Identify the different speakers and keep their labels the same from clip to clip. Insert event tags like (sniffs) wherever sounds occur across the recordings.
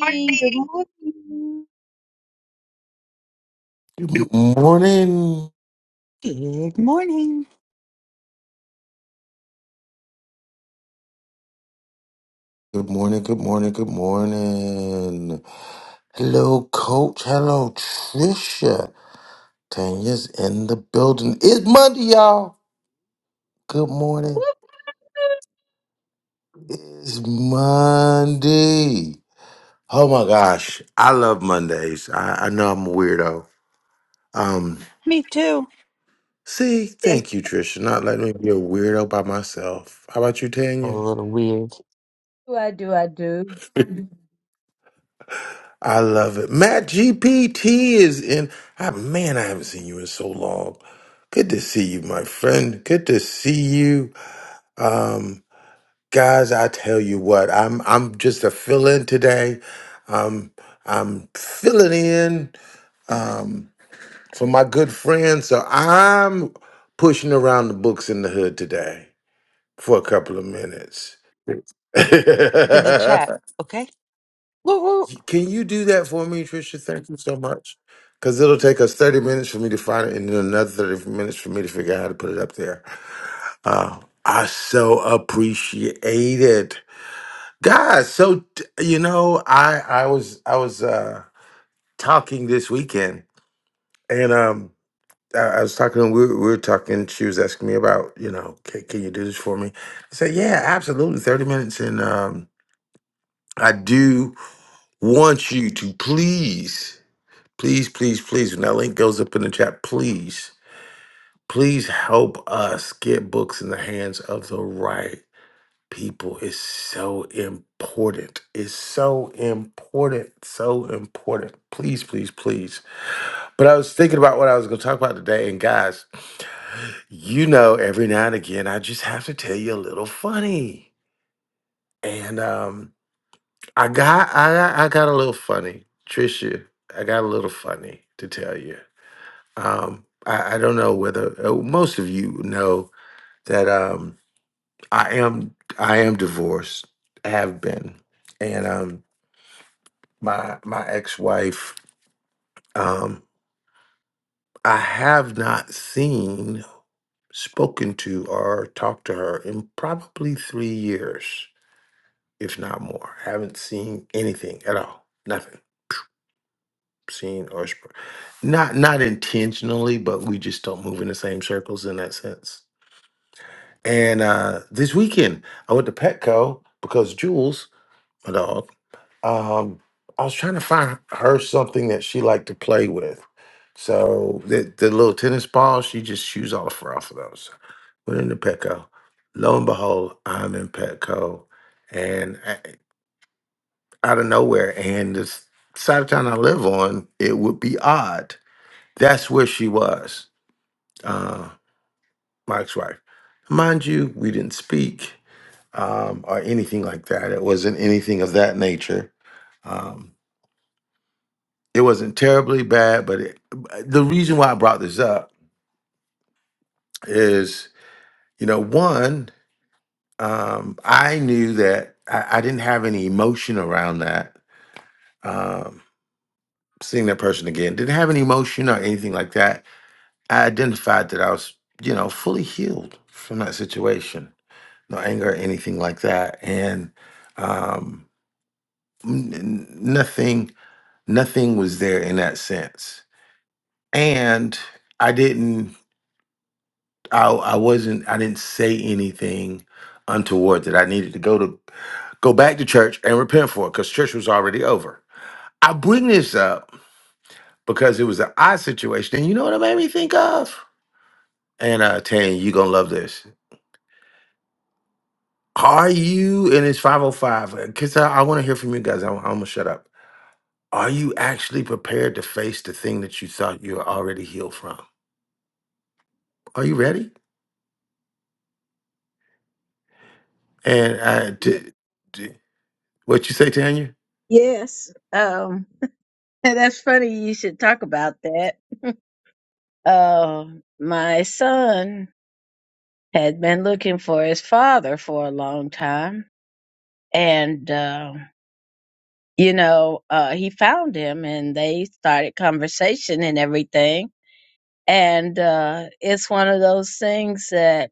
Speaker 1: Morning.
Speaker 2: Good morning.
Speaker 3: Good morning.
Speaker 4: Good morning.
Speaker 3: Good morning. Good morning. Good morning. Hello, Coach. Hello, Trisha. Tanya's in the building. It's Monday, y'all. Good morning.
Speaker 2: Whoop,
Speaker 3: It's Monday. Oh my gosh, I love Mondays. I, I know I'm a weirdo. Um,
Speaker 4: Me too.
Speaker 3: see,
Speaker 2: Yes,
Speaker 3: thank you, Trisha, not letting me be a weirdo by myself. How about you,
Speaker 4: A
Speaker 3: Tanya?
Speaker 4: little weird.
Speaker 2: do I do. I do.
Speaker 3: (laughs) I love it. Matt GPT is in. Ah, man, I haven't seen you in so long. Good to see you, my friend. Good to see you. Um, guys, I tell you what, I'm I'm just a fill-in today. Um, I'm filling in um, for my good friend. So I'm pushing around the books in the hood today for a couple of minutes.
Speaker 4: Look in the
Speaker 3: (laughs)
Speaker 4: chat, okay? Woo woo.
Speaker 3: Y- Can you do that for me, Trisha? Thank you so much. Because it'll take us 30 minutes for me to find it and then another 30 minutes for me to figure out how to put it up there. Uh, I so appreciate it. Guys, so t- you know, I I was I was uh talking this weekend and um I, I was talking we were, we were talking, she was asking me about, you know, can, can you do this for me? I said, Yeah, absolutely. 30 minutes and um I do want you to please Please, please, please, when that link goes up in the chat, please, please help us get books in the hands of the right people. It's so important. It's so important. So important. Please, please, please. But I was thinking about what I was going to talk about today. And guys, you know, every now and again, I just have to tell you a little funny. And um, I got, I, got- I got a little funny, Trisha. I got a little funny to tell you. Um, I, I don't know whether uh, most of you know that um, I am I am divorced, have been, and um, my my ex wife um, I have not seen, spoken to, or talked to her in probably three years, if not more. Haven't seen anything at all, nothing seen or sp- not not intentionally, but we just don't move in the same circles in that sense And uh, this weekend, I went to Petco because Jules, my dog, um, I was trying to find her something that she liked to play with. So the, the little tennis ball, she just shoots all the fur off of those. Went into Petco. Lo and behold, I'm in Petco, and I, out of nowhere, and this side of town I live on, it would be odd. That's where she was, uh, Mike's wife. Mind you, we didn't speak um, or anything like that. It wasn't anything of that nature. Um, it wasn't terribly bad, but it, the reason why I brought this up is, you know, one, um, I knew that I, I didn't have any emotion around that. Um, seeing that person again didn't have any emotion or anything like that. I identified that I was, you know, fully healed from that situation, no anger or anything like that, and um, n- n- nothing. nothing was there in that sense and i didn't i i wasn't i didn't say anything untoward that i needed to go to go back to church and repent for it because church was already over i bring this up because it was an odd situation and you know what it made me think of and uh tan you gonna love this are you and it's 505 because i, I want to hear from you guys i'm, I'm gonna shut up are you actually prepared to face the thing that you thought you were already healed from are you ready And I,
Speaker 2: Ye-
Speaker 3: t- t- what you say, Tanya?
Speaker 2: Yes. Um, (laughs) that's funny. You should talk about that. (laughs) Uh, my son had been looking for his father for a long time, and uh, you know, uh, he found him, and they started conversation and everything. And uh, it's one of those things that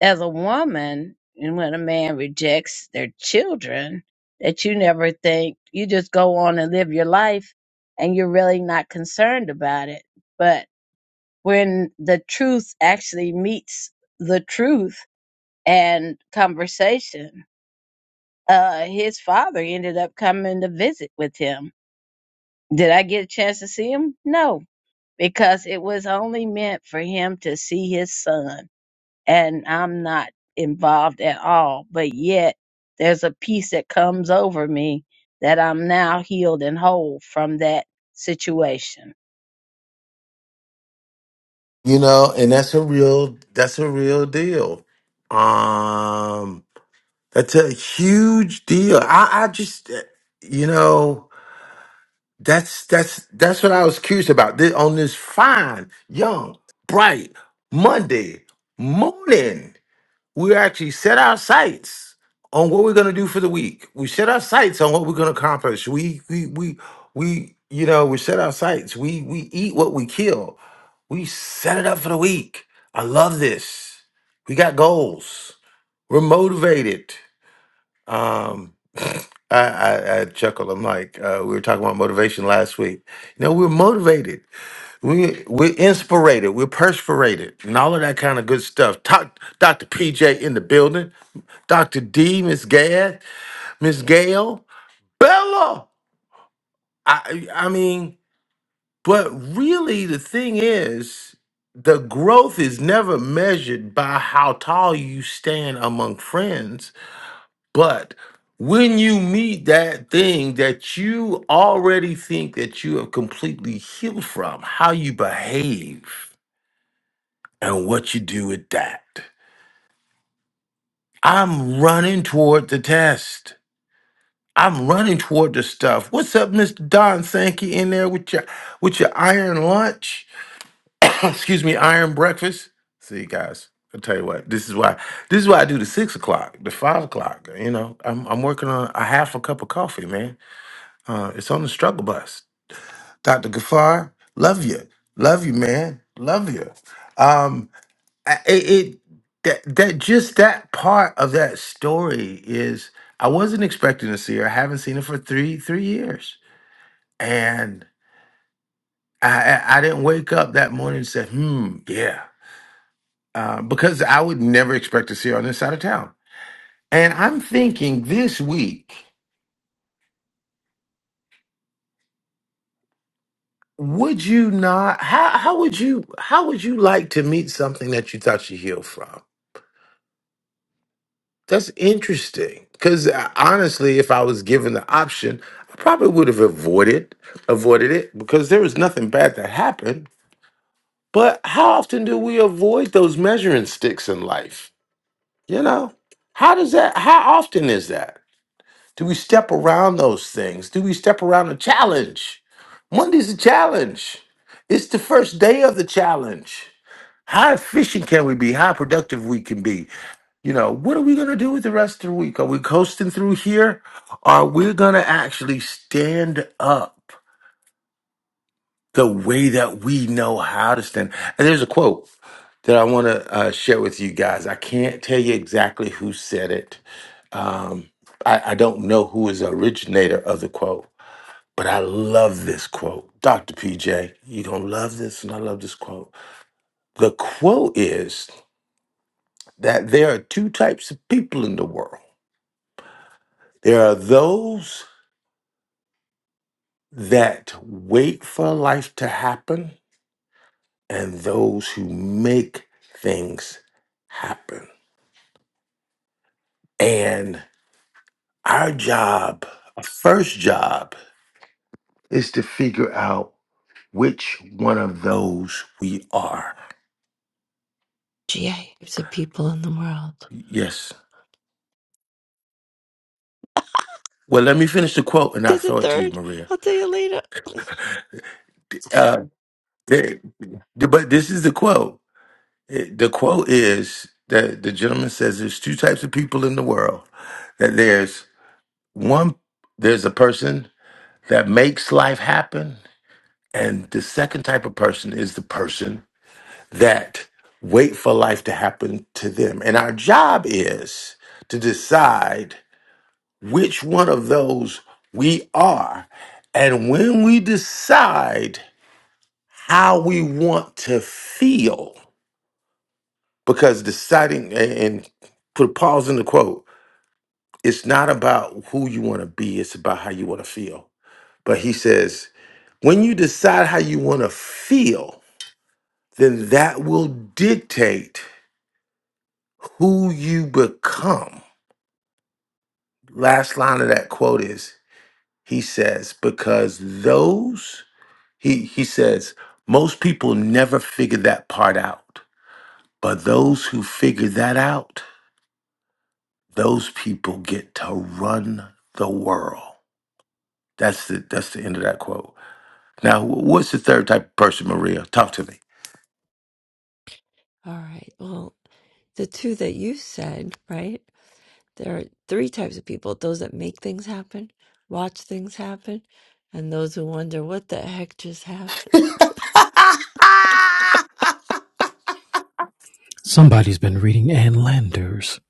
Speaker 2: as a woman, and when a man rejects their children, that you never think, you just go on and live your life and you're really not concerned about it. But when the truth actually meets the truth and conversation, uh, his father ended up coming to visit with him. Did I get a chance to see him? No, because it was only meant for him to see his son and I'm not involved at all. But yet, there's a peace that comes over me that I'm now healed and whole from that situation.
Speaker 3: You know, and that's a real that's a real deal. Um that's a huge deal. I I just uh, you know, that's that's that's what I was curious about. This, on this fine, young, bright Monday morning. we actually set our sights on what we're going to do for the week. We set our sights on what we're going to accomplish. We we we we you know we set our sights. We we eat what we kill. We set it up for the week. I love this. We got goals. We're motivated. Um, (laughs) (sniffs) I, I, I chuckle. I'm like, uh, we were talking about motivation last week. You know, we're motivated. We we're inspirated. We're perspirated, and all of that kind of good stuff. Talk, Dr. PJ in the building. Dr. D, Miss Gad, Miss Gail, Bella. I I mean, but really the thing is the growth is never measured by how tall you stand among friends, but when you meet that thing that you already think that you have completely healed from, how you behave and what you do with that. I'm running toward the test. I'm running toward this stuff. What's up, Mr. Don Sankey, in there with your with your iron lunch? (coughs) Excuse me, iron breakfast. See, guys, I'll tell you what. This is why this is why I do the six o'clock, the five o'clock. You know, I'm I'm working on a half a cup of coffee, man. Uh, it's on the struggle bus. Dr. Gafar, love you, love you, man, love you. Um, I- it, it that that just that part of that story is I wasn't expecting to see her. I haven't seen her for three three years and I, I I didn't wake up that morning and say, hmm, yeah, uh, because I would never expect to see her on this side of town. And I'm thinking this week, would you not? How, how would you? How would you like to meet something that you thought you healed from? That's interesting. Because honestly, if I was given the option, I probably would have avoided avoided it because there was nothing bad that happened. But how often do we avoid those measuring sticks in life? You know, how does that, how often is that? Do we step around those things? Do we step around a challenge? Monday's a challenge. It's the first day of the challenge. How efficient can we be? How productive we can be? You know, what are we going to do with the rest of the week? Are we coasting through here? Are we going to actually stand up the way that we know how to stand? And there's a quote that I want to uh, share with you guys. I can't tell you exactly who said it, um, I, I don't know who is the originator of the quote, but I love this quote. Dr. PJ, you don't love this, and I love this quote. The quote is that there are two types of people in the world there are those that wait for life to happen, and those who make things happen. And our job, our first job, is to figure out which one of those we are.
Speaker 5: GA groups of the people in the world.
Speaker 3: Yes. Well, let me finish the quote and I'll
Speaker 5: There's a
Speaker 3: throw it to you,
Speaker 5: third.
Speaker 3: Maria.
Speaker 5: I'll tell you later.
Speaker 3: Uh, the- the- but this is the quote. It- The quote is that the gentleman says there's two types of people in the world that there's one, there's a person that makes life happen. And the second type of person is the person that wait for life to happen to them. And our job is to decide which one of those we are. And when we decide how we want to feel, because deciding, and and put a pause in the quote, it's not about who you want to be, it's about how you want to feel. But he says, when you decide how you want to feel, then that will dictate who you become. Last line of that quote is, he says, because those He he says most people never figure that part out, but those who figure that out, those people get to run the world. That's the that's the end of that quote. Now, wh- what's the third type of person, Maria? Talk to me.
Speaker 5: All right. Well, the two that you said, right? There are three types of people those that make things happen, watch things happen, and those who wonder what the heck just happened.
Speaker 3: (laughs) I
Speaker 6: Somebody's been reading Ann Landers.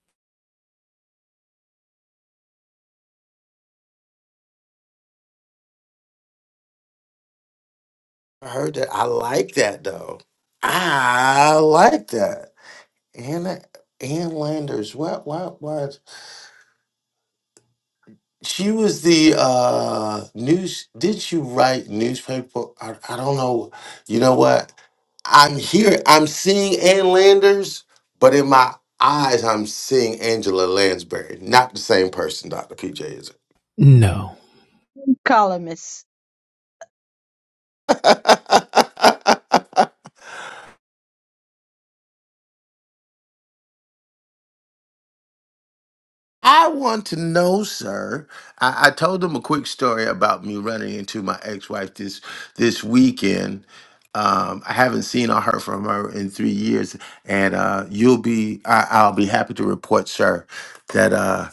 Speaker 3: heard that. I like that though. I like that. And and Landers. What? What? What? She was the uh news. Did she write newspaper? I, I don't know. You know what? I'm here. I'm seeing Ann Landers, but in my eyes, I'm seeing Angela Lansbury. Not the same person, Doctor PJ, is
Speaker 6: No.
Speaker 2: columnist.
Speaker 3: it? (laughs) I want to know, sir. I, I told them a quick story about me running into my ex-wife this this weekend. Um, I haven't seen or heard from her in three years, and uh, you'll be I, I'll be happy to report, sir, that uh,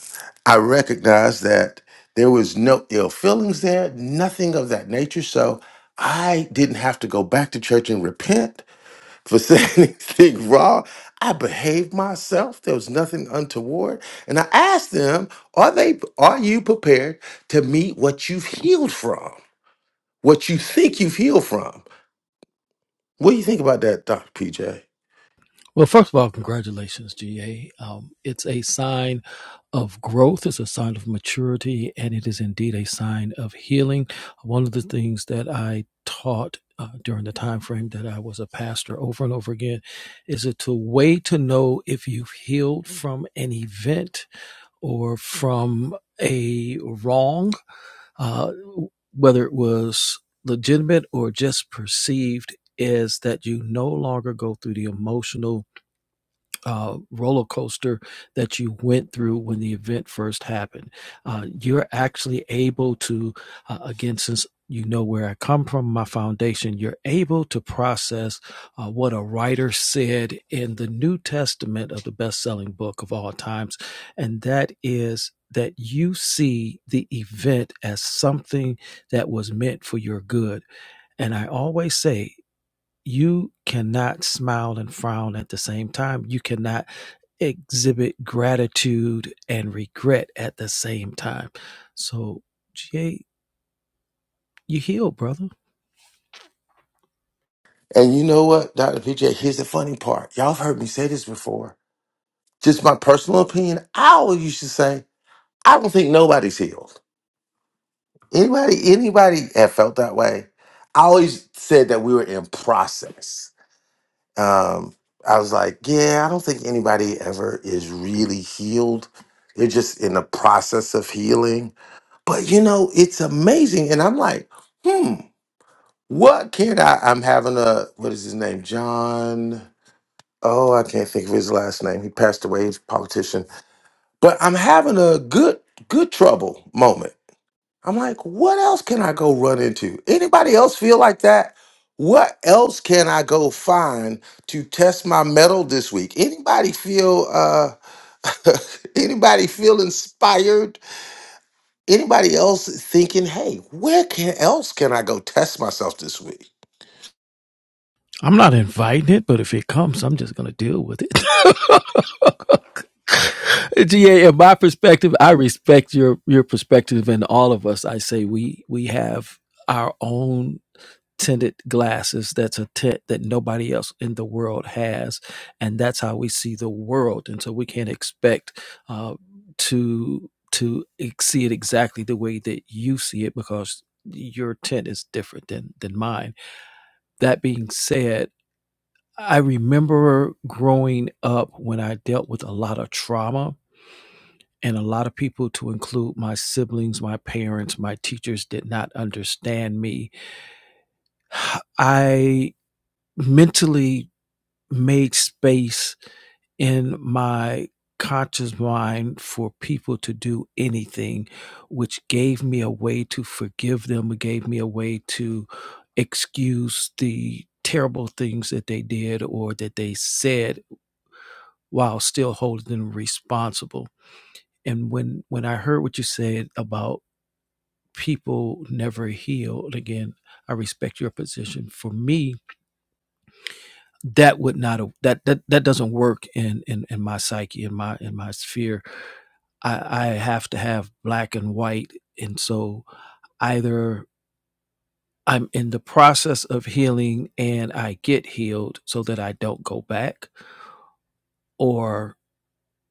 Speaker 3: I recognize that there was no ill feelings there, nothing of that nature. So I didn't have to go back to church and repent for saying (laughs) anything wrong. I behaved myself. There was nothing untoward. And I asked them, are they are you prepared to meet what you've healed from? What you think you've healed from? What do you think about that, Dr. PJ?
Speaker 6: Well, first of all, congratulations, GA. Um, it's a sign of growth, it's a sign of maturity, and it is indeed a sign of healing. One of the things that I taught uh, during the time frame that I was a pastor over and over again is it a way to know if you've healed from an event or from a wrong uh, whether it was legitimate or just perceived, is that you no longer go through the emotional uh, roller coaster that you went through when the event first happened. Uh, you're actually able to, uh, again, since you know where I come from, my foundation, you're able to process uh, what a writer said in the New Testament of the best selling book of all times. And that is that you see the event as something that was meant for your good. And I always say, you cannot smile and frown at the same time. You cannot exhibit gratitude and regret at the same time. So, GA, you healed, brother.
Speaker 3: And you know what, Dr. PJ, here's the funny part. Y'all have heard me say this before. Just my personal opinion, I always used to say, I don't think nobody's healed. Anybody, anybody have felt that way? I always said that we were in process. Um, I was like, yeah, I don't think anybody ever is really healed. They're just in the process of healing. But you know, it's amazing. And I'm like, hmm, what can I? I'm having a what is his name? John. Oh, I can't think of his last name. He passed away. He's a politician. But I'm having a good, good trouble moment I'm like, what else can I go run into? Anybody else feel like that? What else can I go find to test my metal this week? Anybody feel uh (laughs) anybody feel inspired? Anybody else thinking, hey, where can else can I go test myself this week?
Speaker 6: I'm not inviting it, but if it comes, I'm just gonna deal with it. (laughs) GA, in my perspective, I respect your your perspective and all of us. I say we we have our own tinted glasses that's a tint that nobody else in the world has and that's how we see the world and so we can't expect uh, to to see it exactly the way that you see it because your tint is different than than mine that being said i remember growing up when i dealt with a lot of trauma and a lot of people to include my siblings my parents my teachers did not understand me i mentally made space in my conscious mind for people to do anything, which gave me a way to forgive them, it gave me a way to excuse the terrible things that they did or that they said while still holding them responsible. And when when I heard what you said about people never healed again, I respect your position. For me, that would not have- that that that doesn't work in in in my psyche in my in my sphere i i have to have black and white and so either i'm in the process of healing and i get healed so that i don't go back or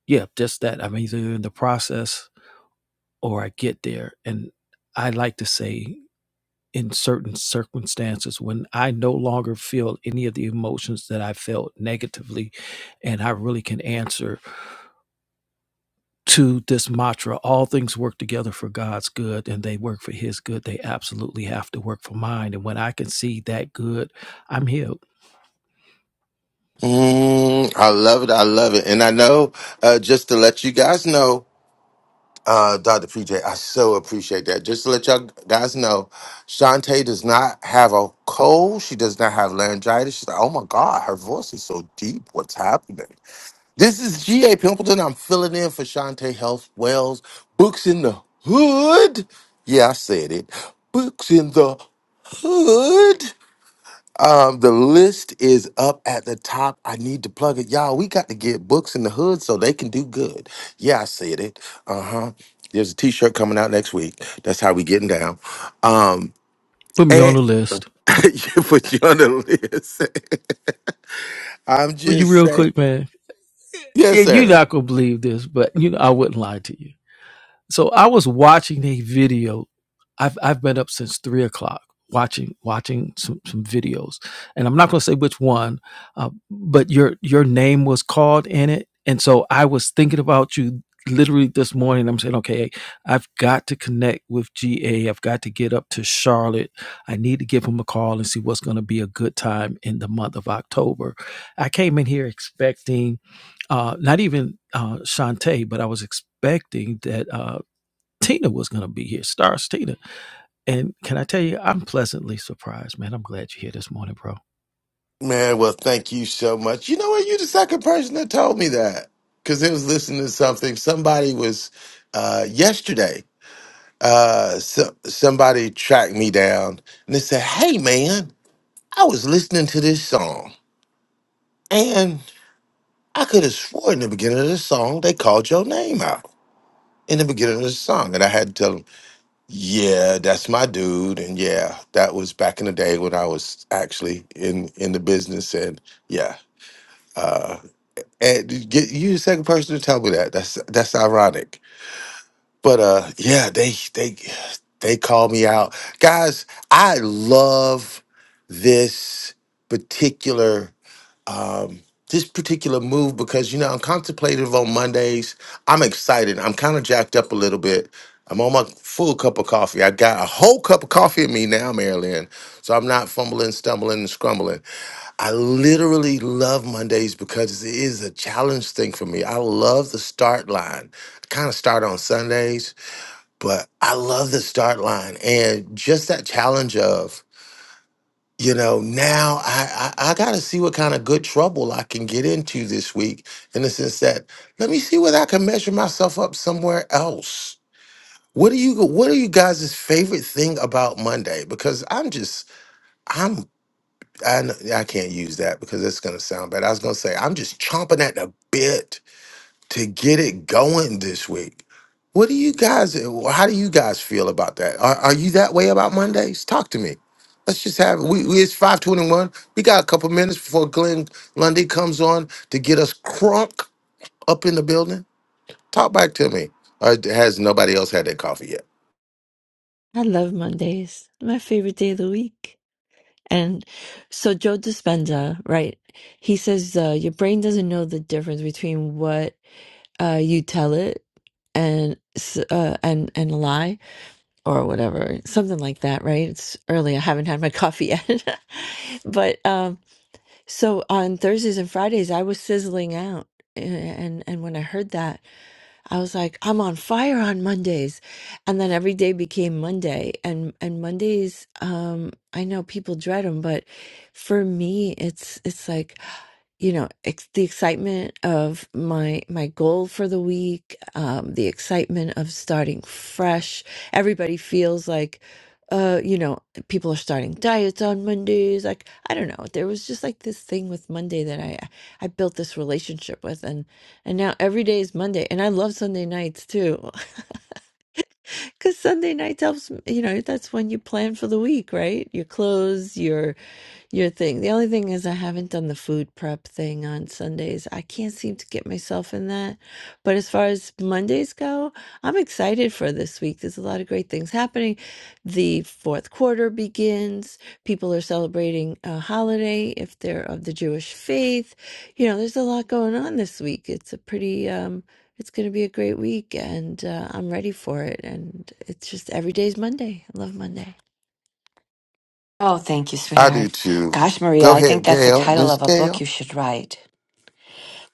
Speaker 6: yeah just that i'm either in the process or i get there and i like to say in certain circumstances when i no longer feel any of the emotions that i felt negatively and i really can answer to this mantra all things work together for God's good and they work for his good they absolutely have to work for mine and when I can see that good I'm healed
Speaker 3: Mm, I love it. I love it. And I know, uh, just to let you guys know, Uh, Dr. PJ, I so appreciate that. Just to let y'all guys know, Shantae does not have a cold. She does not have laryngitis. She's like, oh my God, her voice is so deep. What's happening? This is G.A. Pimpleton. I'm filling in for Shantae Health Wells. Books in the Hood. Yeah, I said it. Books in the Hood. Um, the list is up at the top. I need to plug it. Y'all, we got to get books in the hood so they can do good. Yeah, I said it. Uh-huh. There's a t-shirt coming out next week. That's how we getting down. Um,
Speaker 6: put me on
Speaker 3: and
Speaker 6: the list
Speaker 3: (laughs) you put you on the list. (laughs) I'm
Speaker 6: Will you
Speaker 3: just
Speaker 6: real
Speaker 3: saying.
Speaker 6: quick man yeah,
Speaker 3: Yes,
Speaker 6: you're
Speaker 3: sir.
Speaker 6: not gonna believe this but you know I wouldn't lie to you So I was watching a video. I've I've been up since three o'clock watching watching some, some videos, and I'm not going to say which one, uh, but your your name was called in it, and so I was thinking about you literally this morning. I'm saying, okay, I've got to connect with GA. I've got to get up to Charlotte. I need to give him a call and see what's going to be a good time in the month of October. I came in here expecting uh, not even uh, Shantae, but I was expecting that. uh, Tina was going to be here, stars Tina. And can I tell you, I'm pleasantly surprised, man. I'm glad you're here this morning, bro.
Speaker 3: Man, well, thank you so much. You know what? You're the second person that told me that. Cause it was listening to something. Somebody was uh yesterday uh so, somebody tracked me down and they said hey man i was listening to this song and i could have swore in the beginning of the song they called your name out in the beginning of the song and i had to tell them yeah that's my dude and yeah that was back in the day when i was actually in in the business and yeah uh and you get you the second person to tell me that that's that's ironic but uh yeah they they they call me out guys i love this particular um this particular move because you know i'm contemplative on mondays i'm excited i'm kind of jacked up a little bit i'm on my full cup of coffee i got a whole cup of coffee in me now marilyn so i'm not fumbling stumbling and scrumbling i literally love mondays because it is a challenge thing for me i love the start line i kind of start on sundays but I love the start line and just that challenge of, you know, now I, I, I got to see what kind of good trouble I can get into this week in the sense that let me see whether I can measure myself up somewhere else. What do you what are you guys' favorite thing about Monday? Because I'm just I'm I, kn- I can't use that because it's gonna sound bad. I was gonna say I'm just chomping at the bit to get it going this week. What do you guys, how do you guys feel about that? Are, are you that way about Mondays? Talk to me. Let's just have we, we it's 521. We got a couple minutes before Glenn Lundy comes on to get us crunk up in the building. Talk back to me. Or has nobody else had that coffee yet?
Speaker 5: (laughs) I love Mondays, my favorite day of the week. And so Joe Dispenza, right? He says uh, your brain doesn't know the difference between what uh, you tell it and s- uh, and and a lie or whatever, something like that, right? It's early. I haven't had my coffee yet. (laughs) but um, so on Thursdays and Fridays, I was sizzling out. a- And and when I heard that, I was like, I'm on fire on Mondays, and then every day became Monday. And and Mondays, um, I know people dread them, but for me, it's it's like you know ex- the excitement of my my goal for the week um the excitement of starting fresh everybody feels like uh you know people are starting diets on mondays like i don't know there was just like this thing with monday that i i built this relationship with and and now every day is monday and i love sunday nights too (laughs) because sunday nights helps you know that's when you plan for the week right your clothes your your thing. The only thing is, I haven't done the food prep thing on Sundays. I can't seem to get myself in that. But as far as Mondays go, I'm excited for this week. There's a lot of great things happening. The fourth quarter begins. People are celebrating a holiday if they're of the Jewish faith. You know, there's a lot going on this week. It's a pretty, um, it's going to be a great week, and uh, I'm ready for it. And it's just every day's Monday. I love Monday.
Speaker 7: Oh, thank you,
Speaker 3: I
Speaker 7: sweetheart.
Speaker 3: do too.
Speaker 7: Gosh, Maria,
Speaker 3: Go
Speaker 7: I think
Speaker 3: ahead,
Speaker 7: that's the
Speaker 3: Gail.
Speaker 7: title
Speaker 3: Miss
Speaker 7: of a book you
Speaker 3: Gail.
Speaker 7: should write.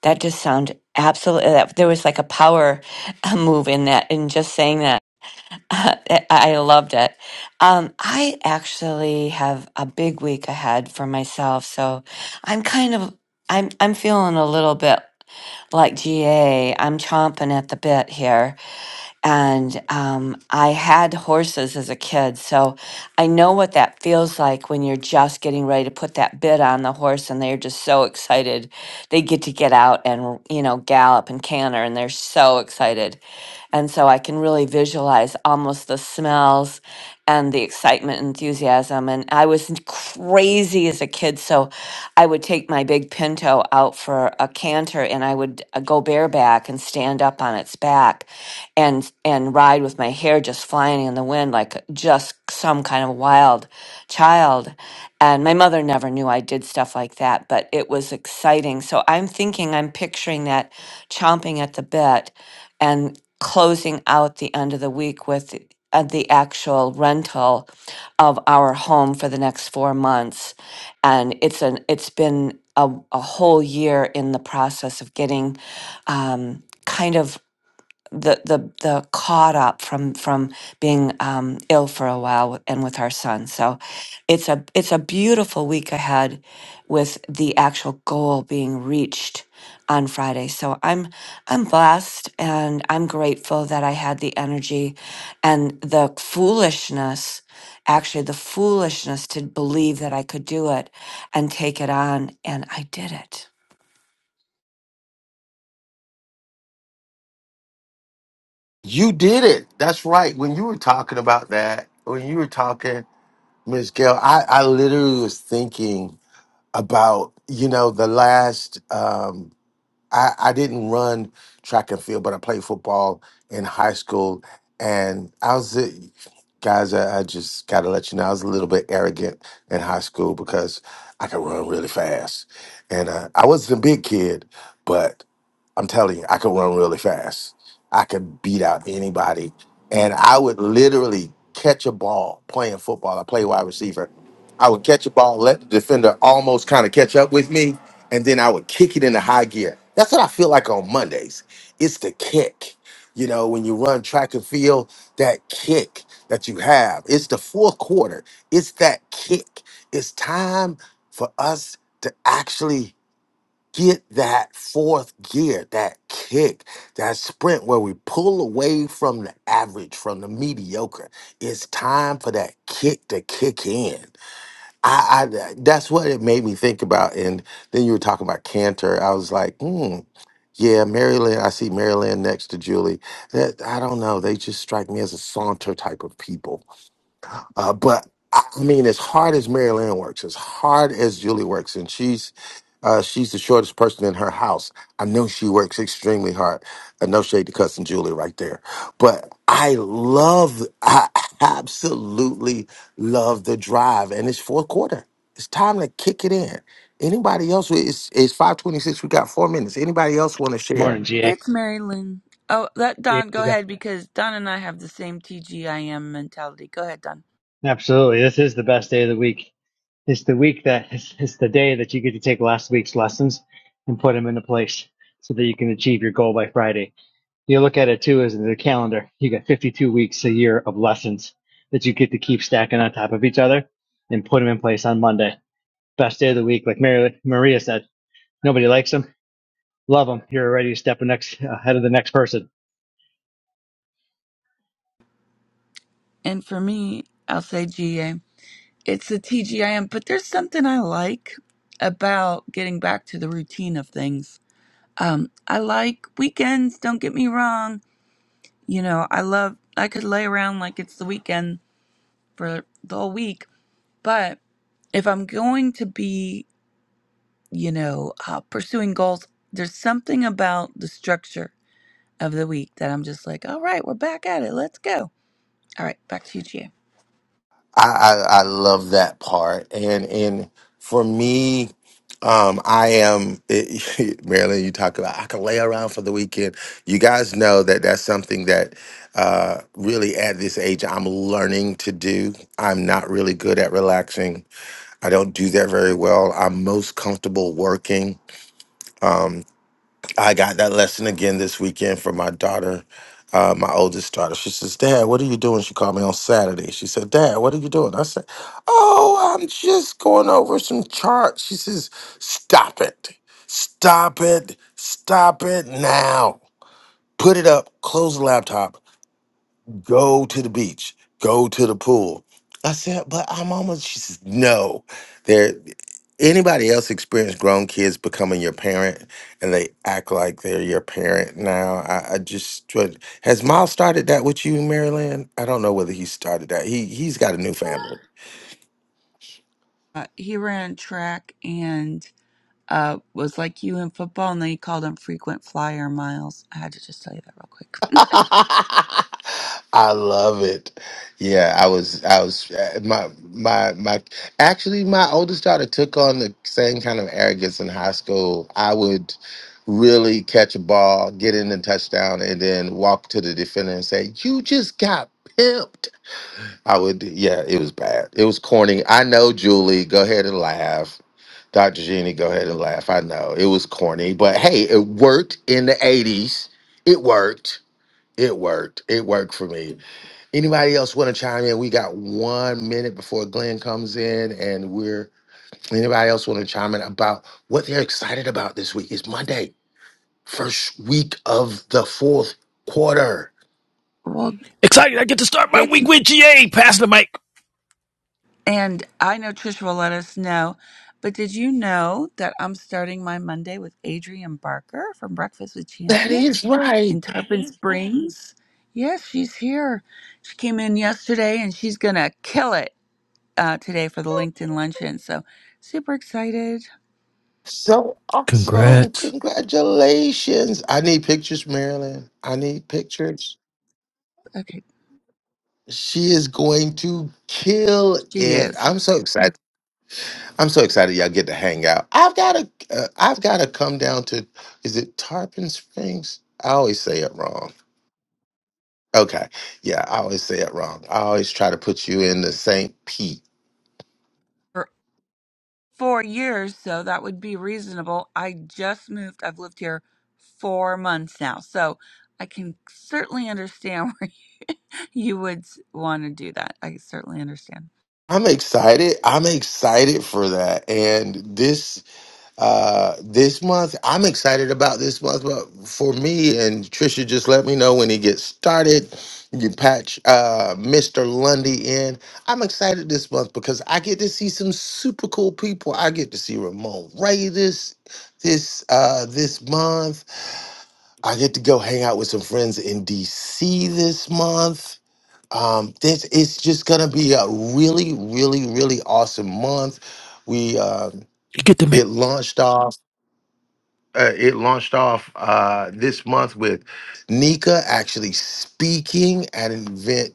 Speaker 7: That just sound absolutely. That, there was like a power uh, move in that, in just saying that. (laughs) I I loved it. Um, I actually have a big week ahead for myself, so I'm kind of I'm I'm feeling a little bit like GA. I'm chomping at the bit here. And um, I had horses as a kid, so I know what that feels like when you're just getting ready to put that bit on the horse and they're just so excited. They get to get out and, you know, gallop and canter and they're so excited. And so I can really visualize almost the smell smells and the excitement and enthusiasm. And I was n- crazy as a kid. So I would take my big pinto out for a canter and I would uh, go bareback and stand up on its back and, and ride with my hair just flying in the wind like just some kind of wild child. And my mother never knew I did stuff like that, but it was exciting. So I'm thinking, I'm picturing that chomping at the bit and closing out the end of the week with uh, the actual rental of our home for the next four months, and it's an it's been a, a whole year in the process of getting um, kind of the the the caught up from from being um, ill for a while with- and with our son. So it's a it's a beautiful week ahead with the actual goal being reached on Friday. So I'm I'm blessed and I'm grateful that I had the energy and the foolishness actually the foolishness to believe that I could do it and take it on and I did it.
Speaker 3: You did it. That's right. When you were talking about that, when you were talking, Miss Gail, I, I literally was thinking about you know the last um I, I didn't run track and field but i played football in high school and i was a, guys I, I just gotta let you know i was a little bit arrogant in high school because i could run really fast and uh, i was the big kid but. I'm telling you, I could run really fast. I could beat out anybody. And I would literally catch a ball playing football. I play wide receiver. I would catch a ball, let the defender almost kind of catch up with me, and then I would kick it into high gear. That's what I feel like on Mondays. It's the kick. You know, when you run track and field, that kick that you have. It's the fourth quarter. It's that kick. It's time for us to actually get that fourth gear, that kick, that sprint where we pull away from the average, from the mediocre. It's time for that kick to kick in. I, I that's what it made me think about. And then you were talking about Cantor. I was like, hmm. Yeah, Maryland. I see Maryland next to Julie. That I don't know. They just strike me as a saunter type of people uh, but I mean, as hard as Mary Lynn works, as hard as Julie works, and she's uh, she's the shortest person in her house. I know she works extremely hard. Uh, no shade to cussing Julie right there, but I love, I absolutely love the drive, and it's fourth quarter. It's time to kick it in. Anybody else? It's it's five twenty six. We got four minutes. Anybody else want to share?
Speaker 8: Morning, GA.
Speaker 9: It's Mary Lynn. Oh, let
Speaker 8: Yeah,
Speaker 9: Don go ahead because Don and I have the same TGIM mentality. Go ahead, Don.
Speaker 8: Absolutely. This is the best day of the week. It's the week that it's, it's the day that you get to take last week's lessons and put them into place so that you can achieve your goal by Friday. You look at it too as the calendar. You got 52 weeks a year of lessons that you get to keep stacking on top of each other and put them in place on Monday. Best day of the week. Like Mary, Maria said, nobody likes them. Love them. You're already stepping next ahead of the next person.
Speaker 9: And for me, I'll say GA. It's the TGIM, but there's something I like about getting back to the routine of things. Um, I like weekends, don't get me wrong. You know, I love, I could lay around like it's the weekend for the whole week, but if I'm going to be, you know, uh, pursuing goals, there's something about the structure of the week that I'm just like, all right, we're back at it. Let's go. All right, back to you, Gia.
Speaker 3: I, I, I love that part. And and for me, um, I am (laughs) Marilyn. You talk about I can lay around for the weekend. You guys know that that's something that uh, really at this age I'm learning to do. I'm not really good at relaxing. I don't do that very well. I'm most comfortable working. Um, I got that lesson again this weekend from my daughter, uh, my oldest daughter. She says, Dad, what are you doing? She called me on Saturday. She said, Dad, what are you doing? I said, Oh, I'm just going over some charts. She says, Stop it. Stop it. Stop it now. Put it up. Close the laptop go to the beach, go to the pool. I said, but I'm almost, she says, no. There, anybody else experience grown kids becoming your parent and they act like they're your parent now? I, I just, tried- has Miles started that with you, Maryland? I don't know whether he started that. He, he's got a new family.
Speaker 9: Uh, he ran track and uh, was like you in football, and they called him frequent flyer miles. I had to just tell you that real quick.
Speaker 3: (laughs) I love it. Yeah, I was, I was, uh, my, my, my, actually, my oldest daughter took on the same kind of arrogance in high school. I would really catch a ball, get in the touchdown, and then walk to the defender and say, You just got pimped. I would, yeah, it was bad. It was corny. I know, Julie, go ahead and laugh. Dr. Jeannie, go ahead and laugh. I know it was corny, but hey, it worked in the 80s. It worked it worked. It worked for me. Anybody else want to chime in? We got one minute before Glenn comes in, and we're anybody else want to chime in about what they're excited about this week? It's Monday, first week of the fourth quarter.
Speaker 9: Well,
Speaker 6: Excited, I get to start my
Speaker 9: it's
Speaker 6: week with GA, passing the mic.
Speaker 9: and I know Trisha will let us know, but did you know that I'm starting my Monday with Adrian Barker from Breakfast with
Speaker 3: That is
Speaker 9: Champions
Speaker 3: right.
Speaker 9: in Tarpon Mhm. Springs? Yes, she's here. She came in yesterday, and she's gonna kill it. uh, today for the LinkedIn luncheon. So super excited.
Speaker 3: So awesome.
Speaker 6: Congrats.
Speaker 3: Congratulations. I need pictures, Marilyn. I need pictures.
Speaker 9: Okay,
Speaker 3: She is going to kill
Speaker 9: she
Speaker 3: it.
Speaker 9: is
Speaker 3: I'm so excited. I'm so excited y'all get to hang out. I've got to uh, I've got to come down to is it Tarpon Springs? I always say it wrong. Okay. Yeah, I always say it wrong. I always try to put you in the St. Pete.
Speaker 9: for four years, so that would be reasonable. I just moved. I've lived here four months now, so I can certainly understand (laughs) where you would want to do that. I certainly understand.
Speaker 3: I'm excited. I'm excited for that. And this Uh, this month, I'm excited about this month, but for me and Trisha, just let me know when it gets started. You patch uh, Mr. Lundy in. I'm excited this month because I get to see some super cool people. I get to see Ramon Ray this this uh, this month. I get to go hang out with some friends in DC this month. Um, this it's just gonna be a really, really, really awesome month. We um
Speaker 6: You get to
Speaker 3: it
Speaker 6: make.
Speaker 3: launched off uh, it launched off uh, this month with Nika actually speaking at an event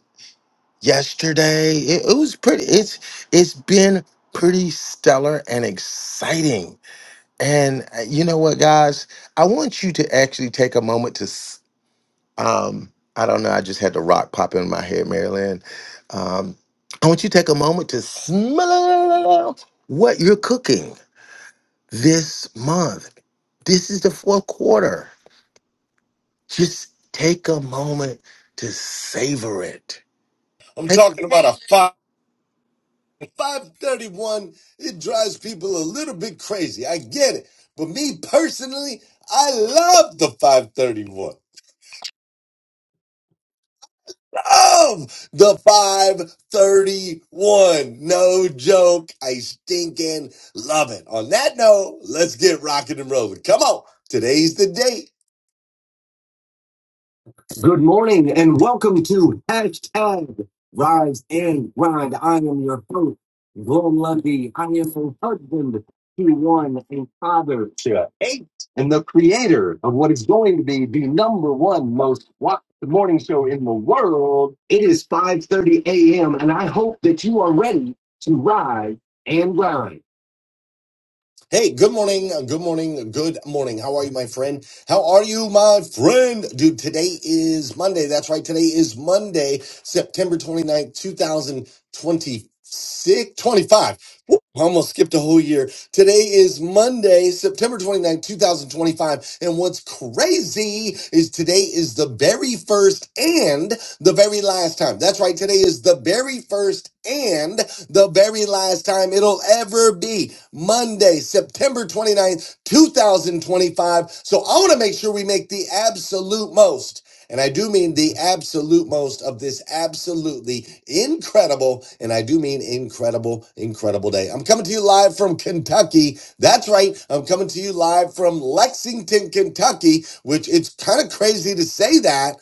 Speaker 3: yesterday. It, it was pretty. It's it's been pretty stellar and exciting. And uh, you know what, guys? I want you to actually take a moment to. s- Um, I don't know. I just had the rock pop in my head, Marilyn. Um, I want you to take a moment to smell what you're cooking this month. This is the fourth quarter Just take a moment to savor it.
Speaker 4: I'm
Speaker 3: Take
Speaker 4: talking about a five. 531, it drives people a little bit crazy. I get it. But me personally, I love the 531. Love the 531. No joke. I stinking love it. On that note, let's get rocking and rolling. Come on. Today's the day. Good morning and welcome to hashtag Rise and Grind. I am your host, Glenn Lundy. I am a husband to one and father to eight and the creator of what is going to be the number one most watched morning show in the world. It is 5.30 a.m. and I hope that you are ready to rise and grind. Hey, good morning, uh, good morning, good morning. How are you, my friend? How are you, my friend? Dude, today is Monday. That's right. Today is Monday, September twenty ninth, 2026, 25. Woo, I almost skipped a whole year. Today is Monday, September twenty ninth, 2025. And what's crazy is today is the very first and the very last time. That's right. Today is the very first and the very last time it'll ever be Monday, September twenty ninth, 2025. So I want to make sure we make the absolute most. And I do mean the absolute most of this absolutely incredible, and I do mean incredible, incredible day. I'm coming to you live from Kentucky. That's right. I'm coming to you live from Lexington, Kentucky, which it's kind of crazy to say that.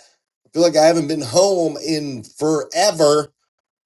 Speaker 4: I feel like I haven't been home in forever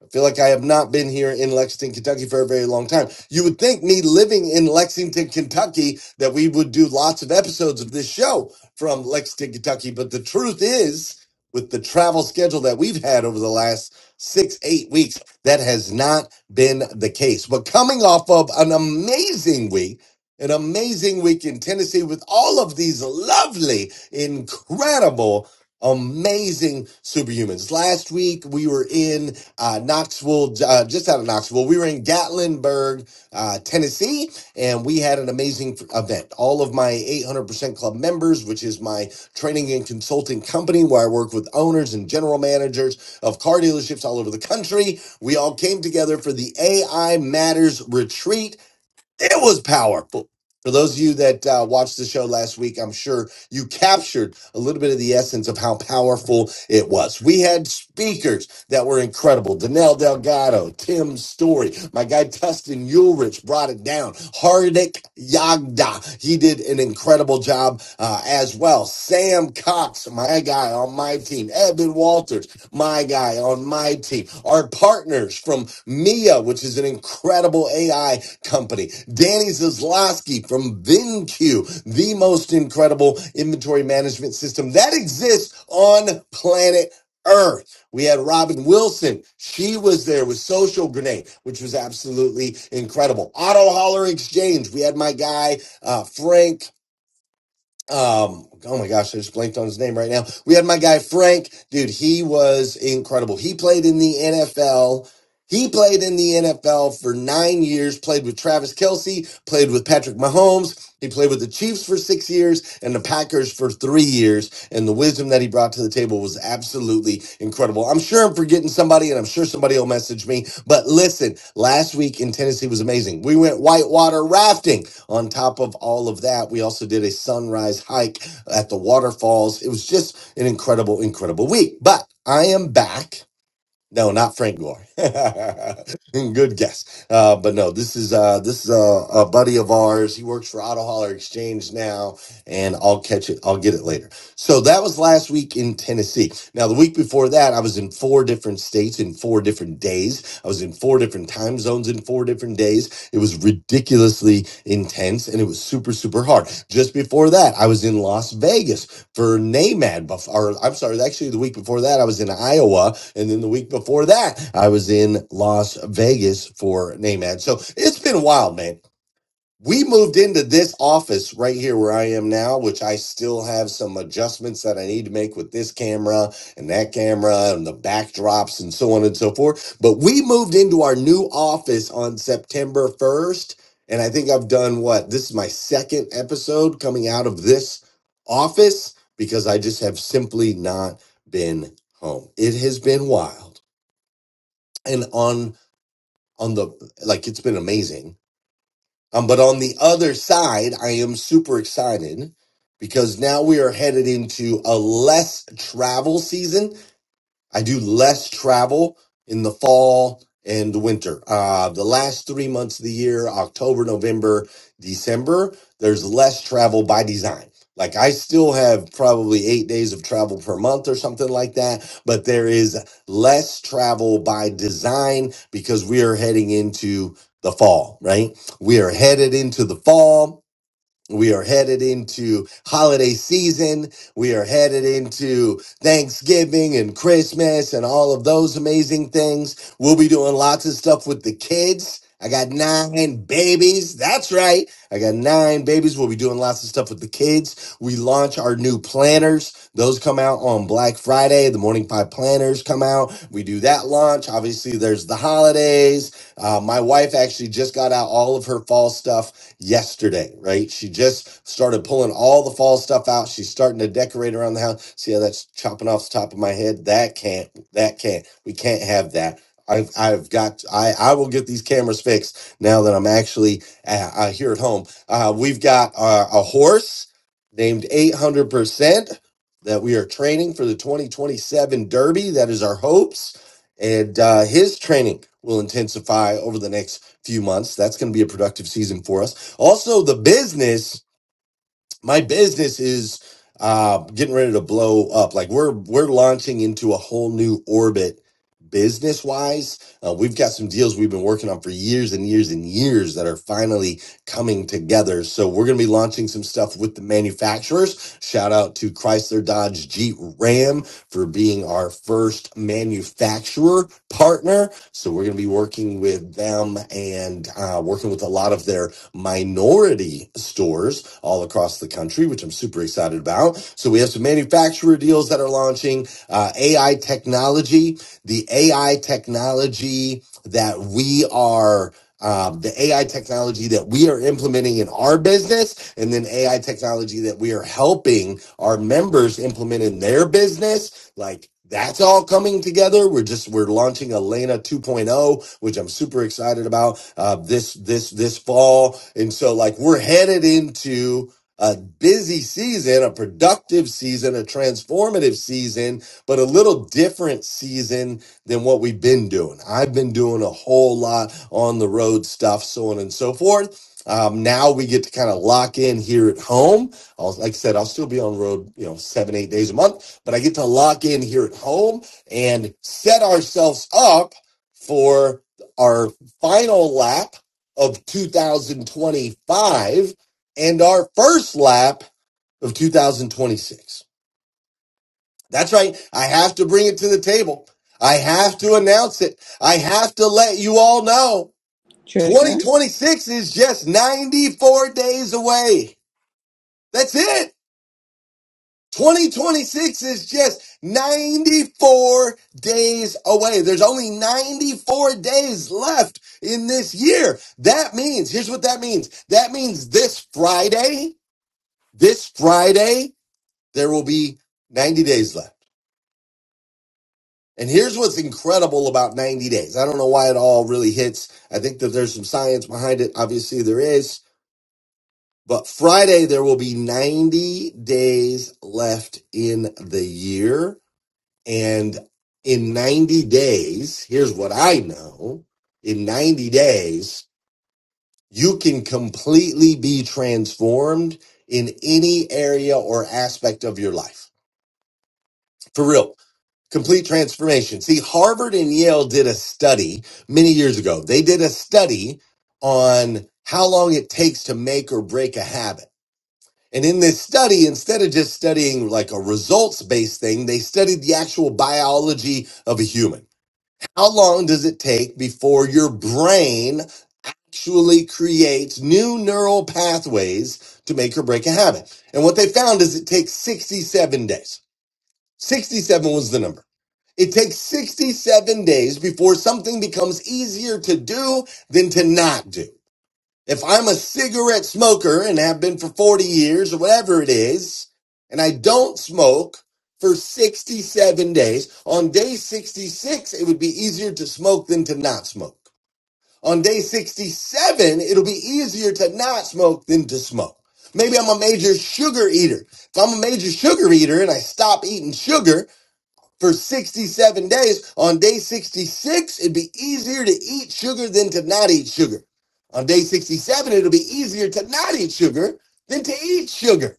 Speaker 4: I feel like I have not been here in Lexington, Kentucky for a very long time. You would think me living in Lexington, Kentucky, that we would do lots of episodes of this show from Lexington, Kentucky. But the truth is, with the travel schedule that we've had over the last six, eight weeks, that has not been the case. But coming off of an amazing week, an amazing week in Tennessee with all of these lovely, incredible, amazing superhumans. Last week we were in uh, Knoxville, uh, just out of Knoxville. We were in Gatlinburg, uh, Tennessee, and we had an amazing event. All of my 800% Club members, which is my training and consulting company where I work with owners and general managers of car dealerships all over the country, we all came together for the AI Matters Retreat it was powerful. For those of you that uh, watched the show last week, I'm sure you captured a little bit of the essence of how powerful it was. We had speakers that were incredible. Danelle Delgado, Tim Story, my guy Tustin Ulrich brought it down. Hardik Yagda, he did an incredible job uh, as well. Sam Cox, my guy on my team. Evan Walters, my guy on my team, our partners from Mia, which is an incredible AI company, Danny Zaslowski from VinQ, the most incredible inventory management system that exists on planet Earth. We had Robin Wilson. She was there with Social Grenade, which was absolutely incredible. Auto Hauler Exchange. We had my guy, uh, Frank um oh my gosh i just blanked on his name right now we had my guy frank dude he was incredible he played in the nfl he played in the nfl for nine years played with travis kelsey played with patrick mahomes he played with the chiefs for six years and the packers for three years and the wisdom that he brought to the table was absolutely incredible i'm sure i'm forgetting somebody and i'm sure somebody will message me but listen last week in tennessee was amazing we went whitewater rafting on top of all of that, we also did a sunrise hike at the waterfalls. It was just an incredible, incredible week. But I am back. No, not Frank Gore. (laughs) Good guess, uh, but no, this is uh, this is a, a buddy of ours. He works for Auto Hauler Exchange now, and I'll catch it. I'll get it later. So that was last week in Tennessee. Now the week before that, I was in four different states in four different days. I was in four different time zones in four different days. It was ridiculously intense, and it was super super hard. Just before that, I was in Las Vegas for NAMAD. bef- Or I'm sorry, actually the week before that, I was in Iowa and then the week before that, I was in Las Vegas for NAMAD. So it's been wild, man. We moved into this office right here where I am now, which I still have some adjustments that I need to make with this camera and that camera and the backdrops and so on and so forth. But we moved into our new office on September 1st. And I think I've done what? This is my second episode coming out of this office because I just have simply not been home. It has been wild and on on the like it's been amazing um but on the other side i am super excited because now we are headed into a less travel season I do less travel in the fall and the winter. Uh, the last three months of the year, October, November, December, there's less travel by design. Like I still have probably eight days of travel per month or something like that, but there is less travel by design because we are heading into the fall, right? We are headed into the fall we are headed into holiday season. We are headed into Thanksgiving and Christmas and all of those amazing things. We'll be doing lots of stuff with the kids. I got nine babies. That's right. I got nine babies. We'll be doing lots of stuff with the kids. We launch our new planners. Those come out on Black Friday. The Morning Five planners come out. We do that launch. Obviously, there's the holidays. Uh, my wife actually just got out all of her fall stuff yesterday, right? She just started pulling all the fall stuff out. She's starting to decorate around the house. See how that's chopping off the top of my head? That can't, that can't, we can't have that. I've, I've got, I, I will get these cameras fixed now that I'm actually uh, uh, here at home. Uh, we've got uh, a horse named 800% that we are training for the 2027 Derby. That is our hopes. And uh, his training will intensify over the next few months. That's going to be a productive season for us. Also, the business, my business is uh, getting ready to blow up. Like we're we're launching into a whole new orbit business wise. Uh, we've got some deals we've been working on for years and years and years that are finally coming together. So we're going to be launching some stuff with the manufacturers. Shout out to Chrysler, Dodge, Jeep, Ram for being our first manufacturer partner. So we're going to be working with them and uh, working with a lot of their minority stores all across the country, which I'm super excited about. So we have some manufacturer deals that are launching, uh, AI technology, the AI technology that we are um, the AI technology that we are implementing in our business, and then AI technology that we are helping our members implement in their business like that's all coming together. We're just we're launching Elena 2.0, which I'm super excited about uh, this this this fall. And so like we're headed into a busy season, a productive season, a transformative season, but a little different season than what we've been doing. I've been doing a whole lot on the road stuff, so on and so forth. Um, now we get to kind of lock in here at home. I'll, like I said, I'll still be on the road, you know, seven, eight days a month but I get to lock in here at home and set ourselves up for our final lap of 2025 and our first lap of 2026. That's right. I have to bring it to the table. I have to announce it. I have to let you all know
Speaker 9: Trisha,
Speaker 4: 2026 is just 94 days away. That's it. 2026 is just 94 days away. There's only 94 days left in this year. That means, here's what that means. That means this Friday, this Friday, there will be 90 days left. And here's what's incredible about 90 days. I don't know why it all really hits. I think that there's some science behind it. Obviously, there is. But Friday, there will be 90 days left in the year. And in 90 days, here's what I know in 90 days, you can completely be transformed in any area or aspect of your life. For real. Complete transformation. See, Harvard and Yale did a study many years ago. They did a study on how long it takes to make or break a habit. And in this study, instead of just studying like a results based thing, they studied the actual biology of a human. How long does it take before your brain actually creates new neural pathways to make or break a habit? And what they found is it takes 67 days. 67 was the number. It takes 67 days before something becomes easier to do than to not do. If I'm a cigarette smoker and have been for 40 years or whatever it is, and I don't smoke for 67 days, on day 66, it would be easier to smoke than to not smoke. On day 67, it'll be easier to not smoke than to smoke. Maybe I'm a major sugar eater. If I'm a major sugar eater and I stop eating sugar, for 67 days. On day 66, it'd be easier to eat sugar than to not eat sugar. On day 67, it'll be easier to not eat sugar than to eat sugar.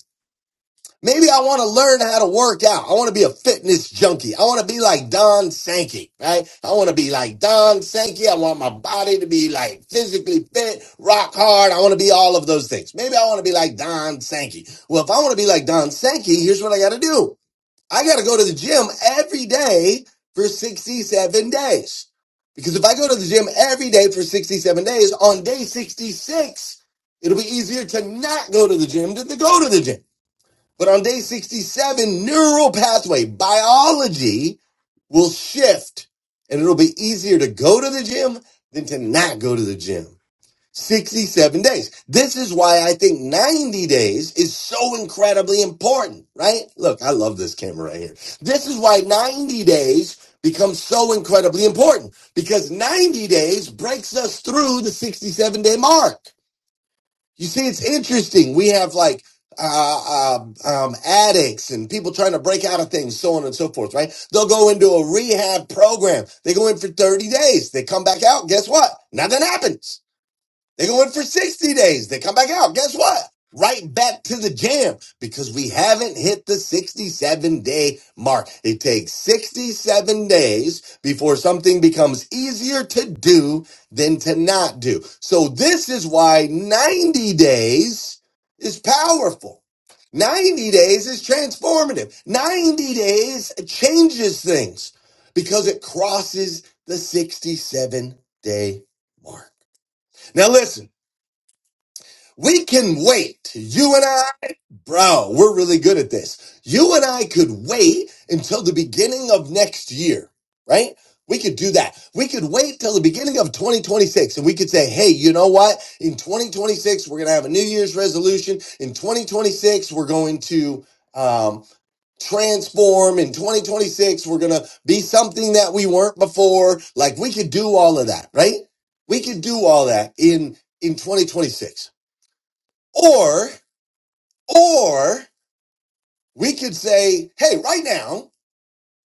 Speaker 4: Maybe I want to learn how to work out. I want to be a fitness junkie. I want to be like Don Sankey, right? I want to be like Don Sankey. I want my body to be like physically fit, rock hard. I want to be all of those things. Maybe I want to be like Don Sankey. Well, if I want to be like Don Sankey, here's what I got to do. I got to go to the gym every day for 67 days. Because if I go to the gym every day for 67 days, on day 66, it'll be easier to not go to the gym than to go to the gym. But on day 67, neural pathway biology will shift and it'll be easier to go to the gym than to not go to the gym. 67 days. This is why I think 90 days is so incredibly important, right? Look, I love this camera right here. This is why 90 days becomes so incredibly important because 90 days breaks us through the 67 day mark. You see, it's interesting. We have like, uh, um, um, addicts and people trying to break out of things, so on and so forth, right? They'll go into a rehab program. They go in for 30 days. They come back out. Guess what? Nothing happens. They go in for 60 days. They come back out. Guess what? Right back to the jam because we haven't hit the 67 day mark. It takes 67 days before something becomes easier to do than to not do. So this is why 90 days is powerful. 90 days is transformative. 90 days changes things because it crosses the 67 day mark. Now listen. We can wait. You and I, bro, we're really good at this. You and I could wait until the beginning of next year, right? We could do that. We could wait till the beginning of 2026 and we could say, hey, you know what? In 2026, we're going to have a New Year's resolution. In 2026, we're going to um, transform. In 2026, we're going to be something that we weren't before. Like we could do all of that, right? We could do all that in in 2026. Or, or we could say, hey, right now,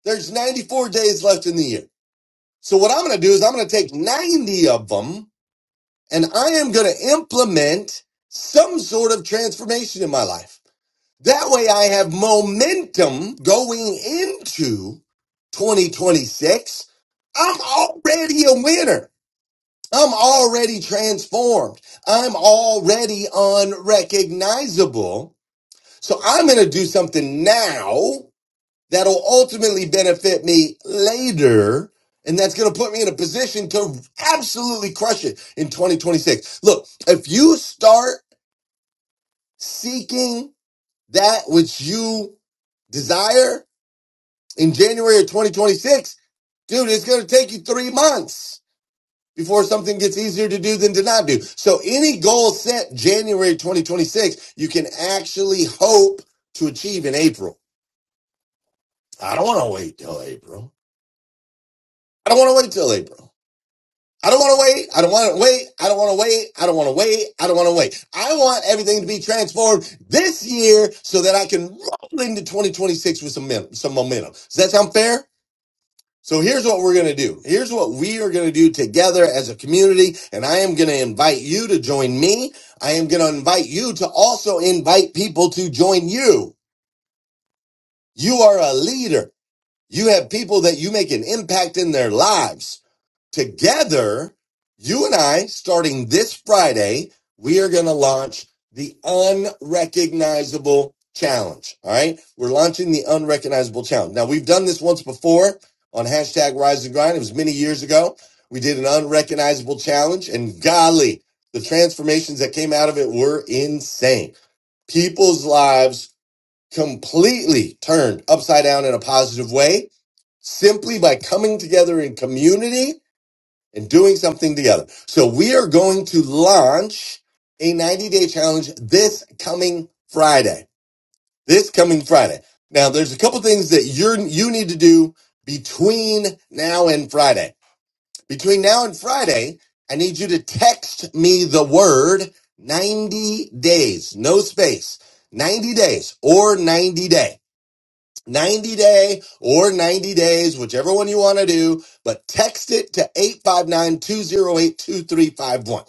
Speaker 4: there's 94 days left in the year. So what I'm going to do is I'm going to take 90 of them and I am going to implement some sort of transformation in my life. That way I have momentum going into 2026. I'm already a winner. I'm already transformed. I'm already unrecognizable So I'm going to do something now that'll ultimately benefit me later. And that's going to put me in a position to absolutely crush it in 2026. Look, if you start seeking that which you desire in January of 2026, dude, it's going to take you three months before something gets easier to do than to not do. So any goal set January 2026, you can actually hope to achieve in April. I don't want to wait till April. I don't want to wait till April. I don't want to wait. I don't want to wait. I don't want to wait. I don't want to wait. I don't want to wait. I want everything to be transformed this year so that I can roll into 2026 with some men- some momentum. Does that sound fair? So here's what we're going to do. Here's what we are going to do together as a community. And I am going to invite you to join me. I am going to invite you to also invite people to join you. You are a leader. You have people that you make an impact in their lives. together, you and I, starting this Friday, we are going to launch the Unrecognizable Challenge. All right. We're launching the Unrecognizable Challenge. Now, we've done this once before on hashtag Rise and Grind. It was many years ago. We did an Unrecognizable Challenge, and golly, the transformations that came out of it were insane. People's lives completely turned upside down in a positive way simply by coming together in community and doing something together. So we are going to launch a 90 day challenge this coming Friday. This coming Friday. Now there's a couple things that you're, you need to do between now and Friday. Between now and Friday, I need you to text me the word 90 days, no space, 90 days or 90 day. 90 day or 90 days, whichever one you want to do, but text it to 859 208 2351.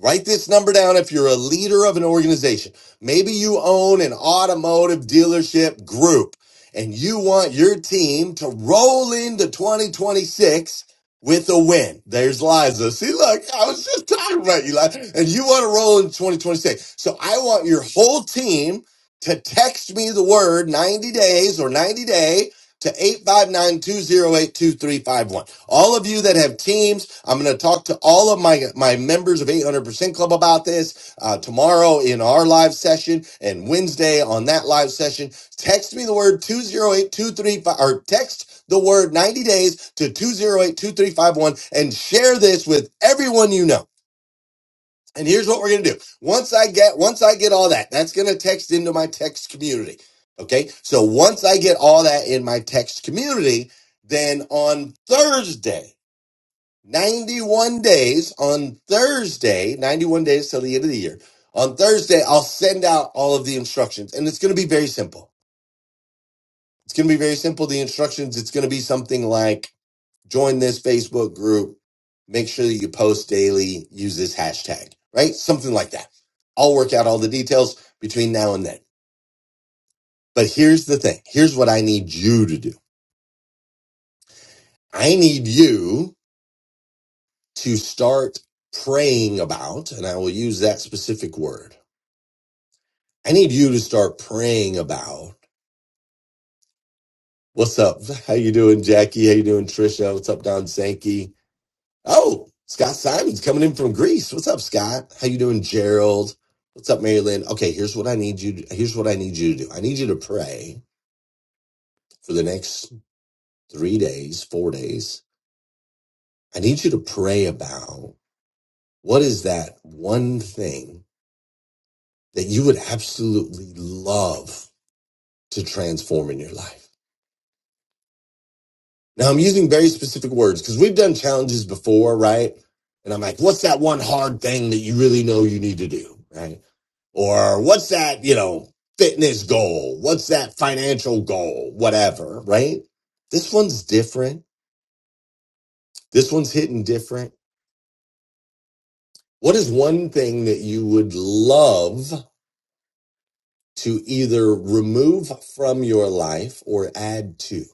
Speaker 4: Write this number down if you're a leader of an organization. Maybe you own an automotive dealership group and you want your team to roll into 2026 with a win. There's Liza. See, look, I was just talking about you, Liza. And you want to roll in 2026. So I want your whole team to text me the word 90 days or 90 day to 859 208 2351. All of you that have teams, I'm going to talk to all of my my members of 800% Club about this uh, tomorrow in our live session and Wednesday on that live session. Text me the word 208235 or text the word 90 days to 2082351 and share this with everyone you know. And here's what we're going to do. Once I get once I get all that, that's going to text into my text community. Okay? So once I get all that in my text community, then on Thursday 91 days on Thursday, 91 days till the end of the year. On Thursday, I'll send out all of the instructions and it's going to be very simple. It's going to be very simple. The instructions, it's going to be something like join this Facebook group, make sure that you post daily, use this hashtag, right? Something like that. I'll work out all the details between now and then. But here's the thing. Here's what I need you to do. I need you to start praying about, and I will use that specific word I need you to start praying about what's up. How you doing, Jackie? How you doing, Trisha? What's up, Don Sankey? Oh, Scott Simon's coming in from Greece. What's up, Scott? How you doing, Gerald? What's up, Mary Lynn? Okay, here's what I need you. To, here's what I need you to do. I need you to pray for the next three days, four days. I need you to pray about what is that one thing that you would absolutely love to transform in your life Now I'm using very specific words because we've done challenges before, right? And I'm like, what's that one hard thing that you really know you need to do, right? Or what's that, you know, fitness goal? What's that financial goal? Whatever, right? This one's different. This one's hitting different. What is one thing that you would love to either remove from your life or add to?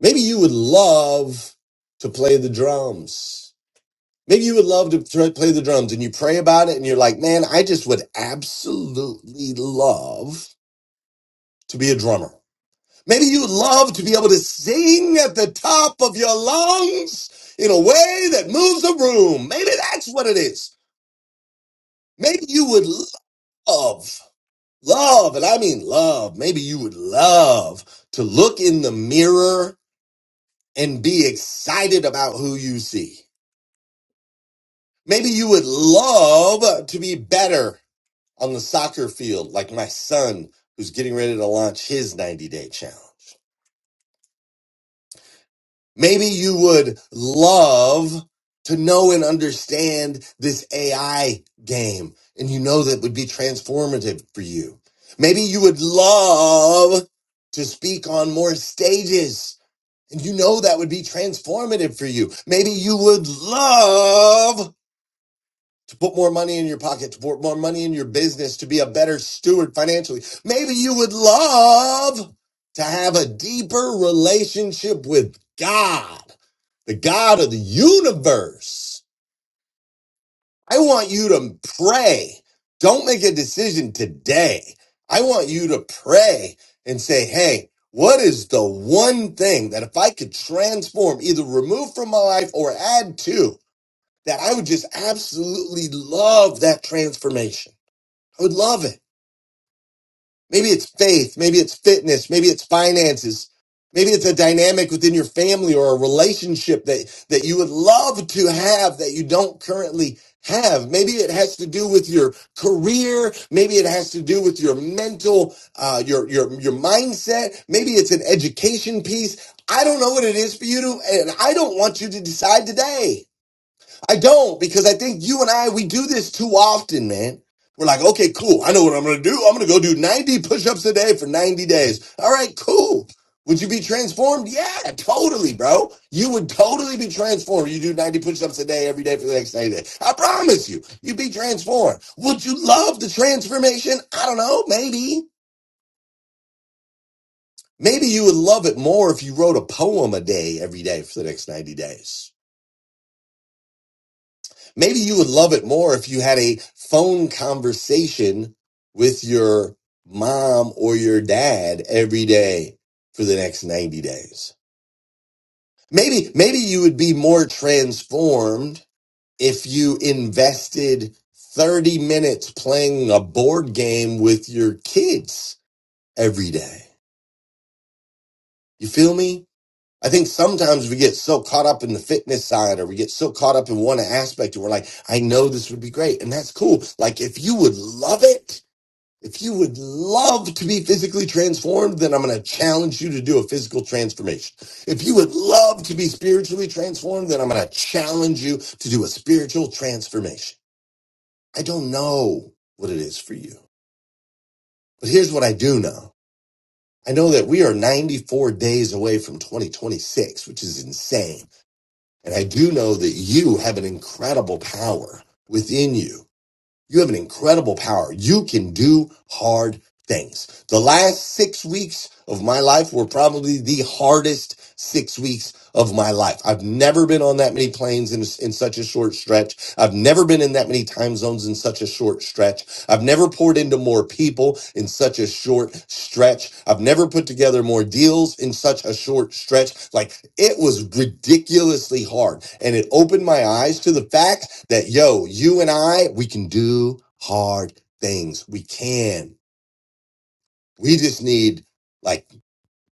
Speaker 4: Maybe you would love to play the drums Maybe you would love to thr- play the drums and you pray about it and you're like, man, I just would absolutely love to be a drummer. Maybe you would love to be able to sing at the top of your lungs in a way that moves a room. Maybe that's what it is. Maybe you would love, love, and I mean love. Maybe you would love to look in the mirror and be excited about who you see. Maybe you would love to be better on the soccer field, like my son who's getting ready to launch his 90 day challenge. Maybe you would love to know and understand this AI game and you know that would be transformative for you. Maybe you would love to speak on more stages and you know that would be transformative for you. Maybe you would love to put more money in your pocket, to put more money in your business, to be a better steward financially. Maybe you would love to have a deeper relationship with God, the God of the universe. I want you to pray. Don't make a decision today. I want you to pray and say, hey, what is the one thing that if I could transform, either remove from my life or add to? that I would just absolutely love that transformation. I would love it. Maybe it's faith, maybe it's fitness, maybe it's finances, maybe it's a dynamic within your family or a relationship that, that you would love to have that you don't currently have. Maybe it has to do with your career. Maybe it has to do with your mental, uh, your, your, your mindset. Maybe it's an education piece. I don't know what it is for you to, and I don't want you to decide today. I don't because I think you and I we do this too often, man. We're like, okay, cool. I know what I'm going to do. I'm going to go do 90 push-ups a day for 90 days. All right, cool. Would you be transformed? Yeah, totally, bro. You would totally be transformed. You do 90 push-ups a day every day for the next 90 days. I promise you, you'd be transformed. Would you love the transformation? I don't know. Maybe. Maybe you would love it more if you wrote a poem a day every day for the next 90 days. Maybe you would love it more if you had a phone conversation with your mom or your dad every day for the next 90 days. Maybe, maybe you would be more transformed if you invested 30 minutes playing a board game with your kids every day. You feel me? I think sometimes we get so caught up in the fitness side or we get so caught up in one aspect and we're like, I know this would be great. And that's cool. Like if you would love it, if you would love to be physically transformed, then I'm going to challenge you to do a physical transformation. If you would love to be spiritually transformed, then I'm going to challenge you to do a spiritual transformation. I don't know what it is for you, but here's what I do know. I know that we are 94 days away from 2026, which is insane. And I do know that you have an incredible power within you. You have an incredible power. You can do hard things. The last six weeks of my life were probably the hardest six weeks of my life. I've never been on that many planes in, in such a short stretch. I've never been in that many time zones in such a short stretch. I've never poured into more people in such a short stretch. I've never put together more deals in such a short stretch. Like it was ridiculously hard. And it opened my eyes to the fact that, yo, you and I, we can do hard things. We can. We just need like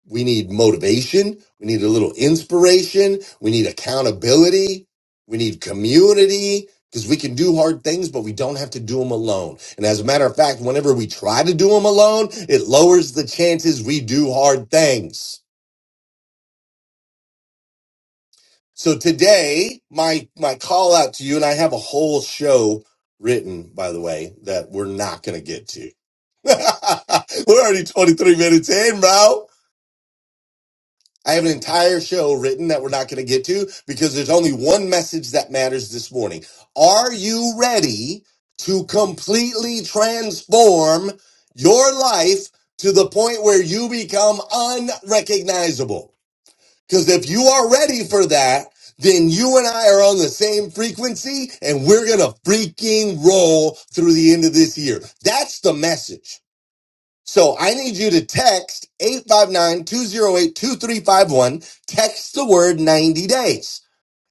Speaker 4: we need motivation. We need a little inspiration. We need accountability. We need community because we can do hard things, but we don't have to do them alone. And as a matter of fact, whenever we try to do them alone, it lowers the chances we do hard things. So today, my, my call out to you, and I have a whole show written, by the way, that we're not going to get to. (laughs) we're already 23 minutes in, bro. I have an entire show written that we're not going to get to because there's only one message that matters this morning. Are you ready to completely transform your life to the point where you become unrecognizable? Because if you are ready for that, then you and I are on the same frequency and we're going to freaking roll through the end of this year. That's the message. So I need you to text eight five nine two zero eight two three five one. Text the word 90 days.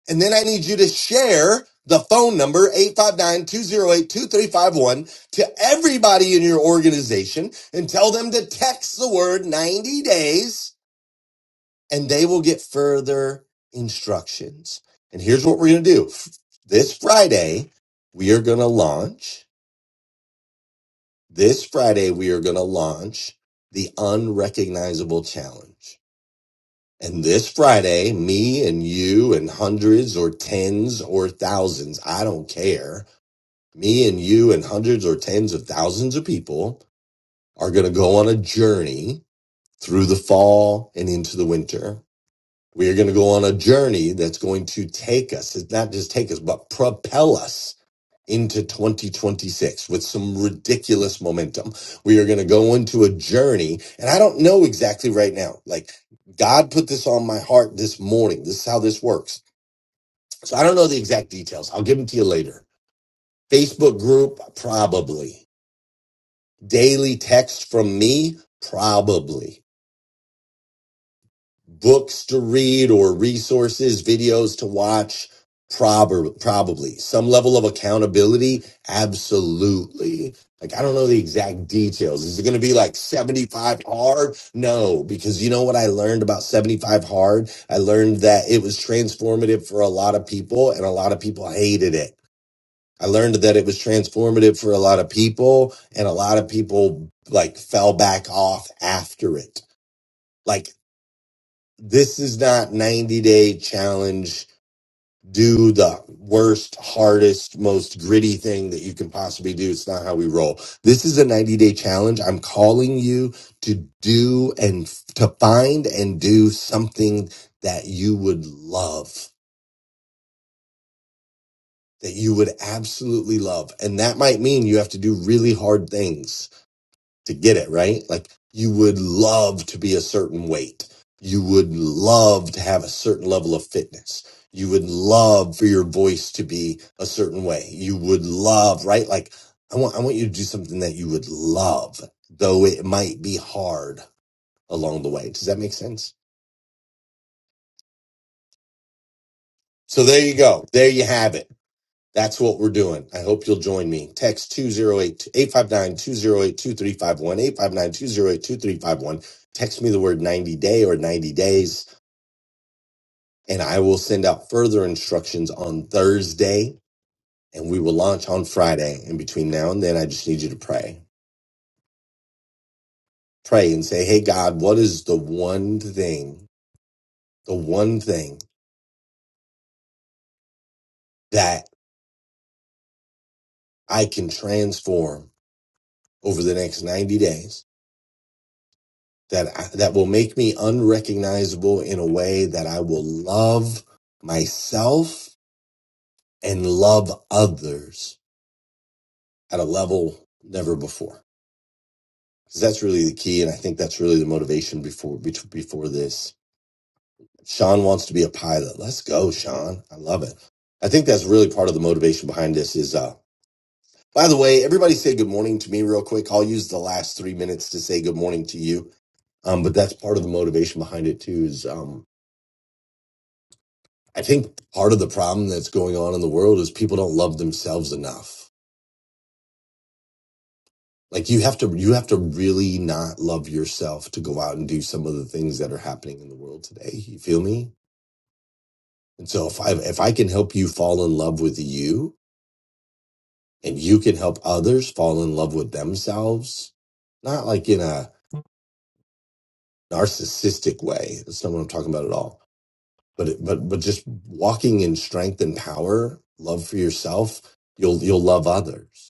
Speaker 4: And then I need you to share the phone number eight five nine two zero eight two three five one to everybody in your organization and tell them to text the word 90 days and they will get further instructions. And here's what we're going to do. This Friday, we are going to launch this Friday, we are going to launch the Unrecognizable Challenge. And this Friday, me and you and hundreds or tens or thousands, I don't care. Me and you and hundreds or tens of thousands of people are going to go on a journey through the fall and into the winter. We are going to go on a journey that's going to take us, it's not just take us, but propel us into 2026 with some ridiculous momentum. We are going to go into a journey and I don't know exactly right now. Like God put this on my heart this morning. This is how this works. So I don't know the exact details. I'll give them to you later. Facebook group, probably. Daily text from me, probably. books to read or resources, videos to watch? Probably, probably some level of accountability. Absolutely. Like, I don't know the exact details. Is it going to be like 75 hard? No, because you know what I learned about 75 hard? I learned that it was transformative for a lot of people and a lot of people hated it. I learned that it was transformative for a lot of people and a lot of people like fell back off after it. Like this is not 90 day challenge do the worst hardest most gritty thing that you can possibly do it's not how we roll this is a 90 day challenge i'm calling you to do and f- to find and do something that you would love that you would absolutely love and that might mean you have to do really hard things to get it, right? Like you would love to be a certain weight. You would love to have a certain level of fitness. You would love for your voice to be a certain way. You would love, right? Like I want, I want you to do something that you would love, though it might be hard along the way. Does that make sense? So there you go. There you have it. That's what we're doing. I hope you'll join me. Text 208 859 208 2351 859 208 2351. Text me the word 90 day or 90 days, and I will send out further instructions on Thursday, and we will launch on Friday. And between now and then, I just need you to pray. Pray and say, Hey, God, what is the one thing, the one thing that I can transform over the next 90 days? that I, that will make me unrecognizable in a way that I will love myself and love others at a level never before. Because that's really the key, and I think that's really the motivation before before this. Sean wants to be a pilot. Let's go, Sean. I love it. I think that's really part of the motivation behind this. Is uh, by the way, everybody say good morning to me real quick. I'll use the last three minutes to say good morning to you. Um, but that's part of the motivation behind it too. Is um, I think part of the problem that's going on in the world is people don't love themselves enough. Like you have to you have to really not love yourself to go out and do some of the things that are happening in the world today. You feel me? And so if I if I can help you fall in love with you and you can help others fall in love with themselves, not like in a narcissistic way. That's not what I'm talking about at all. But it, but but just walking in strength and power, love for yourself, you'll you'll love others.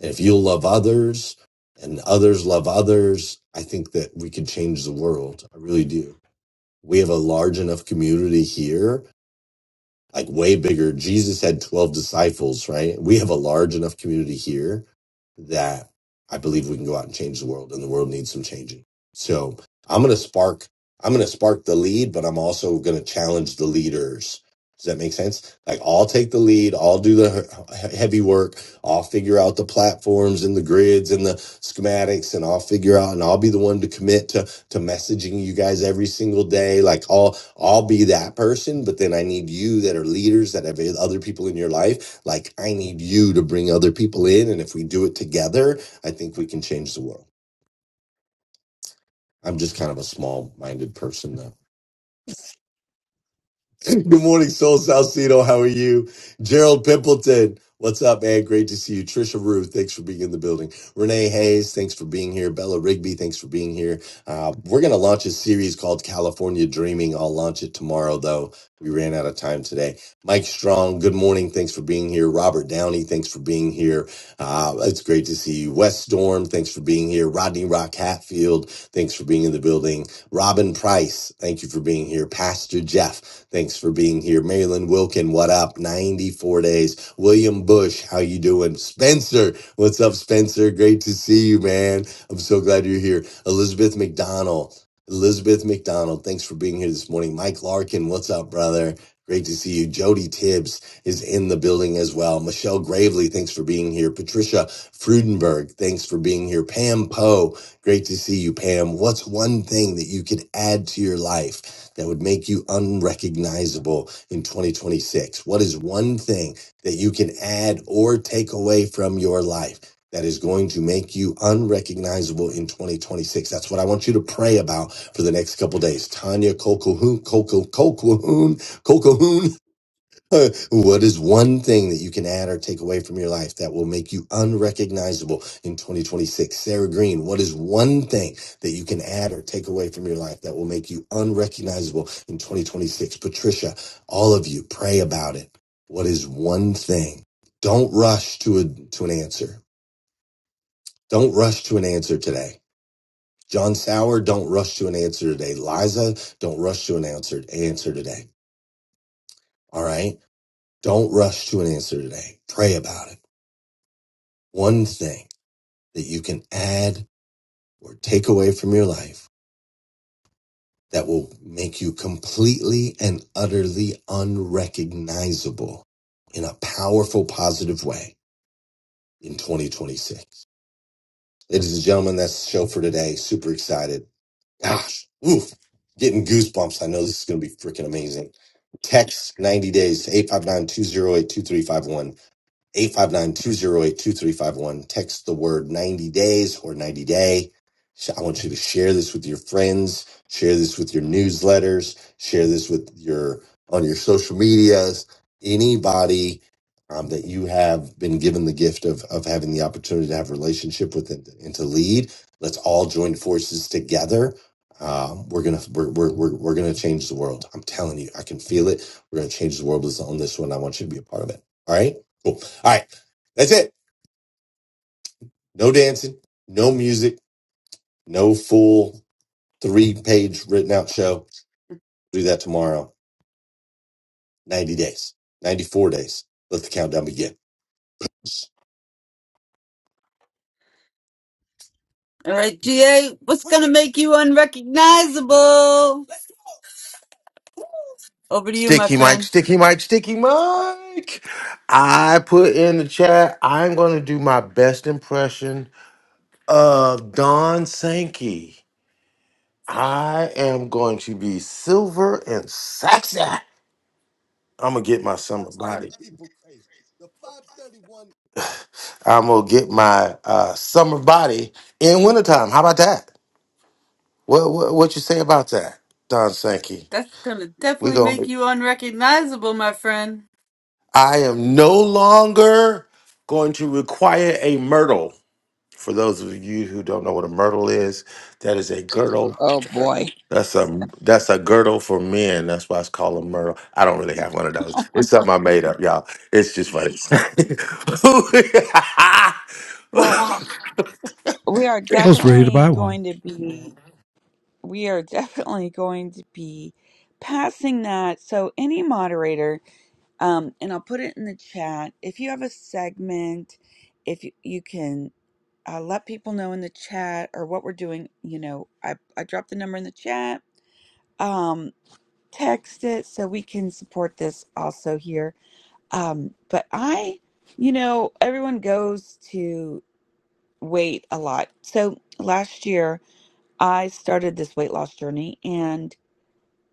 Speaker 4: if you love others and others love others, I think that we could change the world. I really do. We have a large enough community here like way bigger. Jesus had 12 disciples, right? We have a large enough community here that I believe we can go out and change the world and the world needs some changing. So I'm going to spark, I'm going to spark the lead, but I'm also going to challenge the leaders. Does that make sense? Like I'll take the lead. I'll do the he- heavy work. I'll figure out the platforms and the grids and the schematics and I'll figure out and I'll be the one to commit to to messaging you guys every single day like i'll i'll be that person but then i need you that are leaders that have other people in your life like i need you to bring other people in and if we do it together i think we can change the world i'm just kind of a small minded person though. (clears throat) Good morning, Soul Salcedo. How are you? Gerald Pimpleton. What's up, man? Great to see you. Trisha Rue, thanks for being in the building. Renee Hayes, thanks for being here. Bella Rigby, thanks for being here. Uh, we're going to launch a series called California Dreaming. I'll launch it tomorrow, though. We ran out of time today. Mike Strong, good morning. Thanks for being here. Robert Downey, thanks for being here. Uh, it's great to see you. Wes Storm, thanks for being here. Rodney Rock Hatfield, thanks for being in the building. Robin Price, thank you for being here. Pastor Jeff, Thanks for being here. Marilyn Wilkin, what up? 94 days. William Bush, how you doing? Spencer, what's up, Spencer? Great to see you, man. I'm so glad you're here. Elizabeth McDonald. Elizabeth McDonald, thanks for being here this morning. Mike Larkin, what's up, brother? Great to see you. Jody Tibbs is in the building as well. Michelle Gravely, thanks for being here. Patricia Frudenberg, thanks for being here. Pam Poe, great to see you, Pam. What's one thing that you could add to your life? that would make you unrecognizable in 2026? What is one thing that you can add or take away from your life that is going to make you unrecognizable in 2026? That's what I want you to pray about for the next couple days. Tanya Kokohoon, Kokohoon, (laughs) what is one thing that you can add or take away from your life that will make you unrecognizable in 2026? Sarah Green, what is one thing that you can add or take away from your life that will make you unrecognizable in 2026? Patricia, all of you, pray about it. What is one thing? Don't rush to a to an answer. Don't rush to an answer today. John Sauer, don't rush to an answer today. Liza, don't rush to an answer answer today. All right? Don't rush to an answer today. Pray about it. one thing that you can add or take away from your life that will make you completely and utterly unrecognizable in a powerful, positive way in 2026. Ladies and gentlemen, that's the show for today. Super excited. Gosh, oof, getting goosebumps. I know this is going to be freaking amazing. Text 90 days to 859 Eight five nine two zero eight two three five one. Text the word 90 days or 90 day. Sh- I want you to share this with your friends, share this with your newsletters, share this with your on your social medias, anybody um, that you have been given the gift of of having the opportunity to have a relationship with and, and to lead. Let's all join forces together. Um, we're gonna we're, we're we're we're gonna change the world. I'm telling you, I can feel it. We're gonna change the world. Let's own this one. I want you to be a part of it. All right. Cool. All right. That's it. No dancing, no music, no full three page written out show. Do that tomorrow. 90 days, 94 days. Let the countdown begin. All right, GA, what's going to make you unrecognizable? Over to you, my
Speaker 3: sticky Mike,
Speaker 4: friend.
Speaker 3: sticky Mike, sticky Mike. I put in the chat. I'm going to do my best impression of Don Sankey. I am going to be silver and sexy. I'm gonna get my summer
Speaker 4: Drives Other
Speaker 3: body.
Speaker 4: people crazy. The 531
Speaker 3: I'm gonna get my uh, summer body in wintertime. How about that? What, what what you say about that, Don Sankey?
Speaker 4: That's gonna
Speaker 3: We
Speaker 4: definitely
Speaker 3: go.
Speaker 4: make you unrecognizable, my friend.
Speaker 3: I am no longer going to require a myrtle. For those of you who don't know what a myrtle is, that is a girdle.
Speaker 9: oh boy.
Speaker 3: That's a that's a girdle for men. That's why it's called a myrtle. I don't really have one of those. It's something I made up, y'all. It's just funny.
Speaker 9: Well,
Speaker 3: (laughs)
Speaker 9: we are
Speaker 6: I was ready to
Speaker 9: definitely
Speaker 6: buy one.
Speaker 9: going to be. We are definitely going to be passing that. So any moderator Um, and I'll put it in the chat. If you have a segment, if you, you can uh, let people know in the chat or what we're doing, you know, I, I dropped the number in the chat. Um, text it so we can support this also here. Um, but I, you know, everyone goes to weight a lot. So last year I started this weight loss journey and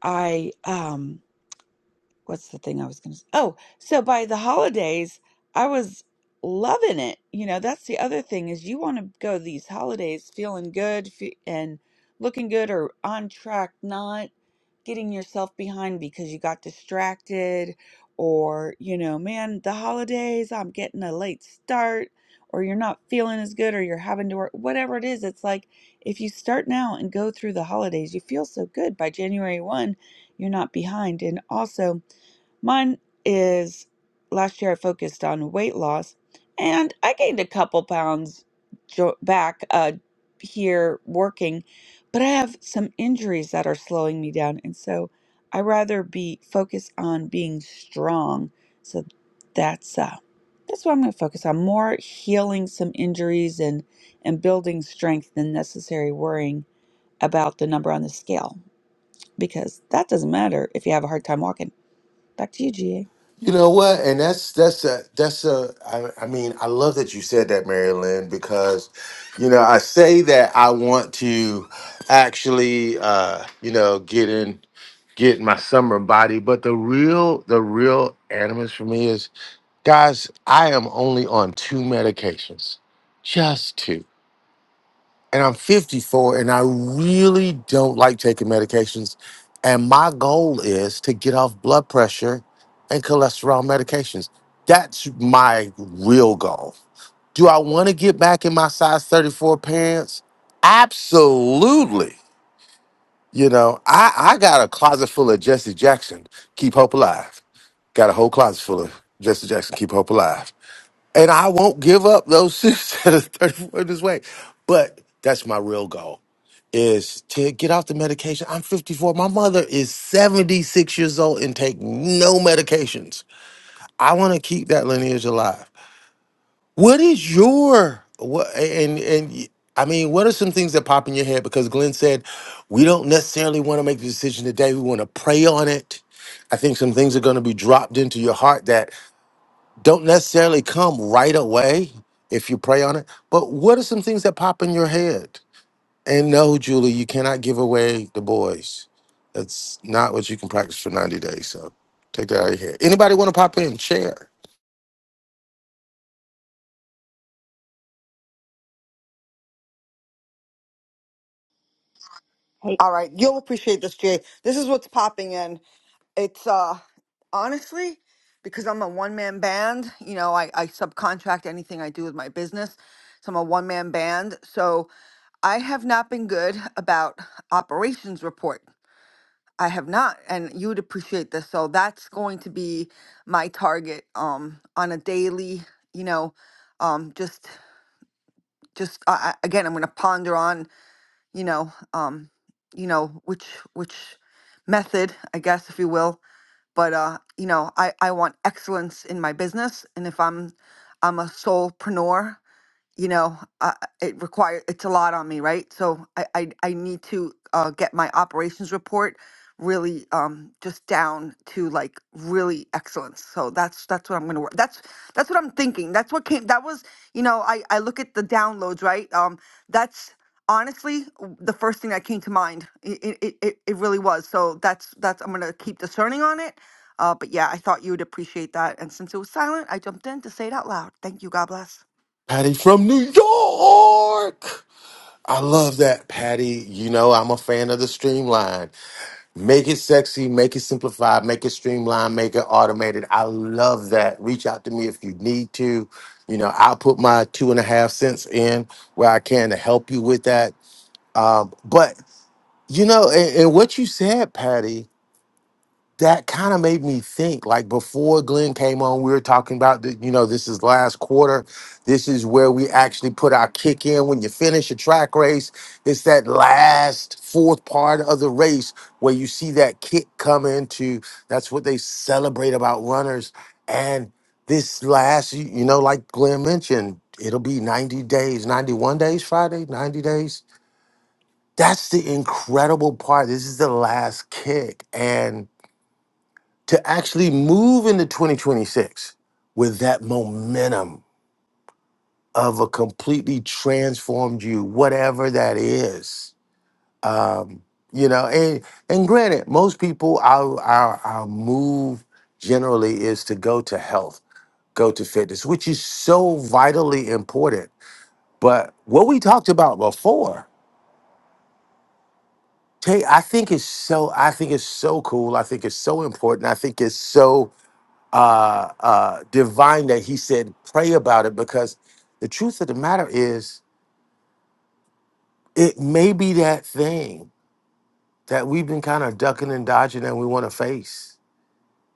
Speaker 9: I, um. what's the thing I was going to say? Oh, so by the holidays, I was loving it. You know, that's the other thing is you want to go these holidays feeling good fe- and looking good or on track, not getting yourself behind because you got distracted or, you know, man, the holidays, I'm getting a late start or you're not feeling as good or you're having to work whatever it is it's like if you start now and go through the holidays you feel so good by January 1 you're not behind and also Mine is last year I focused on weight loss and I gained a couple pounds jo- back uh, here working, but I have some injuries that are slowing me down. And so I rather be focused on being strong. So that's uh, that's what I'm going to focus on more healing some injuries and and building strength than necessary worrying about the number on the scale because that doesn't matter if you have a hard time walking. Back to you, GA.
Speaker 3: You know what? And that's that's a that's a. I, I mean, I love that you said that, Mary Lynn, because you know I say that I want to actually, uh, you know, get in, get my summer body. But the real, the real animus for me is, guys, I am only on two medications, just two and I'm 54 and I really don't like taking medications. And my goal is to get off blood pressure and cholesterol medications. That's my real goal. Do I want to get back in my size 34 pants? Absolutely. You know, I, I got a closet full of Jesse Jackson, keep hope alive. Got a whole closet full of Jesse Jackson, keep hope alive. And I won't give up those suits (laughs) at a 34 this way. But that's my real goal is to get off the medication. I'm 54. My mother is 76 years old and take no medications. I want to keep that lineage alive. What is your what and and y- I mean, what are some things that pop in your head? Because Glenn said we don't necessarily want to make the decision today. We want to pray on it. I think some things are going to be dropped into your heart that don't necessarily come right away if you pray on it. But what are some things that pop in your head? And no, Julie, you cannot give away the boys. That's not what you can practice for 90 days. So take that out of your head. Anybody want to pop in? Share.
Speaker 10: Hey,
Speaker 11: All right, you'll appreciate this, Jay. This is what's popping in. It's uh honestly because I'm a one man band. You know, I, I subcontract anything I do with my business, so I'm a one man band. So I have not been good about operations report. I have not, and you would appreciate this. So that's going to be my target um on a daily. You know, um just just uh, again, I'm going to ponder on you know, um, you know, which which method, I guess, if you will. But uh, you know, I I want excellence in my business, and if I'm I'm a solopreneur, you know, uh, it require it's a lot on me, right? So I I, I need to uh, get my operations report really um just down to like really excellence. So that's that's what I'm gonna work. That's that's what I'm thinking. That's what came. That was you know I I look at the downloads, right? Um, that's honestly w- the first thing that came to mind. It it it, it really was. So that's that's I'm gonna keep discerning on it. Uh, but yeah, I thought you would appreciate that. And since it was silent, I jumped in to say it out loud. Thank you. God bless.
Speaker 3: Patty from New York. I love that, Patty. You know, I'm a fan of the streamline. Make it sexy, make it simplified, make it streamlined, make it automated. I love that. Reach out to me if you need to. You know, I'll put my two and a half cents in where I can to help you with that. Um, but you know, and, and what you said, Patty, that kind of made me think like before glenn came on we were talking about that you know this is last quarter this is where we actually put our kick in when you finish a track race it's that last fourth part of the race where you see that kick come into that's what they celebrate about runners and this last you you know like glenn mentioned it'll be 90 days 91 days friday 90 days that's the incredible part this is the last kick and to actually move into 2026 with that momentum of a completely transformed you, whatever that is. Um, you know, and and granted, most people our our our move generally is to go to health, go to fitness, which is so vitally important. But what we talked about before, Tay, I think is so I think it's so cool. I think it's so important. I think it's so uh, uh, divine that he said, pray about it because the truth of the matter is, it may be that thing that we've been kind of ducking and dodging and we want to face.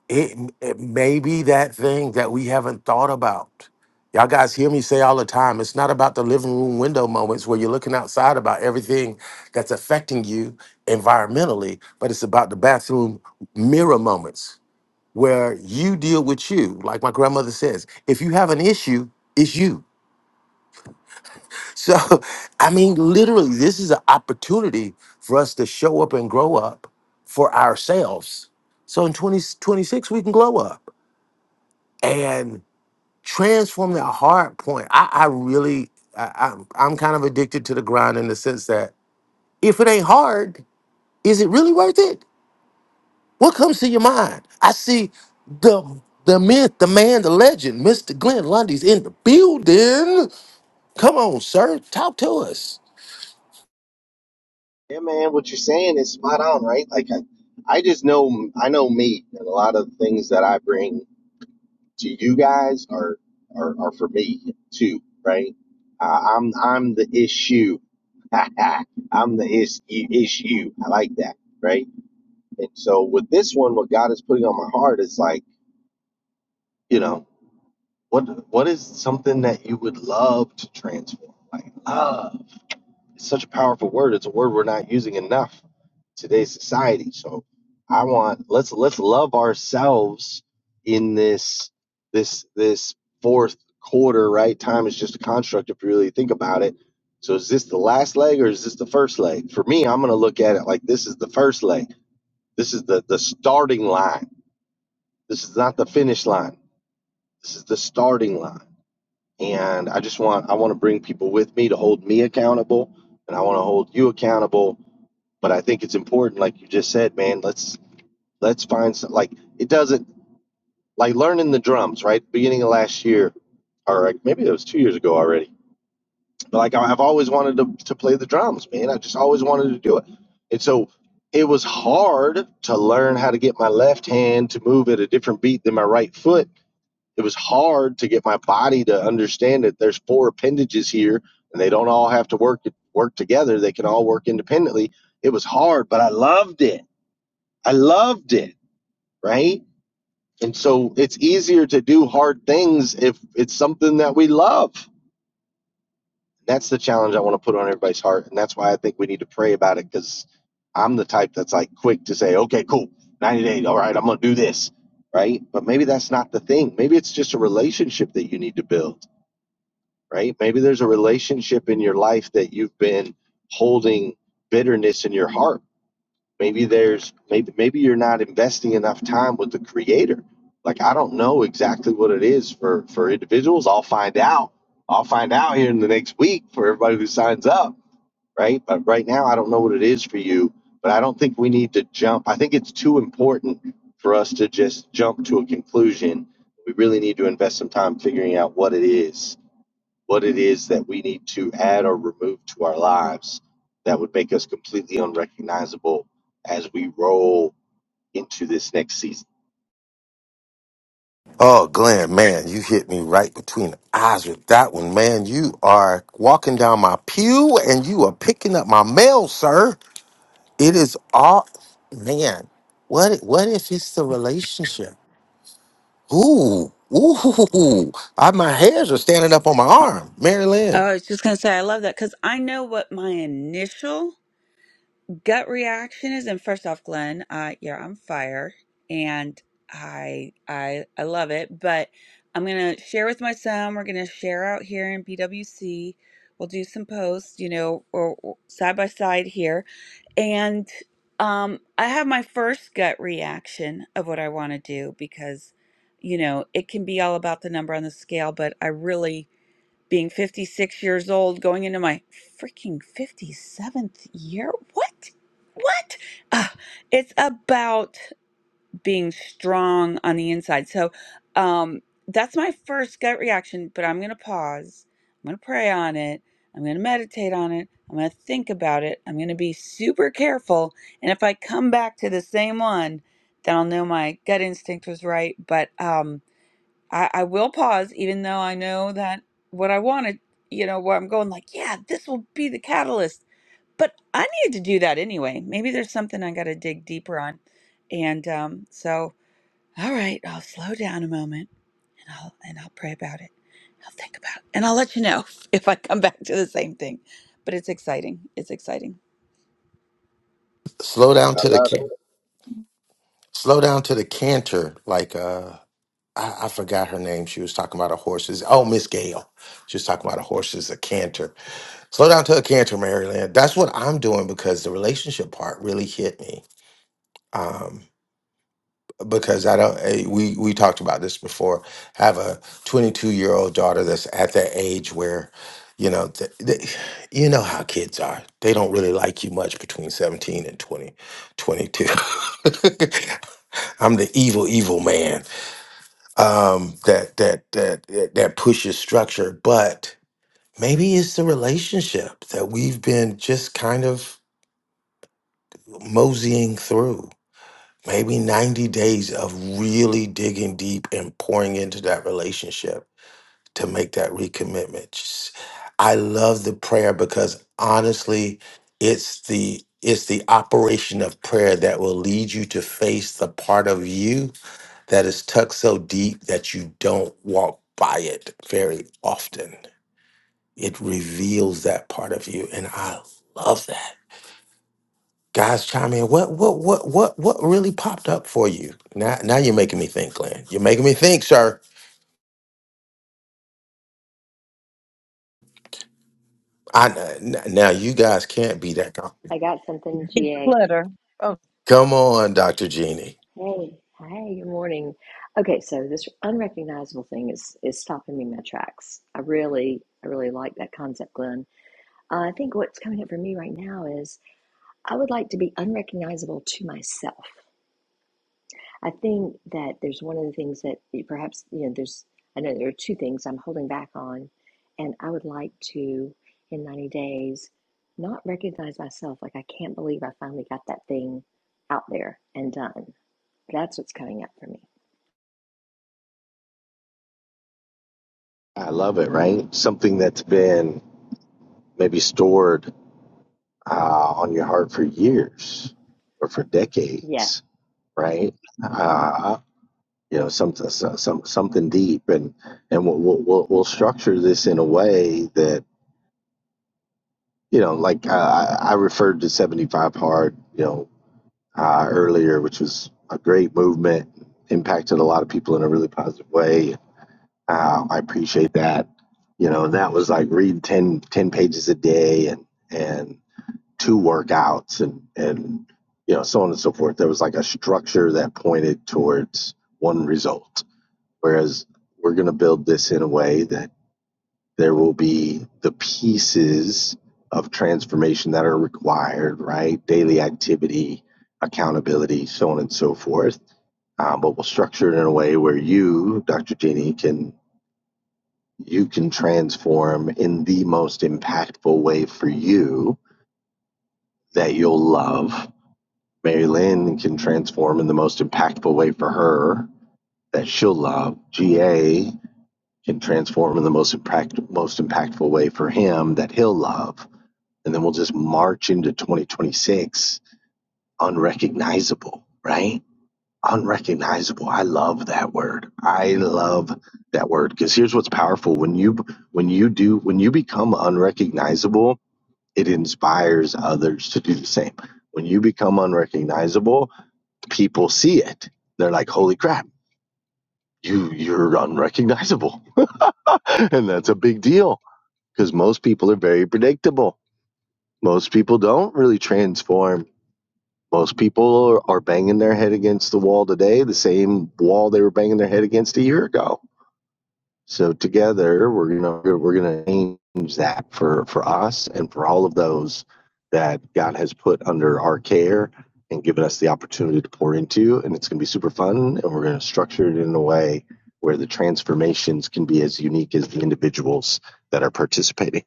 Speaker 3: It, it may be that thing that we haven't thought about. Y'all guys hear me say all the time it's not about the living room window moments where you're looking outside about everything that's affecting you environmentally, but it's about the bathroom mirror moments where you deal with you. Like my grandmother says, if you have an issue, it's you. So, (laughs) I mean, literally, this is an opportunity for us to show up and grow up for ourselves. So in 2026, we can glow up and transform that hard point. I, I really, I, I'm, I'm kind of addicted to the grind in the sense that if it ain't hard, is it really worth it? What comes to your mind? I see the the myth, the man, the legend, Mr. Glenn Lundy's in the building. Come on, sir, talk to us.
Speaker 12: Yeah, man, what you're saying is spot on, right? Like, I, I just know, I know me, and a lot of the things that I bring to you guys are are, are for me too, right? Uh, I'm I'm the issue. (laughs) I'm the is, issue. I like that, right? And so with this one, what God is putting on my heart is like, you know, what what is something that you would love to transform, like love. It's such a powerful word. It's a word we're not using enough in today's society. So I want let's let's love ourselves in this this this fourth quarter, right? Time is just a construct if you really think about it. So is this the last leg or is this the first leg? For me, I'm gonna look at it like this is the first leg. This is the the starting line. This is not the finish line. This is the starting line. And I just want I want to bring people with me to hold me accountable and I want to hold you accountable but I think it's important, like you just said, man. Let's let's find some, like it doesn't like learning the drums, right? Beginning of last year, or like, maybe it was two years ago already. But like I- have always wanted to to play the drums, man. I just always wanted to do it, and so it was hard to learn how to get my left hand to move at a different beat than my right foot. It was hard to get my body to understand that there's four appendages here, and they don't all have to work work together. They can all work independently. It was hard, but I loved it I loved it, right? And so it's easier to do hard things if it's something that we love. That's the challenge I want to put on everybody's heart. And that's why I think we need to pray about it because I'm the type that's like quick to say, okay, cool, 90 days. All right, I'm going to do this, right? But maybe that's not the thing. Maybe it's just a relationship that you need to build, right? Maybe there's a relationship in your life that you've been holding bitterness in your heart maybe there's maybe maybe you're not investing enough time with the creator like i don't know exactly what it is for for individuals i'll find out i'll find out here in the next week for everybody who signs up right but right now i don't know what it is for you but i don't think we need to jump i think it's too important for us to just jump to a conclusion we really need to invest some time figuring out what it is what it is that we need to add or remove to our lives that would make us completely unrecognizable as we roll into this next season.
Speaker 3: Oh, Glenn, man, you hit me right between the eyes with that one, man. You are walking down my pew and you are picking up my mail, sir. It is all, man. What? i- What if it's the relationship? Ooh, ooh, (laughs) I, my hairs are standing up on my arm, Mary Lynn.
Speaker 9: Oh, I was just going to say, I love that because I know what my initial gut reaction is. And first off, Glenn, uh, yeah, I'm fire, and I, I, I love it. But I'm going to share with my son. We're going to share out here in BWC. We'll do some posts, you know, or, or side by side here, and um, I have my first gut reaction of what I want to do because, you know, it can be all about the number on the scale, but I really being 56 years old, going into my freaking 57th year. What? What? Uh, it's about being strong on the inside. So um, that's my first gut reaction, but I'm going to pause. I'm going to pray on it. I'm going to meditate on it. I'm going to think about it. I'm going to be super careful. And if I come back to the same one, then I'll know my gut instinct was right. But, um. I, I will pause, even though I know that what I wanted, you know, where I'm going, like, yeah, this will be the catalyst. But I need to do that anyway. Maybe there's something I got to dig deeper on. And um, so, all right, I'll slow down a moment and I'll and I'll pray about it. I'll think about it. And I'll let you know (laughs) if I come back to the same thing. But it's exciting. It's exciting.
Speaker 3: Slow down
Speaker 12: I
Speaker 3: to the
Speaker 12: love
Speaker 3: kid.
Speaker 12: it.
Speaker 3: Slow down to the canter, like uh I, I forgot her name. She was talking about a horse's oh Miss Gale. She was talking about a horse's a canter. Slow down to a canter, Maryland. That's what I'm doing because the relationship part really hit me. Um because I don't eh, we we talked about this before. I have a 22 year old daughter that's at that age where you know th th you know how kids are. They don't really like you much between 17 and 20 22. (laughs) I'm the evil, evil man um, that that that that pushes structure, but maybe it's the relationship that we've been just kind of moseying through. Maybe 90 days of really digging deep and pouring into that relationship to make that recommitment. Just- I love the prayer because honestly, it's the it's the operation of prayer that will lead you to face the part of you that is tucked so deep that you don't walk by it very often. It reveals that part of you, and I love that. Guys, chime in. What what what what what really popped up for you? Now now you're making me think, Glenn. You're making me think, sir. I n- now you guys can't be that. com-
Speaker 10: I got something, GA.
Speaker 2: Declutter. Oh,
Speaker 3: Come on, Doctor Jeannie.
Speaker 10: Hey, hey, good morning. Okay, so this unrecognizable thing is is stopping me in my tracks. I really, I really like that concept, Glenn. Uh, I think what's coming up for me right now is I would like to be unrecognizable to myself. I think that there's one of the things that perhaps, you know, there's, I know there are two things I'm holding back on, and I would like to, in 90 days, not recognize myself like I can't believe I finally got that thing out there and done That's what's coming up for me.
Speaker 12: I love it, right? Something that's been maybe stored uh, on your heart for years or for
Speaker 10: Yes.
Speaker 12: decades, right? Uh, you know, some, some, something deep, and and we'll, we'll we'll structure this in a way that you know, like uh, I I referred to seventy five hard, you know, uh, earlier, which was a great movement, impacted a lot of people in a really positive way. Uh, I appreciate that. You know, and that was like read 10 10 pages a day and, and two workouts and, and, you know, so on and so forth. There was like a structure that pointed towards one result. Whereas we're going to build this in a way that there will be the pieces of transformation that are required, right? Daily activity, accountability, so on and so forth. Um, but we'll structure it in a way where you, Dr. Jeannie, can you can transform in the most impactful way for you that you'll love. Mary Lynn can transform in the most impactful way for her that she'll love. GA can transform in the most impact, most impactful way for him that he'll love and then we'll just march into 2026 unrecognizable, right? Unrecognizable. I love that word. I love that word because here's what's powerful when you when you do when you become unrecognizable, it inspires others to do the same. When you become unrecognizable, people see it. They're like, "Holy crap, you you're unrecognizable." (laughs) and that's a big deal because most people are very predictable. Most people don't really transform Most people are are banging their head against the wall today, the same wall they were banging their head against a year ago. So together, we're gonna we're gonna change that for for us and for all of those that God has put under our care and given us the opportunity to pour into. And it's gonna be super fun, and we're gonna structure it in a way where the transformations can be as unique as the individuals that are participating.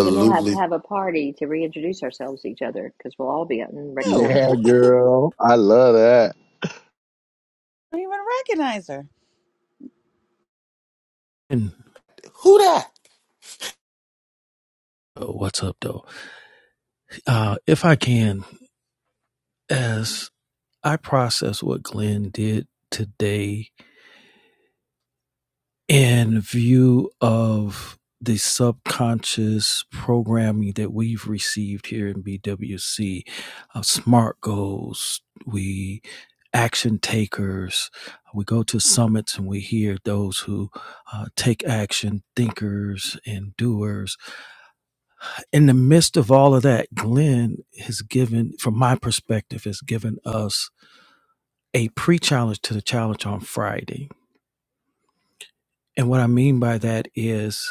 Speaker 10: Then we'll have to have a party to reintroduce ourselves to each other because we'll all be
Speaker 9: Oh,
Speaker 12: Yeah,
Speaker 10: unrecognizable.
Speaker 12: girl, I love that.
Speaker 9: I don't even recognize her.
Speaker 6: And
Speaker 3: Who that?
Speaker 6: oh, what's up, though? Uh, if I can, as I process what Glenn did today in view of the subconscious programming that we've received here in BWC of smart goals, we action takers, we go to summits and we hear those who uh, take action, thinkers and doers. In the midst of all of that, Glenn has given, from my perspective, has given us a pre challenge to the challenge on Friday. And what I mean by that is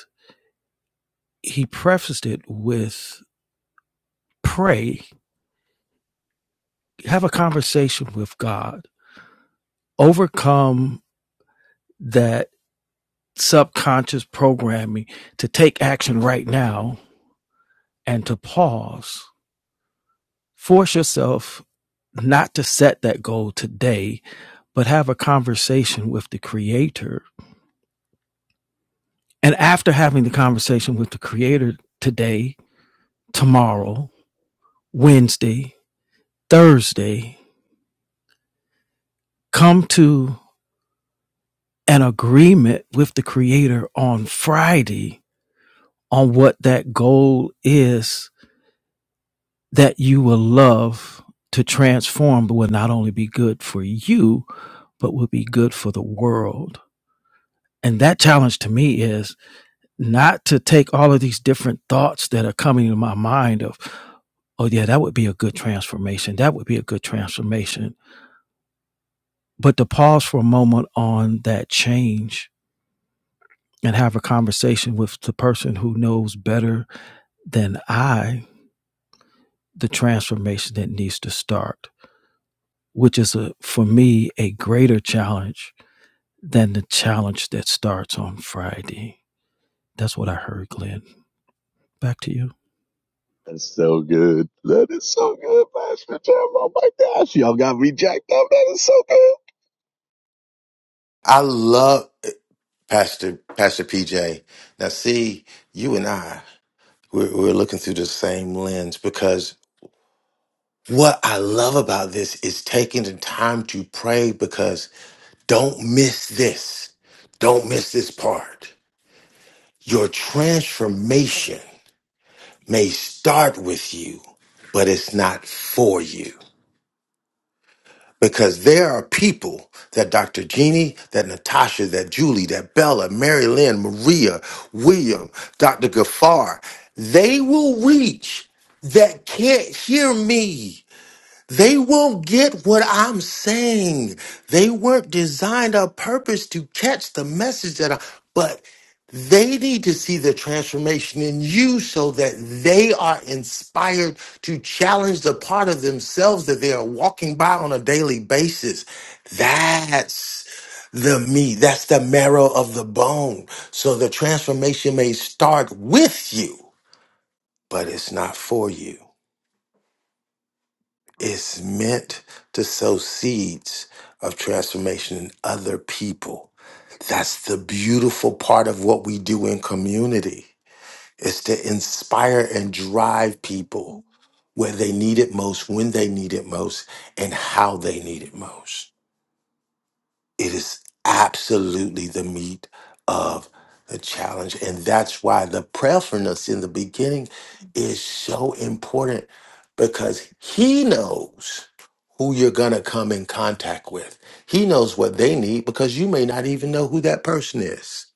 Speaker 6: he prefaced it with pray, have a conversation with God, overcome that subconscious programming to take action right now and to pause. Force yourself not to set that goal today, but have a conversation with the creator. And after having the conversation with the creator today, tomorrow, Wednesday, Thursday, come to an agreement with the creator on Friday on what that goal is that you will love to transform, but will not only be good for you, but will be good for the world. And that challenge to me is not to take all of these different thoughts that are coming to my mind of, oh yeah, that would be a good transformation. That would be a good transformation. But to pause for a moment on that change and have a conversation with the person who knows better than I the transformation that needs to start, which is a, for me a greater challenge than the challenge that starts on Friday. That's what I heard, Glenn. Back to you.
Speaker 12: That's so good. That is so good, Pastor Tim. Oh my gosh, y'all got me jacked up. That is so good.
Speaker 3: I love eh, Pastor Pastor PJ. Now see, you and I we're, we're looking through the same lens because What I love about this is taking the time to pray because don't miss this. Don't miss this part. Your transformation may start with you, but it's not for you. Because there are people that Dr. Jeannie, that Natasha, that Julie, that Bella, Mary Lynn, Maria, William, Dr. Gafar, they will reach that can't hear me They won't get what I'm saying. They weren't designed or purpose to catch the message that I, but they need to see the transformation in you so that they are inspired to challenge the part of themselves that they are walking by on a daily basis. That's the meat. That's the marrow of the bone. So the transformation may start with you, but it's not for you. It's meant to sow seeds of transformation in other people. That's the beautiful part of what we do in community. It's to inspire and drive people where they need it most, when they need it most, and how they need it most it is absolutely the meat of the challenge. And that's why the prayerfulness in the beginning is so important because he knows who you're going to come in contact with. He knows what they need because you may not even know who that person is.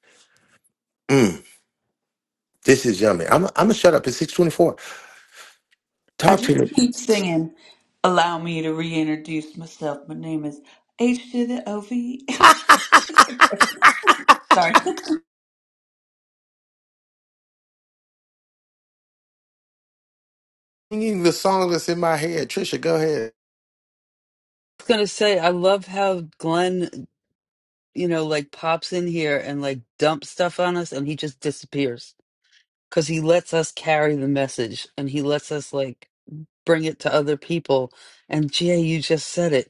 Speaker 3: Mm, this is yummy. I'm, I'm going to shut up at 624.
Speaker 9: I
Speaker 3: Talk to
Speaker 9: just
Speaker 3: you.
Speaker 9: keep singing. Allow me to reintroduce myself. My name is H to the O V. (laughs) Sorry.
Speaker 3: Singing the song that's in my head. Trisha, go ahead.
Speaker 4: was gonna say, I love how Glenn, you know, like pops in here and like dumps stuff on us, and he just disappears because he lets us carry the message and he lets us like bring it to other people. And Jay, you just said it.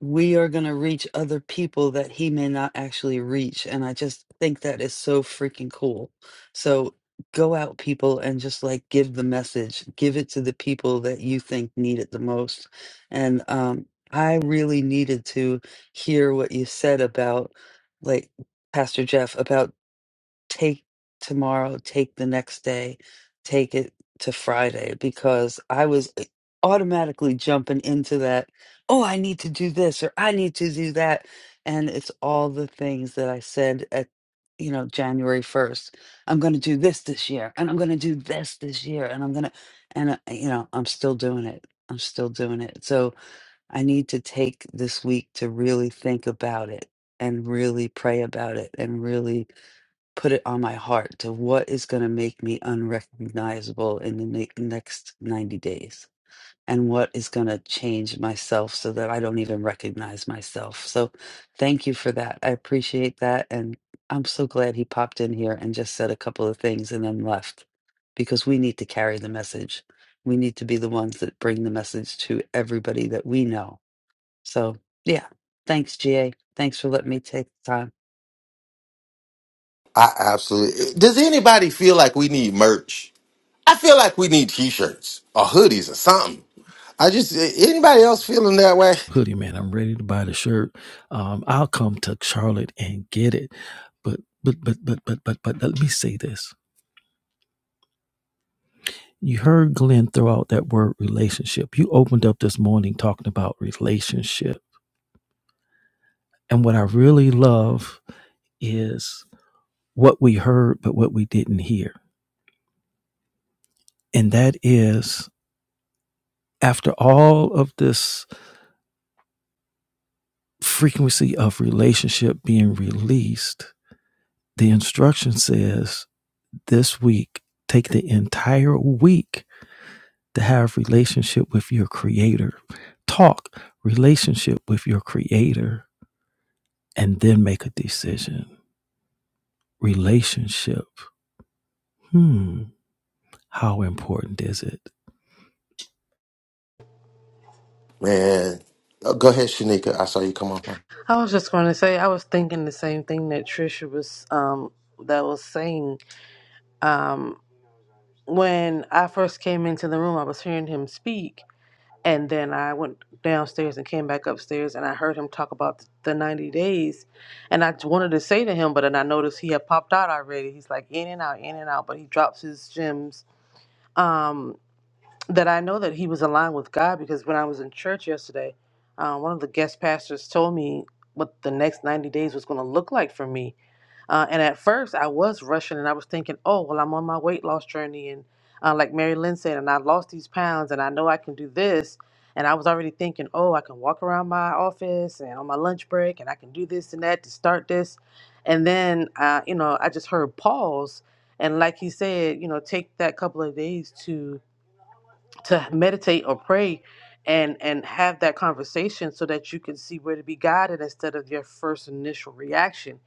Speaker 4: we are going to reach other people that he may not actually reach. And I just think that is so freaking cool. So go out, people, and just like give the message, give it to the people that you think need it the most. And um, I really needed to hear what you said about like Pastor Jeff about take tomorrow, take the next day, take it to Friday because I was eh, automatically jumping into that, oh, I need to do this or I need to do that. And it's all the things that I said at, you know, January 1st. I'm going to do this this year and I'm going to do this this year and I'm going to, and, uh, you know, I'm still doing it. I'm still doing it. So I need to take this week to really think about it and really pray about it and really put it on my heart to what is going to make me unrecognizable in the ne- next 90 days and what is going to change myself so that I don't even recognize myself. So thank you for that. I appreciate that. And I'm so glad he popped in here and just said a couple of things and then left because we need to carry the message. We need to be the ones that bring the message to everybody that we know. So, yeah. Thanks, GA. Thanks for letting me take the time.
Speaker 3: I absolutely. Does anybody feel like we need merch? I feel like we need t-shirts or hoodies or something. I just anybody else feeling that way,
Speaker 6: Hoodie man, I'm ready to buy the shirt. Um, I'll come to Charlotte and get it. But but but but but but but let me say this. You heard Glenn throw out that word relationship. You opened up this morning talking about relationship. And what I really love is what we heard, but what we didn't hear. And that is after all of this frequency of relationship being released, the instruction says this week, take the entire week to have relationship with your creator. Talk relationship with your creator and then make a decision. Relationship. Hmm. How important is it?
Speaker 3: man. uh, Go ahead, Shanika. I saw you come off my.
Speaker 13: I was just going to say, I was thinking the same thing that Trisha was um that was saying. Um, when I first came into the room, I was hearing him speak, and then I went downstairs and came back upstairs, and I heard him talk about the ninety days, and I wanted to say to him, but then I noticed he had popped out already. He's like in and out, in and out, but he drops his gems. Um, that I know that he was aligned with God because when I was in church yesterday, uh, one of the guest pastors told me what the next 90 days was going to look like for me. Uh, and at first, I was rushing and I was thinking, oh, well, I'm on my weight loss journey. And uh, like Mary Lynn said, and I lost these pounds and I know I can do this. And I was already thinking, oh, I can walk around my office and on my lunch break and I can do this and that to start this. And then, uh, you know, I just heard pause. And like he said, you know, take that couple of days to to meditate or pray and and have that conversation so that you can see where to be guided instead of your first initial reaction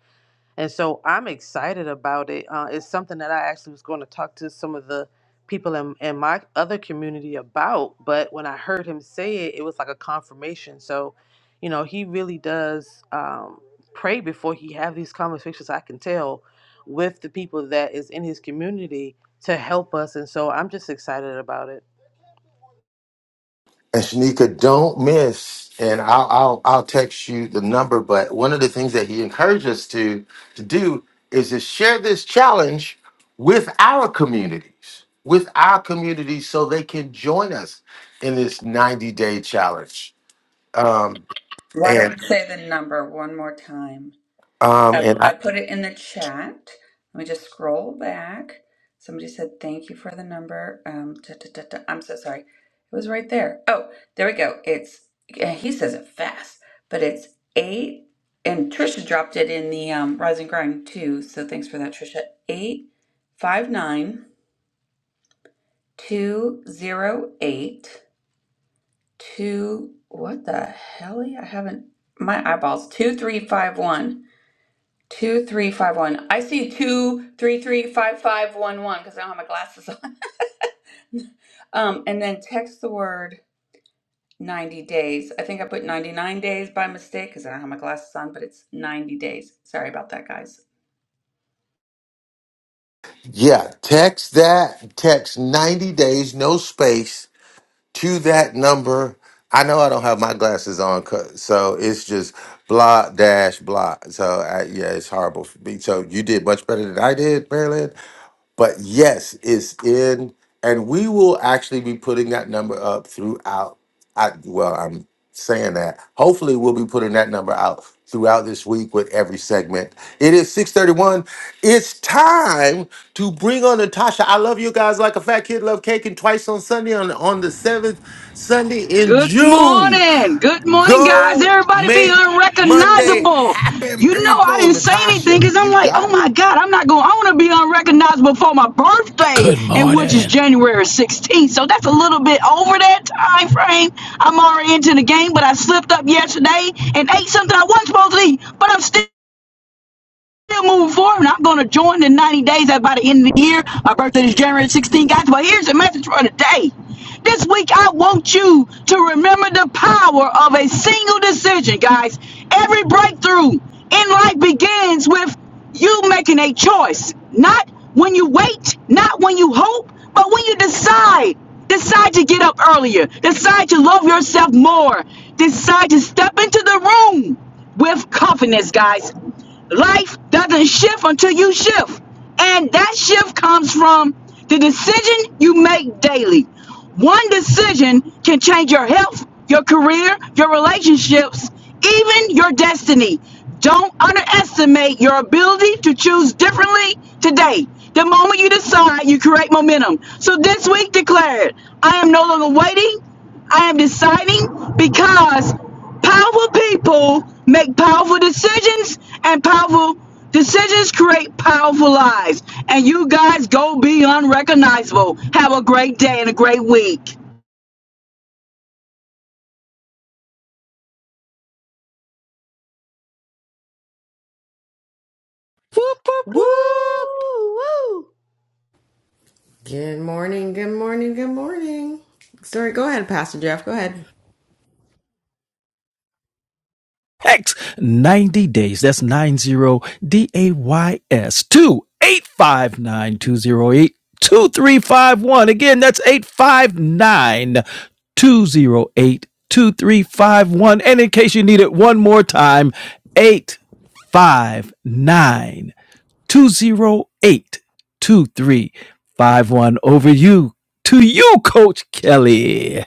Speaker 13: and so i'm excited about it uh, it's something that i actually was going to talk to some of the people in, in my other community about but when i heard him say it it was like a confirmation so you know he really does um, pray before he have these conversations i can tell with the people that is in his community to help us. And so I'm just excited about it.
Speaker 3: And Shanika, don't miss. And I'll I'll I'll text you the number. But one of the things that he encouraged us to to do is to share this challenge with our communities, with our communities, so they can join us in this ninety day challenge. Um,
Speaker 9: (laughs) Why don't
Speaker 3: and
Speaker 9: we say the number one more time?
Speaker 3: um,
Speaker 9: I,
Speaker 3: and I,
Speaker 9: I put it in the chat. Let me just scroll back. Somebody said, thank you for the number. Um, da, da, da, da. I'm so sorry. It was right there. Oh, there we go. It's, yeah, he says it fast, but it's eight. And Trisha dropped it in the um, Rise and Grind too. So thanks for that, Trisha. Eight, five, nine, two, zero, eight. two what the hell i haven't my eyeballs Two, three, five, one. Two, three, five, one. i see two three three five five one one because i don't have my glasses on (laughs) um and then text the word 90 days i think i put 99 days by mistake because i don't have my glasses on but it's 90 days sorry about that guys
Speaker 3: Yeah, text that, text 90 days, no space to that number. I know I don't have my glasses on, 'cause- so it's just blah dash blah. So I, yeah, it's horrible for me. So you did much better than I did, Marilyn. But yes, it's in, and we will actually be putting that number up throughout. I well, I'm saying that. Hopefully, we'll be putting that number out throughout this week with every segment. It is 6:31. It's time to bring on Natasha. I love you guys like a fat kid love cake, and twice on Sunday on on the seventh Sunday in
Speaker 14: Good
Speaker 3: June.
Speaker 14: morning. Good morning, guys.
Speaker 3: Go
Speaker 14: Everybody be
Speaker 3: make Monday
Speaker 14: unrecognizable.
Speaker 3: happen,
Speaker 14: You know, I
Speaker 3: people.
Speaker 14: didn't say anything
Speaker 3: Natasha,
Speaker 14: because I'm
Speaker 3: you
Speaker 14: like, oh
Speaker 3: got it.
Speaker 14: my God, I'm not going, to I want to be unrecognizable for my birthday,
Speaker 6: Good
Speaker 14: and which is
Speaker 6: morning.
Speaker 14: January 16th. So that's a little bit over that time frame. I'm already into the game, but I slipped up yesterday and ate something I wasn't supposed to eat, but I'm still still moving forward, I'm going to join in 90 days. by the end of the year. My birthday is January 16th, guys. But here's the message for today. This week, I want you to remember the power of a single decision, guys. Every breakthrough in life begins with you making a choice. Not when you wait, not when you hope, but when you decide. Decide to get up earlier. Decide to love yourself more. Decide to step into the room with confidence, guys. Life doesn't shift until you shift. And that shift comes from the decision you make daily. One decision can change your health, your career, your relationships, even your destiny. Don't underestimate your ability to choose differently today. The moment you decide, you create momentum. So this week, declare it. I am no longer waiting. I am deciding because Powerful people make powerful decisions, and powerful decisions create powerful lives. And you guys go be unrecognizable. Have a great day and a great week.
Speaker 4: Whoop, whoop,
Speaker 13: Woo!
Speaker 4: whoop.
Speaker 13: Woo!
Speaker 1: Good morning, good morning, good morning. Sorry, go ahead, Pastor Jeff. Go ahead.
Speaker 6: Hex 90 days. That's 90 D A Y S to eight five nine, 2 859 Again, that's 859 208 2351. And in case you need it one more time, eight five nine two zero eight two three five one. Over you to you, Coach Kelly.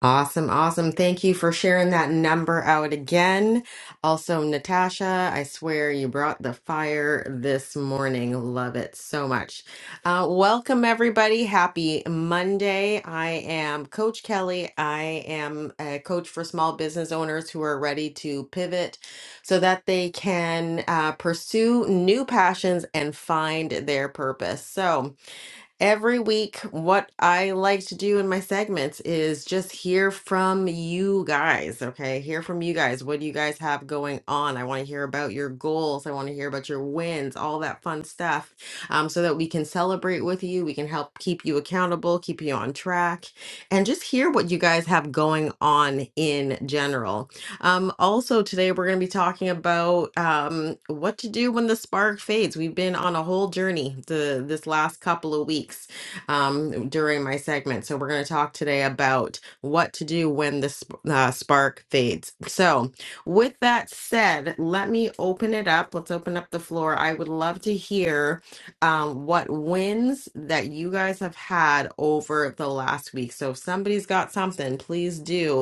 Speaker 1: Awesome, awesome. Thank you for sharing that number out again. Also, Natasha, I swear you brought the fire this morning. Love it so much. Uh, welcome, everybody. Happy Monday. I am Coach Kelly. I am a coach for small business owners who are ready to pivot so that they can uh, pursue new passions and find their purpose. So, Every week, what I like to do in my segments is just hear from you guys. Okay. Hear from you guys. What do you guys have going on? I want to hear about your goals. I want to hear about your wins, all that fun stuff, um, so that we can celebrate with you. We can help keep you accountable, keep you on track, and just hear what you guys have going on in general. Um, also, today we're going to be talking about um, what to do when the spark fades. We've been on a whole journey the, this last couple of weeks um, during my segment. So, we're going to talk today about what to do when the sp- uh, spark fades. So, with that said, let me open it up. Let's open up the floor. I would love to hear um, what wins that you guys have had over the last week. So, if somebody's got something, please do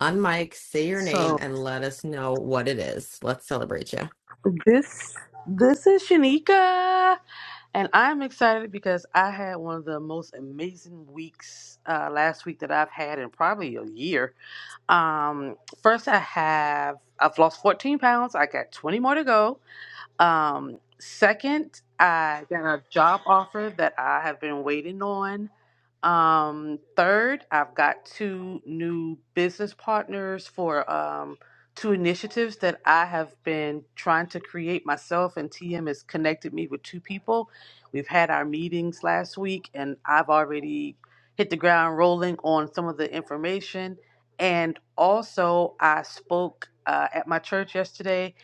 Speaker 1: Unmic, say your name,
Speaker 13: So
Speaker 1: and let us know what it is. Let's celebrate you.
Speaker 13: this this is Shanika, and I'm excited because I had one of the most amazing weeks uh, last week that I've had in probably a year. Um, first I have I've lost 14 pounds. I got 20 more to go. Um, second, I got a job offer that I have been waiting on. Um, third, I've got two new business partners for um, two initiatives that I have been trying to create myself, and TM has connected me with two people. We've had our meetings last week, and I've already hit the ground rolling on some of the information. And also, I spoke uh, at my church yesterday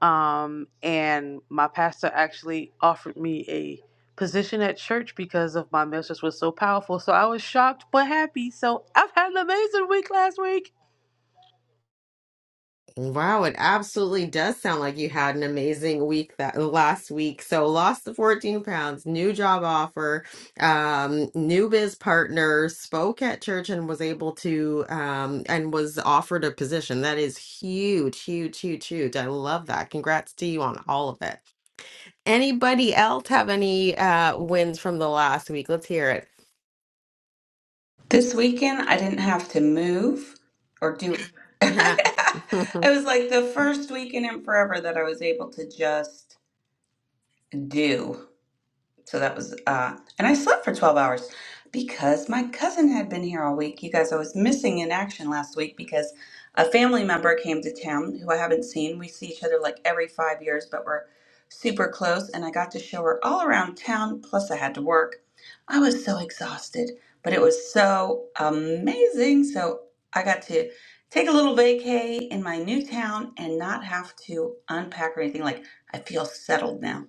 Speaker 13: um, and my pastor actually offered me a position at church because of my message was so powerful. So I was shocked but happy. So I've had an amazing week last week.
Speaker 1: Wow, it absolutely does sound like you had an amazing week that last week. So lost the 14 pounds, new job offer, um, new biz partner, spoke at church and was able to um and was offered a position. That is huge, huge, huge, huge. I love that. Congrats to you on all of it. Anybody else have any uh wins from the last week? Let's hear
Speaker 9: this weekend i didn't have to move or do (laughs) it
Speaker 1: it. (laughs)
Speaker 9: was like the first weekend in forever that i was able to just do So that was, uh, and I slept for 12 hours because my cousin had been here all week. You guys, I was missing in action last week because a family member came to town who I haven't seen. We see each other like every five years, but we're super close. And I got to show her all around town, plus I had to work. I was so exhausted, but it was so amazing. So I got to take a little vacay in my new town and not have to unpack or anything. Like, I feel settled now.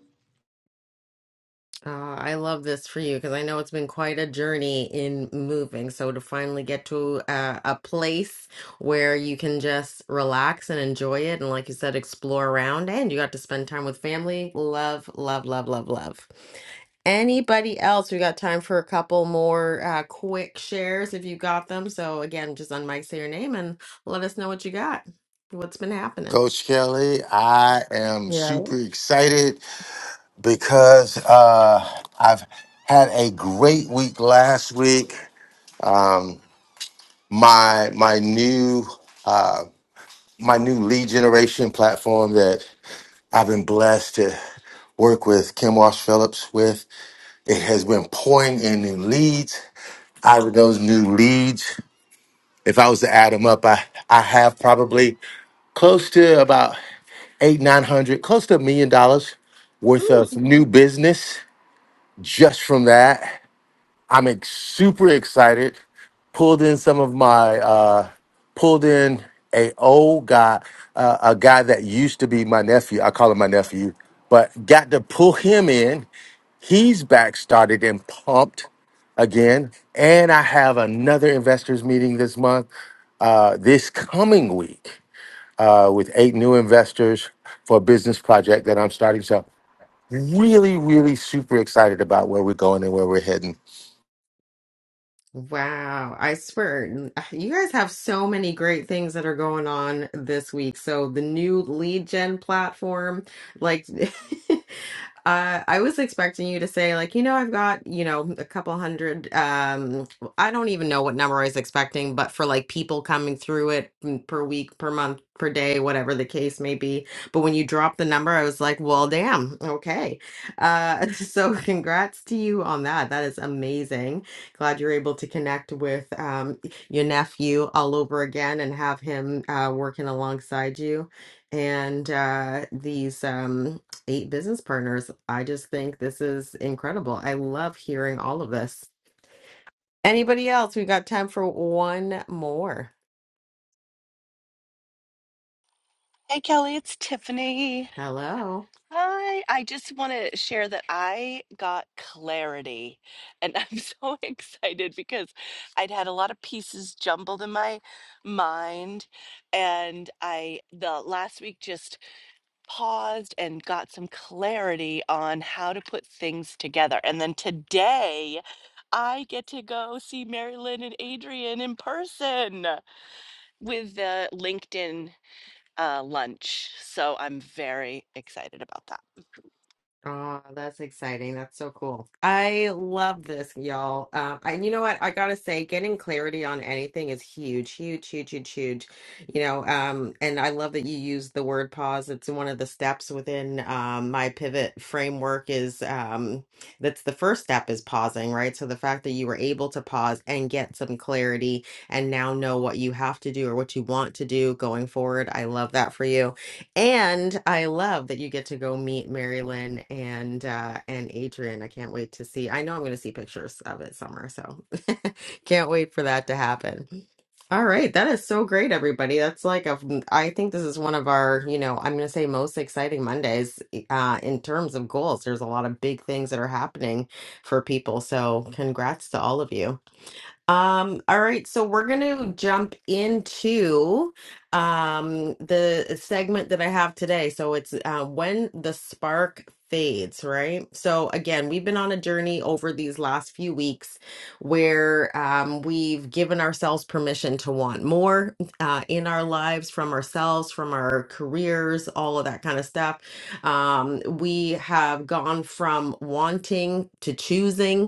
Speaker 1: Uh, I love this for you because I know it's been quite a journey in moving. So to finally get to a, a place where you can just relax and enjoy it, and like you said, explore around, and you got to spend time with family. Love, love, love, love, love. Anybody else? We got time for a couple more uh, quick shares if you got them. So again, just on say your name and let us know what you got, what's been happening.
Speaker 3: Coach Kelly, I am
Speaker 1: Yeah.
Speaker 3: super excited because uh, I've had a great week last week. My my new uh, my new lead generation platform that I've been blessed to work with Kim Walsh Phillips with. It has been pouring in new leads. Out of those new leads, If I was to add them up, I I have probably close to about eight nine hundred, close to a million dollars worth of new business just from that. I'm ex- super excited. Pulled in some of my uh, pulled in a old guy, uh, a guy that used to be my nephew. I call him my nephew, but got to pull him in He's back started and pumped again. And I have another investors meeting this month, uh, this coming week, uh, with eight new investors for a business project that I'm starting. So, really, really super excited about where we're going and where we're heading.
Speaker 1: Wow, I swear, you guys have so many great things that are going on this week. So the new lead gen platform, like (laughs) uh, I was expecting you to say like, you know, I've got, you know, a couple hundred um I don't even know what number I was expecting, but for like people coming through it mm, per week, per month, per day, whatever the case may be. But when you dropped the number, I was like, well, damn, okay. Uh (laughs) so congrats to you on that. That is amazing. Glad you're able to connect with um, your nephew all over again and have him uh, working alongside you and uh, these um, eight business partners. I just think this is incredible. I love hearing all of this. Anybody else? We've got time for one more.
Speaker 15: Hey Kelly, it's Tiffany.
Speaker 1: Hello.
Speaker 15: Hi. I just want to share that I got clarity and I'm (laughs) so excited because I'd had a lot of pieces jumbled in my mind and I the last week just paused and got some clarity on how to put things together. And then today I get to go see Mary Lynn and Adrian in person with the LinkedIn uh, lunch. So I'm very excited about that.
Speaker 1: Oh, that's exciting. That's so cool. I love this, y'all. Um, and you know what? I gotta say, getting clarity on anything is huge, huge, huge, huge, huge. You know, um, and I love that you use the word pause. It's one of the steps within um, my pivot framework is um, that's the first step is pausing, right? So the fact that you were able to pause and get some clarity and now know what you have to do or what you want to do going forward, I love that for you. And I love that you get to go meet Marilyn and uh and Adrian. I can't wait to see. I know I'm going to see pictures of it somewhere, so (laughs) can't wait for that to happen. All right, that is so great, everybody. That's like a I think this is one of our, you know, I'm going to say most exciting Mondays eh, uh in terms of goals. There's a lot of big things that are happening for people. So, congrats to all of you. Um, all right, so we're going to jump into um, the uh, segment that I have today. So it's uh, when the spark fades, right? So again, we've been on a journey over these last few weeks where um, we've given ourselves permission to want more uh, in our lives from ourselves, from our careers, all of that kind of stuff. Um, we have gone from wanting to choosing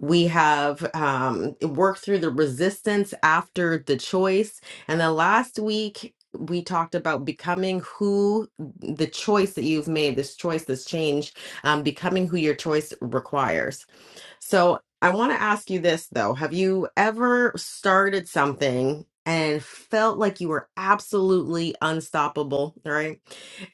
Speaker 1: we have um, worked through the resistance after the choice. And then last week, we talked about becoming who the choice that you've made, this choice, this change, um, becoming who your choice requires. So I want to ask you this though. Have you ever started something and felt like you were absolutely unstoppable, right?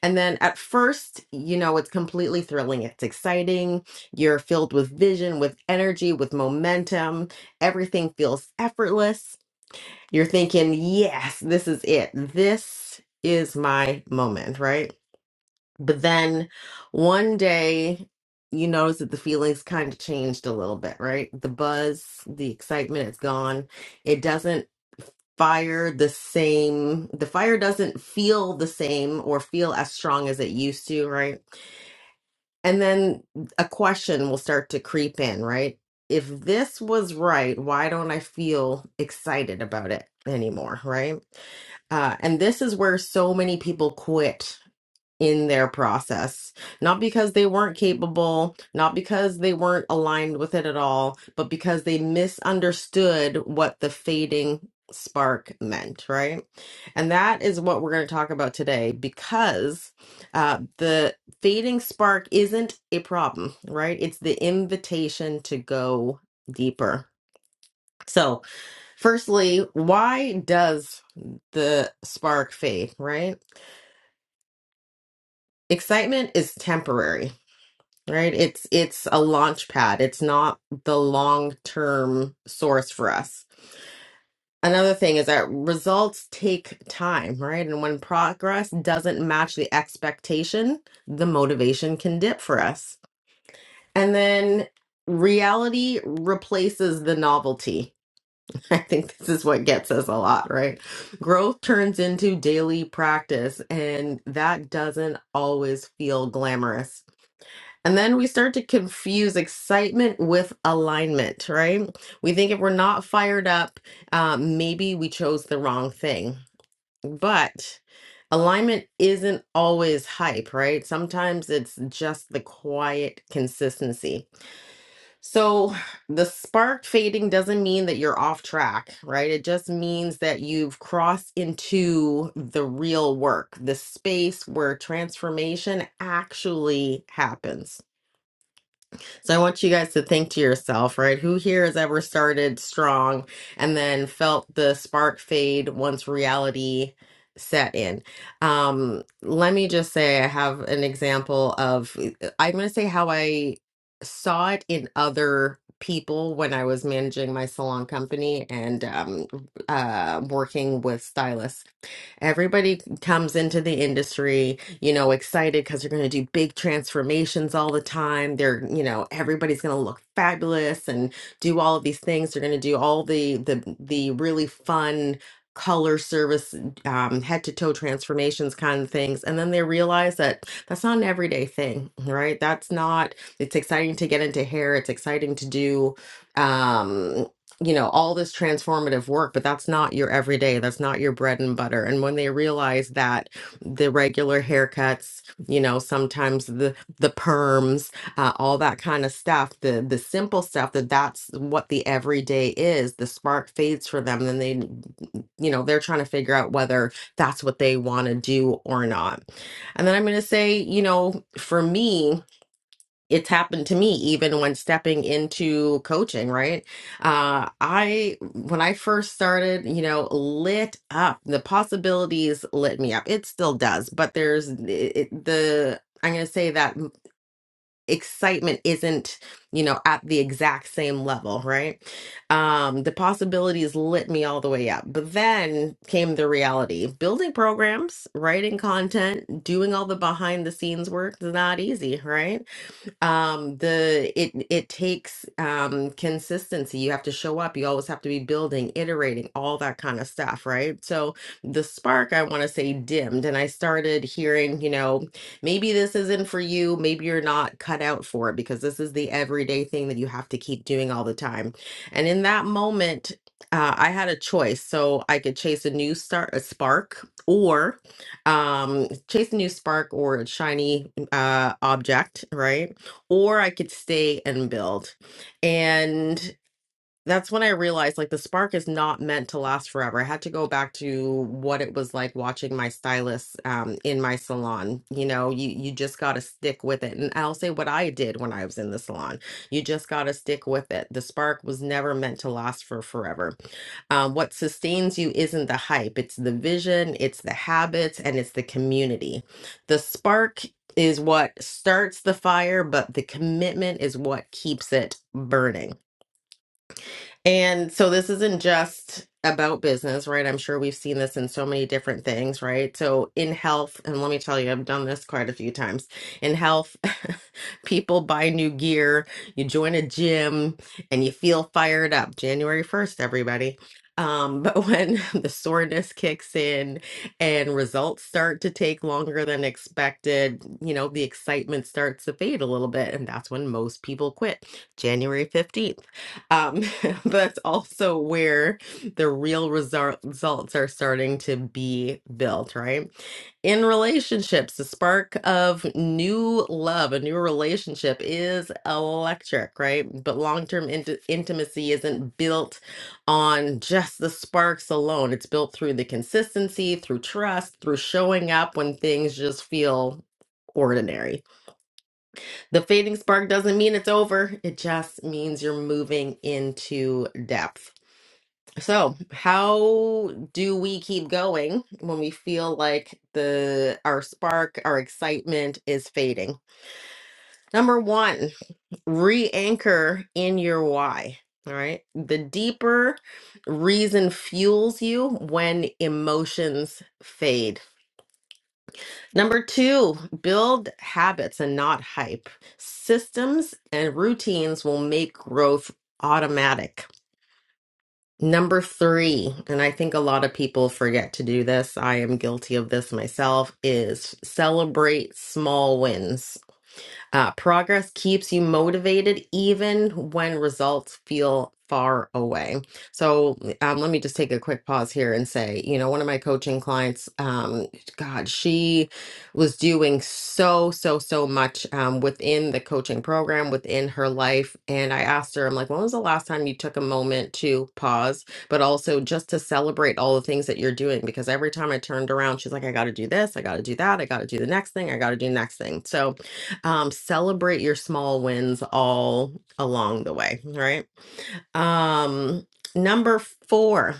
Speaker 1: And then at first, you know, it's completely thrilling. It's exciting. You're filled with vision, with energy, with momentum. Everything feels effortless. You're thinking, yes, this is it. This is my moment, right? But then one day, you notice that the feelings kind of changed a little bit, right? The buzz, the excitement is gone. It doesn't fire the same, the fire doesn't feel the same or feel as strong as it used to, right? And then a question will start to creep in, right? If this was right, why don't I feel excited about it anymore, right? Uh, and this is where so many people quit in their process. Not because they weren't capable, not because they weren't aligned with it at all, but because they misunderstood what the fading spark meant, right? And that is what we're going to talk about today because uh, the fading spark isn't a problem, right? It's the invitation to go deeper. So, firstly, why does the spark fade, right? Excitement is temporary right it's it's a launch pad it's not the long term source for us another thing is that results take time right and when progress doesn't match the expectation the motivation can dip for us and then reality replaces the novelty (laughs) i think this is what gets us a lot right growth turns into daily practice and that doesn't always feel glamorous and then we start to confuse excitement with alignment, right? We think if we're not fired up, um, maybe we chose the wrong thing. But alignment isn't always hype, right? Sometimes it's just the quiet consistency. So the spark fading doesn't mean that you're off track, right? It just means that you've crossed into the real work, the space where transformation actually happens. So I want you guys to think to yourself, right? Who here has ever started strong and then felt the spark fade once reality set in? Um, let me just say I have an example of eh, eh, I'm going to say how I saw it in other people when I was managing my salon company and um, uh, working with stylists. Everybody comes into the industry, you know, excited because they're going to do big transformations all the time. They're, you know, everybody's going to look fabulous and do all of these things. They're going to do all the the the really fun color service um, head to toe transformations kind of things and then they realize that that's not an everyday thing right that's not it's exciting to get into hair it's exciting to do um, you know all this transformative work but that's not your everyday that's not your bread and butter and when they realize that the regular haircuts you know sometimes the the perms uh, all that kind of stuff the the simple stuff that that's what the everyday is the spark fades for them then they you know they're trying to figure out whether that's what they want to do or not and then i'm going to say you know for me it's happened to me even when stepping into coaching right uh i when i first started you know lit up the possibilities lit me up it still does but there's it, the i'm going to say that m- excitement isn't you know at the exact same level right um the possibilities lit me all the way up but then came the reality building programs writing content doing all the behind the scenes work is not easy right um the it it takes um consistency you have to show up you always have to be building iterating all that kind of stuff right so the spark i want to say dimmed and i started hearing you know maybe this isn't for you maybe you're not cut out for it because this is the everyday thing that you have to keep doing all the time and in that moment uh, I had a choice, so I could chase a new start, a spark, or um, chase a new spark or a shiny uh, object, right? or I could stay and build. And that's when I realized like the spark is not meant to last forever. I had to go back to what it was like watching my stylist um, in my salon. You know, you you just got to stick with it. And I'll say what I did when I was in the salon. You just got to stick with it. The spark was never meant to last for forever. Um, what sustains you isn't the hype. It's the vision. It's the habits, and it's the community. The spark is what starts the fire, but the commitment is what keeps it burning. And so this isn't just about business, right? I'm sure we've seen this in so many different things, right? So in health, and let me tell you, I've done this quite a few times. In health, (laughs) people buy new gear, you join a gym, and you feel fired up. January 1st, everybody. Um, but when (laughs) the soreness kicks in and results start to take longer than expected, you know, the excitement starts to fade a little bit. And that's when most people quit, January 15th. Um, (laughs) (laughs) That's also where the real result, results are starting to be built, right? In relationships, the spark of new love, a new relationship is electric, right? But long term int- intimacy isn't built on just the sparks alone. It's built through the consistency, through trust, through showing up when things just feel ordinary. The fading spark doesn't mean it's over, it just means you're moving into depth. So, how do we keep going when we feel like the our spark, our excitement is fading? Number one, re-anchor in your why. All right. The deeper reason fuels you when emotions fade. Number two, build habits and not hype. Systems and routines will make growth automatic. Number three, and I think a lot of people forget to do this, I am guilty of this myself, is celebrate small wins. Uh, progress keeps you motivated even when results feel far away. So um, let me just take a quick pause here and say, you know, one of my coaching clients, um, God, she was doing so, so, so much um, within the coaching program, within her life. And I asked her, I'm like, when was the last time you took a moment to pause, but also just to celebrate all the things that you're doing? Because every time I turned around, she's like, I got to do this, I got to do that, I got to do the next thing, I got to do the next thing. So, um celebrate your small wins all along the way right um number 4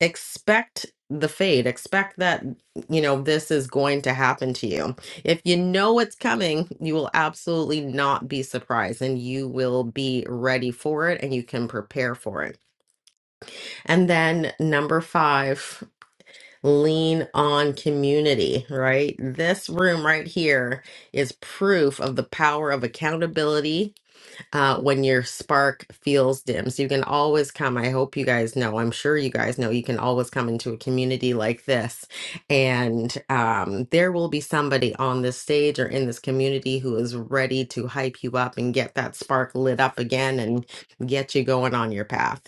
Speaker 1: expect the fade expect that you know this is going to happen to you if you know it's coming you will absolutely not be surprised and you will be ready for it and you can prepare for it and then number 5 lean on community right this room right here is proof of the power of accountability uh, when your spark feels dim. So you can always come. I hope you guys know. I'm sure you guys know you can always come into a community like this. And um, there will be somebody on this stage or in this community who is ready to hype you up and get that spark lit up again and get you going on your path.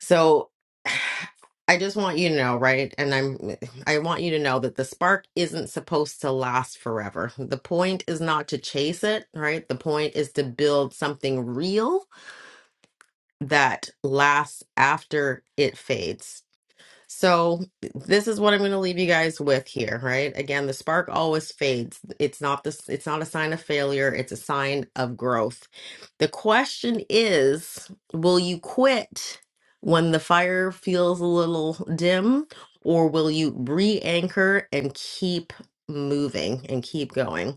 Speaker 1: So (sighs) I just want you to know, right? And I'm eh, I want you to know that the spark isn't supposed to last forever. The point is not to chase it, right? The point is to build something real that lasts after it fades. So this is what I'm going to leave you guys with here, right? Again, the spark always fades. It's not this it's not a sign of failure, it's a sign of growth. The question is, will you quit when the fire feels a little dim or will you re-anchor and keep moving and keep going?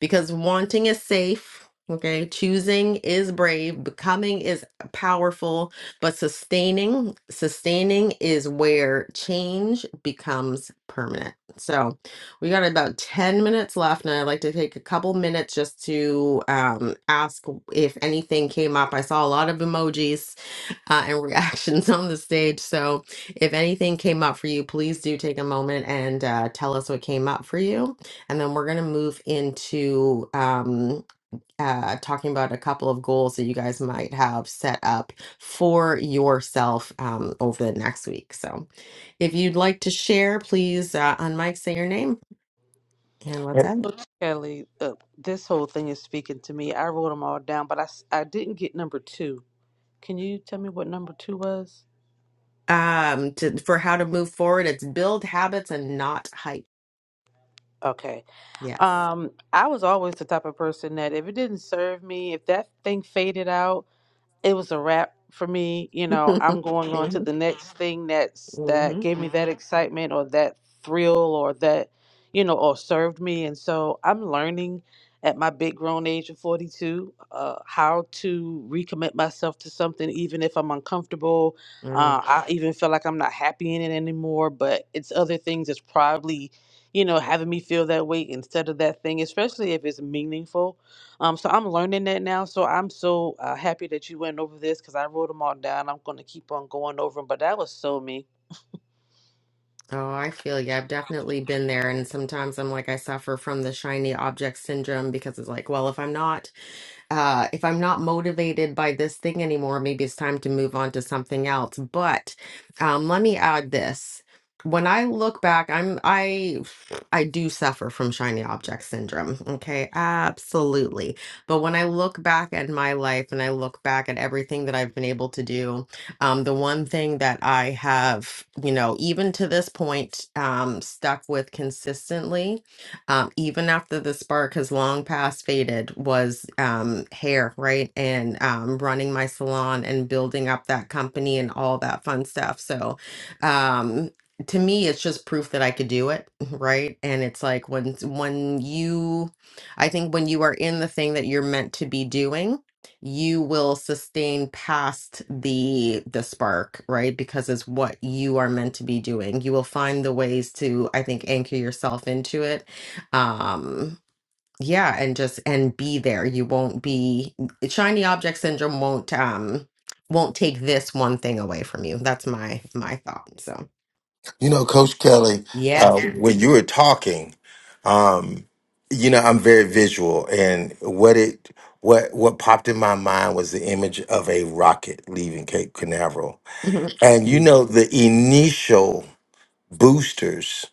Speaker 1: because wanting is safe. Okay, choosing is brave, becoming is powerful, but sustaining, sustaining is where change becomes permanent. So, we got about 10 minutes left, and I'd like to take a couple minutes just to um, ask if anything came up. I saw a lot of emojis, uh, and (laughs) reactions on the stage. So, if anything came up for you, please do take a moment and uh, tell us what came up for you. And then we're going to move into um, uh, talking about a couple of goals that you guys might have set up for yourself um, over the next week. So, if you'd like to share, please uh, unmic, say your name, and let's end it.
Speaker 13: So Kelly, uh, this whole thing is speaking to me. I wrote them all down, but I s- I didn't get number two. Can you tell me what number two was?
Speaker 1: Um, to, for how to move forward, it's build habits and not hype.
Speaker 13: Okay.
Speaker 1: Yes.
Speaker 13: Um, I was always the type of person that if it didn't serve me, if that thing faded out it was a wrap for me. You
Speaker 1: (laughs)
Speaker 13: know, I'm going on
Speaker 1: hmm
Speaker 13: to the next thing that's that gave
Speaker 1: hmm
Speaker 13: me that excitement or that thrill or that, you know, or served me. And so I'm learning at my big grown age of 42 uh, how to recommit myself to something, even if I'm uncomfortable.
Speaker 1: Mm.
Speaker 13: Uh, I even feel like I'm not happy in it anymore, but it's other things that's probably, you know, having me feel that way instead of that thing, especially if it's meaningful um, so I'm learning that now. So I'm so uh, happy that you went over this because I wrote them all down. I'm going to keep on going over them, but that was so me.
Speaker 1: Oh, I feel you. I've definitely been there. And sometimes I'm like, I suffer from the shiny object syndrome because it's like, well, if I'm not, uh, if I'm not motivated by this thing anymore, maybe it's time to move on to something else. But um, let me add this. When I look back, I'm I I do suffer from shiny object syndrome. Okay, absolutely. But when I look back at my life and I look back at everything that I've been able to do, Um, the one thing that I have, you know, even to this point, um, stuck with consistently, um, even after the spark has long past faded, was um, hair, right? And um, running my salon and building up that company and all that fun stuff. So, um, to me, it's just proof that I could do it, (laughs) right? And it's like when when you, I think when you are in the thing that you're meant to be doing you will sustain past the the spark right because it's what you are meant to be doing you will find the ways to i think anchor yourself into it um yeah and just and be there you won't be shiny object syndrome won't um won't take this one thing away from you that's my my thought so
Speaker 3: You know, Coach Kelly,
Speaker 1: yes
Speaker 3: uh,
Speaker 1: (laughs)
Speaker 3: when you were talking, um, you know, I'm very visual, and what it what what popped in my mind was the image of a rocket leaving Cape Canaveral And you know, the initial boosters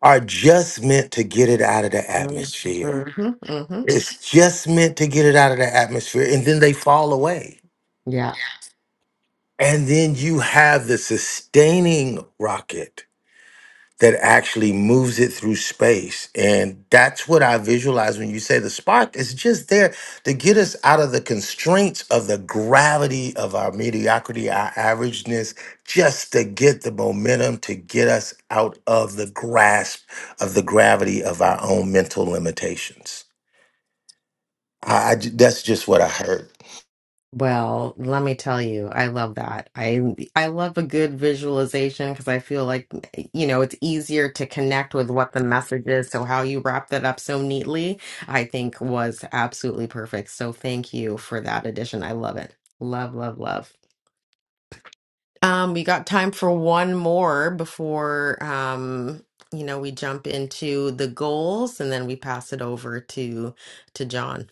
Speaker 3: are just meant to get it out of the
Speaker 1: mm-hmm,
Speaker 3: atmosphere.
Speaker 1: hmm
Speaker 3: It's just meant to get it out of the atmosphere, and then they fall away.
Speaker 1: yeah
Speaker 3: And then you have the sustaining rocket that actually moves it through space. And that's what I visualize when you say the spark is just there to get us out of the constraints of the gravity of our mediocrity, our averageness, just to get the momentum to get us out of the grasp of the gravity of our own mental limitations. I, I ju- that's just what I heard.
Speaker 1: Well, let me tell you, I love that. I I love a good visualization because I feel like, you know, it's easier to connect with what the message is. So how you wrap that up so neatly, I think was absolutely perfect. So thank you for that addition. I love it. Love, love, love. Um, we got time for one more before um, you know, we jump into the goals and then we pass it over to to John.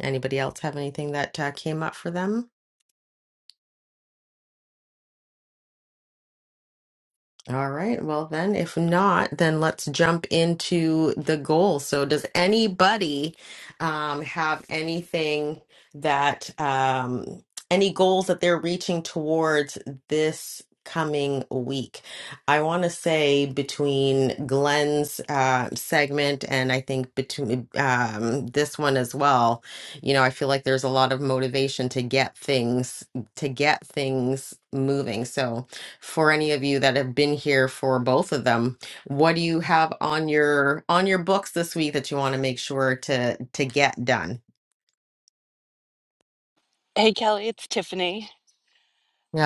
Speaker 1: Anybody else have anything that uh, came up for them? All right. Well, then, if not, then let's jump into the goal. So, does anybody um, have anything that, um, any goals that they're reaching towards this coming week? I want to say between Glenn's uh, segment and I think between um, this one as well, you know, I feel like there's a lot of motivation to get things, to get things moving. So, for any of you that have been here for both of them what do you have on your on your books this week that you want to make sure to to get done
Speaker 15: Hey, Kelly, it's Tiffany.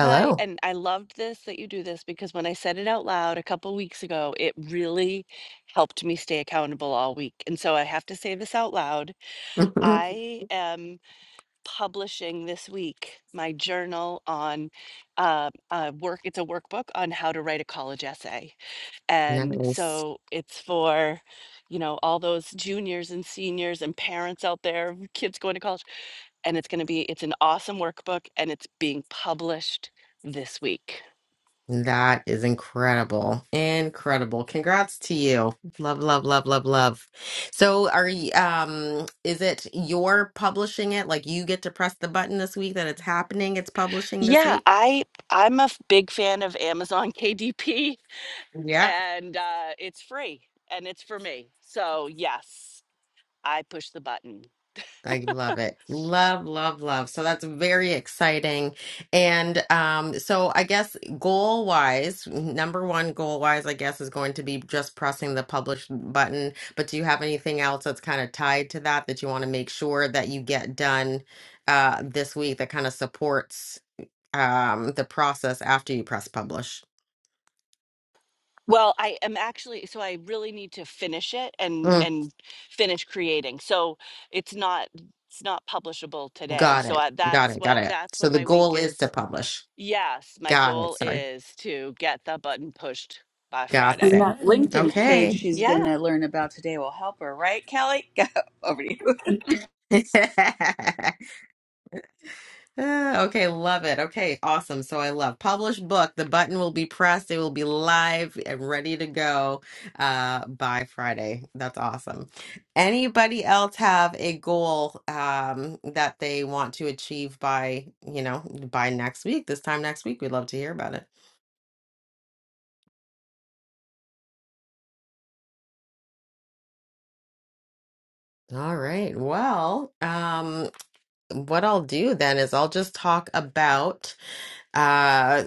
Speaker 15: Hi, and I loved this that you do this because when I said it out loud a couple weeks ago, it really helped me stay accountable all week. And so I have to say this out loud.
Speaker 1: (laughs)
Speaker 15: I am publishing this week my journal on uh, uh, work. It's a workbook on how to write a college essay. And
Speaker 1: nice
Speaker 15: so it's for, you know, all those juniors and seniors and parents out there, (laughs) of kids going to college. And it's going to be, it's an awesome workbook and it's being published this week.
Speaker 1: that is incredible incredible congrats to you love love love love love so are you um is it you're publishing it like you get to press the button this week that it's happening it's publishing this
Speaker 15: Yeah,
Speaker 1: week
Speaker 15: I I'm a f- big fan of Amazon (laughs) KDP
Speaker 1: Yeah.
Speaker 15: and uh, it's free and it's for me. So yes, I push the button.
Speaker 1: I love it. Love, love, love. So that's very exciting. And um, so I guess goal wise, number one goal wise, I guess, is going to be just pressing the publish button. But do you have anything else that's kind of tied to that that you want to make sure that you get done uh, this week that kind of supports um, the process after you press publish?
Speaker 15: Well, I am actually so I really need to finish it and
Speaker 1: Mm,
Speaker 15: and finish creating. So it's not it's not publishable today.
Speaker 1: got
Speaker 15: So
Speaker 1: it.
Speaker 15: I,
Speaker 1: Got
Speaker 15: that's
Speaker 1: it. Got
Speaker 15: what
Speaker 1: it.
Speaker 15: that's
Speaker 1: So
Speaker 15: what
Speaker 1: the
Speaker 15: my week
Speaker 1: goal is to
Speaker 15: is.
Speaker 1: publish.
Speaker 15: Yes, my
Speaker 1: Got it.
Speaker 15: goal
Speaker 1: Sorry.
Speaker 15: is to get the button pushed by
Speaker 1: Got
Speaker 9: And
Speaker 15: Friday.
Speaker 1: it.
Speaker 9: that LinkedIn page
Speaker 1: Okay.
Speaker 9: she's going
Speaker 15: Yeah.
Speaker 9: to learn about today will help her, right, Kelly? (laughs) Go over to you.
Speaker 1: (laughs) Ah, okay, love it. Okay, awesome. So I love published book. The button will be pressed. It will be live and ready to go uh, by Friday. That's awesome. Anybody else have a goal um, that they want to achieve by, you know, by next week? This time next week, we'd love to hear about it. All right. Well, um, what I'll do then is I'll just talk about. uh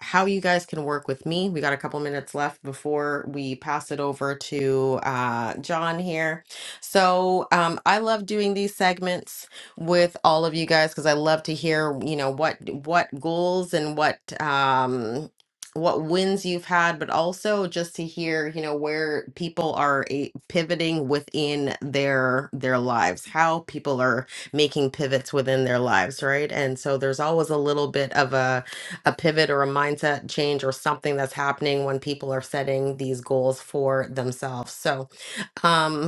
Speaker 1: how you guys can work with me. We got a couple minutes left before we pass it over to uh, John here. So um, I love doing these segments with all of you guys because I love to hear you know what what goals and what um, what wins you've had, but also just to hear you know where people are eh, pivoting within their their lives, how people are making pivots within their lives, right? And so there's always a little bit of a a pivot or a mindset change or something that's happening when people are setting these goals for themselves. So, um,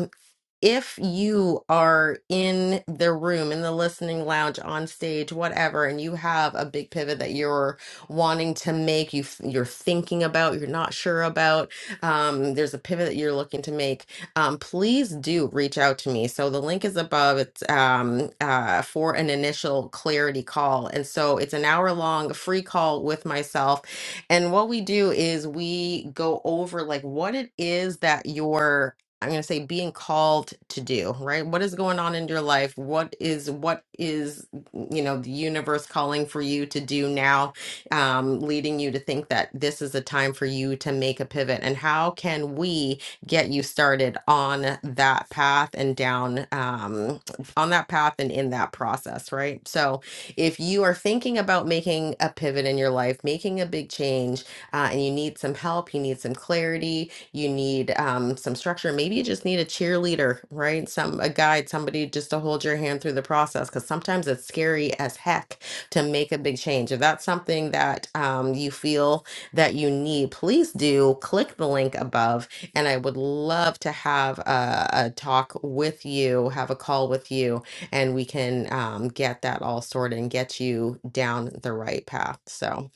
Speaker 1: if you are in the room, in the listening lounge, on stage, whatever, and you have a big pivot that you're wanting to make, you f- you're thinking about, you're not sure about, um, there's a pivot that you're looking to make, um, please do reach out to me. So the link is above. It's um, uh, for an initial clarity call, and so it's an hour long free call with myself. And what we do is we go over like what it is that you're I'm going to say being called to do, right? What is going on in your life? What is what is mm, you know the universe calling for you to do now, um, leading you to think that this is a time for you to make a pivot? And how can we get you started on that path and down um, on that path and in that process, right? So if you are thinking about making a pivot in your life, making a big change, uh, and you need some help, you need some clarity, you need um, some structure. Maybe you just need a cheerleader, right? Some a guide, somebody just to hold your hand through the process. Because sometimes it's scary as heck to make a big change. If that's something that um, you feel that you need, please do click the link above, and I would love to have a, a talk with you, have a call with you, and we can um, get that all sorted and get you down the right path. So.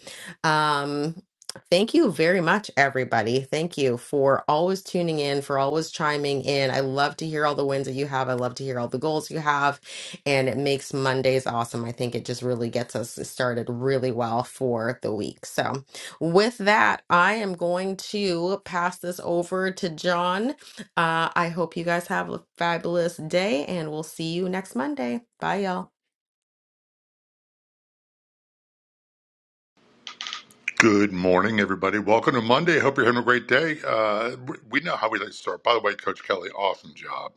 Speaker 1: Um, Thank you very much, everybody. Thank you for always tuning in, for always chiming in. I love to hear all the wins that you have. I love to hear all the goals you have. And it makes Mondays awesome. I think it just really gets us started really well for the week. So, with that, I am going to pass this over to John. Uh, I hope you guys have a fabulous day, and we'll see you next Monday. Bye, y'all.
Speaker 16: Good morning, everybody. Welcome to Monday. Hope you're having a great day. Uh, we we know how we like to start. By the way, Coach Kelly, awesome job.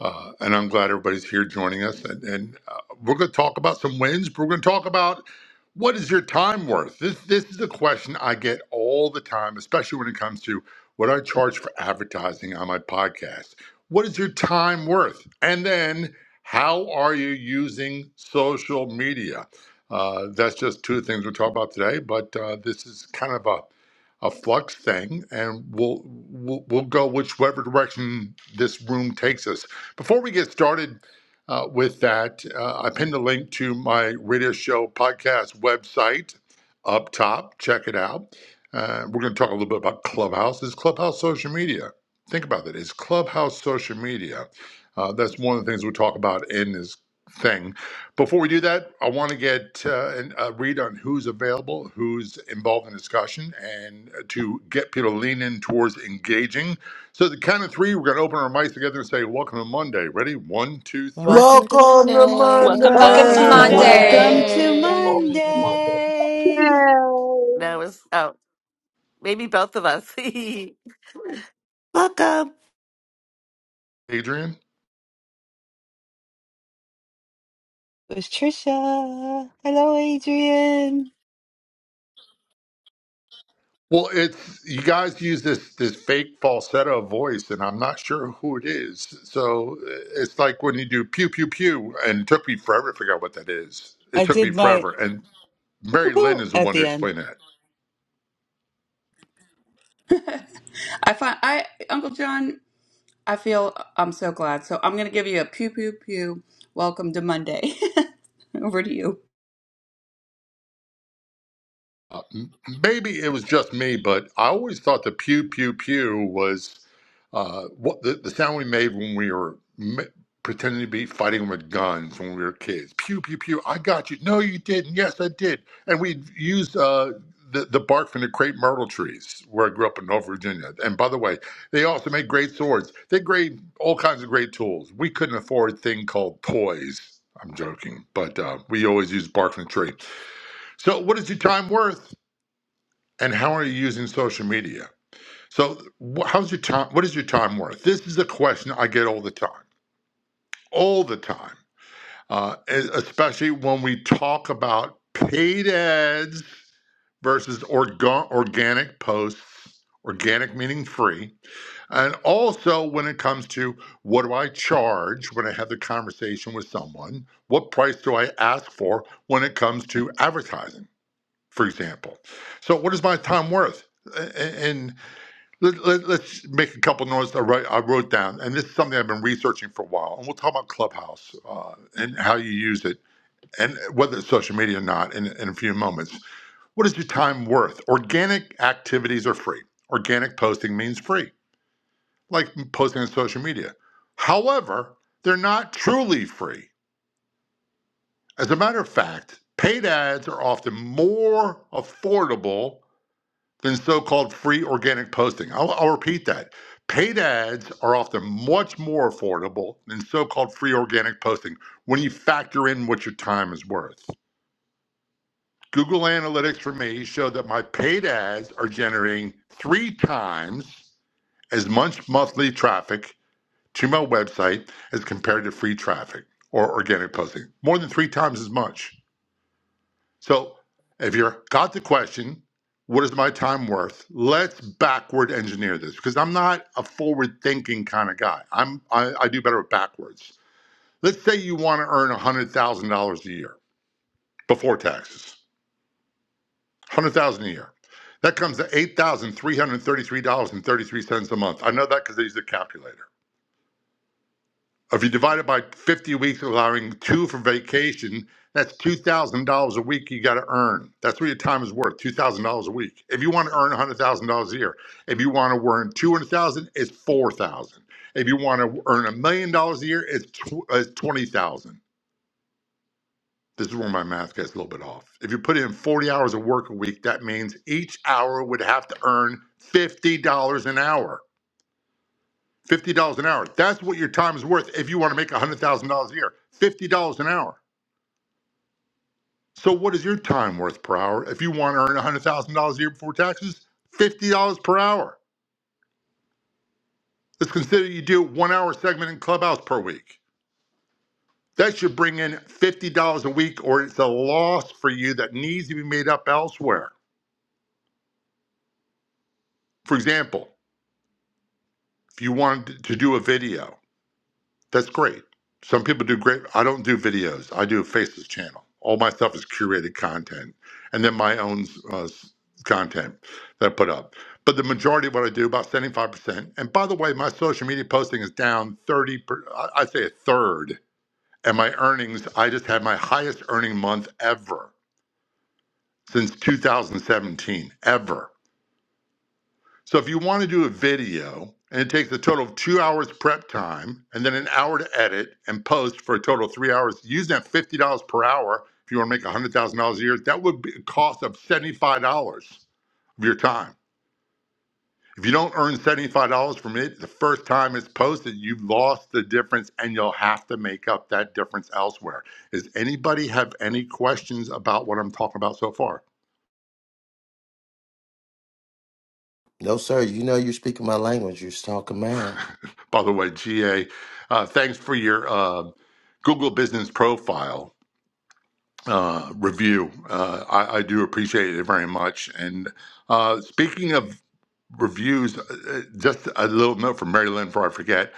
Speaker 16: Uh, and I'm glad everybody's here joining us. And, and uh, we're going to talk about some wins, but we're going to talk about what is your time worth? This, this is a question I get all the time, especially when it comes to what I charge for advertising on my podcast. What is your time worth? And then how are you using social media? Uh, that's just two things we'll talk about today, but uh, this is kind of a a flux thing, and we'll, we'll we'll go whichever direction this room takes us. Before we get started uh, with that, uh, I pinned a link to my radio show podcast website up top. Check it out. Uh, we're going to talk a little bit about Clubhouse. Is Clubhouse social media? Think about that. Is Clubhouse social media? Uh, that's one of the things we'll talk about in this thing. Before we do that, I want to get uh, an, a read on who's available, who's involved in discussion, and uh, to get people to lean in towards engaging so the count of three, we're going to open our mics together and say, "Welcome to Monday." Ready? One, two, three.
Speaker 1: Welcome to
Speaker 3: Welcome to
Speaker 1: Monday.
Speaker 15: Welcome to
Speaker 17: Welcome
Speaker 11: Welcome
Speaker 17: to
Speaker 11: to
Speaker 3: Monday.
Speaker 17: Monday.
Speaker 4: Welcome
Speaker 11: Monday.
Speaker 4: to
Speaker 15: Monday.
Speaker 4: Monday
Speaker 18: That
Speaker 2: Yay,
Speaker 18: was oh, maybe both of us. (laughs) Welcome.
Speaker 16: Adrian.
Speaker 4: with Trisha. Hello, Adrian.
Speaker 16: Well, it's you guys use this this fake falsetto voice, and I'm not sure who it is. So uh, it's like when you do pew pew pew, and it took me forever to figure out what that is. It
Speaker 4: I
Speaker 16: took me
Speaker 4: did my
Speaker 16: forever, and Mary Lynn
Speaker 4: woo-hoo
Speaker 16: is the
Speaker 4: at
Speaker 16: one who
Speaker 4: the end.
Speaker 16: explained that.
Speaker 9: (laughs) I find I Uncle John, I feel I'm so glad. So I'm going to give you a pew pew pew. Welcome to Monday. (laughs) over to you.
Speaker 16: Uh, m- maybe it was just me, but I always thought the pew pew pew was uh, what the, the sound we made when we were m- pretending to be fighting with guns when we were kids. Pew pew pew. I got you. No, you didn't. Yes, I did. And we used uh, the the bark from the crepe myrtle trees where I grew up in North Virginia. And by the way, they also made great swords. They made all kinds of great tools. We couldn't afford a thing called toys. I'm joking, but uh, we always used bark from the tree. So, what is your time worth? and how are you using social media? So, wh- how's your time? What is your time worth? This is a question I get all the time, all the time, uh, e- especially when we talk about paid ads versus orga- organic posts. Organic meaning free, and also when it comes to what do I charge when I have the conversation with someone? What price do I ask for when it comes to advertising, for example? So, what is my time worth? A- a- And Let, let, let's make a couple notes I wrote, I wrote down, and this is something I've been researching for a while. And we'll talk about Clubhouse uh, and how you use it, and whether it's social media or not, in, in a few moments. What is your time worth? Organic activities are free. Organic posting means free, like posting on social media. However, they're not truly free. As a matter of fact, paid ads are often more affordable than so called free organic posting. I'll, I'll repeat that. Paid ads are often much more affordable than so called free organic posting when you factor in what your time is worth. Google Analytics for me showed that my paid ads are generating three times as much monthly traffic to my website as compared to free traffic or organic posting, more than three times as much. So if you're got the question, what is my time worth? Let's backward engineer this because I'm not a forward thinking kind of guy. I'm I, I do better with backwards. Let's say you want to earn one hundred thousand dollars a year before taxes. one Hundred thousand dollars a year. That comes to eight thousand three hundred thirty three dollars and thirty three cents a month. I know that because I use the calculator. If you divide it by 50 weeks, allowing two for vacation, that's $2,000 a week you got to earn. That's what your time is worth, $2,000 a week. If you want to earn $100,000 a year, if you want to earn 200,000, dollars it's 4,000. dollars If you want to earn a million dollars a year, it's $20,000. This is where my math gets a little bit off. If you put in 40 hours of work a week, that means each hour would have to earn $50 an hour. Fifty dollars an hour. That's what your time is worth if you want to make one hundred thousand dollars a year. Fifty dollars an hour. So what is your time worth per hour if you want to earn one hundred thousand dollars a year before taxes? Fifty dollars per hour. Let's consider you do one hour segment in Clubhouse per week. That should bring in fifty dollars a week, or it's a loss for you that needs to be made up elsewhere. For example, if you wanted to do a video That's great. Some people do great. I don't do videos. I do a faceless channel. All my stuff is curated content, and then my own uh, s- content that I put up. But the majority of what I do, about seventy-five percent. And by the way, my social media posting is down thirty. Per, I- I'd say a third. And my earnings, I just had my highest earning month ever since 2017. Ever. So if you want to do a video and it takes a total of two hours prep time and then an hour to edit and post for a total of three hours, using that fifty dollars per hour, if you want to make hundred thousand dollars a year, that would be a cost of seventy-five dollars of your time. If you don't earn seventy-five dollars from it the first time it's posted, you've lost the difference and you'll have to make up that difference elsewhere. Does anybody have any questions about what I'm talking about so far?
Speaker 3: No, sir. You know you're speaking my language. You're talking math.
Speaker 16: By the way, GA, uh, thanks for your uh, Google Business Profile uh, review. Uh, I, I do appreciate it very much. And uh, speaking of reviews, uh, uh, just a little note from Mary Lynn before I forget.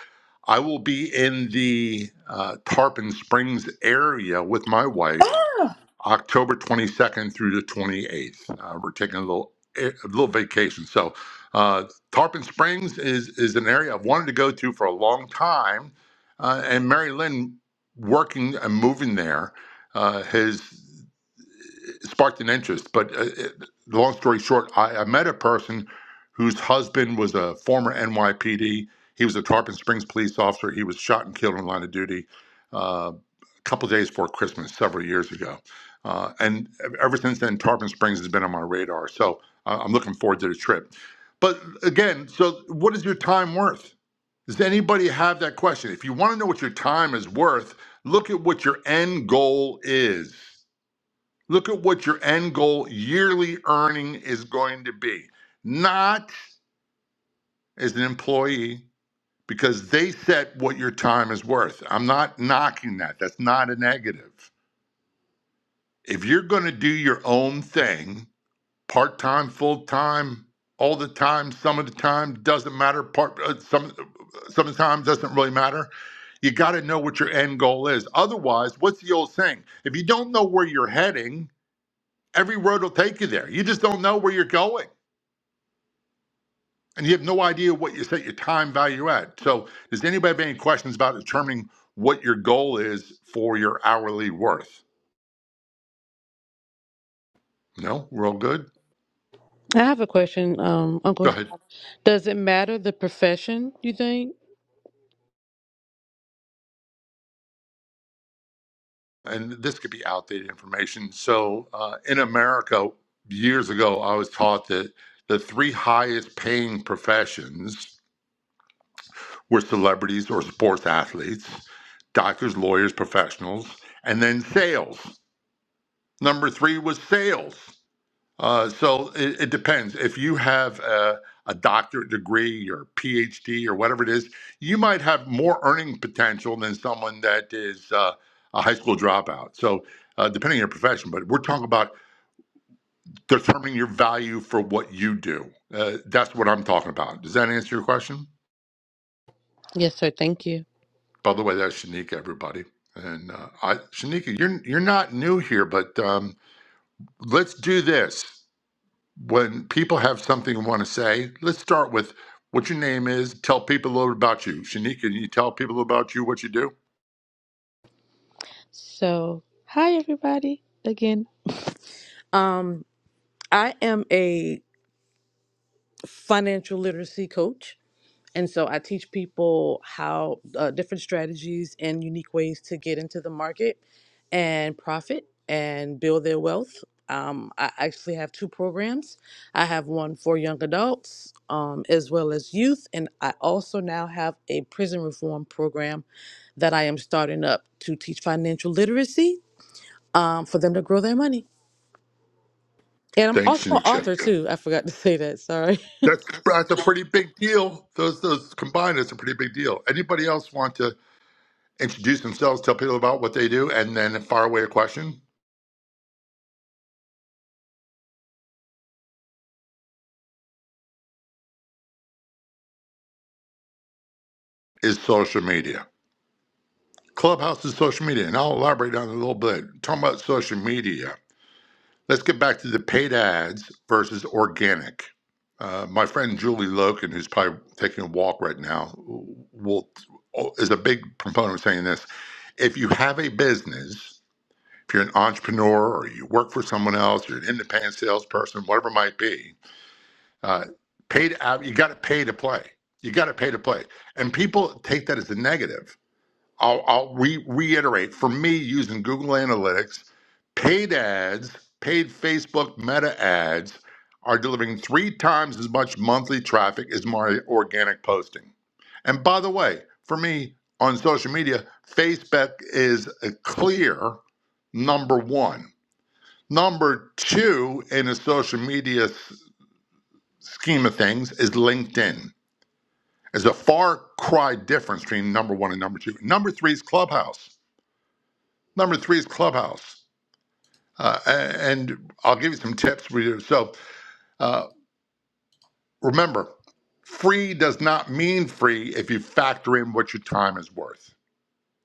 Speaker 16: I will be in the uh, Tarpon Springs area with my wife
Speaker 9: Oh,
Speaker 16: October 22nd through the 28th. Uh, we're taking a little a little vacation. So uh, Tarpon Springs is is an area I've wanted to go to for a long time, uh, and Mary Lynn working and moving there uh, has sparked an interest. But uh, it, long story short, I, I met a person whose husband was a former NYPD. He was a Tarpon Springs police officer. He was shot and killed in line of duty uh, a couple days before Christmas several years ago. Uh, and ever since then, Tarpon Springs has been on my radar. So I- I'm looking forward to the trip. But again, so what is your time worth? Does anybody have that question? If you want to know what your time is worth, look at what your end goal is. Look at what your end goal yearly earning is going to be, not as an employee, because they set what your time is worth. I'm not knocking that. That's not a negative. If you're going to do your own thing, part time, full time, all the time, some of the time, doesn't matter. Part uh, some uh, some of the time doesn't really matter. You got to know what your end goal is. Otherwise, what's the old saying? If you don't know where you're heading, every road will take you there. You just don't know where you're going. and you have no idea what you set your time value at. So, does anybody have any questions about determining what your goal is for your hourly worth? No, we're all good.
Speaker 13: I have a question, um, Uncle.
Speaker 16: Go
Speaker 13: John.
Speaker 16: ahead.
Speaker 13: Does it matter the profession? You think?
Speaker 16: And this could be outdated information. So, uh, in America, years ago, I was taught that the three highest paying professions were celebrities or sports athletes, doctors, lawyers, professionals, and then sales. Number three was sales. Uh, so it, it depends. If you have a, a doctorate degree or PhD or whatever it is, you might have more earning potential than someone that is uh, a high school dropout. So uh, depending on your profession, but we're talking about determining your value for what you do. Uh, that's what I'm talking about. Does that answer your question?
Speaker 13: Yes, sir. Thank you.
Speaker 16: By the way, that's Shanika, everybody. And uh, I, Shanika, you're you're not new here, but um, let's do this. when people have something they want to say, let's start with what your name is. Tell people a little about you. Shanika, can you tell people about you what you do?
Speaker 13: So, hi everybody again. Um, I am a financial literacy coach. And so I teach people how uh, different strategies and unique ways to get into the market and profit and build their wealth. Um, I actually have two programs. I have one for young adults um, as well as youth, and I also now have a prison reform program that I am starting up to teach financial literacy um, for them to grow their money. And I'm
Speaker 16: Thanks,
Speaker 13: also an
Speaker 16: Shanika.
Speaker 13: author too. I forgot to say that. Sorry.
Speaker 16: That's that's a pretty big deal. Those those combined is a pretty big deal. Anybody else want to introduce themselves, tell people about what they do, and then fire away a question? Is social media. Clubhouse is social media, and I'll elaborate on it a little bit. Talking about social media. Let's get back to the paid ads versus organic. Uh, my friend Julie Loken, who's probably taking a walk right now, will is a big proponent of saying this. If you have a business, if you're an entrepreneur or you work for someone else, you're an independent salesperson, whatever it might be, uh, paid out. You got to pay to play. You got to pay to play, and people take that as a negative I'll, I'll re- reiterate for me using Google Analytics, paid ads, paid Facebook meta ads are delivering three times as much monthly traffic as my organic posting. And by the way, for me on social media, Facebook is a clear number one. Number two in a social media s- scheme of things is LinkedIn. There's a far cry difference between number one and number two. Number three is Clubhouse. Number three is Clubhouse. Uh, and I'll give you some tips for you. So uh, remember, free does not mean free if you factor in what your time is worth.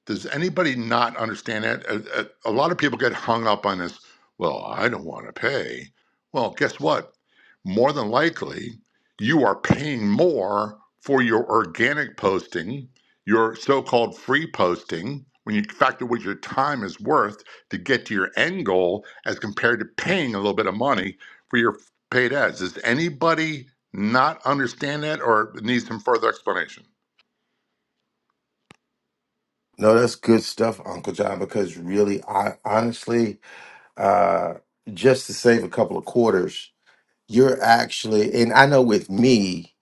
Speaker 16: Does anybody not understand that? A, a, a lot of people get hung up on this. Well, I don't want to pay. Well, guess what? More than likely, you are paying more for your organic posting, your so called free posting, when you factor what your time is worth to get to your end goal as compared to paying a little bit of money for your paid ads. Does anybody not understand that or needs some further explanation?
Speaker 3: No, that's good stuff, Uncle John, because really, I honestly, uh, just to save a couple of quarters, you're actually, and I know with me,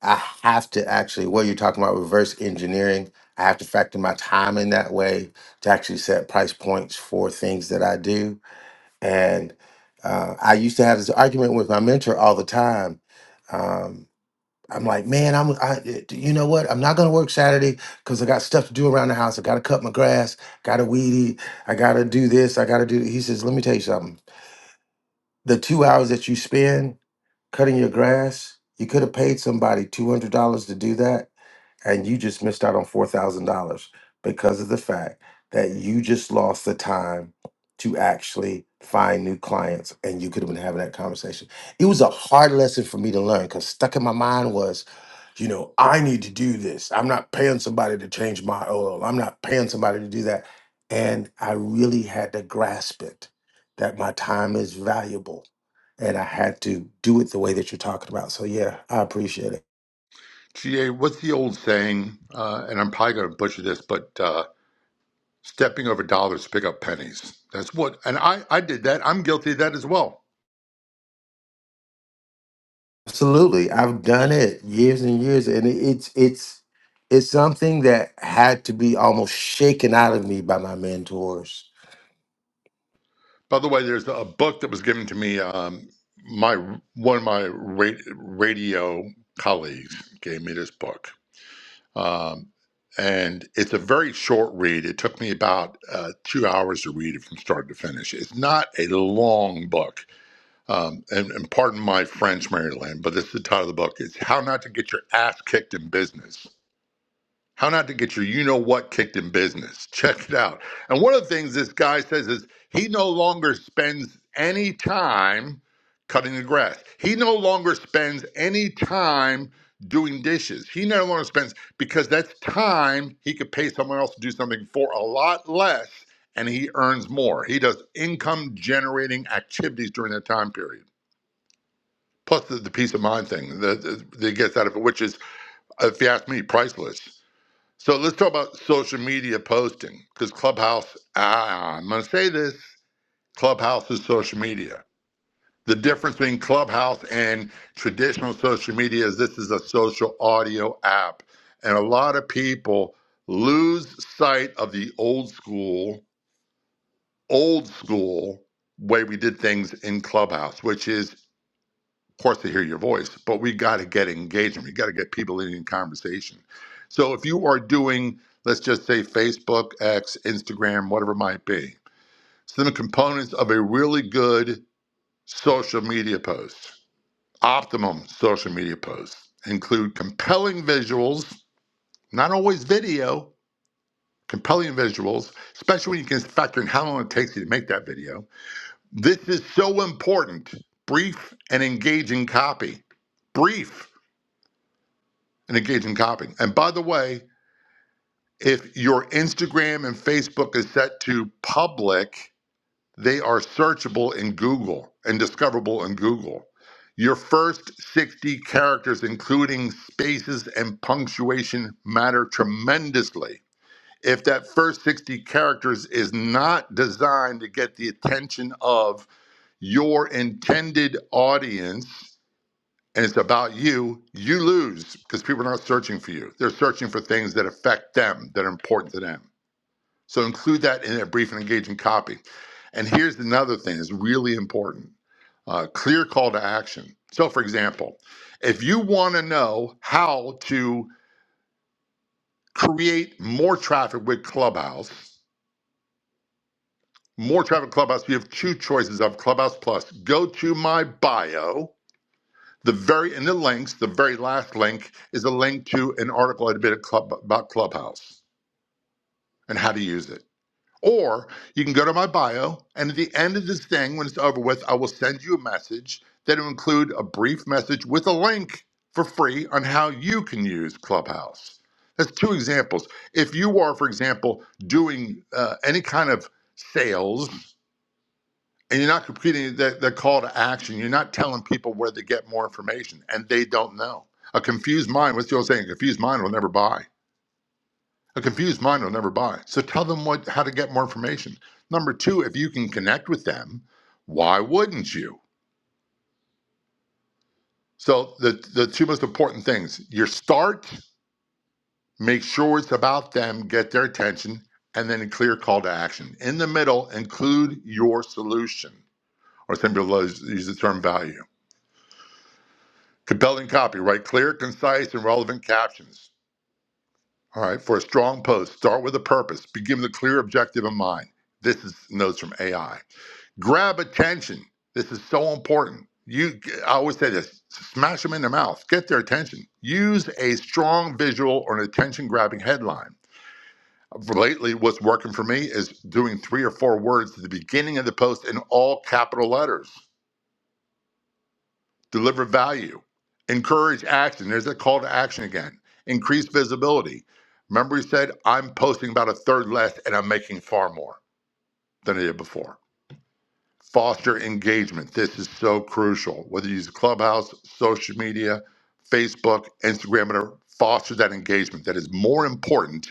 Speaker 3: I have to actually, what you're talking about, reverse engineering, I have to factor my time in that way to actually set price points for things that I do. And uh, I used to have this argument with my mentor all the time. um, I'm like, man, I'm, I, you know what? I'm not gonna work Saturday because I got stuff to do around the house. I gotta cut my grass, gotta weed eat, I gotta do this, I gotta do. He says, let me tell you something. The two hours that you spend cutting your grass, you could have paid somebody two hundred dollars to do that and you just missed out on four thousand dollars because of the fact that you just lost the time to actually find new clients and you could have been having that conversation. It was a hard lesson for me to learn because stuck in my mind was, you know, I need to do this. I'm not paying somebody to change my oil. I'm not paying somebody to do that. And I really had to grasp it that my time is valuable and I had to do it the way that you're talking about. So yeah, I appreciate it.
Speaker 16: GA, what's the old saying? Uh, and I'm probably going to butcher this, but uh, stepping over dollars to pick up pennies. That's what, and I, I did that. I'm guilty of that as well.
Speaker 3: Absolutely. I've done it years and years and it- it's it's it's something that had to be almost shaken out of me by my mentors.
Speaker 16: By the way, there's a book that was given to me. Um, my one of my ra- radio colleagues gave me this book, um, and it's a very short read. It took me about uh, two hours to read it from start to finish. It's not a long book Um, and, and pardon my French, Maryland, but this is the title of the book. It's How Not to Get Your Ass Kicked in Business. How Not to Get Your You Know What Kicked in Business. (laughs) Check it out. And one of the things this guy says is he no longer spends any time cutting the grass, he no longer spends any time doing dishes. He no longer spends because that's time he could pay someone else to do something for a lot less and he earns more. He does income generating activities during that time period plus the, the peace of mind thing that that that gets out of it, which is, if you ask me, priceless. So let's talk about social media posting because Clubhouse, ah, I'm going to say this Clubhouse is social media. The difference between Clubhouse and traditional social media is this is a social audio app. And a lot of people lose sight of the old school, old school way we did things in Clubhouse, which is Of course, they hear your voice, but we got to get engagement. We got to get people in, in conversation. So if you are doing, let's just say Facebook, X, Instagram, whatever it might be, some of the components of a really good social media post, optimum social media post, include compelling visuals, not always video, compelling visuals, especially when you can factor in how long it takes you to make that video. This is so important. Brief and engaging copy brief. and engage in copying. And by the way, if your Instagram and Facebook is set to public, they are searchable in Google and discoverable in Google. Your first 60 characters, including spaces and punctuation, matter tremendously. If that first 60 characters is not designed to get the attention of your intended audience, and it's about you, you lose because people are not searching for you. They're searching for things that affect them, that are important to them. So include that in a brief and engaging copy. And here's another thing that's really important uh, clear call to action. So, for example, if you want to know how to create more traffic with Clubhouse, more traffic with Clubhouse, you have two choices of Clubhouse Plus. Go to my bio The very in the links, the very last link is a link to an article I did at Club, about Clubhouse and how to use it. Or you can go to my bio, and at the end of this thing, when it's over with, I will send you a message that will include a brief message with a link for free on how you can use Clubhouse. That's two examples. If you are, for example, doing uh, any kind of sales and you're not completing that, that call to action. You're not telling people where to get more information, and they don't know. A confused mind, what's the old saying? A confused mind will never buy. A confused mind will never buy. So tell them what how to get more information. Number two, if you can connect with them, why wouldn't you? So the the two most important things: your start, make sure it's about them, get their attention, and then a clear call to action. In the middle, include your solution, or some people use the term value. Compelling copy, Write Clear, concise, and relevant captions. All right, for a strong post, start with a purpose. Begin with a clear objective in mind. This is notes from AI. Grab attention. This is so important. You, I always say this: smash them in the mouth, get their attention. Use a strong visual or an attention-grabbing headline. Lately, what's working for me is doing three or four words at the beginning of the post in all capital letters. deliver value, encourage action. There's a call to action again, increase visibility. Remember, we said I'm posting about a third less and I'm making far more than I did before. Foster engagement. This is so crucial. Whether you use Clubhouse, social media, Facebook, Instagram, whatever, foster that engagement. That is more important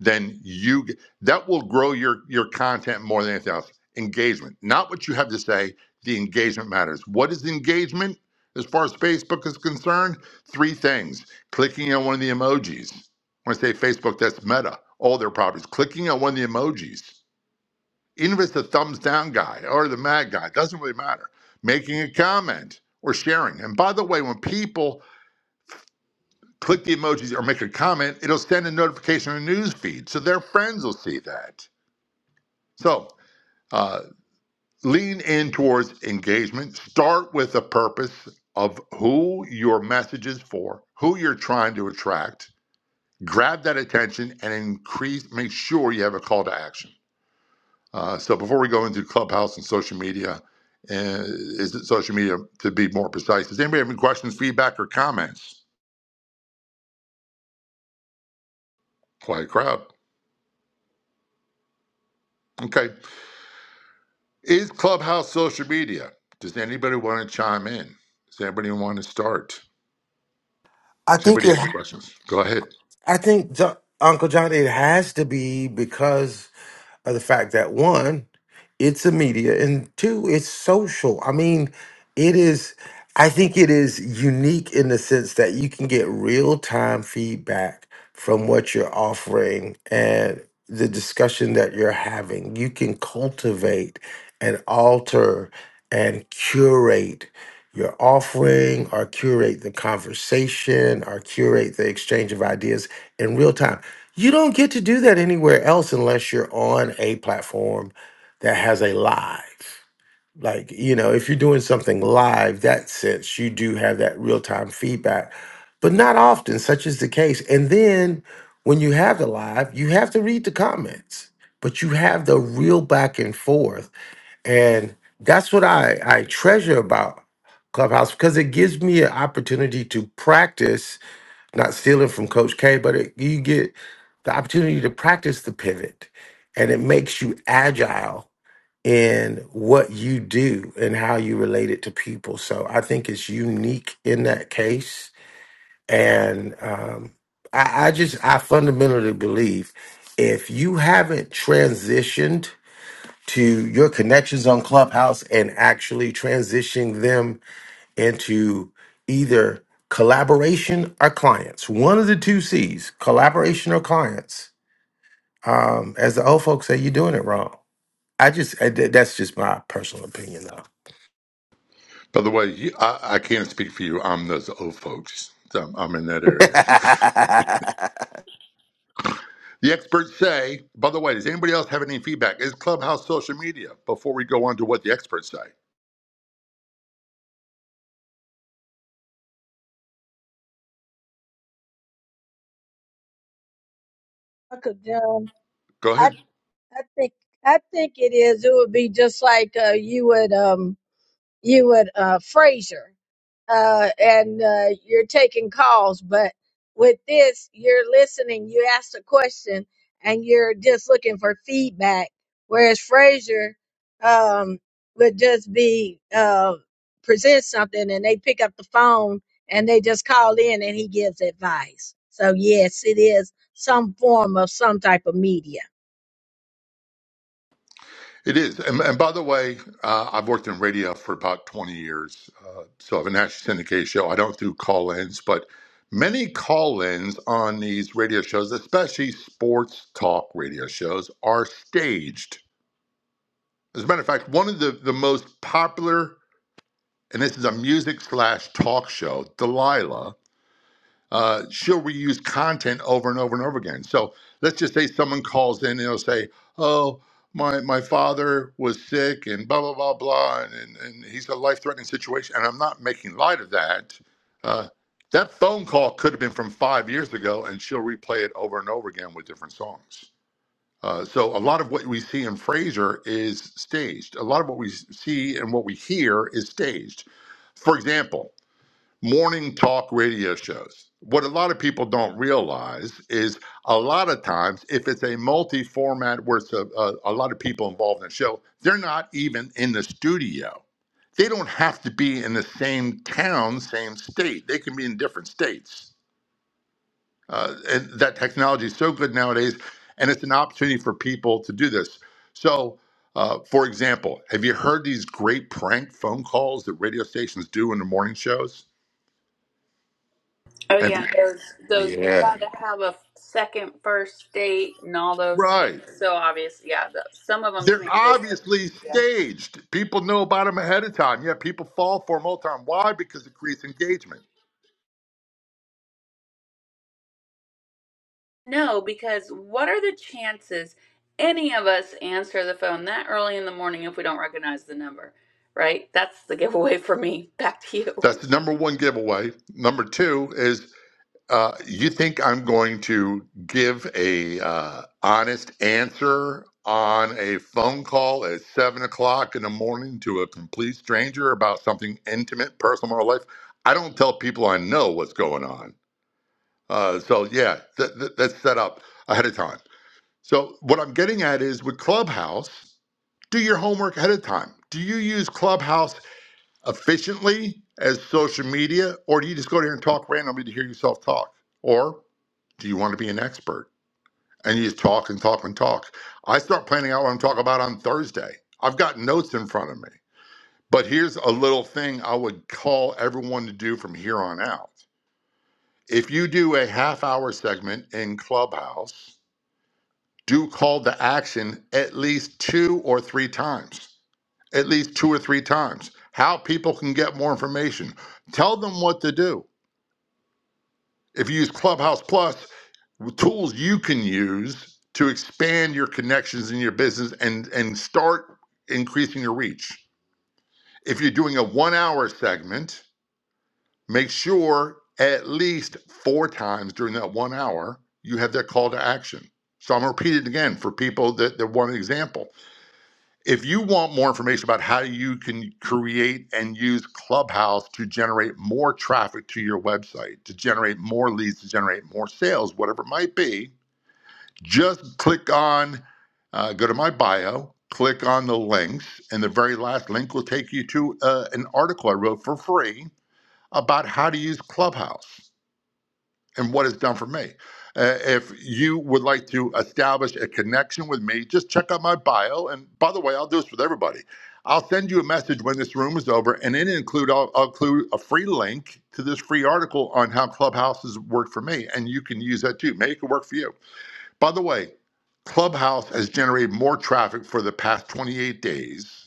Speaker 16: than you. That will grow your your content more than anything else. Engagement, not what you have to say. The engagement matters. What is engagement as far as Facebook is concerned? Three things: clicking on one of the emojis. When I say Facebook, that's Meta. All their properties. Clicking on one of the emojis even if it's the thumbs down guy or the mad guy, it doesn't really matter. Making a comment or sharing. And by the way, when people click the emojis or make a comment, it'll send a notification on the news feed. So their friends will see that. So uh, lean in towards engagement. Start with the purpose of who your message is for, who you're trying to attract. Grab that attention and increase, make sure you have a call to action. Uh, so before we go into Clubhouse and social media, uh, is it social media to be more precise? Does anybody have any questions, feedback, or comments? Quiet crowd. Okay. Is Clubhouse social media? Does anybody want to chime in? Does anybody want to start?
Speaker 3: I
Speaker 16: Does
Speaker 3: think
Speaker 16: anybody
Speaker 3: it
Speaker 16: have any questions? Go ahead.
Speaker 3: I think Jo- Uncle John it has to be because of the fact that one, it's a media, and two, it's social. I mean, it is, I think it is unique in the sense that you can get real time feedback from what you're offering and the discussion that you're having. You can cultivate and alter and curate your offering or curate the conversation or curate the exchange of ideas in real time you don't get to do that anywhere else unless you're on a platform that has a live. Like, you know, if you're doing something live, that sense you do have that real time feedback, but not often, such is the case. And then when you have the live, you have to read the comments, but you have the real back and forth. And that's what I, I treasure about Clubhouse because it gives me an opportunity to practice not stealing from Coach K, but it, you get the opportunity to practice the pivot, and it makes you agile in what you do and how you relate it to people. So I think it's unique in that case, and um, I, I just I fundamentally believe if you haven't transitioned to your connections on Clubhouse and actually transitioning them into either collaboration or clients. One of the two C's, collaboration or clients. Um, as the old folks say, you're doing it wrong. I just I- th- that's just my personal opinion,
Speaker 16: By the way, you, I, I can't speak for you. I'm those old folks. So I'm in that
Speaker 3: though.
Speaker 16: area. (laughs)
Speaker 3: (laughs)
Speaker 16: The experts say, by the way, does anybody else have any feedback? Is Clubhouse social media before we go on to what the experts say?
Speaker 2: Uncle John.
Speaker 16: Go
Speaker 2: I
Speaker 16: ahead.
Speaker 2: I think I think it is. It would be just like uh, you would. Um, you would uh, Fraser, uh, and uh, you're taking calls. But with this, you're listening. You asked a question, and you're just looking for feedback. Whereas Fraser um, would just be uh, present something, and they pick up the phone and they just call in, and he gives advice. So yes, it is some form of some type of media.
Speaker 16: It is. And, and by the way, uh, I've worked in radio for about 20 years. Uh, so I have a national syndicated show. I don't do call ins, but many call ins on these radio shows, especially sports talk radio shows, are staged. As a matter of fact, one of the, the most popular, and this is a music slash talk show, Delilah uh, she'll reuse content over and over and over again. So let's just say someone calls in and they'll say, "Oh, my my father was sick and blah blah blah blah, and and, and he's a life threatening situation." And I'm not making light of that. Uh, that phone call could have been from five years ago, and she'll replay it over and over again with different songs. Uh, so a lot of what we see in Frasier is staged. A lot of what we see and what we hear is staged. For example, morning talk radio shows. What a lot of people don't realize is a lot of times, if it's a multi format where it's a, a, a lot of people involved in the show, they're not even in the studio. They don't have to be in the same town, same state. They can be in different states. Uh, and that technology is so good nowadays, and it's an opportunity for people to do this. So, uh, for example, have you heard these great prank phone calls that radio stations do in the morning shows?
Speaker 9: Oh
Speaker 16: Have you,
Speaker 9: yeah, those those we
Speaker 3: Yeah.
Speaker 9: gotta have a second first date and all those.
Speaker 16: right?
Speaker 9: So obvious, yeah. The, some of them to
Speaker 16: They're
Speaker 9: me are just like.
Speaker 16: obviously
Speaker 9: yeah.
Speaker 16: staged. People know about them ahead of time. Yeah, people fall for them all the time. Why? Because it creates engagement.
Speaker 9: No, because what are the chances any of us answer the phone that early in the morning if we don't recognize the number, right? That's the giveaway for me. (laughs) Back to you.
Speaker 16: That's the number one giveaway. Number two is uh, you think I'm going to give a uh, honest answer on a phone call at seven o'clock in the morning to a complete stranger about something intimate, personal, or life? I don't tell people I know what's going on. Uh, so yeah, th- th- that's set up ahead of time. So, what I'm getting at is with Clubhouse, do your homework ahead of time. Do you use Clubhouse efficiently as social media, or do you just go there and talk randomly to hear yourself talk? Or do you want to be an expert and you just talk and talk and talk? I start planning out what I'm talking about on Thursday. I've got notes in front of me. But here's a little thing I would call everyone to do from here on out. If you do a half hour segment in Clubhouse, do call to action at least two or three times. At least two or three times. How people can get more information. Tell them what to do. If you use Clubhouse Plus, tools you can use to expand your connections in your business and and start increasing your reach. If you're doing a 1-hour segment, make sure at least 4 times during that 1 hour you have that call to action. So I'm gonna repeat it again for people that, that want an example. If you want more information about how you can create and use Clubhouse to generate more traffic to your website, to generate more leads, to generate more sales, whatever it might be, just click on, uh, go to my bio, click on the links, and the very last link will take you to uh, an article I wrote for free about how to use Clubhouse and what it's done for me. Uh, if you would like to establish a connection with me, just check out my bio. And by the way, I'll do this with everybody. I'll send you a message when this room is over, and in it include I'll, I'll include a free link to this free article on how Clubhouses worked for me, and you can use that too. Maybe it could work for you. By the way, Clubhouse has generated more traffic for the past 28 days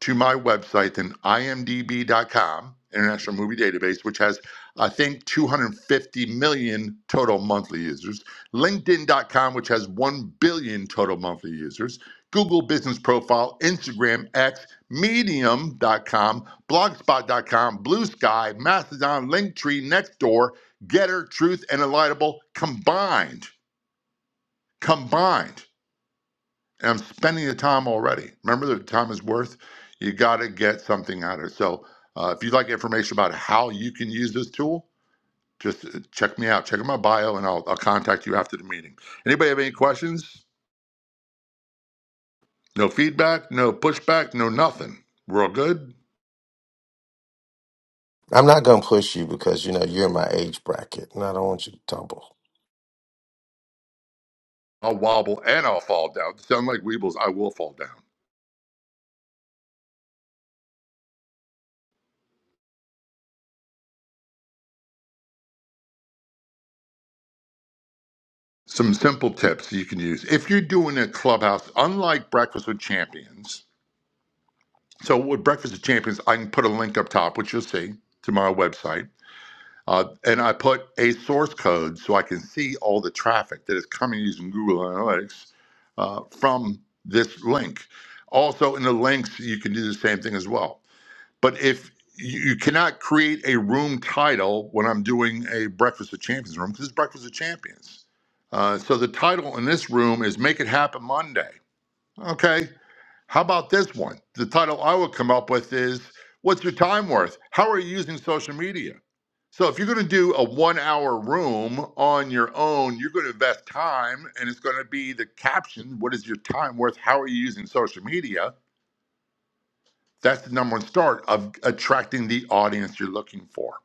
Speaker 16: to my website than imdb.com, International Movie Database, which has, I think, 250 million total monthly users, LinkedIn.com, which has 1 billion total monthly users, Google Business Profile, Instagram, X, Medium.com, Blogspot.com, Blue Sky, Mastodon, Linktree, Nextdoor, Getter, Truth, and Elitable combined. Combined. And I'm spending the time already. Remember, the time is worth. You got to get something out of it. So, uh, if you'd like information about how you can use this tool, just uh, check me out. Check out my bio, and I'll, I'll contact you after the meeting. Anybody have any questions? No feedback, no pushback, no nothing. We're all good.
Speaker 3: I'm not gonna push you because you know you're in my age bracket, and I don't want you to tumble.
Speaker 16: I'll wobble and I'll fall down. Sound like Weebles? I will fall down. Some simple tips you can use if you're doing a clubhouse, unlike Breakfast with Champions. So with Breakfast with Champions, I can put a link up top, which you'll see to my website Uh, and I put a source code so I can see all the traffic that is coming using Google Analytics uh, from this link. Also, in the links, you can do the same thing as well. But if you you cannot create a room title when I'm doing a Breakfast of Champions room, because it's Breakfast of Champions. Uh, so the title in this room is Make It Happen Monday. Okay, how about this one? The title I would come up with is What's Your Time Worth? How are you using social media? So, if you're going to do a one hour room on your own, you're going to invest time and it's going to be the caption What is your time worth? How are you using social media? That's the number one start of attracting the audience you're looking for.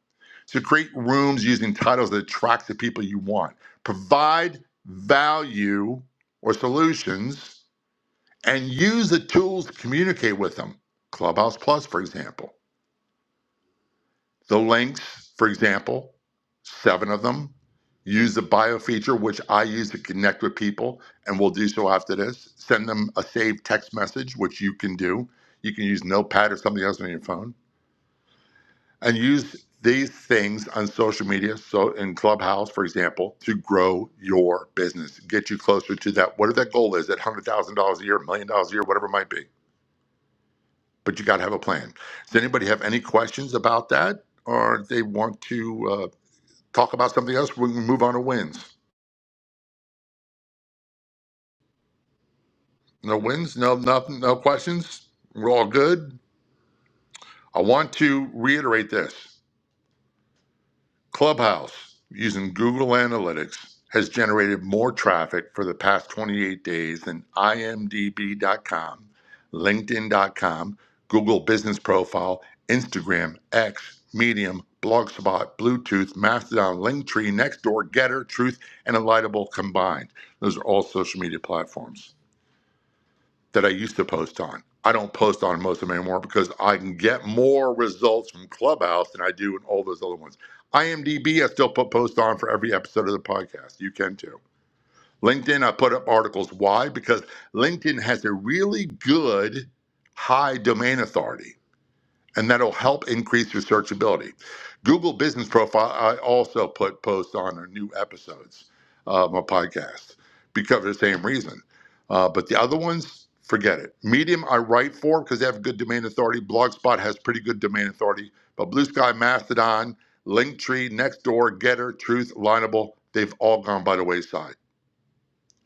Speaker 16: So, create rooms using titles that attract the people you want. Provide value or solutions and use the tools to communicate with them. Clubhouse Plus, for example. The links, for example, seven of them. Use the bio feature, which I use to connect with people, and we'll do so after this. Send them a saved text message, which you can do. You can use Notepad or something else on your phone. And use these things on social media, so in Clubhouse, for example, to grow your business, get you closer to that, whatever that goal is, that $100,000 a year, a million dollars a year, whatever it might be but you got to have a plan. Does anybody have any questions about that, or they want to uh, talk about something else? We can move on to wins. No wins, no nothing, no questions. We're all good. I want to reiterate this. Clubhouse, using Google Analytics, has generated more traffic for the past 28 days than imdb.com, linkedin.com, Google Business Profile, Instagram, X, Medium, Blogspot, Bluetooth, Mastodon, Linktree, Nextdoor, Getter, Truth, and Alightable combined. Those are all social media platforms that I used to post on. I don't post on most of them anymore because I can get more results from Clubhouse than I do in all those other ones. IMDb, I still put posts on for every episode of the podcast. You can too. LinkedIn, I put up articles. Why? Because LinkedIn has a really good high domain authority and that'll help increase your searchability. Google Business Profile, I also put posts on our new episodes of my podcast because of the same reason. Uh, but the other ones, forget it. Medium, I write for because they have good domain authority. Blogspot has pretty good domain authority. But Blue Sky, Mastodon, Linktree, Nextdoor, Getter, Truth, Lineable, they've all gone by the wayside.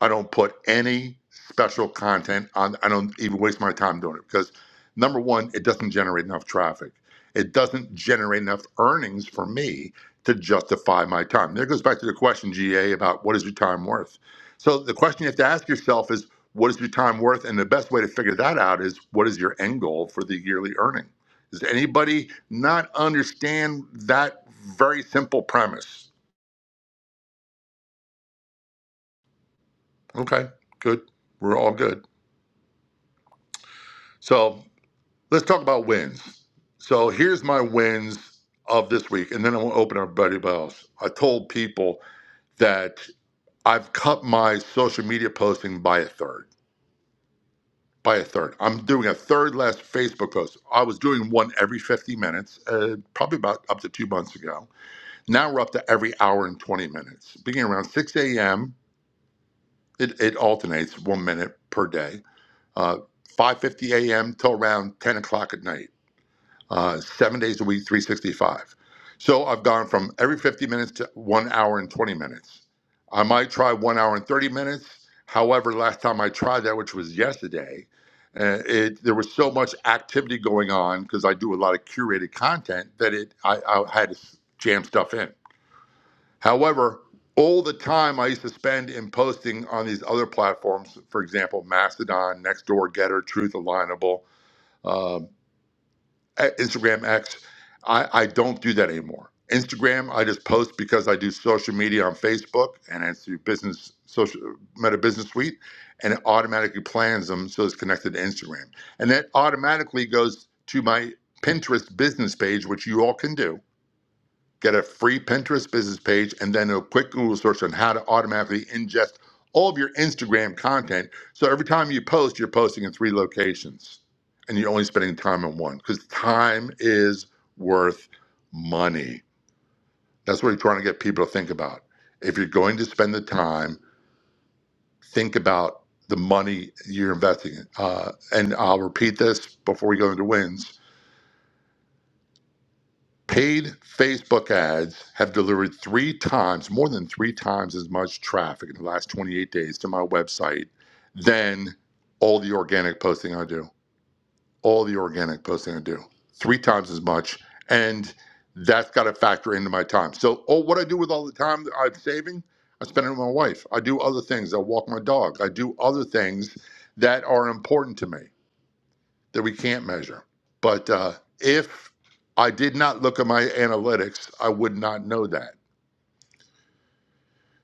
Speaker 16: I don't put any special content on. I don't even waste my time doing it because number one, it doesn't generate enough traffic. It doesn't generate enough earnings for me to justify my time. There goes back to the question, GA, about what is your time worth? So the question you have to ask yourself is, what is your time worth? And the best way to figure that out is, what is your end goal for the yearly earning? Does anybody not understand that very simple premise? Okay, good. We're all good. So let's talk about wins. So here's my wins of this week, and then I want to open everybody else. I told people that I've cut my social media posting by a third. By a third. I'm doing a third less Facebook post. I was doing one every 50 minutes, uh, probably about up to two months ago. Now we're up to every hour and 20 minutes. Beginning around 6 a.m., it, it alternates one minute per day. Uh, 5.50 a.m. till around 10 o'clock at night uh, seven days a week, 365. So I've gone from every 50 minutes to one hour and 20 minutes. I might try one hour and 30 minutes. However, last time I tried that, which was yesterday, uh, it there was so much activity going on because I do a lot of curated content that it I, I had to jam stuff in. However, all the time I used to spend in posting on these other platforms, for example, Mastodon, Nextdoor, Getter, Truth Alignable. um, uh, Instagram X. I, I don't do that anymore. Instagram, I just post because I do social media on Facebook and it's through business social meta business suite and it automatically plans them so it's connected to Instagram. And that automatically goes to my Pinterest business page, which you all can do get a free Pinterest business page, and then a quick Google search on how to automatically ingest all of your Instagram content. So every time you post, you're posting in three locations and you're only spending time in one because time is worth money. That's what you're trying to get people to think about. If you're going to spend the time, think about the money you're investing in. Uh, and I'll repeat this before we go into wins Paid Facebook ads have delivered three times, more than three times as much traffic in the last 28 days to my website than all the organic posting I do. All the organic posting I do. Three times as much. And that's got to factor into my time. So, oh, what I do with all the time that I'm saving, I spend it with my wife. I do other things. I walk my dog. I do other things that are important to me that we can't measure. But uh, if I did not look at my analytics, I would not know that.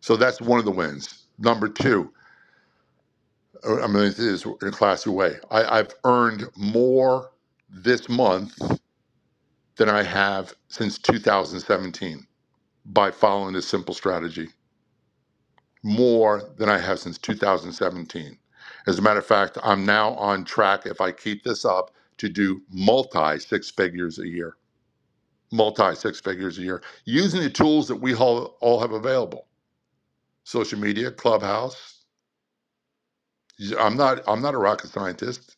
Speaker 16: So that's one of the wins. Number two, uh, I'm going to do this in a classy way. I, I've earned more this month than I have since 2017 by following this simple strategy, more than I have since 2017. As a matter of fact, I'm now on track, if I keep this up, to do multi six figures a year. multi six figures a year using the tools that we all, all have available social media clubhouse i'm not i'm not a rocket scientist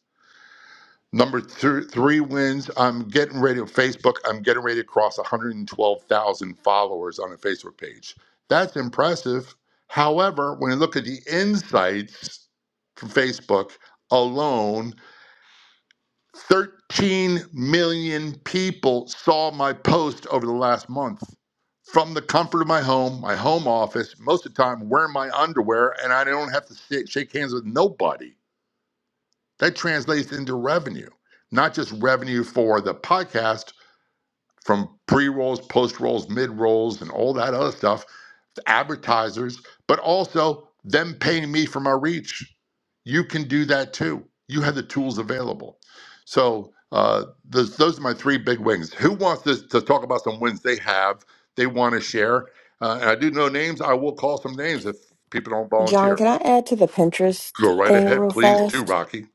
Speaker 16: number three, three wins i'm getting ready to facebook i'm getting ready to cross 112000 followers on a facebook page that's impressive however when you look at the insights from facebook alone 13 million people saw my post over the last month from the comfort of my home, my home office, most of the time wearing my underwear, and I don't have to sit, shake hands with nobody. That translates into revenue, not just revenue for the podcast from pre rolls, post rolls, mid rolls, and all that other stuff advertisers, but also them paying me for my reach. You can do that too. You have the tools available. So uh, those, those are my three big wins. Who wants to, to talk about some wins they have, they want to share? Uh, and I do know names. I will call some names if people don't
Speaker 19: John,
Speaker 16: volunteer.
Speaker 19: can I add to the Pinterest
Speaker 16: Go right
Speaker 19: thing
Speaker 16: ahead,
Speaker 19: real
Speaker 16: please, too,
Speaker 19: fast?
Speaker 16: Rocky.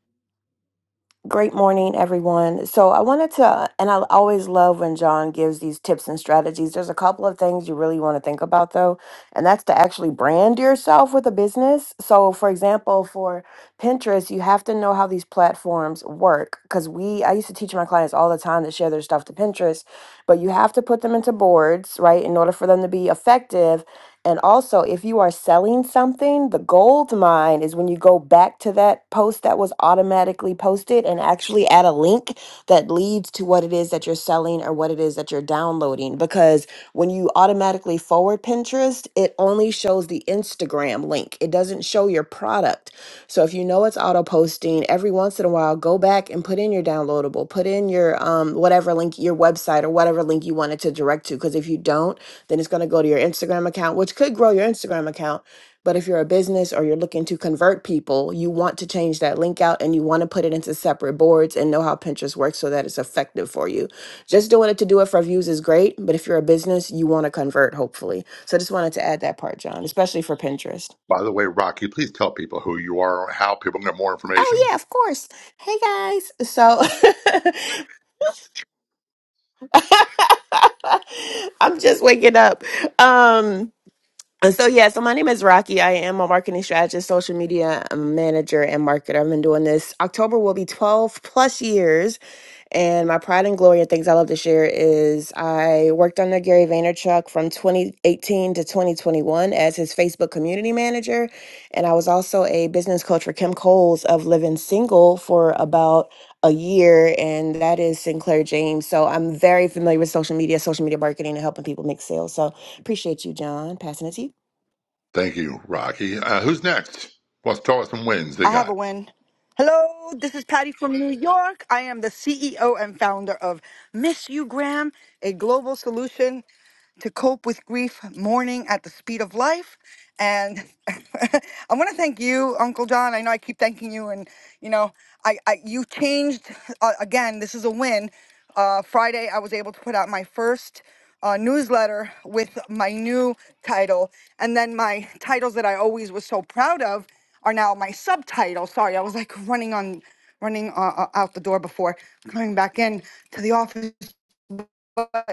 Speaker 19: Great morning, everyone. So, I wanted to, and I always love when John gives these tips and strategies. There's a couple of things you really want to think about, though, and that's to actually brand yourself with a business. So, for example, for Pinterest, you have to know how these platforms work because we, I used to teach my clients all the time to share their stuff to Pinterest, but you have to put them into boards, right, in order for them to be effective and also, if you are selling something, the gold mine is when you go back to that post that was automatically posted and actually add a link that leads to what it is that you're selling or what it is that you're downloading. Because when you automatically forward Pinterest, it only shows the Instagram link, it doesn't show your product. So if you know it's auto posting, every once in a while, go back and put in your downloadable, put in your um, whatever link, your website or whatever link you wanted to direct to. Because if you don't, then it's going to go to your Instagram account, which could grow your Instagram account. But if you're a business or you're looking to convert people, you want to change that link out and you want to put it into separate boards and know how Pinterest works so that it's effective for you. Just doing it to do it for views is great, but if you're a business, you want to convert, hopefully. So I just wanted to add that part, John, especially for Pinterest.
Speaker 16: By the way, Rocky, please tell people who you are, how people can get more
Speaker 19: Oh,
Speaker 16: information.
Speaker 19: yeah, of course. Hey, guys. So (laughs) I'm just waking up. Um, And so, yeah, so my name is Rocky. I am a marketing strategist, social media manager, and marketer. I've been doing this. October will be 12 plus years. And my pride and glory and things I love to share is I worked under Gary Vaynerchuk from 2018 to 2021 as his Facebook community manager. And I was also a business coach for Kim Coles of Living Single for about a year, and that is Sinclair James. So I'm very familiar with social media, social media marketing, and helping people make sales. So Appreciate you, John. Passing it to you.
Speaker 16: Thank you, Rocky. Uh, who's next? Wants to talk about some wins they
Speaker 11: I have
Speaker 16: got?
Speaker 11: a win. Hello, this is Patty from New York. I am the CEO and founder of Miss You Graham, a global solution. to cope with grief, mourning at the speed of life. And (laughs) I want to thank you, Uncle John. I know I keep thanking you, and you know, I, I you changed uh, again. This is a win. Uh, Friday, I was able to put out my first uh, newsletter with my new title, and then my titles that I always was so proud of are now my subtitle. Sorry, I was like running on, running uh, uh, out the door before coming back in to the office But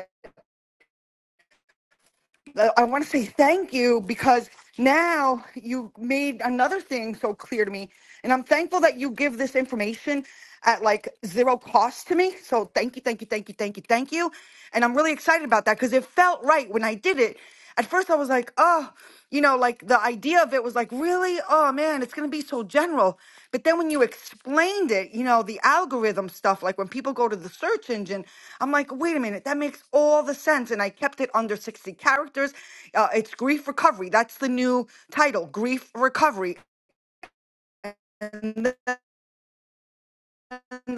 Speaker 11: uh, I want to say thank you because now you made another thing so clear to me. And I'm thankful that you give this information at like zero cost to me. So thank you, thank you, thank you, thank you, thank you. And I'm really excited about that because it felt right when I did it. At first, I was like, oh, you know, like the idea of it was like, really? Oh man, it's going to be so general. But then when you explained it, you know, the algorithm stuff, like when people go to the search engine, I'm like, wait a minute, that makes all the sense. And I kept it under 60 characters. Uh, it's Grief Recovery. That's the new title, Grief Recovery And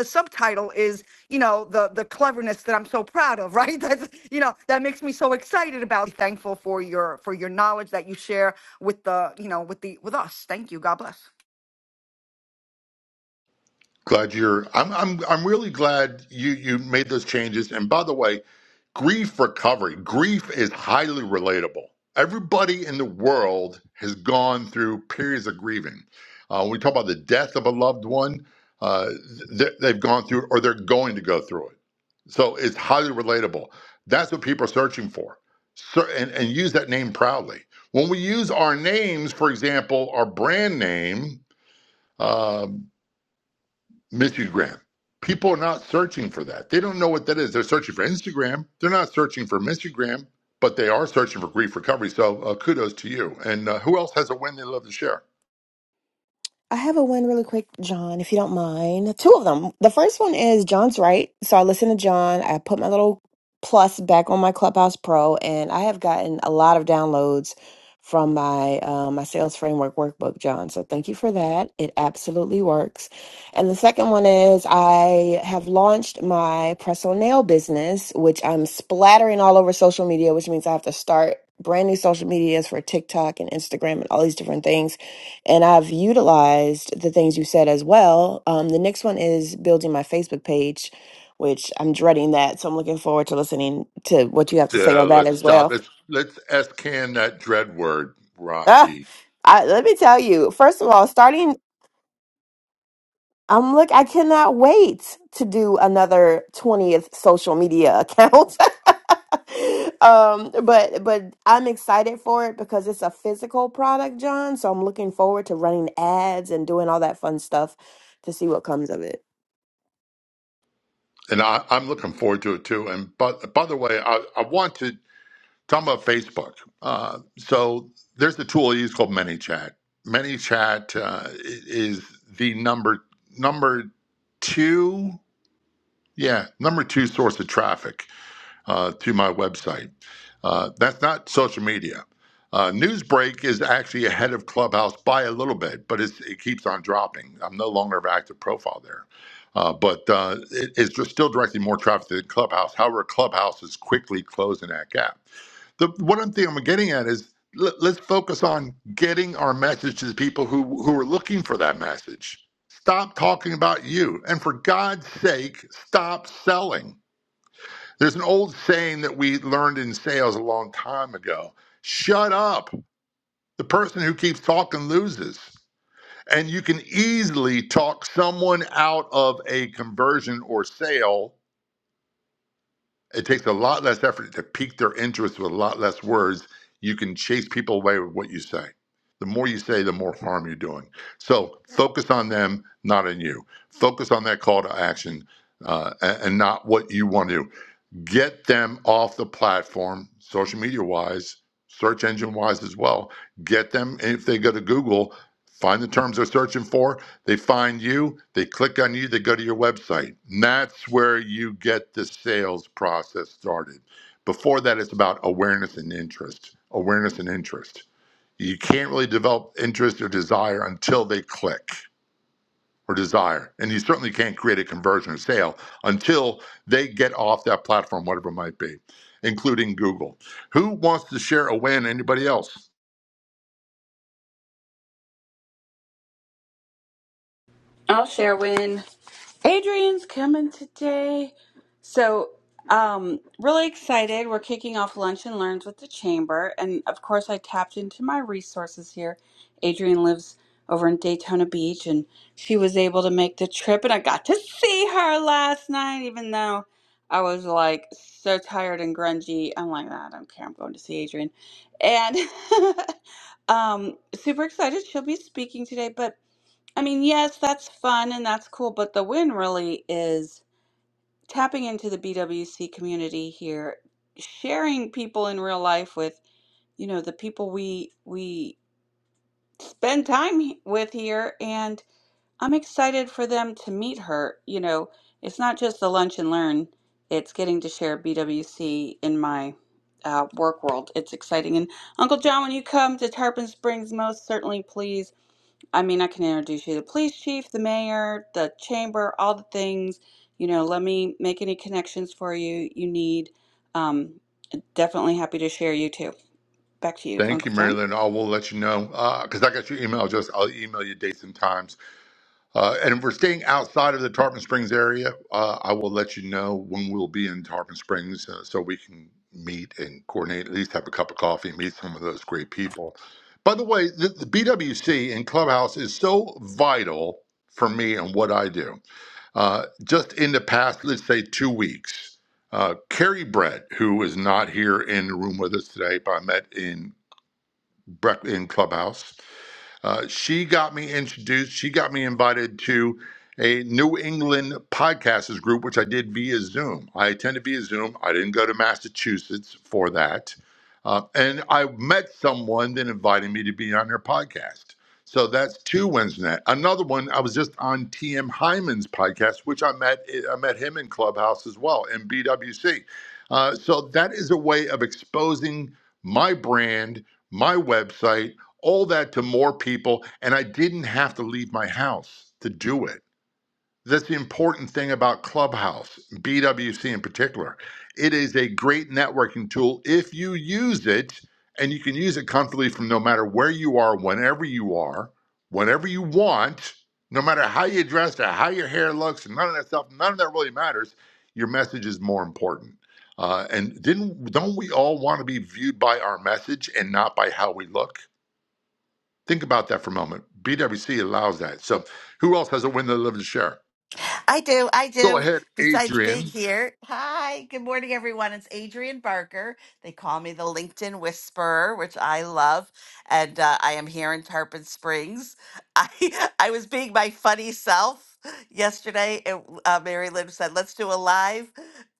Speaker 11: the subtitle is you know the the cleverness that i'm so proud of (laughs) right that's you know that makes me so excited about thankful for your for your knowledge that you share with the you know with the with us thank you god bless
Speaker 16: Glad you're. I'm. I'm. I'm really glad you you made those changes. And by the way, grief recovery. Grief is highly relatable. Everybody in the world has gone through periods of grieving. Uh, when we talk about the death of a loved one, uh, th- they've gone through or they're going to go through it. So it's highly relatable. That's what people are searching for. So, and, and use that name proudly. When we use our names, for example, our brand name. um, Instagram. People are not searching for that. They don't know what that is. They're searching for Instagram. They're not searching for Instagram, but they are searching for grief recovery. So uh, kudos to you. And uh, who else has a win they love to share?
Speaker 19: I have a one really quick, John, if you don't mind. Two of them. The first one is John's right. So I listen to John. I put my little plus back on my Clubhouse Pro, and I have gotten a lot of downloads from my uh, my sales framework workbook, John. So thank you for that. It absolutely works. And the second one is I have launched my press on nail business, which I'm splattering all over social media, which means I have to start brand new social medias for TikTok and Instagram and all these different things and I've utilized the things you said as well. Um, the next one is building my Facebook page, which I'm dreading that. So I'm looking forward to listening to what you have to say
Speaker 16: Uh,
Speaker 19: on that
Speaker 16: let's
Speaker 19: as
Speaker 16: stop.
Speaker 19: well. (laughs)
Speaker 16: Let's let's can that dread word,
Speaker 19: Ah,
Speaker 16: Rocky.
Speaker 19: I, let me tell you, first of all, starting, I'm look, I cannot wait to do another 20th social media account. (laughs) um but but i'm excited for it because it's a physical product john so i'm looking forward to running ads and doing all that fun stuff to see what comes of it
Speaker 16: And I, I'm looking forward to it too. And but by the way, I, I want to talk about Facebook. Uh, so there's a tool I use called ManyChat. ManyChat uh, is the number number two. Yeah, number two source of traffic uh, to my website. Uh, that's not social media. Uh, Newsbreak is actually ahead of Clubhouse by a little bit, but it's, it keeps on dropping. I'm no longer an active profile there. Uh, but uh, it, it's just still directing more traffic to Clubhouse. However, Clubhouse is quickly closing that gap the what I'm thing I'm getting at is let, let's focus on getting our message to the people who who are looking for that message. Stop talking about you, and for God's sake, stop selling. There's an old saying that we learned in sales a long time ago: "Shut up." The person who keeps talking loses. And you can easily talk someone out of a conversion or sale it takes a lot less effort to pique their interest with a lot less words. You can chase people away with what you say. The more you say, the more harm you're doing. So focus on them, not on you. Focus on that call to action uh, a- and, not what you want to. do get them off the platform, social media wise, search engine wise as well. Get them, if they go to Google, find the terms they're searching for, they find you, they click on you, they go to your website. And that's where you get the sales process started. Before that, it's about awareness and interest. Awareness and interest. You can't really develop interest or desire until they click or desire. And you certainly can't create a conversion or sale until they get off that platform, whatever it might be, including Google. Who wants to share a win? Anybody else?
Speaker 9: I'll share when Adrian's coming today. So, um, really excited. We're kicking off Lunch and Learns with the Chamber. And of course, I tapped into my resources here. Adrian lives over in Daytona Beach, and she was able to make the trip. And I got to see her last night, even though I was like so tired and grungy. I'm like, "Ah, I don't care. I'm going to see Adrian. And (laughs) um, super excited. She'll be speaking today. But I mean, yes, that's fun and that's cool, but the win really is tapping into the BWC community here, sharing people in real life with, you know, the people we we spend time he- with here, and I'm excited for them to meet her. You know, it's not just the lunch and learn, it's getting to share BWC in my uh, work world. It's exciting. And Uncle John, when you come to Tarpon Springs, most certainly please. I mean, I can introduce you to the police chief, the mayor, the chamber, all the things. You know, let me make any connections for you you need. Um, definitely happy to share you too. Back to you,
Speaker 16: Thank you,
Speaker 9: Uncle John.
Speaker 16: Marilyn. I will let you know because uh, I got your email address. I'll email you dates and times. Uh, and if we're staying outside of the Tarpon Springs area, uh, I will let you know when we'll be in Tarpon Springs uh, so we can meet and coordinate, at least have a cup of coffee, meet some of those great people. By the way, the, the BWC and Clubhouse is so vital for me and what I do. Uh, just in the past, let's say two weeks, uh, Carrie Brett, who is not here in the room with us today, but I met in, Breck- in Clubhouse, uh, she got me introduced, she got me invited to a New England podcasters group, which I did via Zoom. I attended via Zoom. I didn't go to Massachusetts for that. Uh, and I met someone that invited me to be on their podcast. So that's two wins net. Another one, I was just on TM Hyman's podcast, which I met I met him in Clubhouse as well in BWC. Uh, so that is a way of exposing my brand, my website, all that to more people, and I didn't have to leave my house to do it. That's the important thing about Clubhouse, BWC in particular. It is a great networking tool if you use it, and you can use it comfortably from no matter where you are, whenever you are, whenever you want, no matter how you dress or how your hair looks, none of that stuff, none of that really matters. Your message is more important. Uh, and didn't don't we all want to be viewed by our message and not by how we look? Think about that for a moment. BWC allows that. So who else has a win that live to share?
Speaker 18: I do. I
Speaker 16: Go
Speaker 18: do.
Speaker 16: ahead,
Speaker 18: Besides being
Speaker 16: Adrian.
Speaker 18: here, hi, good morning, everyone. It's Adrian Barker. They call me the LinkedIn Whisperer, which I love, and uh, I am here in Tarpon Springs. I (laughs) I was being my funny self yesterday, and uh, Mary Lynn said, "Let's do a live."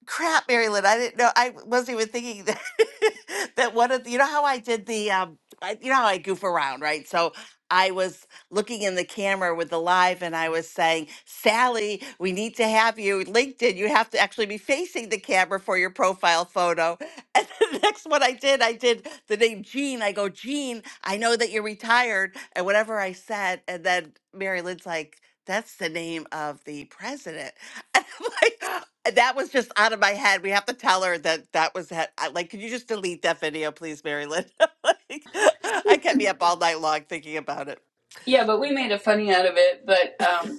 Speaker 18: Crap, Mary Lynn, I didn't know. I wasn't even thinking that (laughs) that one of the, you know how I did the um, I, you know how I goof around, right? So I was looking in the camera with the live and I was saying, Sally, we need to have you. LinkedIn, you have to actually be facing the camera for your profile photo. (laughs) And the next one I did, I did the name Jean. I go, Jean, I know that you're retired. And whatever I said, and then Mary Lynn's like, that's the name of the president. (laughs) And I'm like, and that was just out of my head. We have to tell her that that was he- I- like, could you just delete that video, please, Mary Lynn? (laughs) like, (laughs) I kept me up all night long thinking about it.
Speaker 9: Yeah, but we made a funny out of it. But um,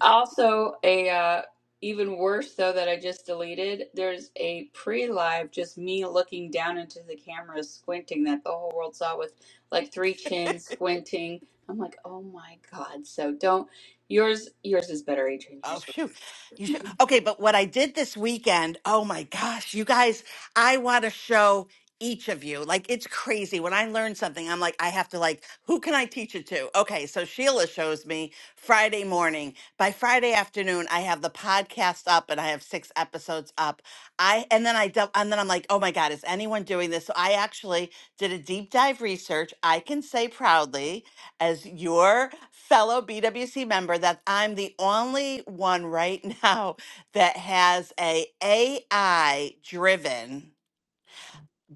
Speaker 9: Also, a uh, even worse though that I just deleted. There's a pre-live, just me looking down into the camera, squinting that the whole world saw with like three chins squinting. I'm like, oh my god! So don't yours. Yours is better, Adrian.
Speaker 18: Oh
Speaker 9: Yours.
Speaker 18: shoot. You should okay, but what I did this weekend, oh my gosh, you guys, I want to show each of you. Like it's crazy. When I learn something, I'm like, I have to like, who can I teach it to? Okay, so Sheila shows me Friday morning. By Friday afternoon, I have the podcast up and I have six episodes up. I and then I dou- and then I'm like, oh my God, is anyone doing this? So I actually did a deep dive research. I can say proudly as your fellow BWC member that I'm the only one right (laughs) now that has a AI driven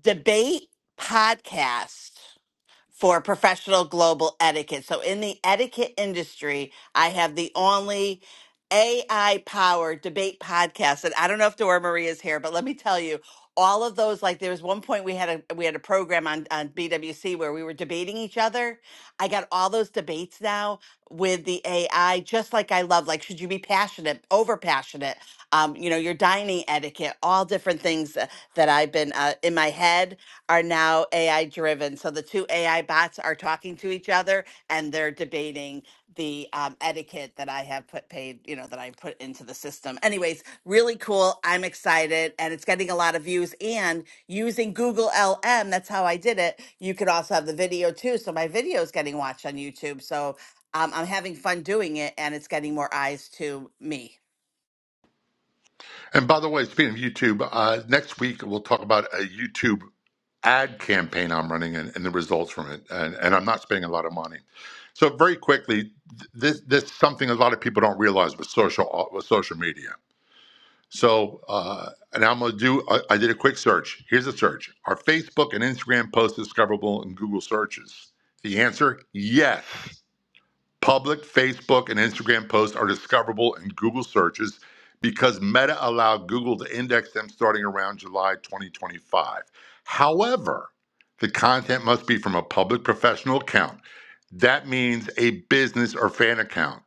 Speaker 18: debate podcast for professional global etiquette. So, in the etiquette industry, I have the only AI powered debate podcast. And I don't know if Dora Marie is here, but let me tell you, all of those like there was one point we had a we had a program on on BWC where we were debating each other. I got all those debates now with the AI, just like I love. Like, should you be passionate, over passionate? Um, you know, your dining etiquette, all different things uh, that I've been uh, in my head are now AI driven. So the two AI bots are talking to each other and they're debating the um, etiquette that I have put paid, you know, that I put into the system. Anyways, really cool. I'm excited and it's getting a lot of views. And using Google LM, that's how I did it. You could also have the video too. So my video is getting watched on YouTube. So um, I'm having fun doing it and it's getting more eyes to me.
Speaker 16: And by the way, speaking of YouTube, uh, next week we'll talk about a YouTube ad campaign I'm running and, and the results from it. And, and I'm not spending a lot of money. So very quickly, th- this this is something a lot of people don't realize with social uh, with social media. So uh, and I'm gonna do. I, I did a quick search. Here's a search: Are Facebook and Instagram posts discoverable in Google searches? The answer: Yes. Public Facebook and Instagram posts are discoverable in Google searches because Meta allowed Google to index them starting around July 2025. However, the content must be from a public professional account. That means a business or fan account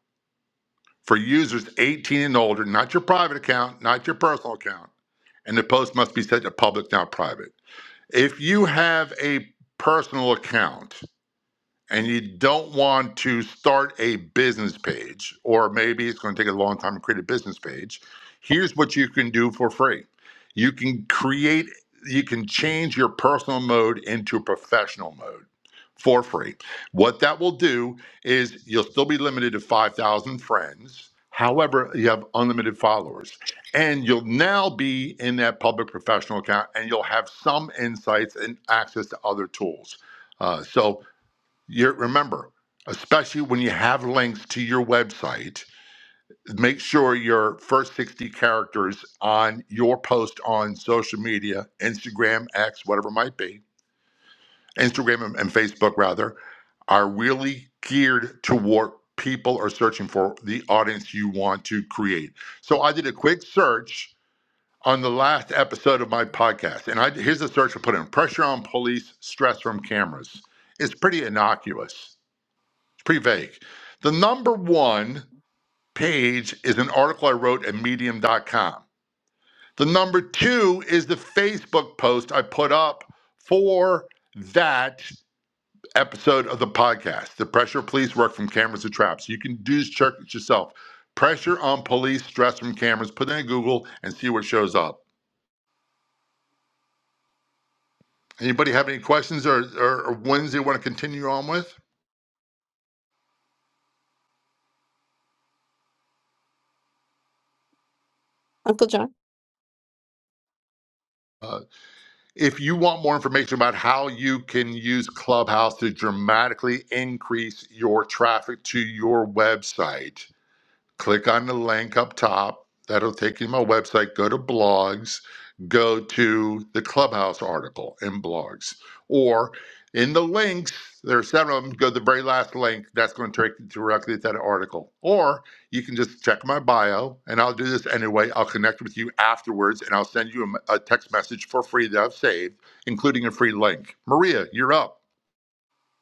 Speaker 16: for users 18 and older, not your private account, not your personal account. And the post must be set to public, not private. If you have a personal account, and you don't want to start a business page, or maybe it's going to take a long time to create a business page, here's what you can do for free. You can create, you can change your personal mode into professional mode for free. What that will do is you'll still be limited to 5,000 friends. However, you have unlimited followers, and you'll now be in that public professional account, and you'll have some insights and access to other tools. Uh, so, you're, remember, especially when you have links to your website, make sure your first 60 characters on your post on social media, Instagram, X, whatever it might be, Instagram and, and Facebook rather, are really geared to what people are searching for, the audience you want to create. So I did a quick search on the last episode of my podcast, and I here's the search I put in: pressure on police, stress from cameras. It's pretty innocuous pretty vague. The number one page is an article I wrote at Medium dot com. The number two is the Facebook post I put up for that episode of the podcast, The Pressure Police Work from Cameras to Traps. You can do check it yourself. Pressure on police, stress from cameras. Put it in Google and see what shows up. Anybody have any questions or, or, or ones they want to continue on with? Uh, If you want more information about how you can use Clubhouse to dramatically increase your traffic to your website, click on the link up top. That'll take you to my website. Go to blogs, go to the Clubhouse article in blogs, or in the links, there are seven of them. Go to the very last link. That's going to take you directly to that article. Or you can just check my bio, and I'll do this anyway. I'll connect with you afterwards, and I'll send you a a text message for free that I've saved, including a free link. Maria, you're up.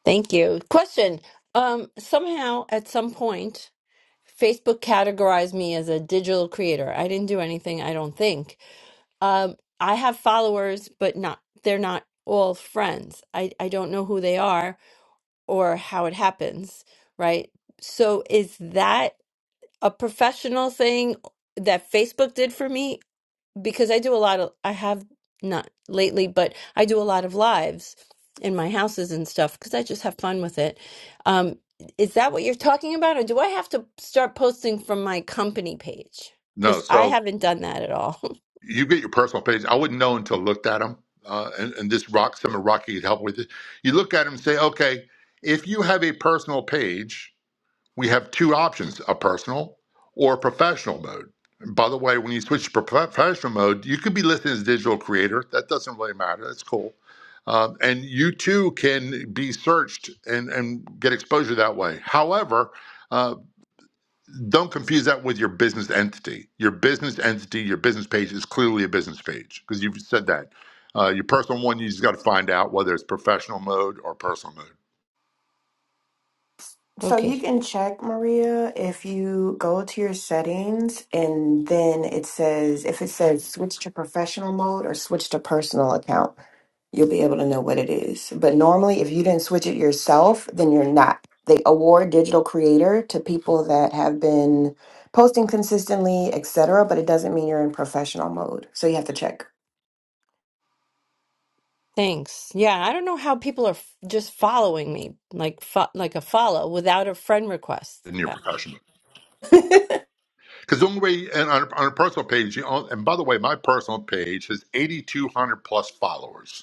Speaker 5: Thank you. Question. Um, somehow at some point, Facebook categorized me as a digital creator. I didn't do anything, I don't think. Um, I have followers, but not they're not all friends. I, I don't know who they are or how it happens, right? So is that a professional thing that Facebook did for me? because I do a lot of I have not lately, but I do a lot of lives in my houses and stuff because I just have fun with it. Um, is that what you're talking about, or do I have to start posting from my company page?
Speaker 16: No,
Speaker 5: Because I
Speaker 16: so
Speaker 5: haven't done that at all.
Speaker 16: you get your personal page. I wouldn't know until I looked at them. Uh, and, and this rock, some of Rocky could help with it. You look at them and say, okay, if you have a personal page, we have two options a personal or a professional mode. And by the way, when you switch to prof- professional mode, you could be listed as digital creator. That doesn't really matter. That's cool. Um, and you too can be searched and, and get exposure that way. However, uh, don't confuse that with your business entity. Your business entity, your business page is clearly a business page because you've said that. Uh, your personal one, you just got to find out whether it's professional mode or personal mode
Speaker 5: (laughs)
Speaker 19: So
Speaker 5: okay,
Speaker 19: you can check, Maria, if you go to your settings and then it says, if it says switch to professional mode or switch to personal account, you'll be able to know what it is. But normally, if you didn't switch it yourself, then you're not. They award digital creator to people that have been posting consistently, etc., but it doesn't mean you're in professional mode. So you have to check.
Speaker 5: thanks. Yeah, I don't know how people are f just following me like fo like a follow without a friend request.
Speaker 16: in your
Speaker 5: Uh,
Speaker 16: professional.
Speaker 19: (laughs)
Speaker 16: Because the only way, and on, a, on a personal page, you own, and by the way, my personal page has 8,200 plus followers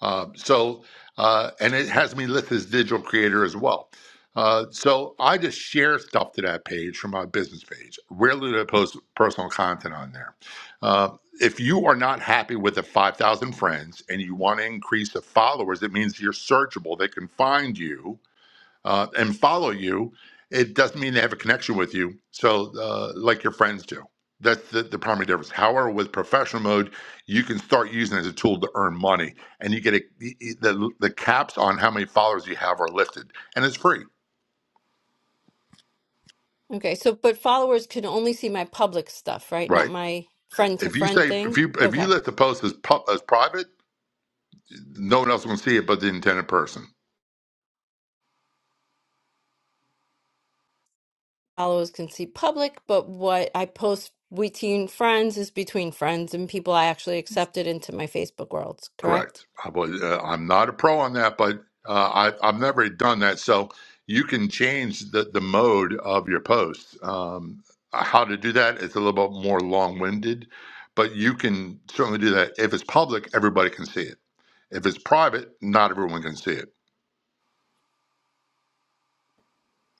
Speaker 16: Uh, so, uh, and it has me listed as digital creator as well. Uh, so I just share stuff to that page from my business page. Rarely do I post personal content on there. Uh, if you are not happy with the 5,000 friends and you want to increase the followers, it means you're searchable. They can find you uh, and follow you, it doesn't mean they have a connection with you. So, uh, like your friends do. That's the, the primary difference. However, with professional mode, you can start using it as a tool to earn money, and you get a, e, e, the the caps on how many followers you have are lifted, and it's free.
Speaker 5: okay, so but followers can only see my public stuff, right? Not
Speaker 16: Right.
Speaker 5: my friend to
Speaker 16: If you
Speaker 5: friend
Speaker 16: say if
Speaker 5: thing.
Speaker 16: you if
Speaker 5: Okay.
Speaker 16: you let the post as pu- as private, no one else will see it but the intended person.
Speaker 5: Followers can see public, but what I post between friends is between friends and people I actually accepted into my Facebook worlds, correct?
Speaker 16: Correct. I would, uh, I'm not a pro on that, but uh, I, I've never done that. So you can change the, the mode of your post. Um, how to do that is a little bit more long winded, but you can certainly do that. If it's public, everybody can see it. If it's private, not everyone can see it.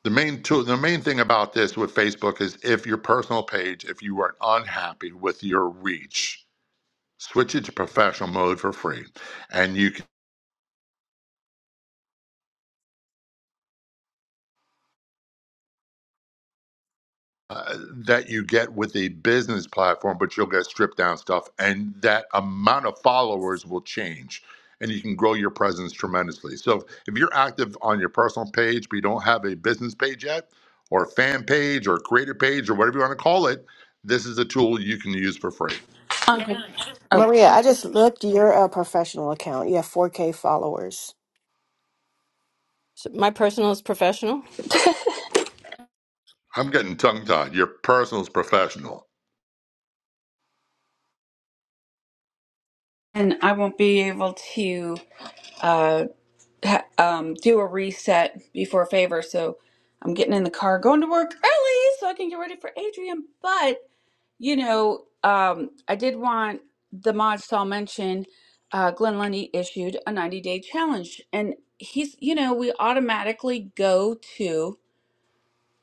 Speaker 16: The main tool, the main thing about this with Facebook is if your personal page, if you are unhappy with your reach, switch it to professional mode for free and you uh, that you get with a business platform, but you'll get stripped down stuff, and that amount of followers will change, and you can grow your presence tremendously. So if you're active on your personal page, but you don't have a business page yet, or a fan page, or a creator page, or whatever you want to call it, this is a tool you can use for free.
Speaker 9: okay. Oh,
Speaker 19: Maria, I just looked your uh, professional account. You have 4K followers.
Speaker 5: So my personal is professional?
Speaker 16: I'm getting tongue tied. Your personal is professional.
Speaker 9: and I won't be able to uh, ha- um, do a reset before favor, so I'm getting in the car, going to work early so I can get ready for Adrian. But You know, um, I did want the mods to all mention uh, Glenn Lundy issued a 90 day challenge, and he's, you know, we automatically go to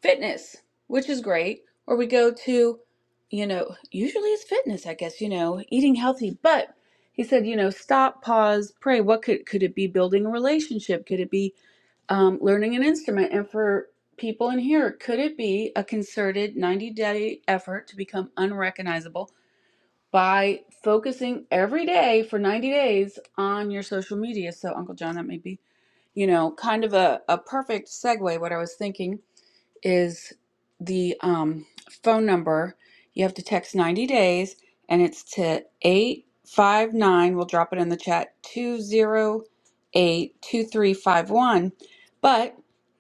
Speaker 9: fitness, which is great, or we go to, you know, usually it's fitness, I guess, you know, eating healthy, but he said, you know, stop, pause, pray. What could could it be? Building a relationship? Could it be um, learning an instrument? And for people in here, could it be a concerted 90 day effort to become unrecognizable? by focusing every day for 90 days on your social media. So, Uncle John, that may be, you know, kind of a, a perfect segue, what I was thinking is the um, phone number. You have to text 90 days, and it's to 859. We'll drop it in the chat two zero eight two three five one. But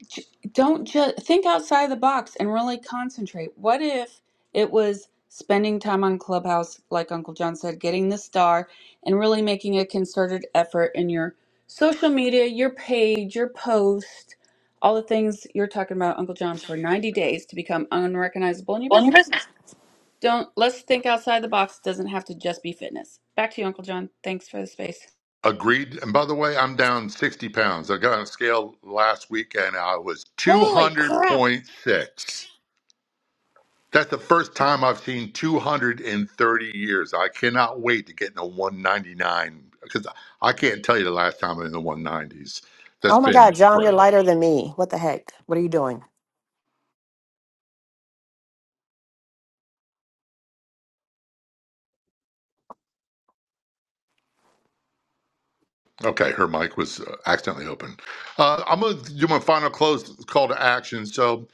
Speaker 9: j- don't just think outside the box and really concentrate. What if it was spending time on Clubhouse, like Uncle John said, getting the star, and really making a concerted effort in your social media, your page, your post? all the things you're talking about, Uncle John, for 90 days to become unrecognizable in your
Speaker 20: Well, in your
Speaker 9: business.
Speaker 20: business.
Speaker 9: Don't let's think outside the box. It doesn't have to just be fitness. Back to you, Uncle John. Thanks for the space.
Speaker 16: Agreed. And by the way, I'm down 60 pounds. I got on a scale last week and I was
Speaker 9: Holy crap!
Speaker 16: 200.6. That's the first time I've seen 230 years. I cannot wait to get in a 199 because I can't tell you the last time I'm in the 190s. That's
Speaker 19: Oh my
Speaker 16: been
Speaker 19: God, John, you're
Speaker 16: forever.
Speaker 19: lighter than me. What the heck? What are you doing?
Speaker 16: Okay, her mic was uh, accidentally open. Uh, I'm going to do my final close call to action. So,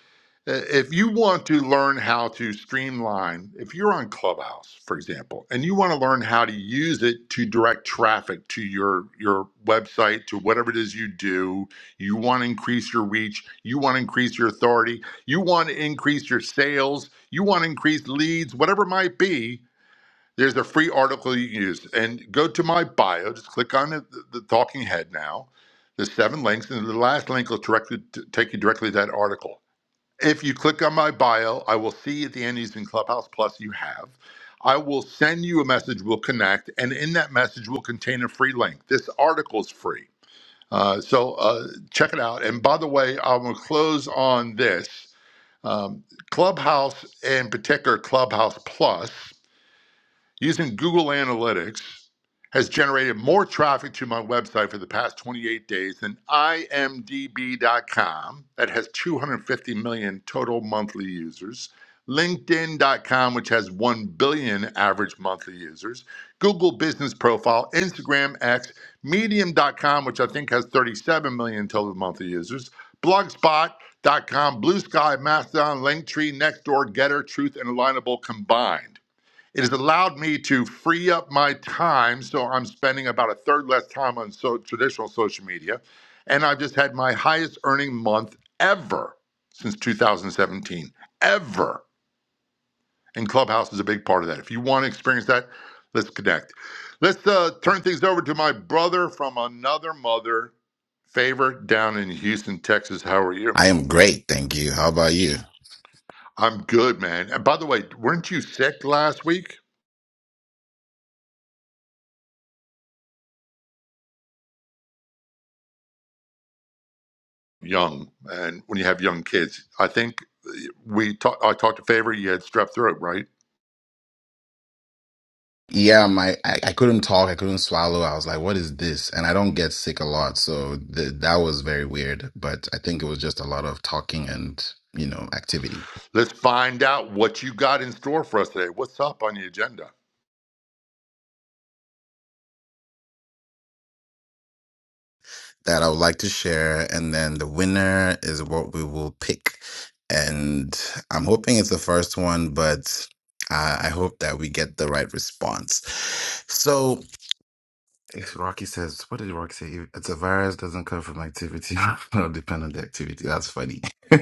Speaker 16: Uh, If you want to learn how to streamline, if you're on Clubhouse, for example, and you want to learn how to use it to direct traffic to your your website, to whatever it is you do, you want to increase your reach, you want to increase your authority, you want to increase your sales, you want to increase leads, whatever it might be, there's a free article you can use. And go to my bio, just click on the, the talking head now, the seven links, and the last link will directly t- take you directly to that article if you click on my bio, I will see at the end he's in Clubhouse Plus you have. I will send you a message, we'll connect, and in that message will contain a free link. This article is free. Uh, so uh, check it out. And by the way, I'm going to close on this. Um, Clubhouse, in particular, Clubhouse Plus using Google Analytics has generated more traffic to my website for the past 28 days than imdb.com that has 250 million total monthly users linkedin.com which has 1 billion average monthly users google business profile instagram x medium.com which i think has 37 million total monthly users blogspot.com blue sky mastodon linktree nextdoor getter truth and alignable combined it has allowed me to free up my time, so I'm spending about a third less time on so, traditional social media. And I've just had my highest earning month ever since 2017, ever. And Clubhouse is a big part of that. If you want to experience that, let's connect. Let's uh, turn things over to my brother from another mother, Favor, down in Houston, Texas. How are you?
Speaker 21: I am great, thank you. How about you?
Speaker 16: I'm good, man. And by the way, weren't you sick last week? young, and when you have young kids, I think we talk, I talked to Favor. You had strep throat, right?
Speaker 21: Yeah, my I, I couldn't talk, I couldn't swallow. I was like, "What is this?" And I don't get sick a lot, so th that was very weird. But I think it was just a lot of talking and you know activity
Speaker 16: Let's find out what you got in store for us today. What's up on the agenda?
Speaker 21: that I would like to share. And then the winner is what we will pick, and I'm hoping it's the first one, but I, I hope that we get the right response. So It's Rocky says, what did Rocky say? It's a virus doesn't come from activity (laughs) or depend on the activity. That's funny. (laughs)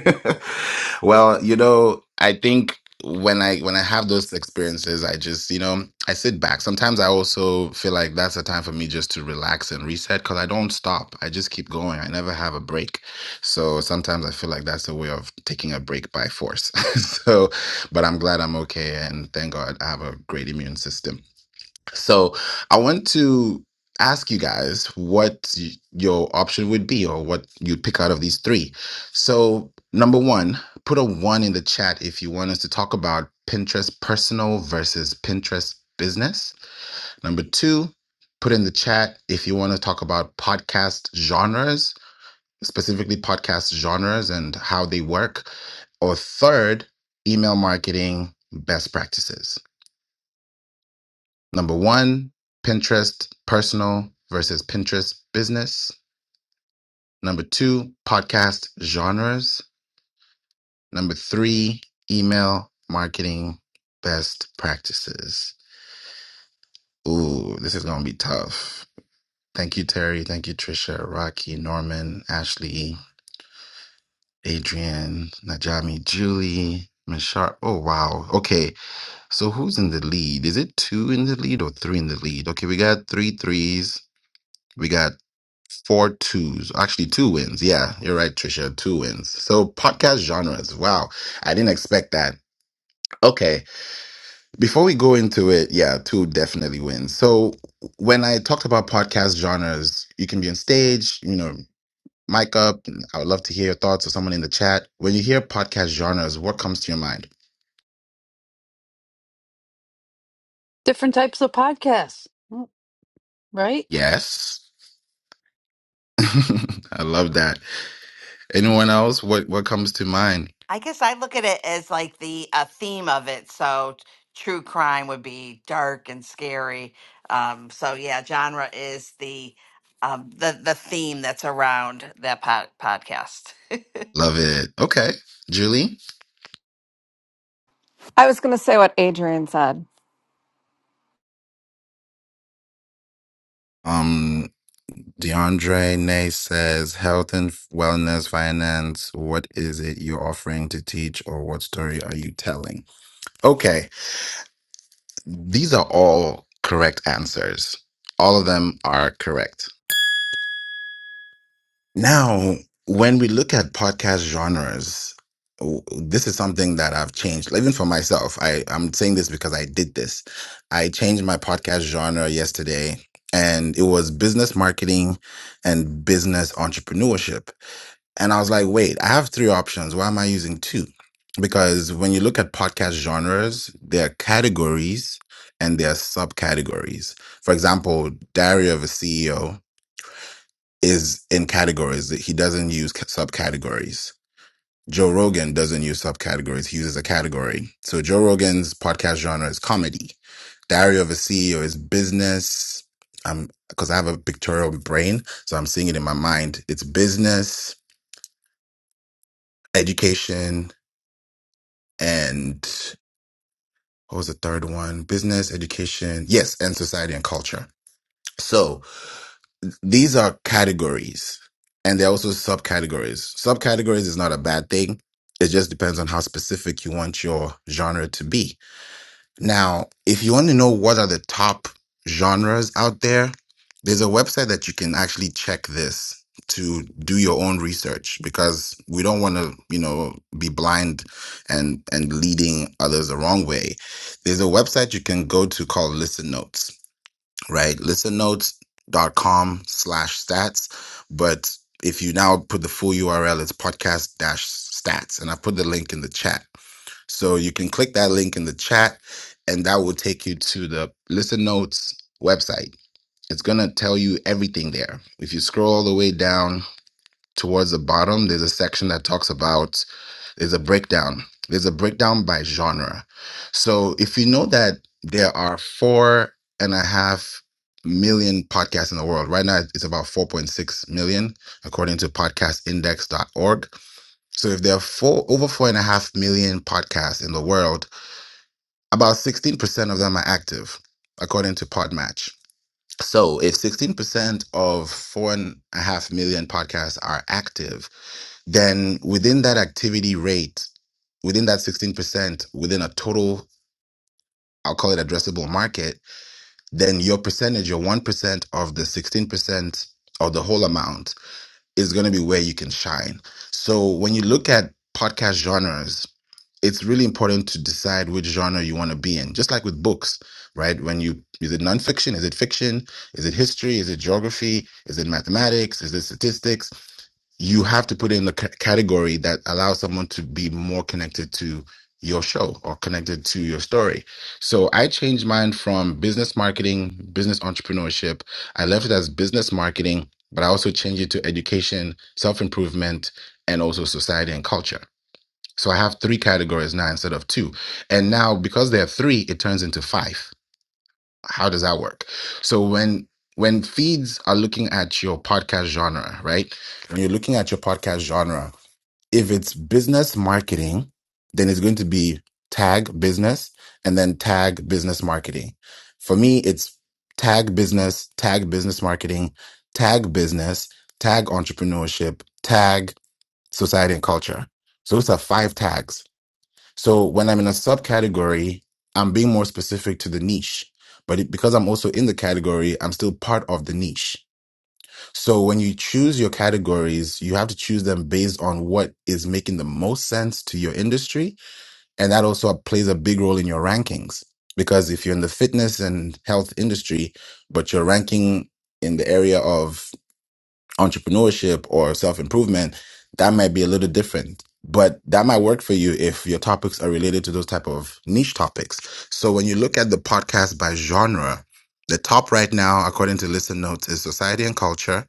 Speaker 21: well, you know, I think when I when I have those experiences, I just, you know, I sit back. Sometimes I also feel like that's a time for me just to relax and reset because I don't stop. I just keep going. I never have a break. So sometimes I feel like that's a way of taking a break by force. (laughs) so, but I'm glad I'm okay and thank God I have a great immune system. So I want to ask you guys what y- your option would be or what you'd pick out of these three. So, number one, put a one in the chat if you want us to talk about Pinterest personal versus Pinterest business. Number two, put in the chat if you want to talk about podcast genres, specifically podcast genres and how they work. Or third, email marketing best practices. Number one, Pinterest personal versus Pinterest business. Number two, podcast genres. Number three, email marketing best practices. Ooh, this is going to be tough. Thank you, Terry. Thank you, Trisha, Rocky, Norman, Ashley, Adrian, Najami, Julie, Mishar. Oh, wow. Okay. So who's in the lead? Is it two in the lead or three in the lead? Okay. We got three threes. We got four twos, actually two wins. Yeah, you're right, Trisha, two wins. So podcast genres. Wow, I didn't expect that. Okay, before we go into it, yeah, two definitely wins. So when I talked about podcast genres, you can be on stage, you know, mic up. I would love to hear your thoughts or someone in the chat. When you hear podcast genres, what comes to your mind?
Speaker 4: Different types of podcasts, right?
Speaker 21: Yes. (laughs) I love that. Anyone else? What what comes to mind?
Speaker 18: I guess I look at it as like the uh, theme of it. So t- true crime would be dark and scary. Um, so yeah, genre is the um, the the theme that's around that pod- podcast.
Speaker 21: Love it. Okay. Julie?
Speaker 20: I was going to say what Adrian said.
Speaker 21: Um. DeAndre Nay says, health and wellness, finance. What is it you're offering to teach, or what story are you telling? Okay, these are all correct answers. All of them are correct. Now, when we look at podcast genres, w- this is something that I've changed, even for myself. I, I'm saying this because I did this. I changed my podcast genre yesterday, and it was business marketing and business entrepreneurship And I was like, wait, I have three options. Why am I using two? Because when you look at podcast genres, there are categories and there are subcategories. For example, Diary of a CEO is in categories. He doesn't use ca- subcategories. Joe Rogan doesn't use subcategories. He uses a category. So Joe Rogan's podcast genre is comedy. Diary of a CEO is business. Um, because I have a pictorial brain, so I'm seeing it in my mind. It's business, education, and what was the third one? Business, education, yes, and society and culture. So these are categories and they're also subcategories. Subcategories is not a bad thing. It just depends on how specific you want your genre to be now, if you want to know what are the top genres out there, there's a website that you can actually check this to do your own research because we don't want to, you know, be blind and and leading others the wrong way. There's a website you can go to called Listen Notes, right? Listen Notes dot com slash stats. But if you now put the full URL, it's podcast dash stats. And I put the link in the chat so you can click that link in the chat, and that will take you to the Listen Notes website. It's going to tell you everything there. If you scroll all the way down towards the bottom, there's a section that talks about, there's a breakdown. There's a breakdown by genre. So if you know that there are four and a half million podcasts in the world, right now it's about 4.6 million, according to podcastindex.org. So if there are four, over four and a half million podcasts in the world, about 16% of them are active, according to Podmatch. So if 16% of four and a half million podcasts are active, then within that activity rate, within that 16%, within a total, I'll call it addressable market, then your percentage, your 1% of the 16% of the whole amount is going to be where you can shine. So when you look at podcast genres, it's really important to decide which genre you want to be in. Just like with books, right? When you is it nonfiction? Is it fiction? Is it history? Is it geography? Is it mathematics? Is it statistics? You have to put in the c- category that allows someone to be more connected to your show or connected to your story. So I changed mine from business marketing, business entrepreneurship. I left it as business marketing, but I also changed it to education, self improvement, and also society and culture. So I have three categories now instead of two. And now because there are three, it turns into five. How does that work? So when when feeds are looking at your podcast genre, right? When you're looking at your podcast genre, if it's business marketing, then it's going to be tag business and then tag business marketing. For me, it's tag business, tag business marketing, tag business, tag entrepreneurship, tag society and culture. So those are five tags so when I'm in a subcategory, I'm being more specific to the niche. But it, because I'm also in the category, I'm still part of the niche. So when you choose your categories, you have to choose them based on what is making the most sense to your industry. And that also plays a big role in your rankings. Because if you're in the fitness and health industry, but you're ranking in the area of entrepreneurship or self improvement, that might be a little different. But that might work for you if your topics are related to those type of niche topics. So when you look at the podcast by genre, the top right now, according to Listen Notes, is society and culture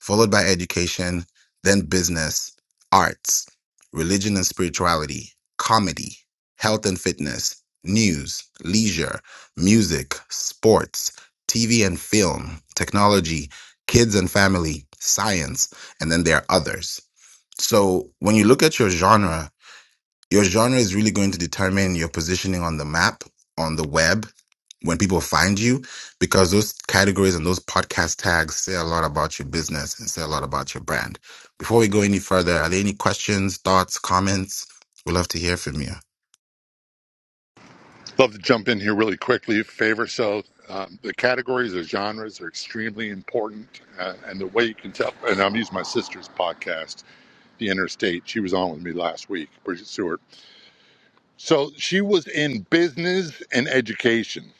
Speaker 21: followed by education, then business, arts, religion and spirituality, comedy, health and fitness, news, leisure, music, sports, TV and film, technology, kids and family, science, and then there are others. So when you look at your genre, your genre is really going to determine your positioning on the map, on the web, when people find you, because those categories and those podcast tags say a lot about your business and say a lot about your brand. Before we go any further, are there any questions, thoughts, comments? We'd love to hear from you.
Speaker 16: Love to jump in here really quickly. Favor so um, the categories or genres are extremely important, uh, and the way you can tell. And I'm using my sister's podcast, The Interstate. She was on with me last week, Bridget Stewart. So she was in business and education,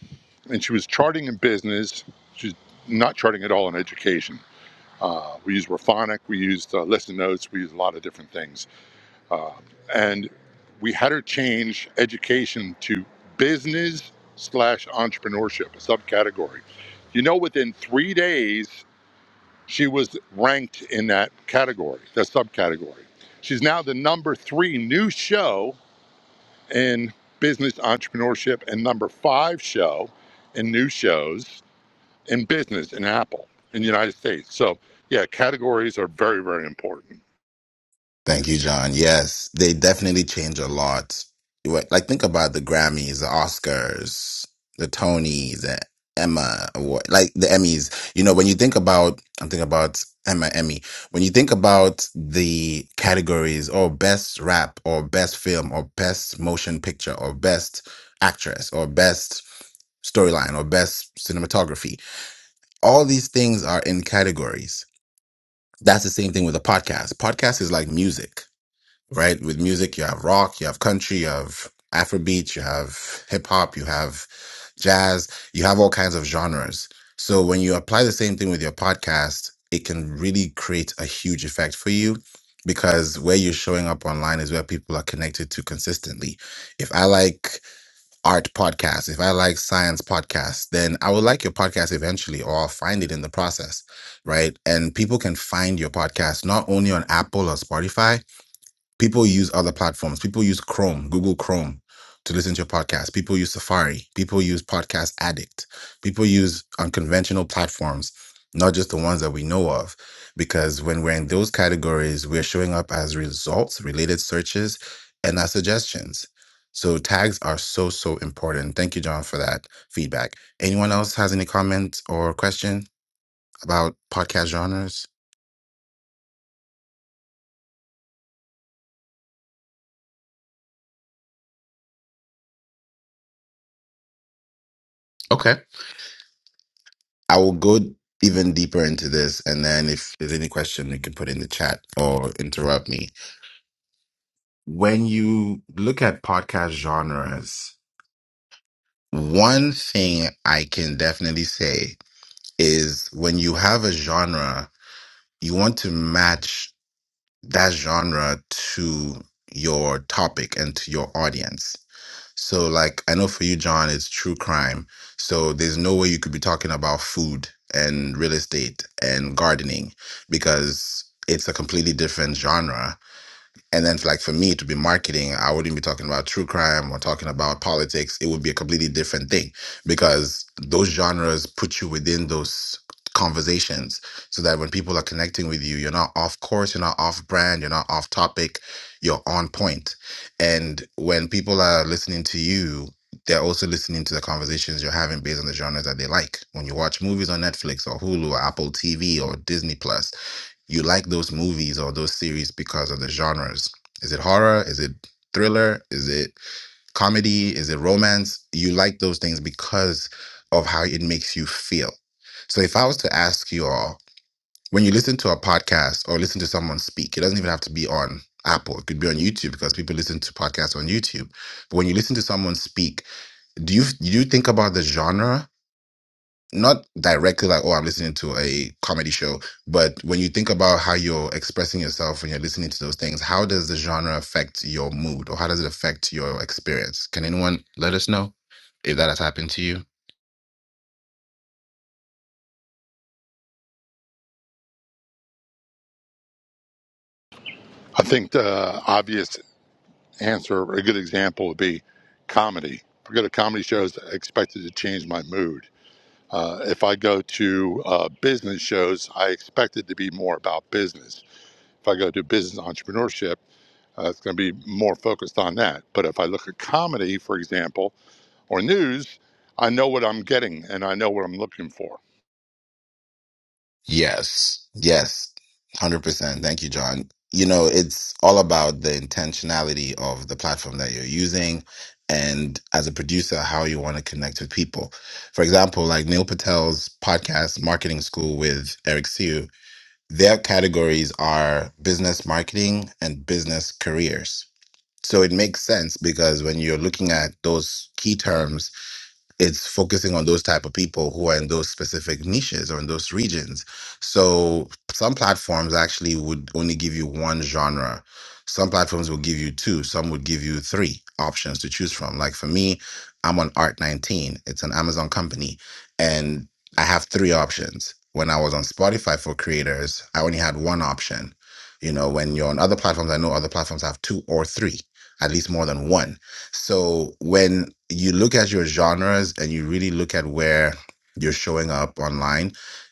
Speaker 16: and she was charting in business. She's not charting at all in education. Uh, we used Raphonic, we used uh, Listen Notes, we used a lot of different things. Uh, and we had her change education to business slash entrepreneurship, a subcategory. You know, within three days, she was ranked in that category, that subcategory. She's now the number three new show in business entrepreneurship and number five show in new shows in business in Apple in the United States. So, yeah, categories are very, very important.
Speaker 21: Thank you, John. Yes, they definitely change a lot. What- Like, think about the Grammys, the Oscars, the Tonys, the Emma Award, like the Emmys. You know, when you think about, I'm thinking about Emma Emmy. When you think about the categories, or best rap, or best film, or best motion picture, or best actress, or best storyline, or best cinematography, all these things are in categories. That's the same thing with a podcast. Podcast is like music right? With music, you have rock, you have country, you have Afrobeat, you have hip hop, you have jazz, you have all kinds of genres. So when you apply the same thing with your podcast, it can really create a huge effect for you because where you're showing up online is where people are connected to consistently. If I like art podcasts, if I like science podcasts, then I will like your podcast eventually or I'll find it in the process, right? And people can find your podcast not only on Apple or Spotify, People use other platforms. People use Chrome, Google Chrome to listen to your podcast. People use Safari. People use Podcast Addict. People use unconventional platforms, not just the ones that we know of. Because when we're in those categories, we're showing up as results, related searches, and as suggestions. So tags are so, so important. Thank you, John, for that feedback. Anyone else has any comments or question about podcast genres? Okay. I will go even deeper into this, and then if there's any question, you can put in the chat or interrupt me. When you look at podcast genres, one thing I can definitely say is when you have a genre, you want to match that genre to your topic and to your audience. So, like, I know for you, John, it's true crime. So, there's no way you could be talking about food and real estate and gardening because it's a completely different genre and then, like for me to be marketing, I wouldn't be talking about true crime or talking about politics. It would be a completely different thing because those genres put you within those conversations so that when people are connecting with you, you're not off course, you're not off brand, you're not off topic, you're on point. And when people are listening to you, they're also listening to the conversations you're having based on the genres that they like. When you watch movies on Netflix or Hulu or Apple TV or Disney Plus, you like those movies or those series because of the genres. Is it horror? Is it thriller? Is it comedy? Is it romance? You like those things because of how it makes you feel. So if I was to ask you all, when you listen to a podcast or listen to someone speak, it doesn't even have to be on Apple. It could be on YouTube because people listen to podcasts on YouTube. But when you listen to someone speak, do you do you think about the genre not directly like oh i'm listening to a comedy show but when you think about how you're expressing yourself when you're listening to those things how does the genre affect your mood or how does it affect your experience can anyone let us know if that has happened to you
Speaker 16: I think the obvious answer, or a good example, would be comedy. If I go to comedy shows, I expect it to change my mood. Uh, if I go to uh, business shows, I expect it to be more about business. If I go to business entrepreneurship, uh, it's going to be more focused on that. But if I look at comedy, for example, or news, I know what I'm getting and I know what I'm looking for.
Speaker 21: yes yes 100% thank you john you know it's all about the intentionality of the platform that you're using and as a producer how you want to connect with people for example like neil patel's podcast marketing school with eric sue Their categories are business marketing and business careers. So it makes sense because when you're looking at those key terms, it's focusing on those type of people who are in those specific niches or in those regions so some platforms actually would only give you one genre some platforms will give you two some would give you three options to choose from like for me i'm on art 19 it's an amazon company and i have three options when i was on spotify for creators i only had one option you know when you're on other platforms i know other platforms have two or three at least more than one so when you look at your genres and you really look at where you're showing up online,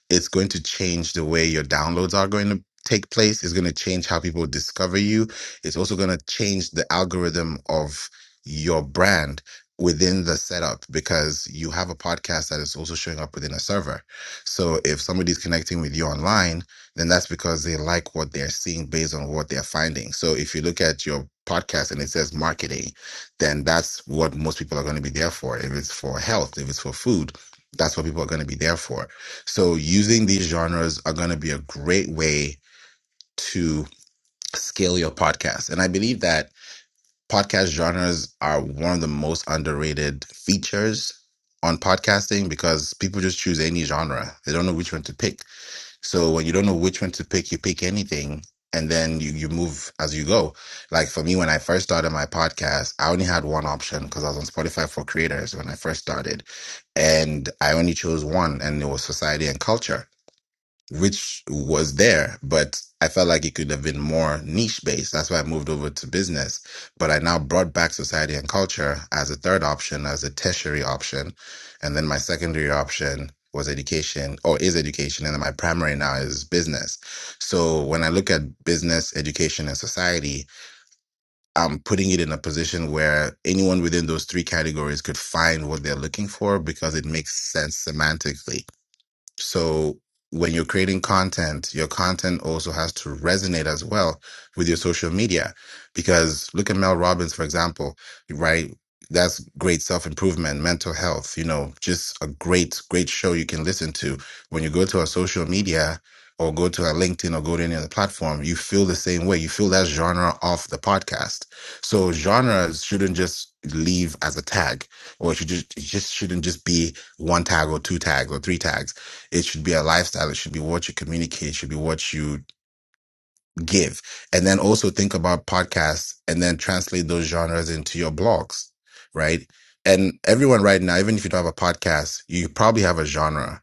Speaker 21: it's going to change the way your downloads are going to take place. It's going to change how people discover you. It's also going to change the algorithm of your brand within the setup because you have a podcast that is also showing up within a server. So if somebody's connecting with you online, then that's because they like what they're seeing based on what they're finding. So if you look at your podcast and it says marketing, then that's what most people are going to be there for. If it's for health, if it's for food, that's what people are going to be there for. So using these genres are going to be a great way to scale your podcast. And I believe that podcast genres are one of the most underrated features on podcasting because people just choose any genre. They don't know which one to pick. So when you don't know which one to pick, you pick anything and then you, you move as you go. Like for me, when I first started my podcast, I only had one option because I was on Spotify for creators when I first started. And I only chose one and it was society and culture which was there, but I felt like it could have been more niche based. That's why I moved over to business. But I now brought back society and culture as a third option, as a tertiary option. And then my secondary option was education or is education. And then my primary now is business. So when I look at business, education, and society, I'm putting it in a position where anyone within those three categories could find what they're looking for because it makes sense semantically so when you're creating content, your content also has to resonate as well with your social media. Because look at Mel Robbins, for example, right? That's great self improvement, mental health, you know, just a great, great show you can listen to. When you go to our social media or go to our LinkedIn or go to any other platform, you feel the same way. You feel that genre of the podcast. So genres shouldn't just leave as a tag or it should just, it just shouldn't just be one tag or two tags or three tags it should be a lifestyle. It should be what you communicate. It should be what you give. And then also think about podcasts and then translate those genres into your blogs, right? And everyone right now, even if you don't have a podcast, you probably have a genre,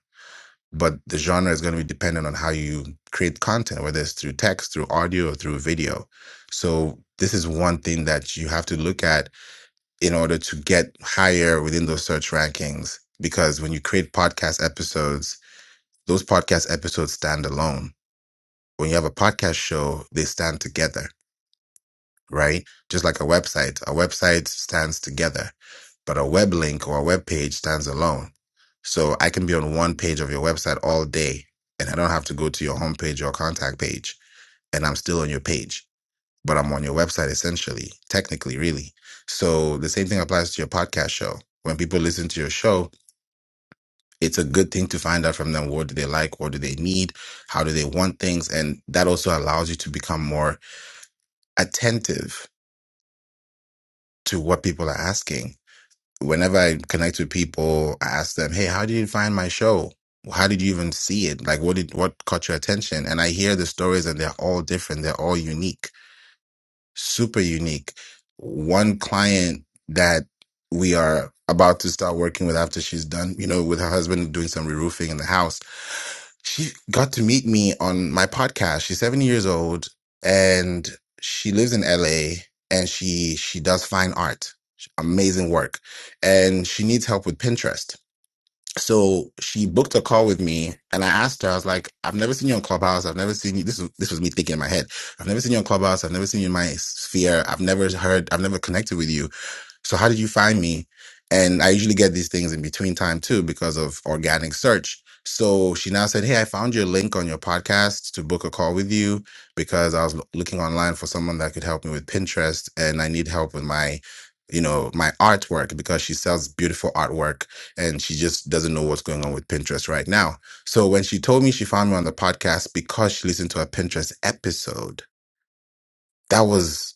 Speaker 21: but the genre is going to be dependent on how you create content, whether it's through text, through audio, or through video. So this is one thing that you have to look at in order to get higher within those search rankings. Because when you create podcast episodes, those podcast episodes stand alone. When you have a podcast show, they stand together, right? Just like a website. A website stands together, but a web link or a web page stands alone. So I can be on one page of your website all day and I don't have to go to your homepage or contact page and I'm still on your page, but I'm on your website essentially, technically, really. So the same thing applies to your podcast show. When people listen to your show, it's a good thing to find out from them what do they like what do they need how do they want things and that also allows you to become more attentive to what people are asking whenever i connect with people i ask them hey how did you find my show how did you even see it like what did what caught your attention and i hear the stories and they're all different they're all unique super unique one client that we are about to start working with after she's done you know with her husband doing some re-roofing in the house she got to meet me on my podcast. She's 70 years old and she lives in LA and she she does fine art. Amazing work. And she needs help with Pinterest. So she booked a call with me and I asked her, I was like, I've never seen you on Clubhouse. I've never seen you. This was, this was me thinking in my head. I've never seen you on Clubhouse. I've never seen you in my sphere. I've never heard, I've never connected with you so how did you find me? And I usually get these things in between time too because of organic search. So she now said, Hey, I found your link on your podcast to book a call with you because I was loo- looking online for someone that could help me with Pinterest and I need help with my, you know, my artwork because she sells beautiful artwork and she just doesn't know what's going on with Pinterest right now. So when she told me she found me on the podcast because she listened to a Pinterest episode, that was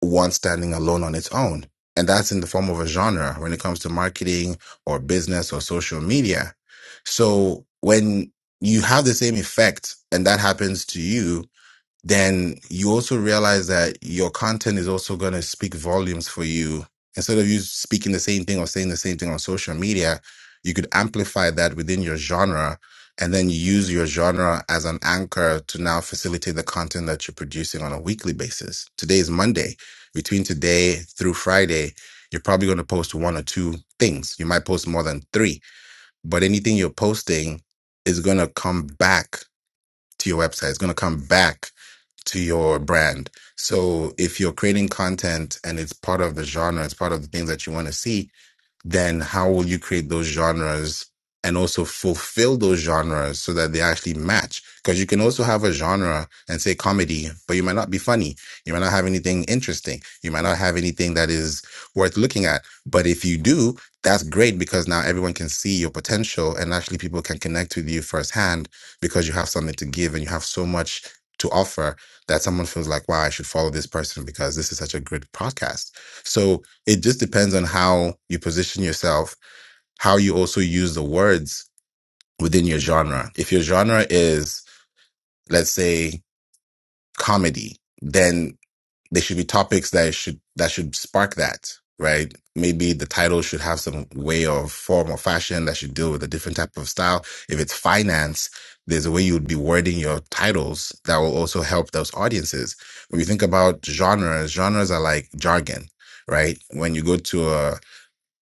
Speaker 21: one standing alone on its own. And that's in the form of a genre when it comes to marketing or business or social media. So when you have the same effect and that happens to you, then you also realize that your content is also going to speak volumes for you. Instead of you speaking the same thing or saying the same thing on social media, you could amplify that within your genre and then use your genre as an anchor to now facilitate the content that you're producing on a weekly basis. Today is Monday. Between today through Friday, you're probably going to post one or two things. You might post more than three, but anything you're posting is going to come back to your website. It's going to come back to your brand. So if you're creating content and it's part of the genre, it's part of the things that you want to see, then how will you create those genres and also fulfill those genres so that they actually match? Because you can also have a genre and say comedy, but you might not be funny. You might not have anything interesting. You might not have anything that is worth looking at. But if you do, that's great because now everyone can see your potential and actually people can connect with you firsthand because you have something to give and you have so much to offer that someone feels like, wow, I should follow this person because this is such a good podcast. So, it just depends on how you position yourself, how you also use the words within your genre. If your genre is, let's say, comedy, then there should be topics that should that should spark that, right? Maybe the title should have some way of form or fashion that should deal with a different type of style. If it's finance, there's a way you would be wording your titles that will also help those audiences. When you think about genres, genres are like jargon, right? When you go to a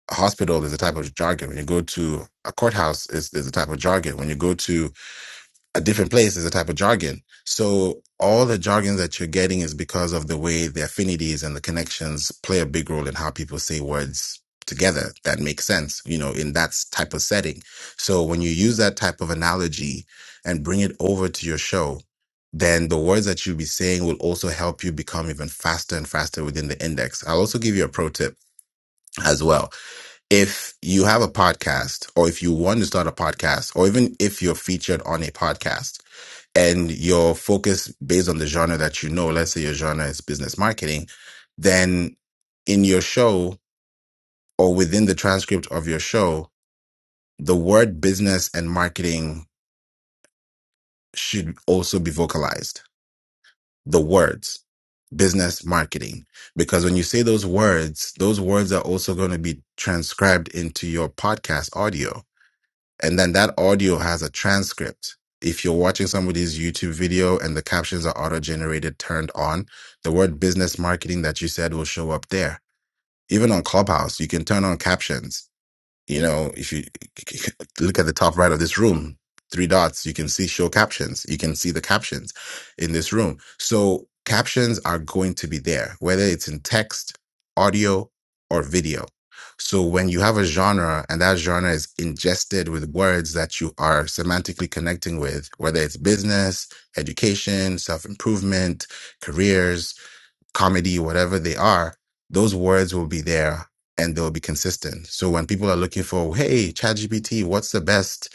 Speaker 21: a hospital is a type of jargon. When you go to a courthouse, is is a type of jargon. When you go to a different place, is a type of jargon. So all the jargon that you're getting is because of the way the affinities and the connections play a big role in how people say words together that make sense. You know, in that s- type of setting. So when you use that type of analogy and bring it over to your show. Then the words that you'll be saying will also help you become even faster and faster within the index. I'll also give you a pro tip as well if you have a podcast or if you want to start a podcast or even if you're featured on a podcast and your focus based on the genre that you know, let's say your genre is business marketing, then in your show or within the transcript of your show, the word business and marketing should also be vocalized. The words business marketing because when you say those words those words are also going to be transcribed into your podcast audio And then that audio has a transcript. If you're watching somebody's YouTube video and the captions are auto generated, turned on, the word business marketing that you said will show up there. Even on Clubhouse, you can turn on captions you know, if you look at the top right of this room, three dots, you can see show captions. You can see the captions in this room. So captions are going to be there, whether it's in text, audio, or video. So when you have a genre and that genre is ingested with words that you are semantically connecting with, whether it's business, education, self-improvement, careers, comedy, whatever they are, those words will be there and they'll be consistent. So when people are looking for, hey, ChatGPT, what's the best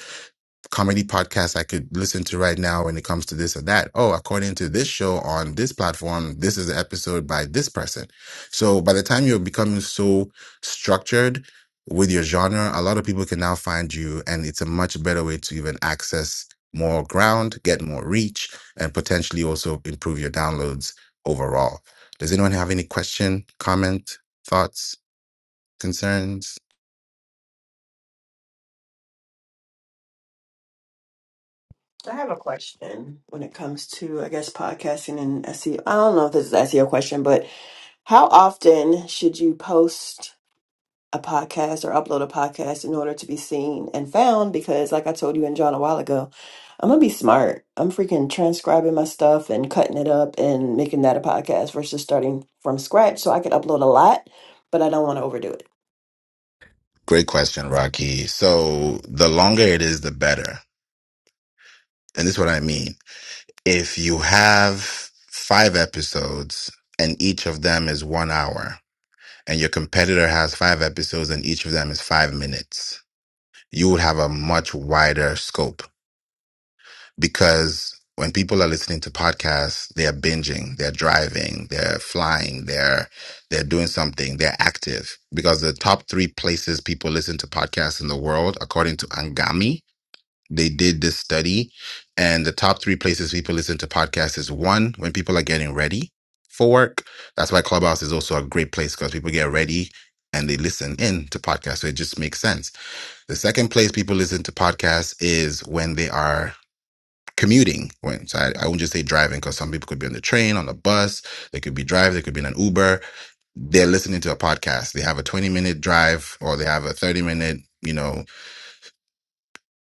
Speaker 21: comedy podcasts I could listen to right now when it comes to this or that. Oh, according to this show on this platform, this is the episode by this person. So by the time you're becoming so structured with your genre, a lot of people can now find you, and it's a much better way to even access more ground, get more reach, and potentially also improve your downloads overall. Does anyone have any question, comment, thoughts, concerns?
Speaker 19: So I have a question when it comes to, I guess, podcasting and SEO. I don't know if this is an SEO question, but how often should you post? a podcast or upload a podcast in order to be seen and found because like I told you and John a while ago, I'm gonna be smart. I'm freaking transcribing my stuff and cutting it up and making that a podcast versus starting from scratch. So I could upload a lot, but I don't want to overdo it.
Speaker 21: Great question, Rocky. So the longer it is, the better And this is what I mean. If you have five episodes and each of them is one hour, and your competitor has five episodes and each of them is five minutes, you would have a much wider scope because when people are listening to podcasts, they're binging, they're driving, they're flying, they're they're doing something, they're active. Because the top three places people listen to podcasts in the world, according to Angami, they did this study, and the top three places people listen to podcasts is one, when people are getting ready for work. That's why Clubhouse is also a great place because people get ready and they listen in to podcasts. So it just makes sense. The second place people listen to podcasts is when they are commuting. When so I, I won't just say driving because some people could be on the train, on the bus, they could be driving, they could be in an Uber. They're listening to a podcast. They have a 20 minute drive or they have a 30 minute, you know,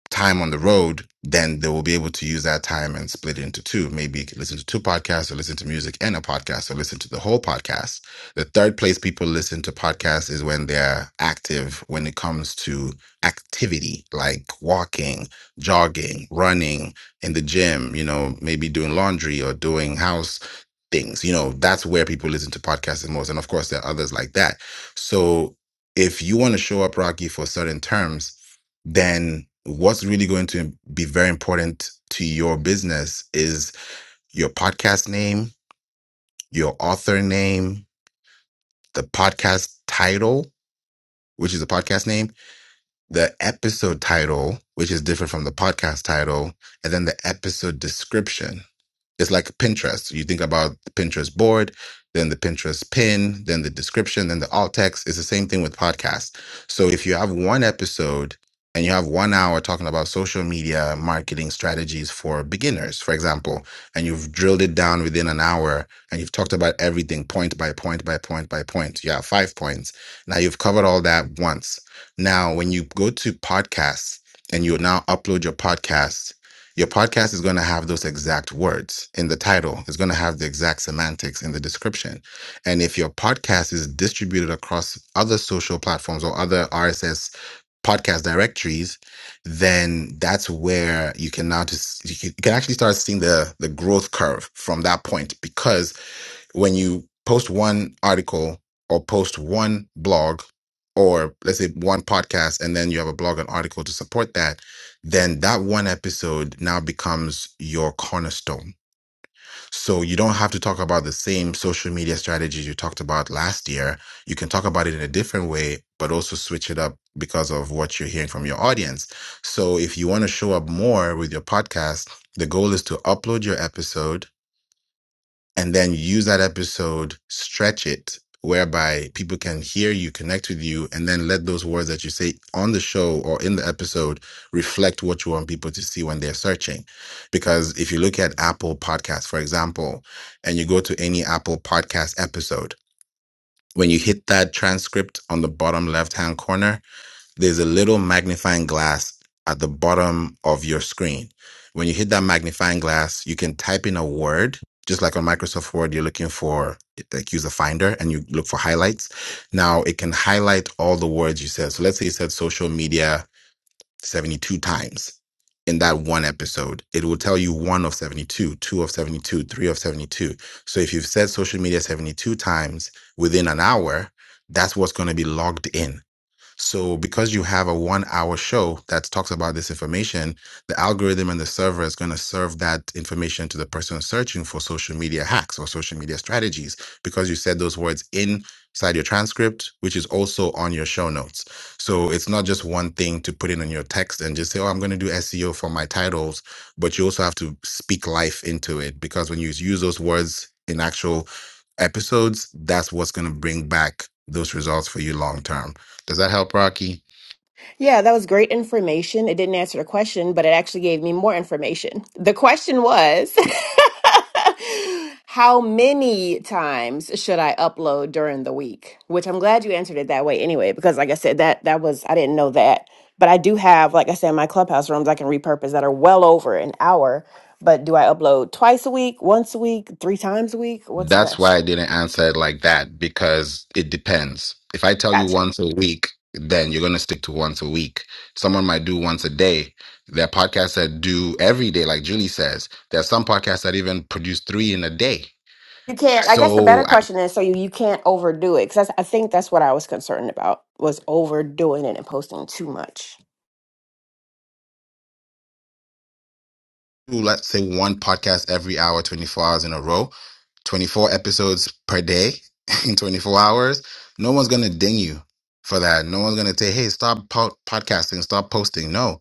Speaker 21: time on the road, then they will be able to use that time and split it into two. Maybe you could listen to two podcasts or listen to music and a podcast or listen to the whole podcast. The third place people listen to podcasts is when they're active when it comes to activity like walking, jogging, running in the gym, you know, maybe doing laundry or doing house things. You know, that's where people listen to podcasts the most. And of course, there are others like that. So if you want to show up, Rocky, for certain terms, then what's really going to be very important to your business is your podcast name, your author name, the podcast title, which is the podcast name, the episode title, which is different from the podcast title, and then the episode description It's like Pinterest. You think about the Pinterest board, then the Pinterest pin, then the description, then the alt text. It's the same thing with podcasts. So if you have one episode and you have one hour talking about social media marketing strategies for beginners, for example, and you've drilled it down within an hour and you've talked about everything point by point by point by point. You have five points. Now you've covered all that once. Now, when you go to podcasts and you now upload your podcast your podcast is going to have those exact words in the title. It's going to have the exact semantics in the description. And if your podcast is distributed across other social platforms or other RSS podcast directories, then that's where you can now just you can, you can actually start seeing the the growth curve from that point because when you post one article or post one blog or let's say one podcast and then you have a blog and article to support that then that one episode now becomes your cornerstone so you don't have to talk about the same social media strategies you talked about last year you can talk about it in a different way but also switch it up because of what you're hearing from your audience so if you want to show up more with your podcast the goal is to upload your episode and then use that episode, stretch it, whereby people can hear you, connect with you, and then let those words that you say on the show or in the episode reflect what you want people to see when they're searching. Because if you look at Apple Podcasts, for example, and you go to any Apple Podcast episode, when you hit that transcript on the bottom left hand corner, there's a little magnifying glass at the bottom of your screen. When you hit that magnifying glass, you can type in a word, just like on Microsoft Word, you're looking for like use a finder and you look for highlights. Now it can highlight all the words you said. So let's say you said social media 72 times in that one episode. It will tell you one of 72, two of 72, three of 72. So if you've said social media 72 times within an hour, that's what's going to be logged in so because you have a one hour show that talks about this information, the algorithm and the server is going to serve that information to the person searching for social media hacks or social media strategies because you said those words inside your transcript, which is also on your show notes. So it's not just one thing to put in on your text and just say, oh, I'm going to do SEO for my titles, but you also have to speak life into it because when you use those words in actual episodes, that's what's going to bring back those results for you long term. Does that help, Rocky?
Speaker 19: Yeah, that was great information. It didn't answer the question, but it actually gave me more information. The question was (laughs) How many times should I upload during the week? Which I'm glad you answered it that way anyway, because like I said, that that was I didn't know that. But I do have, like I said, my clubhouse rooms I can repurpose that are well over an hour. But do I upload twice a week, once a week, three times a week? What's
Speaker 21: That's why
Speaker 19: best?
Speaker 21: I didn't answer it like that because it depends. If I tell you
Speaker 19: Gotcha.
Speaker 21: once a week, then you're going to stick to once a week. Someone might do once a day. There are podcasts that do every day, like Julie says. There are some podcasts that even produce three in a day.
Speaker 19: You can't. I guess the better
Speaker 21: So
Speaker 19: question is, so you, you can't overdo it because I think that's what I was concerned about was overdoing it and posting too much.
Speaker 21: do let's say one podcast every hour, 24 hours in a row, 24 episodes per day (laughs) in 24 hours, no one's going to ding you for that. No one's going to say, hey, stop po- podcasting, stop posting. No.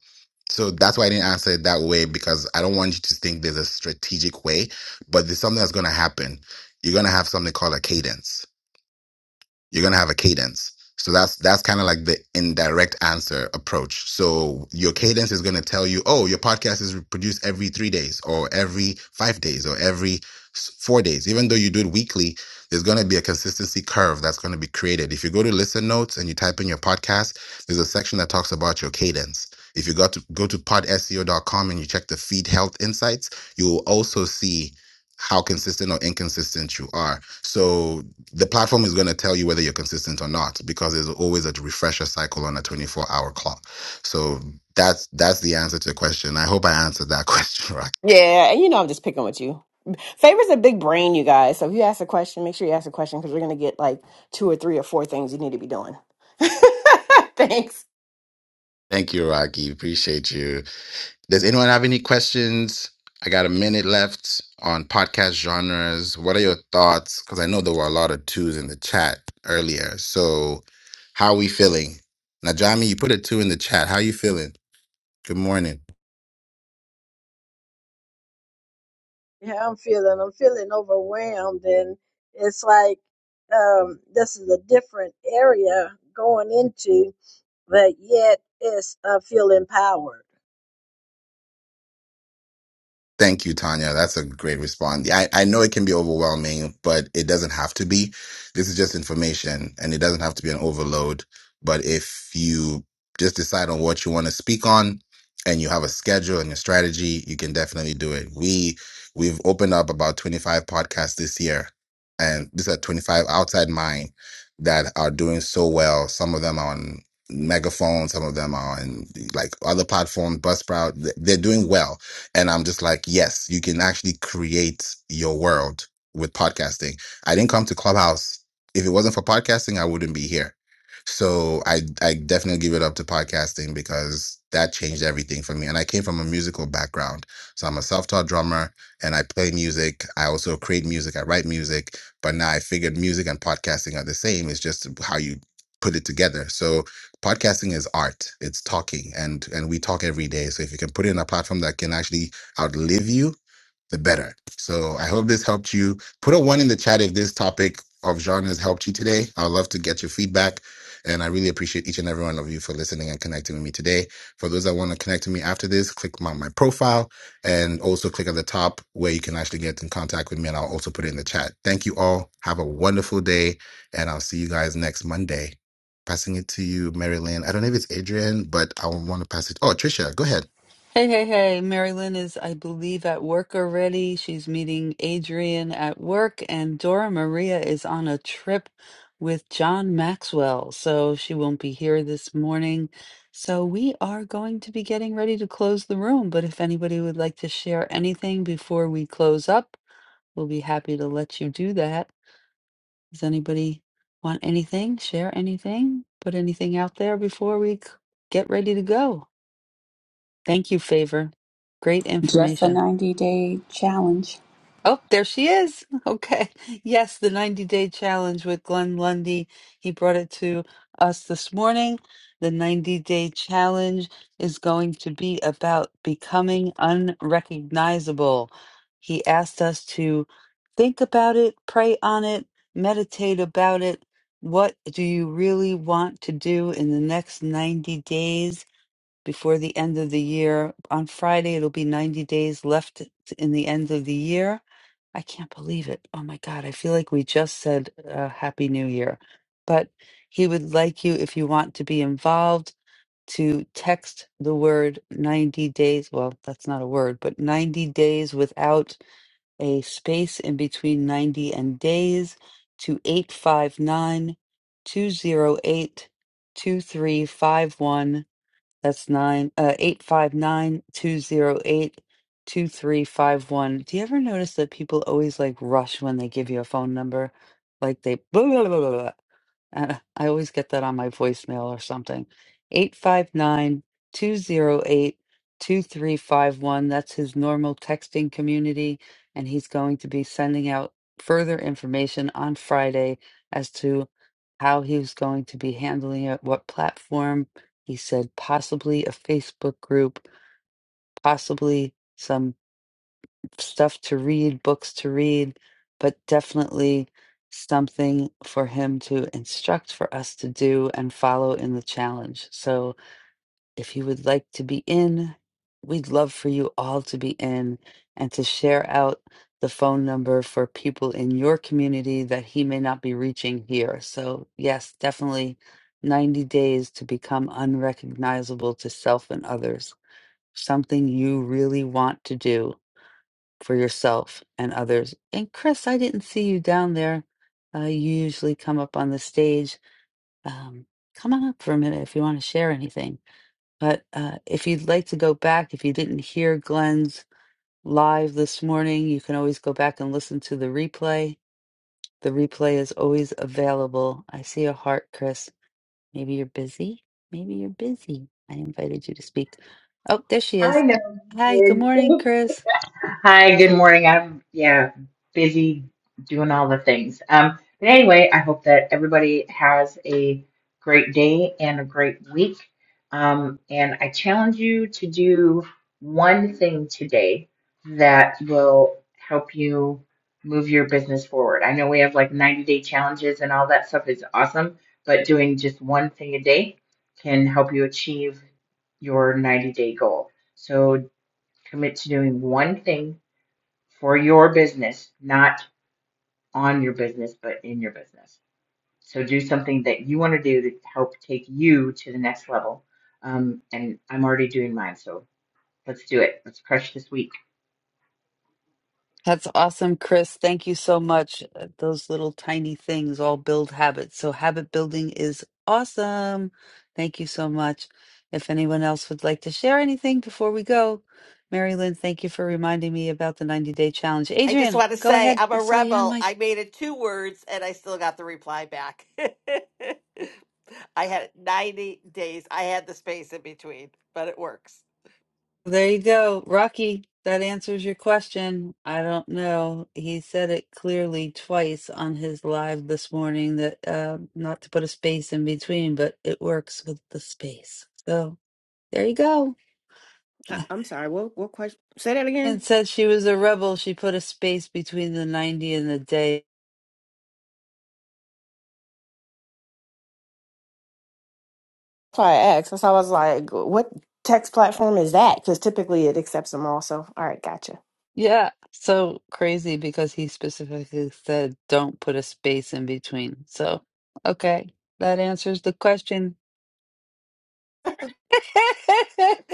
Speaker 21: So that's why I didn't answer it that way because I don't want you to think there's a strategic way, but there's something that's going to happen. You're going to have something called a cadence you're going to have a cadence so that's that's kind of like the indirect answer approach so your cadence is going to tell you oh your podcast is produced every three days or every five days or every s- four days even though you do it weekly there's going to be a consistency curve that's going to be created if you go to listen notes and you type in your podcast there's a section that talks about your cadence if you got to go to podseo.com and you check the feed health insights you will also see how consistent or inconsistent you are. So the platform is going to tell you whether you're consistent or not because there's always a refresher cycle on a 24 hour clock so that's that's the answer to the question i hope i answered that (laughs) question right
Speaker 19: Yeah, and you know I'm just picking with you. Favor's a big brain, you guys. So if you ask a question, make sure you ask a question because we're gonna get like two or three or four things you need to be doing. (laughs) Thanks.
Speaker 21: thank you rocky appreciate you does anyone have any questions i got a minute left on podcast genres what are your thoughts because i know there were a lot of twos in the chat earlier so how are we feeling najami you put a two in the chat how are you feeling good morning
Speaker 2: how I'm feeling. I'm feeling overwhelmed, and it's like um, this is a different area going into, but yet it's I feel empowered.
Speaker 21: Thank you, Tanya. That's a great response. I, I know it can be overwhelming, but it doesn't have to be. This is just information and it doesn't have to be an overload. But if you just decide on what you want to speak on and you have a schedule and a strategy, you can definitely do it. We, we've opened up about 25 podcasts this year and these are 25 outside mine that are doing so well. Some of them are on megaphone, some of them are on like other platforms, Buzzsprout. They're doing well and I'm just like, yes, you can actually create your world with podcasting. I didn't come to Clubhouse. If it wasn't for podcasting, I wouldn't be here. So I I definitely give it up to podcasting because that changed everything for me. And I came from a musical background. So I'm a self-taught drummer and I play music. I also create music. I write music. But now I figured music and podcasting are the same. It's just how you put it together. So podcasting is art it's talking and and we talk every day so if you can put it in a platform that can actually outlive you the better. So I hope this helped you. Put a one in the chat if this topic of genres helped you today. I'd love to get your feedback. And I really appreciate each and every one of you for listening and connecting with me today. For those that want to connect with me after this, click my, my profile and also click at the top where you can actually get in contact with me. And I'll also put it in the chat. Thank you all. Have a wonderful day. And I'll see you guys next Monday. Passing it to you, Mary Lynn. I don't know if it's Adrian, but I want to pass it. Oh, Tricia, go ahead.
Speaker 4: Hey, hey, hey. Marilyn is, I believe, at work already. She's meeting Adrian at work, and Dora Maria is on a trip with John Maxwell, so she won't be here this morning. So we are going to be getting ready to close the room, but if anybody would like to share anything before we close up, we'll be happy to let you do that. Does anybody want anything? Share anything? Put anything out there before we c- get ready to go? Thank you, Favor. Great
Speaker 9: Just a
Speaker 4: information.
Speaker 9: 90 day challenge.
Speaker 4: Oh, there she is. (laughs) Okay. Yes, the 90 day challenge with Glenn Lundy. He brought it to us this morning. The 90 day challenge is going to be about becoming unrecognizable. He asked us to think about it, pray on it, meditate about it. What do you really want to do in the next 90 days? before the end of the year. On Friday, it'll be 90 days left t- in the end of the year. I can't believe it. Oh my God. I feel like we just said uh, Happy New Year. But he would like you, if you want to be involved, to text the word 90 days. Well, that's not a word, but 90 days without a space in between 90 and days to 859 208 2351. That's nine uh eight five nine two zero eight two three five one. Do you ever notice that people always like rush when they give you a phone number? Like they blah, blah, blah, blah, blah. Uh, I always get that on my voicemail or something. 859 208 2351. That's his normal texting community. And he's going to be sending out further information on Friday as to how he's going to be handling it, what platform. He said possibly a Facebook group, possibly some stuff to read, books to read, but definitely something for him to instruct for us to do and follow in the challenge. So if you would like to be in, we'd love for you all to be in and to share out the phone number for people in your community that he may not be reaching here. So, yes, definitely 90 days to become unrecognizable to self and others. Something you really want to do for yourself and others. And Chris, I didn't see you down there. Uh, you usually come up on the stage. Um, come on up for a minute if you want to share anything. But uh, if you'd like to go back, if you didn't hear Glenn's live this morning, you can always go back and listen to the replay. The replay is always available. I see a heart, Chris. Maybe you're busy. Maybe you're busy. I invited you to speak. Oh, there she
Speaker 22: I
Speaker 4: is.
Speaker 22: know
Speaker 4: Hi, good
Speaker 22: you
Speaker 4: morning,
Speaker 22: did.
Speaker 4: Chris.
Speaker 22: (laughs) Hi, good morning. I'm yeah, busy doing all the things. Um, but anyway, I hope that everybody has a great day and a great week. Um, and I challenge you to do one thing today that will help you move your business forward. I know we have like 90 day challenges and all that stuff is awesome, but doing just one thing a day can help you achieve your 90 day goal. So Commit to doing one thing for your business, not on your business, but in your business. So do something that you want to do to help take you to the next level. Um, and I'm already doing mine, so let's do it. Let's crush this week.
Speaker 4: That's awesome, Chris. Thank you so much. Uh, Those little tiny things all build habits. So, habit building is awesome. Thank you so much. If anyone else would like to share anything before we go, Mary Lynn, thank you for reminding me about the 90 day challenge.
Speaker 18: (laughs) I just
Speaker 4: Adrian,
Speaker 18: want to
Speaker 4: go
Speaker 18: say
Speaker 4: ahead.
Speaker 18: I'm
Speaker 4: I
Speaker 18: a
Speaker 4: saw you on
Speaker 18: rebel.
Speaker 4: mic.
Speaker 18: I made it two words and I still got the reply back. (laughs) I had 90 days. I had the space in between, but it works.
Speaker 4: There you go, Rocky. That answers your question. I don't know. He said it clearly twice on his live this morning that uh, not to put a space in between, but it works with the space. So there you go.
Speaker 19: I,
Speaker 4: (laughs)
Speaker 19: I'm sorry. What what question? Say that
Speaker 4: And
Speaker 19: again.
Speaker 4: said she was a rebel. She put a space between the 90 and the day.
Speaker 19: That's why I asked. That's why I was like, what text platform is that? Because typically it accepts them all. So all right, gotcha.
Speaker 4: Yeah, so crazy because he specifically said don't put a space in between. So, okay, that answers the question.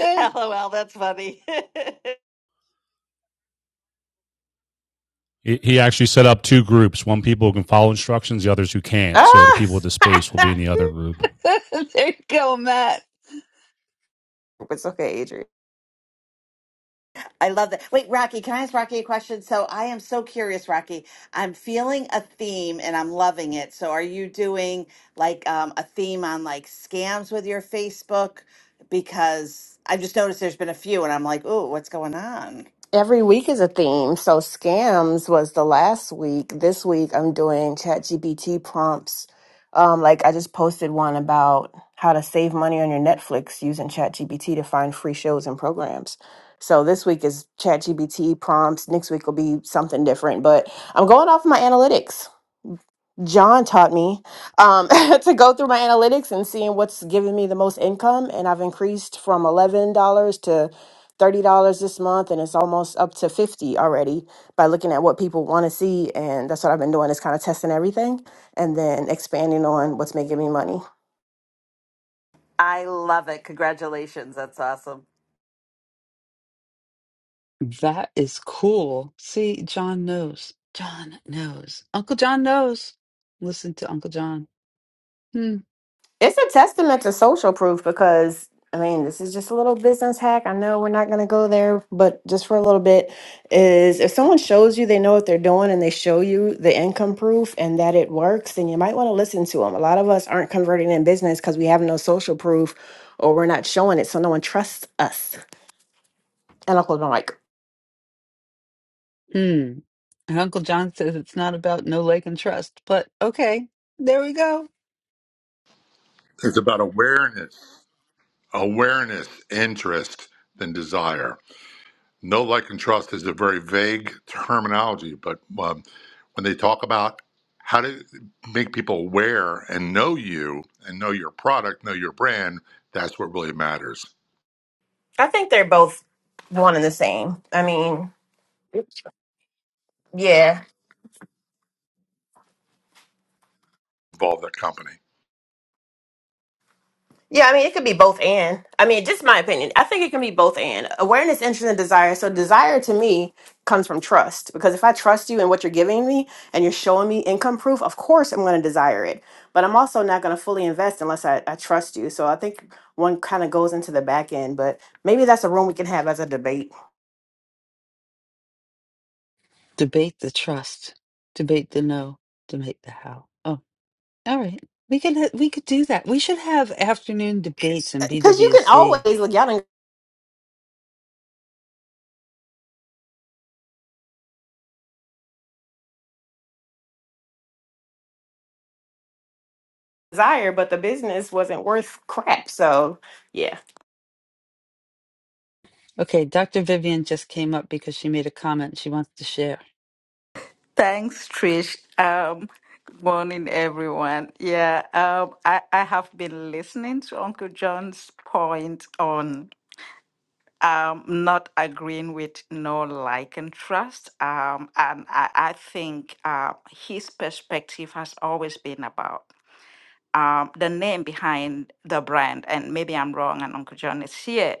Speaker 18: (laughs) LOL, that's funny. (laughs)
Speaker 23: He actually set up two groups: one people who can follow instructions, the others who can't. So the
Speaker 19: Ah,
Speaker 23: people with the
Speaker 19: (laughs)
Speaker 23: space will be in the other group.
Speaker 4: (laughs) there you go, Matt.
Speaker 19: it's okay, Adrian.
Speaker 18: I love that. Wait, Rocky, can I ask Rocky a question? So I am so curious, Rocky. I'm feeling a theme and I'm loving it. So are you doing like um, a theme on like scams with your Facebook? Because I've just noticed there's been a few and I'm like, ooh, what's going on?
Speaker 19: Every week is a theme. So scams was the last week. This week I'm doing chat GPT prompts. Um, like I just posted one about how to save money on your Netflix using chat GPT to find free shows and programs. So this week is chat GPT prompts. Next week will be something different, but I'm going off my analytics. John taught me um, (laughs) to go through my analytics and seeing what's giving me the most income. And I've increased from $11 to $30 this month. And it's almost up to 50 already by looking at what people want to see. And that's what I've been doing is kind of testing everything and then expanding on what's making me money.
Speaker 18: I love it. Congratulations. That's awesome.
Speaker 4: That is cool. See, John knows. John knows. Uncle John knows. Listen to Uncle John. Hmm.
Speaker 19: It's a testament to social proof because I mean, this is just a little business hack. I know we're not going to go there, but just for a little bit is if someone shows you they know what they're doing and they show you the income proof and that it works, then you might want to listen to them. A lot of us aren't converting in business because we have no social proof or we're not showing it, so no one trusts us. And Uncle Mike,
Speaker 4: Hmm. And Uncle John says it's not about no like and trust, but okay, there we go.
Speaker 16: It's about awareness. awareness, interest, than desire. No like, and trust is a very vague terminology, but um, when they talk about how to make people aware and know you and know your product, know your brand, that's what really matters.
Speaker 19: I think they're both one and the same. I mean, yeah,
Speaker 16: Involve that company.
Speaker 19: Yeah, I mean, it could be both and. I mean, just my opinion. I think it can be both and. Awareness, interest, and desire. So, desire to me comes from trust because if I trust you in what you're giving me and you're showing me income proof, of course I'm going to desire it. But I'm also not going to fully invest unless I, I trust you. So, I think one kind of goes into the back end, but maybe that's a room we can have as a debate.
Speaker 4: Debate the trust. Debate the no. Debate the how. Oh, all right. We could we could do that. We should have afternoon debates in
Speaker 19: Because you can
Speaker 4: BWC.
Speaker 19: always look out and desire, but the business wasn't worth crap. So, yeah.
Speaker 4: Okay, Dr. Vivian just came up because she made a comment she wants to share.
Speaker 24: Thanks, Trish. Um, good morning, everyone. Yeah, um, I, I have been listening to Uncle John's point on um, not agreeing with no like and trust. Um, and I, I think uh, his perspective has always been about um, the name behind the brand, and maybe I'm wrong, and Uncle John is here,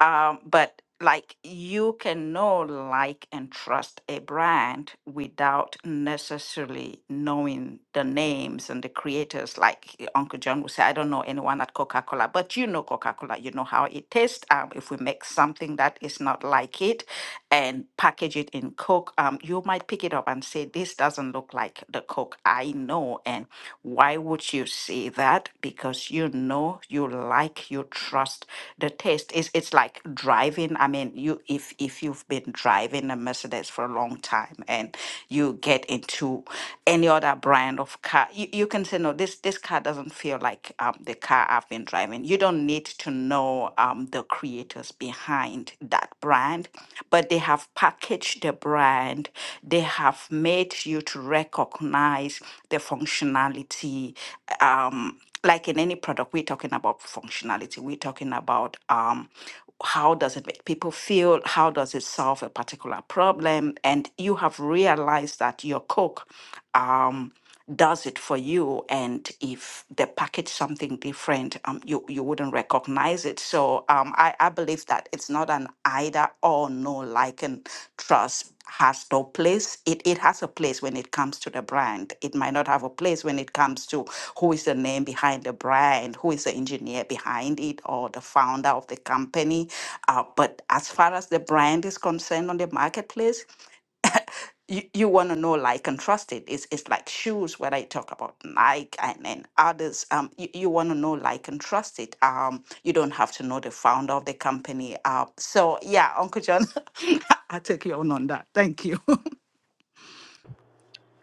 Speaker 24: um, but like you can know, like, and trust a brand without necessarily knowing the names and the creators. Like Uncle John would say, I don't know anyone at Coca Cola, but you know Coca Cola, you know how it tastes. Um, if we make something that is not like it, and package it in Coke, um, you might pick it up and say, This doesn't look like the the cook. I know. And why would you say that? Because you know, you like, you trust the taste. It's it's like driving. I mean, you if if you've been driving a Mercedes for a long time and you get into any other brand of car, you, you can say, no, this this car doesn't feel like um, the car I've been driving. You don't need to know um, the the creators behind that brand, but they have packaged the brand, they have made you to recognize the functionality. Um, like in any product, we're talking about functionality, we're talking about um, how does it make people feel, how does it solve a particular problem, and you have realized that your Coke. Um, does it for you and if they package something different um, you you wouldn't recognize it so um, I, I believe that it's not an either or no like and trust has no place it, it has a place when it comes to the brand it might not have a place when it comes to who is the name behind the brand who is the engineer behind it or the founder of the company uh, but as far as the brand is concerned on the marketplace you, you want to know like and trust it. It's, it's like shoes when I talk about Nike and, and others. Um, you, you want to know like and trust it. Um, you don't have to know the founder of the company. Uh, so yeah, Uncle John, (laughs) I take you on on that. Thank you.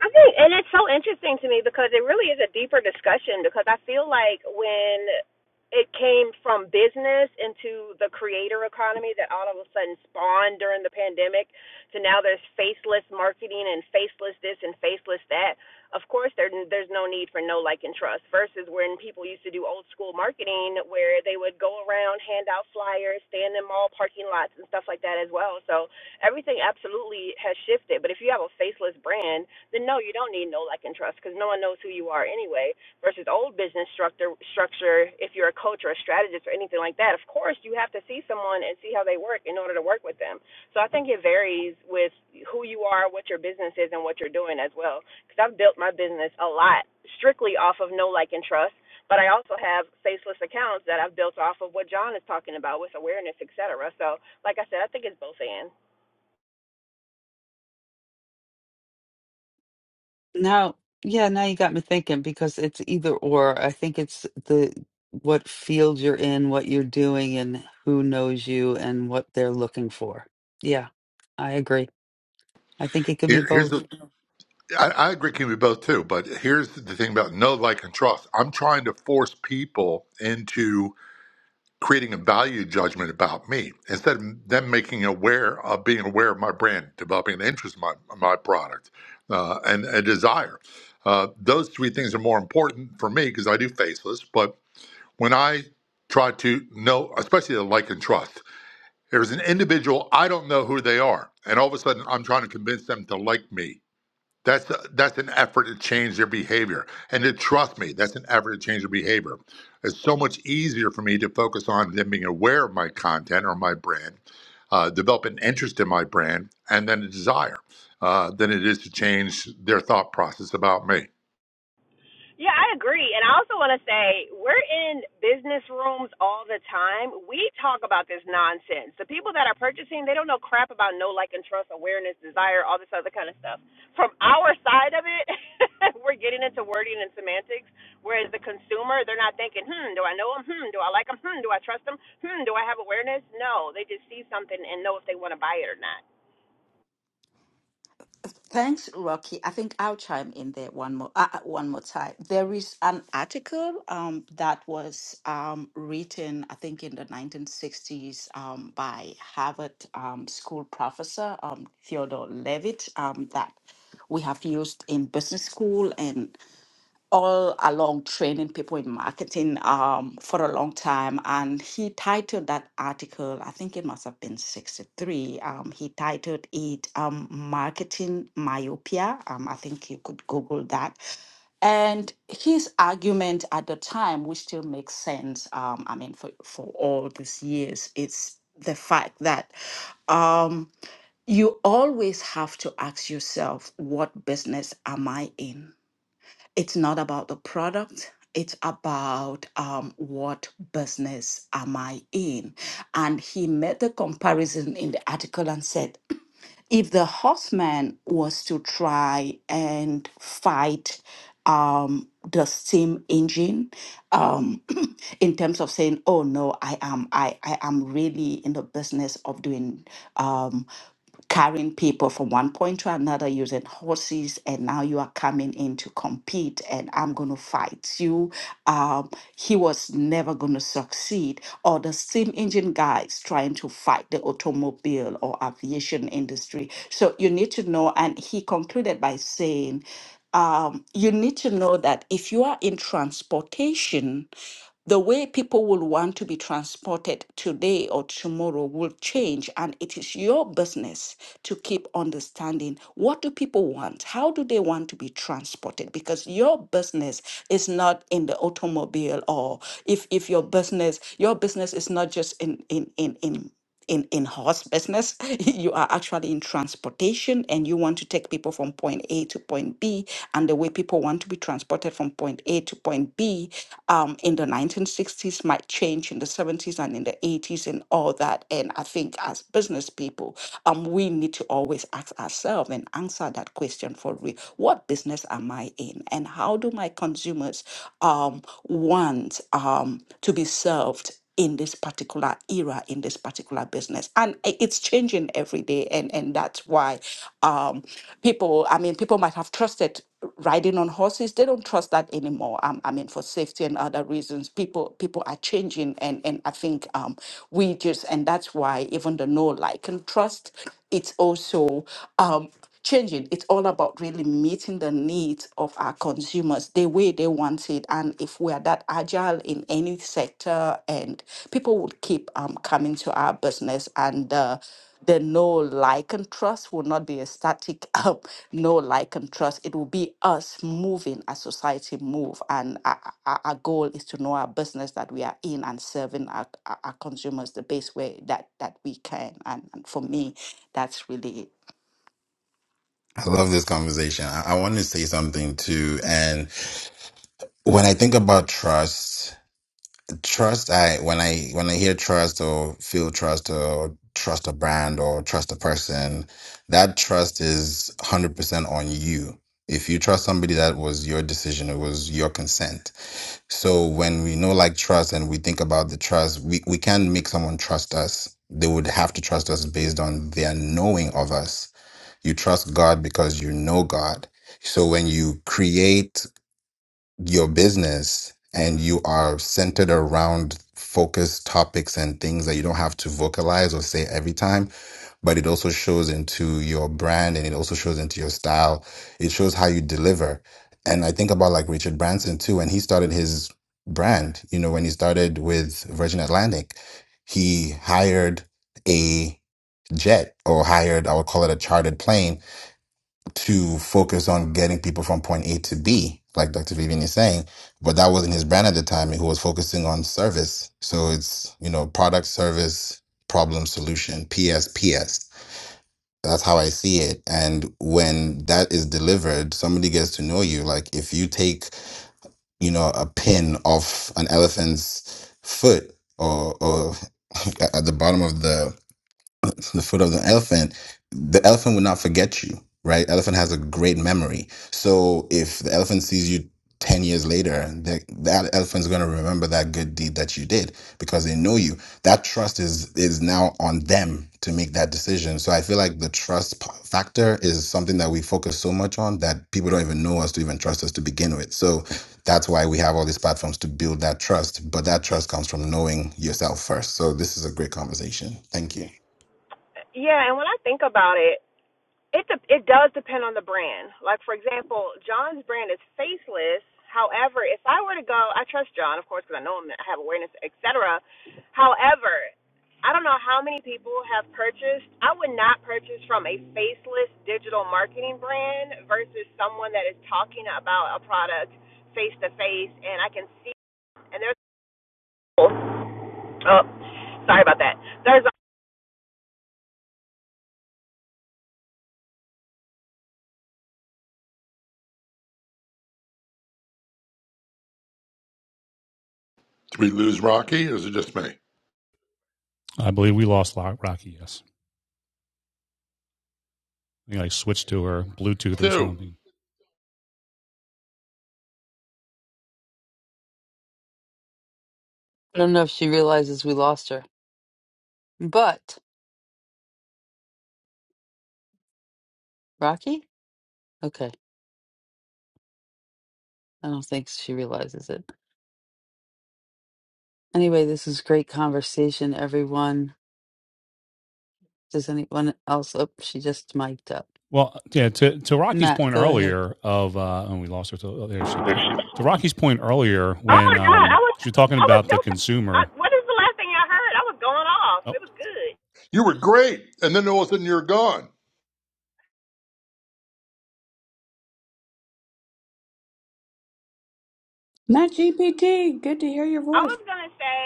Speaker 19: I think, and it's so interesting to me because it really is a deeper discussion. Because I feel like when it came from business into the creator economy that all of a sudden spawned during the pandemic to now there's faceless marketing and faceless this and faceless that. Of course, there there's no need for no like and trust versus when people used to do old school marketing where they would go around, hand out flyers, stand in mall parking lots and stuff like that as well. So everything absolutely has shifted. But if you have a faceless brand then no, you don't need no like and trust because no one knows who you are anyway. Versus old business structure, structure, if you're a coach or a strategist or anything like that, of course you have to see someone and see how they work in order to work with them. So I think it varies with who you are, what your business is, and what you're doing as well. Because I've built my business a lot strictly off of no like and trust. But I also have faceless accounts that I've built off of what John is talking about with awareness, et cetera. So, like I said, I think it's both and.
Speaker 4: Now, yeah, now you got me thinking because it's either or. I think it's the what field you're in, what you're doing, and who knows you and what they're looking for. Yeah, I agree. I think it could be
Speaker 16: Here, here's
Speaker 4: both.
Speaker 16: the, I, I agree with you both too, but here's the thing about no like, and trust. I'm trying to force people into creating a value judgment about me instead of them making aware of being aware of my brand, developing an interest in my, my product, uh, and a desire. Uh, those three things are more important for me because I do faceless. But when I try to know, especially the like and trust, there's an individual I don't know who they are, and all of a sudden I'm trying to convince them to like me that's that's an effort to change their behavior, and to trust me, that's an effort to change their behavior. It's so much easier for me to focus on them being aware of my content or my brand, uh, develop an interest in my brand, and then a desire, uh, than it is to change their thought process about me.
Speaker 19: Yeah, I agree. And I also want to say we're in business rooms all the time. We talk about this nonsense. The people that are purchasing, they don't know crap about no like and trust, awareness, desire, all this other kind of stuff. From our side of it, (laughs) we're getting into wording and semantics, whereas the consumer, they're not thinking, "Hmm, do I know them? Hmm, do I like them? Hmm, do I trust them? Hmm, do I have awareness?" No, they just see something and know if they want to buy it or not.
Speaker 24: Thanks, Rocky. I think I'll chime in there one more uh, uh, one more time. There is an article um, that was um, written, I think, in the 1960s um, by Harvard um, School professor um, Theodore Levitt um, that we have used in business school and all along training people in marketing um, for a long time. And he titled that article, I think it must have been 63. Um, he titled it um, Marketing Myopia. Um, I think you could Google that. And his argument at the time, which still makes sense, um, I mean, for, for all these years, it's the fact that um, you always have to ask yourself, what business am I in? it's not about the product it's about um, what business am i in and he made the comparison in the article and said if the horseman was to try and fight um, the steam engine um, (clears throat) in terms of saying oh no i am I, I am really in the business of doing um, carrying people from one point to another using horses and now you are coming in to compete and i'm going to fight you um, he was never going to succeed or the steam engine guys trying to fight the automobile or aviation industry so you need to know and he concluded by saying um, you need to know that if you are in transportation the way people will want to be transported today or tomorrow will change and it is your business to keep understanding what do people want how do they want to be transported because your business is not in the automobile or if if your business your business is not just in in in in in in horse business (laughs) you are actually in transportation and you want to take people from point a to point b and the way people want to be transported from point a to point b um, in the 1960s might change in the 70s and in the 80s and all that and i think as business people um, we need to always ask ourselves and answer that question for real what business am i in and how do my consumers um, want um, to be served in this particular era in this particular business and i- it's changing every day and and that's why um people i mean people might have trusted riding on horses they don't trust that anymore um, i mean for safety and other reasons people people are changing and and i think um we just and that's why even the no like and trust it's also um changing. It's all about really meeting the needs of our consumers the way they want it. And if we are that agile in any sector, and people would keep um, coming to our business and uh, the no like and trust will not be a static (laughs) um, no like and trust it will be us moving as society move and our, our our goal is to know our business that we are in and serving our, our our consumers the best way that that we can and, and for me that's really
Speaker 21: I love this conversation. I, I want to say something too. And when I think about trust, trust, I when I when I hear trust or feel trust or trust a brand or trust a person, that trust is one hundred percent on you. If you trust somebody, that was your decision. It was your consent. So when we know like trust and we think about the trust, we, we can't make someone trust us. They would have to trust us based on their knowing of us you trust God because you know God. So when you create your business and you are centered around focused topics and things that you don't have to vocalize or say every time, but it also shows into your brand and it also shows into your style. It shows how you deliver. And I think about like Richard Branson too, when he started his brand, you know, when he started with Virgin Atlantic, he hired a jet or hired, I would call it a chartered plane to focus on getting people from point A to B, like Dr. Vivian is saying. But that wasn't his brand at the time. He was focusing on service. So it's, you know, product, service, problem, solution, P.S.P.S. That's how I see it. And when that is delivered, somebody gets to know you. Like if you take, you know, a pin off an elephant's foot or, or (laughs) at the bottom of the to the foot of the elephant, the elephant would not forget you, right? Elephant has a great memory. So if the elephant sees you 10 years later, the, that elephant's going to remember that good deed that you did because they know you. That trust is is now on them to make that decision. So I feel like the trust p- factor is something that we focus so much on that people don't even know us to even trust us to begin with. So that's why we have all these platforms to build that trust, but that trust comes from knowing yourself first. So this is a great conversation. Thank you.
Speaker 19: Yeah, and when I think about it, It de- it does depend on the brand. Like for example, John's brand is faceless. However, if I were to go, I trust John, of course, because I know him, I have awareness, etc. However, I don't know how many people have purchased. I would not purchase from a faceless digital marketing brand versus someone that is talking about a product face to face, and I can see. And there's oh, sorry about that. There's
Speaker 16: Did we lose Rocky, or is it just me?
Speaker 23: I believe we lost Rocky. Yes, I think I switched to her Bluetooth or
Speaker 16: Two,
Speaker 23: something.
Speaker 4: I don't know if she realizes we lost her, but Rocky? Okay, I don't think she realizes it. Anyway, this is great conversation, everyone. Does anyone else? Oh, she just mic'd up.
Speaker 23: Well, yeah. To to Rocky's
Speaker 4: Matt,
Speaker 23: point
Speaker 4: go ahead.
Speaker 23: earlier of, uh, and we lost her. To, oh, there she's back. To Rocky's point earlier
Speaker 19: Oh
Speaker 23: when
Speaker 19: my God, I
Speaker 23: um,
Speaker 19: was
Speaker 23: she was talking
Speaker 19: I was
Speaker 23: about
Speaker 19: so.
Speaker 23: the
Speaker 19: I,
Speaker 23: consumer.
Speaker 19: what is the last thing y'all heard? I was going off.
Speaker 23: Oh,
Speaker 19: It was good.
Speaker 16: you were great, and then all of a sudden you're gone.
Speaker 9: Matt GPT, good to hear your
Speaker 19: I
Speaker 9: voice.
Speaker 19: was gonna say,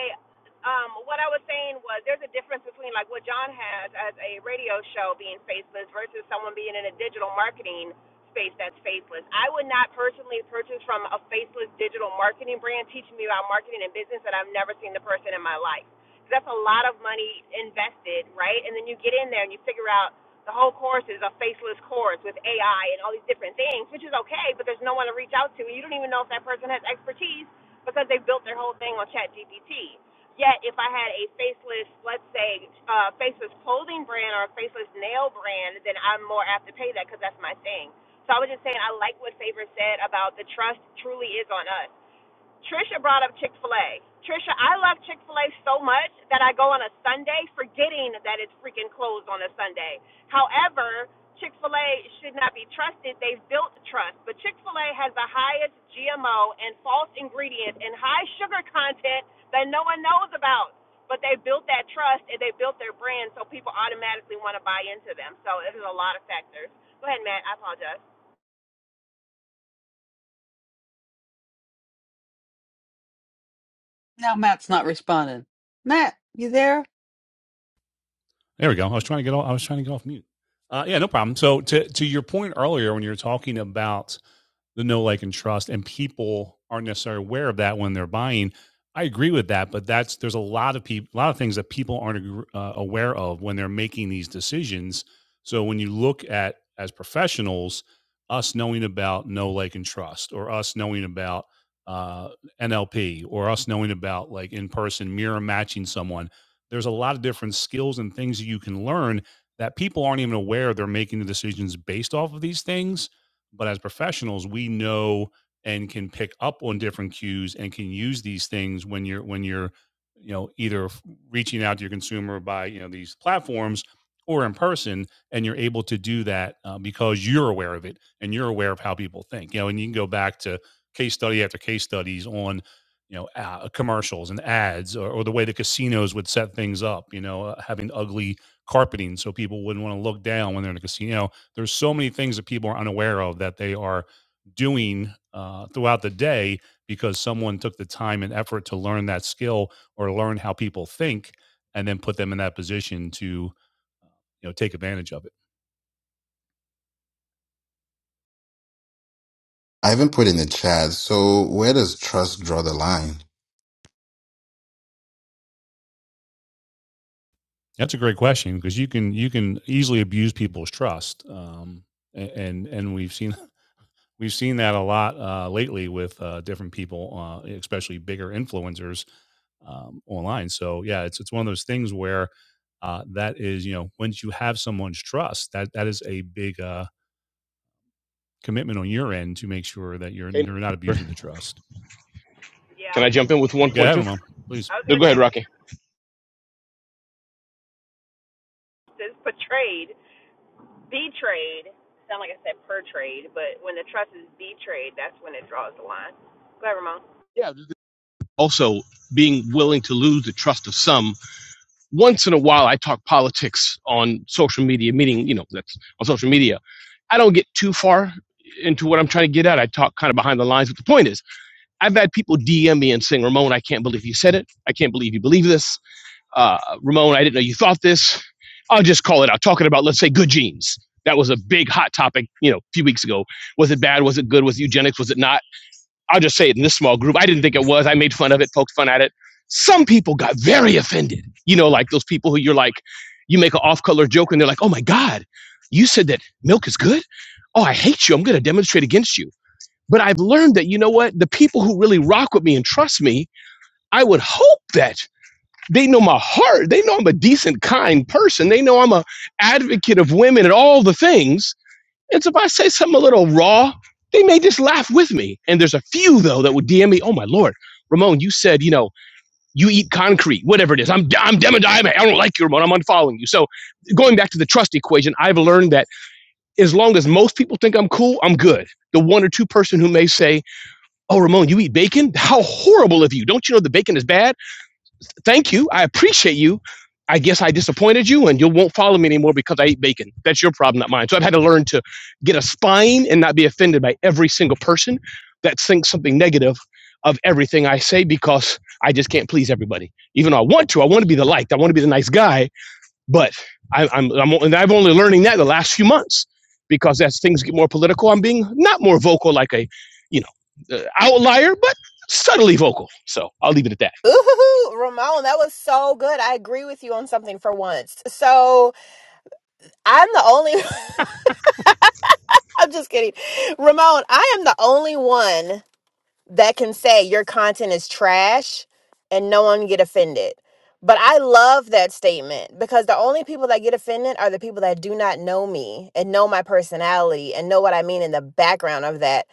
Speaker 19: um, what I was saying was there's a difference between like what John has as a radio show being faceless versus someone being in a digital marketing space that's faceless. I would not personally purchase from a faceless digital marketing brand teaching me about marketing and business that I've never seen the person in my life. That's a lot of money invested, right? And then you get in there and you figure out the whole course is a faceless course with AI and all these different things, which is okay, but there's no one to reach out to. And you don't even know if that person has expertise because they built their whole thing on ChatGPT. Yet, if I had a faceless, let's say, uh, faceless clothing brand or a faceless nail brand, then I'm more apt to pay that because that's my thing. So I was just saying, I like what Favor said about the trust truly is on us. Trisha brought up Chick fil A. Trisha, I love Chick fil A so much that I go on a Sunday forgetting that it's freaking closed on a Sunday. However, Chick fil A should not be trusted. They've built trust. But Chick fil A has the highest GMO and false ingredients and high sugar content that no one knows about. But they built that trust and they built their brand so people automatically want to buy into them. So it is a lot of factors. Go ahead, Matt. I apologize.
Speaker 4: Now Matt's not responding. Matt, you there?
Speaker 23: There we go. I was trying to get off, I was trying to get off mute. Uh, yeah, no problem. So to to your point earlier, when you were talking about the no like and trust and people aren't necessarily aware of that when they're buying i agree with that but that's there's a lot of people a lot of things that people aren't uh, aware of when they're making these decisions so when you look at as professionals us knowing about no like and trust or us knowing about uh, nlp or us knowing about like in person mirror matching someone there's a lot of different skills and things that you can learn that people aren't even aware they're making the decisions based off of these things but as professionals, we know and can pick up on different cues and can use these things when you're when you're you know either f- reaching out to your consumer by you know these platforms or in person and you're able to do that uh, because you're aware of it and you're aware of how people think you know and you can go back to case study after case studies on you know uh, commercials and ads or, or the way the casinos would set things up you know uh, having ugly carpeting so people wouldn't want to look down when they're in a casino there's so many things that people are unaware of that they are doing uh, throughout the day because someone took the time and effort to learn that skill or learn how people think and then put them in that position to you know take advantage of it.
Speaker 21: I even put in the chat. So where does trust draw the line?
Speaker 23: That's a great question because you can you can easily abuse people's trust, um, a- and and we've seen We've seen that a lot uh, lately with uh, different people, uh, especially bigger influencers um, online. So yeah, it's it's one of those things where uh, that is you know once you have someone's trust, that that is a big uh, commitment on your end to make sure that you're
Speaker 25: Hey,
Speaker 23: you're not abusing the trust.
Speaker 19: Yeah,
Speaker 25: Can
Speaker 19: I
Speaker 25: I
Speaker 19: was going
Speaker 25: jump
Speaker 19: to
Speaker 25: in
Speaker 19: say,
Speaker 25: with
Speaker 23: Go ahead,
Speaker 25: 1.2?
Speaker 23: Ramon, please.
Speaker 19: I was
Speaker 25: No,
Speaker 19: going
Speaker 25: go
Speaker 19: to say,
Speaker 25: ahead, Rocky.
Speaker 19: is portrayed. The trade, sound like I said per trade, but when the trust is the trade, that's when it draws the line. Go ahead, Ramon.
Speaker 25: Yeah. Also, being willing to lose the trust of some. Once in a while, I talk politics on social media, meaning, you know, that's on social media. I don't get too far into what I'm trying to get at. I talk kind of behind the lines, but the point is, I've had people DM me and saying, Ramon, I can't believe you said it. I can't believe you believe this. Uh, Ramon, I didn't know you thought this. I'll just call it out. Talking about, let's say, good genes. That was a big hot topic, you know, a few weeks ago. Was it bad? Was it good? Was it eugenics? Was it not? I'll just say it in this small group. I didn't think it was. I made fun of it, poked fun at it. Some people got very offended. You know, like those people who you're like, you make an off color joke and they're like, oh my God, you said that milk is good? Oh, I hate you. I'm going to demonstrate against you. But I've learned that, you know what? The people who really rock with me and trust me, I would hope that they know my heart. They know I'm a decent, kind person. They know I'm a advocate of women and all the things and so if I say something a little raw, they may just laugh with me. And there's a few though that would DM me, "Oh my lord, Ramon, you said you know you eat concrete, whatever it is. I'm I'm demodiamate. I don't like you, Ramon. I'm unfollowing you." So going back to the trust equation, I've learned that as long as most people think I'm cool, I'm good. The one or two person who may say, "Oh, Ramon, you eat bacon? How horrible of you! Don't you know the bacon is bad?" thank you. I appreciate you. I guess I disappointed you and you won't follow me anymore because I ate bacon. That's your problem, not mine. So I've had to learn to get a spine and not be offended by every single person that thinks something negative of everything I say because I just can't please everybody. Even though I want to, I want to be the liked, I want to be the nice guy, but I, I'm, I'm, and I've only learning that the last few months because as things get more political, I'm being not more vocal like a, you know, uh, outlier, but subtly vocal. So I'll leave it at that.
Speaker 19: Ooh, Ramon, that was so good. I agree with you on something for once. So I'm the only, (laughs) I'm just kidding. Ramon, I am the only one that can say your content is trash and no one get offended. But I love that statement because the only people that get offended are the people that do not know me and know my personality and know what I mean in the background of that.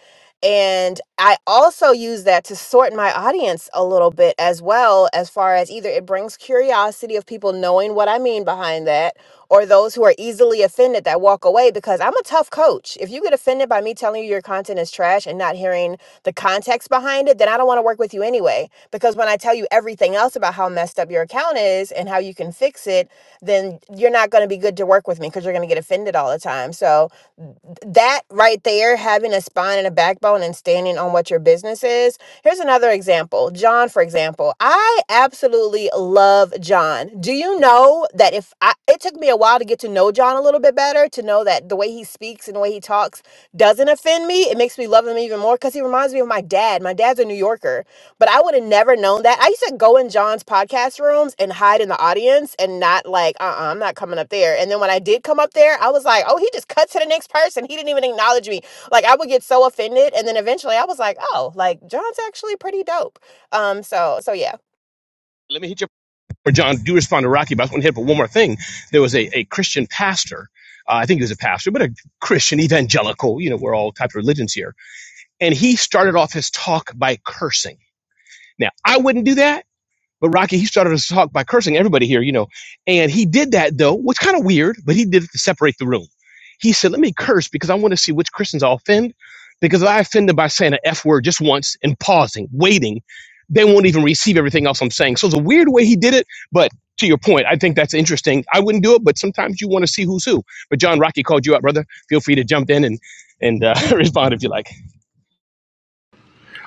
Speaker 19: And I also use that to sort my audience a little bit as well, as far as either it brings curiosity of people knowing what I mean behind that, or those who are easily offended that walk away because I'm a tough coach. If you get offended by me telling you your content is trash and not hearing the context behind it, then I don't want to work with you anyway. Because when I tell you everything else about how messed up your account is and how you can fix it, then you're not going to be good to work with me because you're going to get offended all the time. So, that right there, having a spine and a backbone and standing on what your business is. Here's another example John, for example. I absolutely love John. Do you know that if I, it took me a while to get to know John a little bit better, to know that the way he speaks and the way he talks doesn't offend me, it makes me love him even more because he reminds me of my dad. My dad's a New Yorker but I would have never known that. I used to go in John's podcast rooms and hide in the audience and not like, uh uh-uh, uh, i am not coming up there. And then when I did come up there, I was like, oh, he just cut to the next person. He didn't even acknowledge me. Like, I would get so offended. And then eventually I was like, oh, like, John's actually pretty dope. Um, so, so yeah.
Speaker 25: Let me hit your or John, do respond to Rocky, but I just want to hit up one more thing. There was a, a Christian pastor. Uh, I think he was a pastor, but a Christian evangelical. You know, we're all types of religions here. And he started off his talk by cursing. Now, I wouldn't do that but Rocky, he started his talk by cursing everybody here, you know. And he did that though, which kind of weird, but he did it to separate the room. He said, Let me curse because I want to see which Christians I offend. Because if I offend them by saying an F word just once and pausing, waiting, they won't even receive everything else I'm saying. So it's a weird way he did it, but to your point, I think that's interesting. I wouldn't do it, but sometimes you want to see who's who. But John Rocky called you out, brother. Feel free to jump in and and uh, (laughs) respond if you like.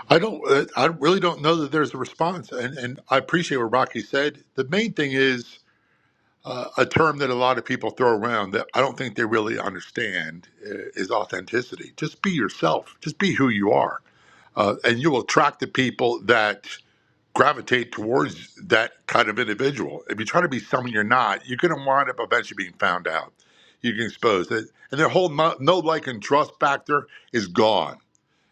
Speaker 16: I don't, uh, I really don't know that there's a response, and and I appreciate what Rocky said. The main thing is. uh, a term that a lot of people throw around that I don't think they really understand uh, is authenticity. Just be yourself. Just be who you are, uh, and you will attract the people that gravitate towards that kind of individual. If you try to be someone you're not, you're going to wind up eventually being found out. You can expose it, and their whole no, no like and trust factor is gone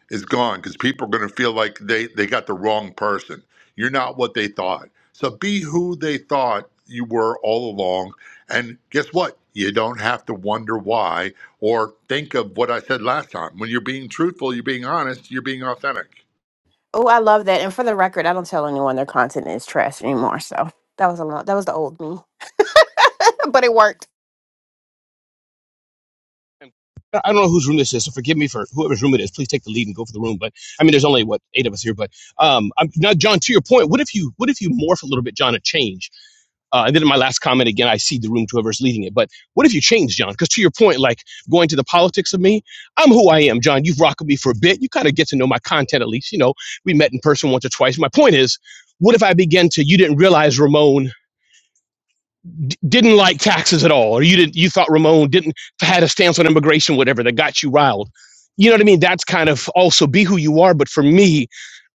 Speaker 16: is gone because people are going to feel like they, they got the wrong person. You're not what they thought. So be who they thought you were all along. And guess what? You don't have to wonder why or think of what I said last time. When you're being truthful, you're being honest, you're being authentic.
Speaker 19: Oh, I love that. And for the record, I don't tell anyone their content is trash anymore. So that was a lot. That was the old me, (laughs) but it worked.
Speaker 25: I don't know whose room this is, so forgive me for whoever's room it is. Please take the lead and go for the room. But I mean, there's only what eight of us here. But um, I'm, now, John, to your point, what if you what if you morph a little bit, John, and change? Uh, and then in my last comment, again, I cede the room to whoever's leading it. But what if you change, John? Because to your point, like going to the politics of me, I'm who I am, John. You've rocked with me for a bit. You kind of get to know my content at least. You know, we met in person once or twice. My point is, what if I begin to, you didn't realize Ramon didn't like taxes at all, or you didn't, you thought Ramon didn't, had a stance on immigration, whatever, that got you riled. You know what I mean? That's kind of also be who you are. But for me,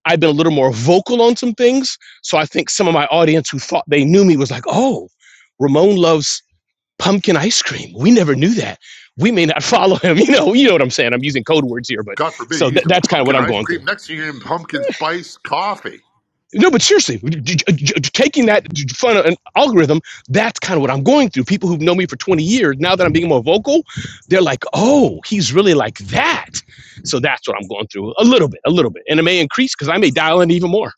Speaker 25: I've been a little more vocal on some things. So I think some of my audience who thought they knew me was like, oh, Ramon loves pumpkin ice cream. We never knew that. We may not (laughs) follow him. You know, you know what I'm saying. I'm using code words here, but
Speaker 16: God forbid
Speaker 25: so
Speaker 16: you use
Speaker 25: that
Speaker 16: some
Speaker 25: that's kind of what
Speaker 16: pumpkin
Speaker 25: I'm
Speaker 16: ice
Speaker 25: going through.
Speaker 16: cream. Next thing you're in pumpkin spice coffee.
Speaker 25: No, but seriously, taking that fun an algorithm, that's kind of what I'm going through. People who've known me for 20 years, now that I'm being more vocal, they're like, oh, he's really like that. So that's what I'm going through a little bit, a little bit. And it may increase because I may dial in even more.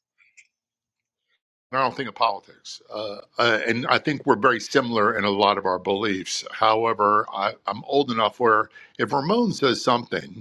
Speaker 16: And I don't think of politics. Uh, uh, and I think we're very similar in a lot of our beliefs. However, I, I'm old enough where if Ramon says something,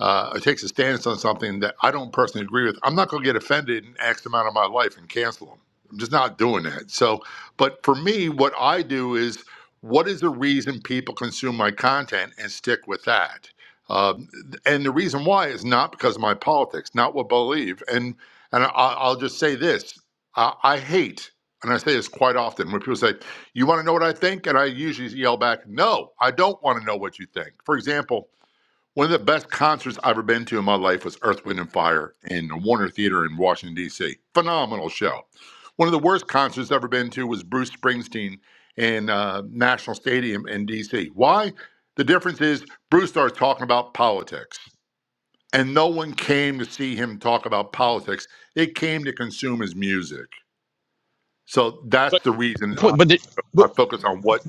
Speaker 16: uh, or takes a stance on something that I don't personally agree with, I'm not going to get offended in X amount of my life and cancel them. I'm just not doing that. So, but for me, what I do is what is the reason people consume my content and stick with that? Um, and the reason why is not because of my politics, not what I believe. And and I, I'll just say this: I, I hate, and I say this quite often when people say, "You want to know what I think?" and I usually yell back, "No, I don't want to know what you think." For example, one of the best concerts I've ever been to in my life was Earth, Wind, and Fire in the Warner Theater in Washington, D.C. Phenomenal show. One of the worst concerts I've ever been to was Bruce Springsteen in uh, National Stadium in D.C. Why? The difference is Bruce starts talking about politics, and no one came to see him talk about politics. They came to consume his music. So that's
Speaker 25: But
Speaker 16: the reason I,
Speaker 25: point, but the, but
Speaker 16: I focus on what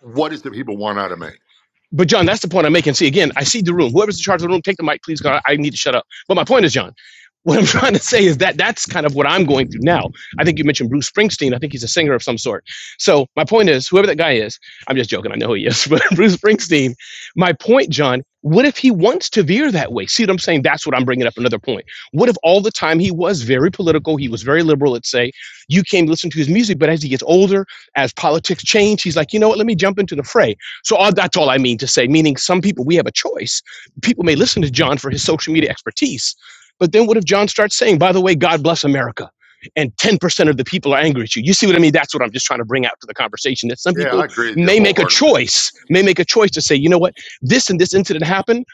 Speaker 16: what is the people want out of me.
Speaker 25: But John, that's the point I'm making. See, again, I see the room. Whoever's in charge of the room, take the mic, please. God, I need to shut up. But my point is, John, what I'm (laughs) trying to say is that that's kind of what I'm going through now. I think you mentioned Bruce Springsteen. I think he's a singer of some sort. So my point is, whoever that guy is, I'm just joking. I know who he is, (laughs) but Bruce Springsteen. My point, John. What if he wants to veer that way? See what I'm saying? That's what I'm bringing up. Another point. What if all the time he was very political, he was very liberal, let's say, you came to listen to his music, but as he gets older, as politics change, he's like, you know what? Let me jump into the fray so all, that's all I mean to say, meaning some people, we have a choice. People may listen to John for his social media expertise, but then what if John starts saying, by the way, God bless America, and 10% of the people are angry at you? You see what I mean? That's what I'm just trying to bring out to the conversation that some
Speaker 16: Yeah, I
Speaker 25: people
Speaker 16: agree with you
Speaker 25: may make a
Speaker 16: wholeheartedly.
Speaker 25: choice, may make a choice to say, you know what, this and this incident happened.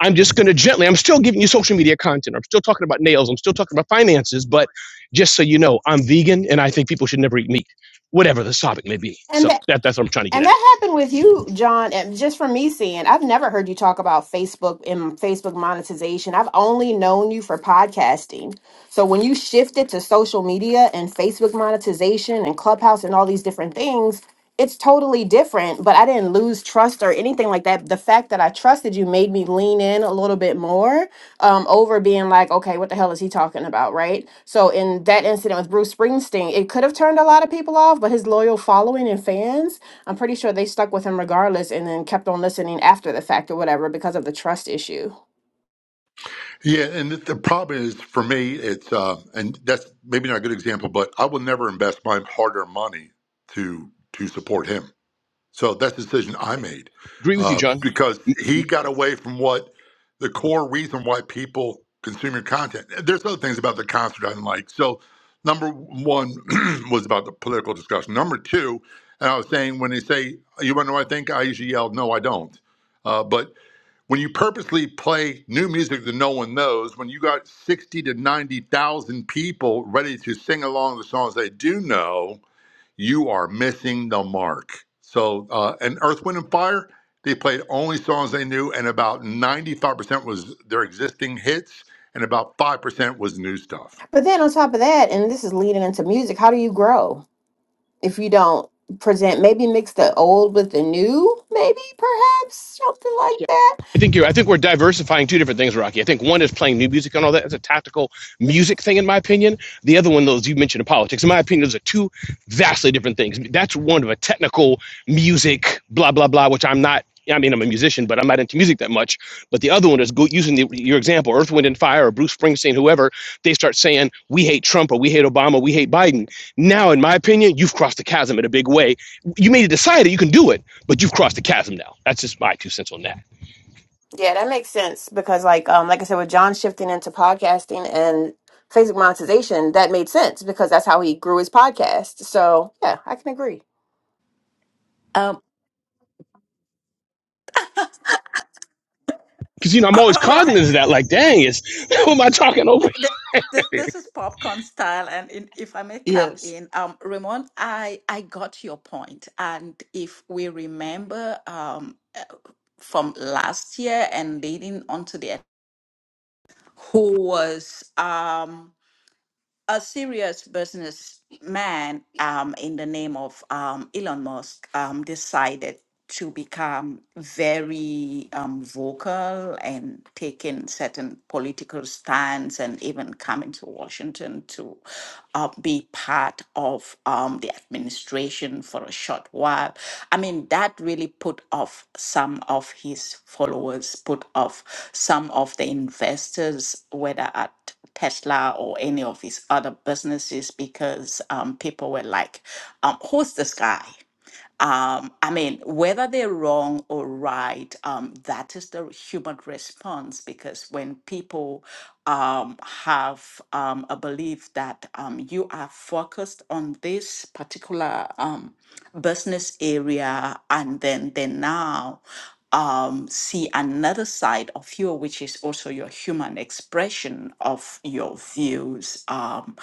Speaker 25: I'm just going to gently, I'm still giving you social media content. I'm still talking about nails. I'm still talking about finances, but just so you know, I'm vegan and I think people should never eat meat, whatever the topic may be.
Speaker 19: And
Speaker 25: So
Speaker 19: the
Speaker 25: that, that's what I'm trying to get
Speaker 19: And
Speaker 25: at
Speaker 19: that happened with you, John, and just from me seeing. I've never heard you talk about Facebook and Facebook monetization. I've only known you for podcasting. So when you shifted to social media and Facebook monetization and Clubhouse and all these different things, it's totally different, but I didn't lose trust or anything like that. The fact that I trusted you made me lean in a little bit more um, over being like, okay, what the hell is he talking? talking about, right? So in that incident with Bruce Springsteen, it could have turned a lot of people off, but his loyal following and fans, I'm pretty sure they stuck with him regardless and then kept on listening after the fact or whatever because of the trust issue.
Speaker 16: Yeah, and the the problem is for me, it's uh, and that's maybe not a good example, but I will never invest my hard-earned money to to support him. So that's the decision I made
Speaker 25: agree with you,
Speaker 16: uh,
Speaker 25: John.
Speaker 16: because he got away from what the core reason why people consume your content. There's other things about the concert I didn't like. So number one (clears throat) was about the political discussion. Number two, and I was saying when they say you want to know what I think, I usually yell, "No, I don't." Uh, but when you purposely play new music that no one knows, when you got 60 to 90,000 people ready to sing along the songs they do know, you are missing the mark. So, uh, and Earth, Wind, and Fire, they played only songs they knew, and about 95% was their existing hits, and about 5% was new stuff.
Speaker 19: But then on top of that, and this is leading into music, how do you grow? if you don't present maybe mix the old with the new maybe perhaps something
Speaker 25: Yeah,
Speaker 19: like that
Speaker 25: I think you're. I think we're diversifying two different things, Rocky. I think one is playing new music and all that. It's a tactical music thing, in my opinion. The other one, those you mentioned, in politics. In my opinion, those are two vastly different things. That's one of a technical music, blah blah blah, which I'm not. I mean, I'm a musician, but I'm not into music that much. But the other one is go, using the, your example, Earth, Wind, and Fire, or Bruce Springsteen, whoever. They start saying, "We hate Trump," or "We hate Obama," "We hate Biden." Now, in my opinion, you've crossed the chasm in a big way. You may decide that you can do it, but you've crossed the chasm now. That's just my two cents on that.
Speaker 19: yeah that makes sense because like um like i said with john shifting into podcasting and facebook monetization that made sense because that's how he grew his podcast so yeah i can agree
Speaker 24: it
Speaker 25: Because you know I'm always cognizant of that. Like, dang, it's (laughs) who am I talking over?
Speaker 24: Th- th- th- This is popcorn style, and in, if I may come
Speaker 4: Yes.
Speaker 24: in, um, Ramon, I I got your point, and if we remember, um, uh, from last year and leading on to the who was um a serious businessman um in the name of um Elon Musk um decided to become very um, vocal and take in certain political stance and even coming to Washington to uh, be part of um, the administration for a short while. I mean, that really put off some of his followers, put off some of the investors, whether at Tesla or any of his other businesses because um, people were like, um, who's this guy? Um, I mean, whether they're wrong or right, um, that is the human response because when people um, have um, a belief that um, you are focused on this particular. Um, business area and then they now um, see another side of you which is also your human expression of your views um,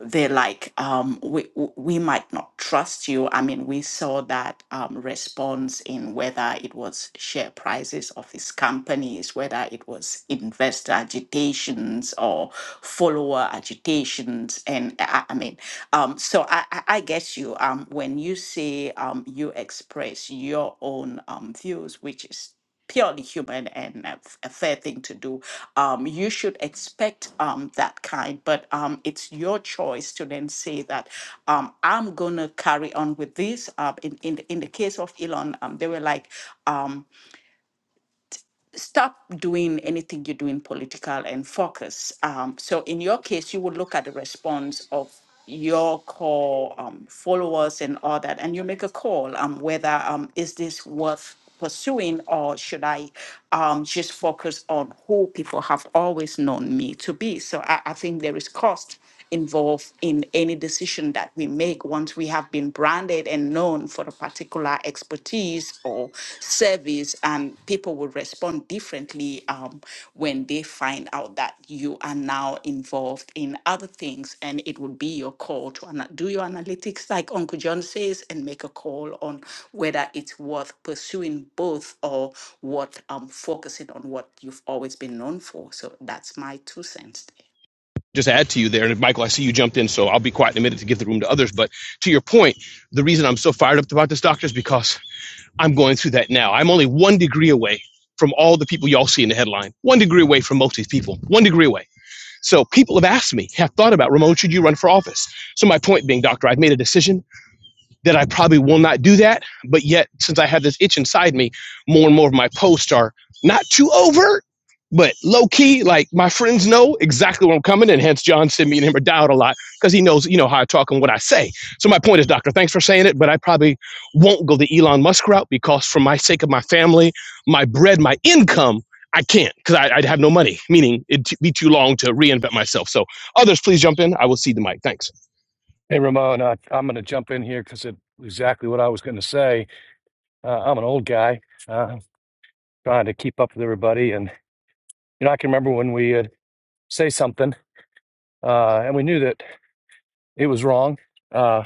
Speaker 24: they're like um, we, w- we might not trust you i mean we saw that um, response in whether it was share prices of these companies whether it was investor agitations or follower agitations and i, I mean um, so I, I I get you. Um, when you say um, you express your own um, views, which is purely human and a, f- a fair thing to do, um, you should expect um, that kind. But um, it's your choice to then say that um, I'm gonna carry on with this. Uh, in in the- in the case of Elon, um, they were like. Um, stop doing anything you're doing political and focus. Um, so in your case, you would look at the response of your core um, followers and all that, and you make a call um, whether um, is this worth pursuing or should I um, just focus on who people have always known me to be. So I, I think there is cost involved in any decision that we make once we have been branded and known for a particular expertise or service. And people will respond differently um, when they find out that you are now involved in other things. And it will be your call to ana- do your analytics, like Uncle John says, and make a call on whether it's worth pursuing both or what um, focusing on what you've always been known for. So that's my two cents.
Speaker 25: Just add to you there, and Michael, I see you jumped in, so I'll be quiet in a minute to give the room to others. But to your point, the reason I'm so fired up about this doctor is because I'm going through that now. I'm only one degree away from all the people y'all see in the headline. One degree away from most of these people. One degree away. So people have asked me, have thought about Ramon, should you run for office? So my point being, doctor, I've made a decision. that I probably will not do that. But yet, since I have this itch inside me, more and more of my posts are not too overt, but low key. Like my friends know exactly where I'm coming, and hence John sent me and him a doubt a lot because he knows, you know, how I talk and what I say. So my point is, Doctor, thanks for saying it, but I probably won't go the Elon Musk route because, for my sake of my family, my bread, my income. I can't because I'd have no money, meaning it'd be too long to reinvent myself. So, others, please jump in. I will see the mic. Thanks.
Speaker 26: Hey, Ramon, I, I'm going to jump in here because it's exactly what I was going to say. Uh, I'm an old guy uh, trying to keep up with everybody. And, you know, I can remember when we would say something uh, and we knew that it was wrong. Uh,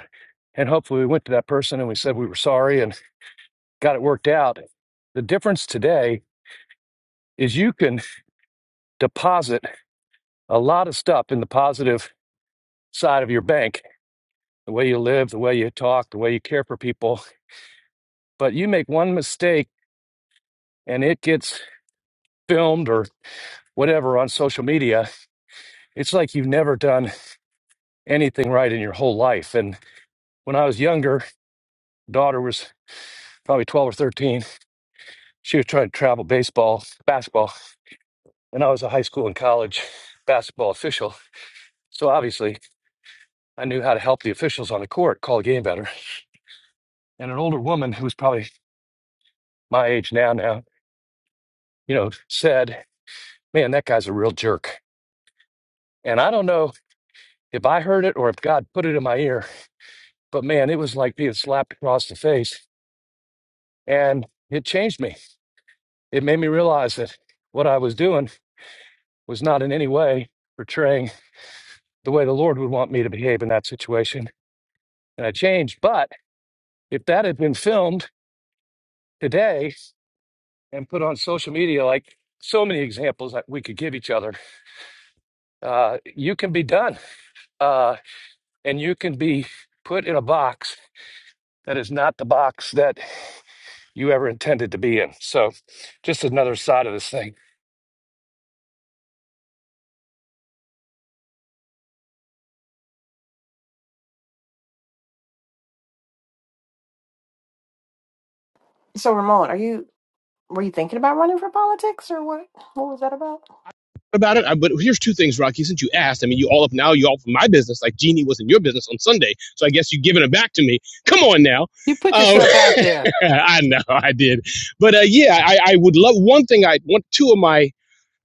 Speaker 26: and hopefully we went to that person and we said we were sorry and got it worked out. The difference today is you can deposit a lot of stuff in the positive side of your bank, the way you live, the way you talk, the way you care for people. But you make one mistake and it gets filmed or whatever on social media, it's like you've never done anything right in your whole life. And when I was younger, daughter was probably 12 or 13. She was trying to travel baseball, basketball, and I was a high school and college basketball official. So obviously, I knew how to help the officials on the court call a game better. And an older woman who was probably my age now, now, you know, said, Man, that guy's a real jerk. And I don't know if I heard it or if God put it in my ear, but man, it was like being slapped across the face. And it changed me it made me realize that what I was doing was not in any way portraying the way the Lord would want me to behave in that situation. And I changed. But if that had been filmed today and put on social media, like so many examples that we could give each other, uh, you can be done uh, and you can be put in a box that is not the box that you ever intended to be in. So, just another side of this thing.
Speaker 19: so ramon are you were you thinking about running for politics or what what was that about
Speaker 25: about it. I, but here's two things, Rocky. Since you asked, I mean, you all up now. You all from my business, like Jeannie was in your business on Sunday. So I guess you've given it back to me. Come on now.
Speaker 4: You put
Speaker 25: Um,
Speaker 4: yourself out there.
Speaker 25: (laughs) I know I did, but uh, yeah, I, I would love one thing. I want two of my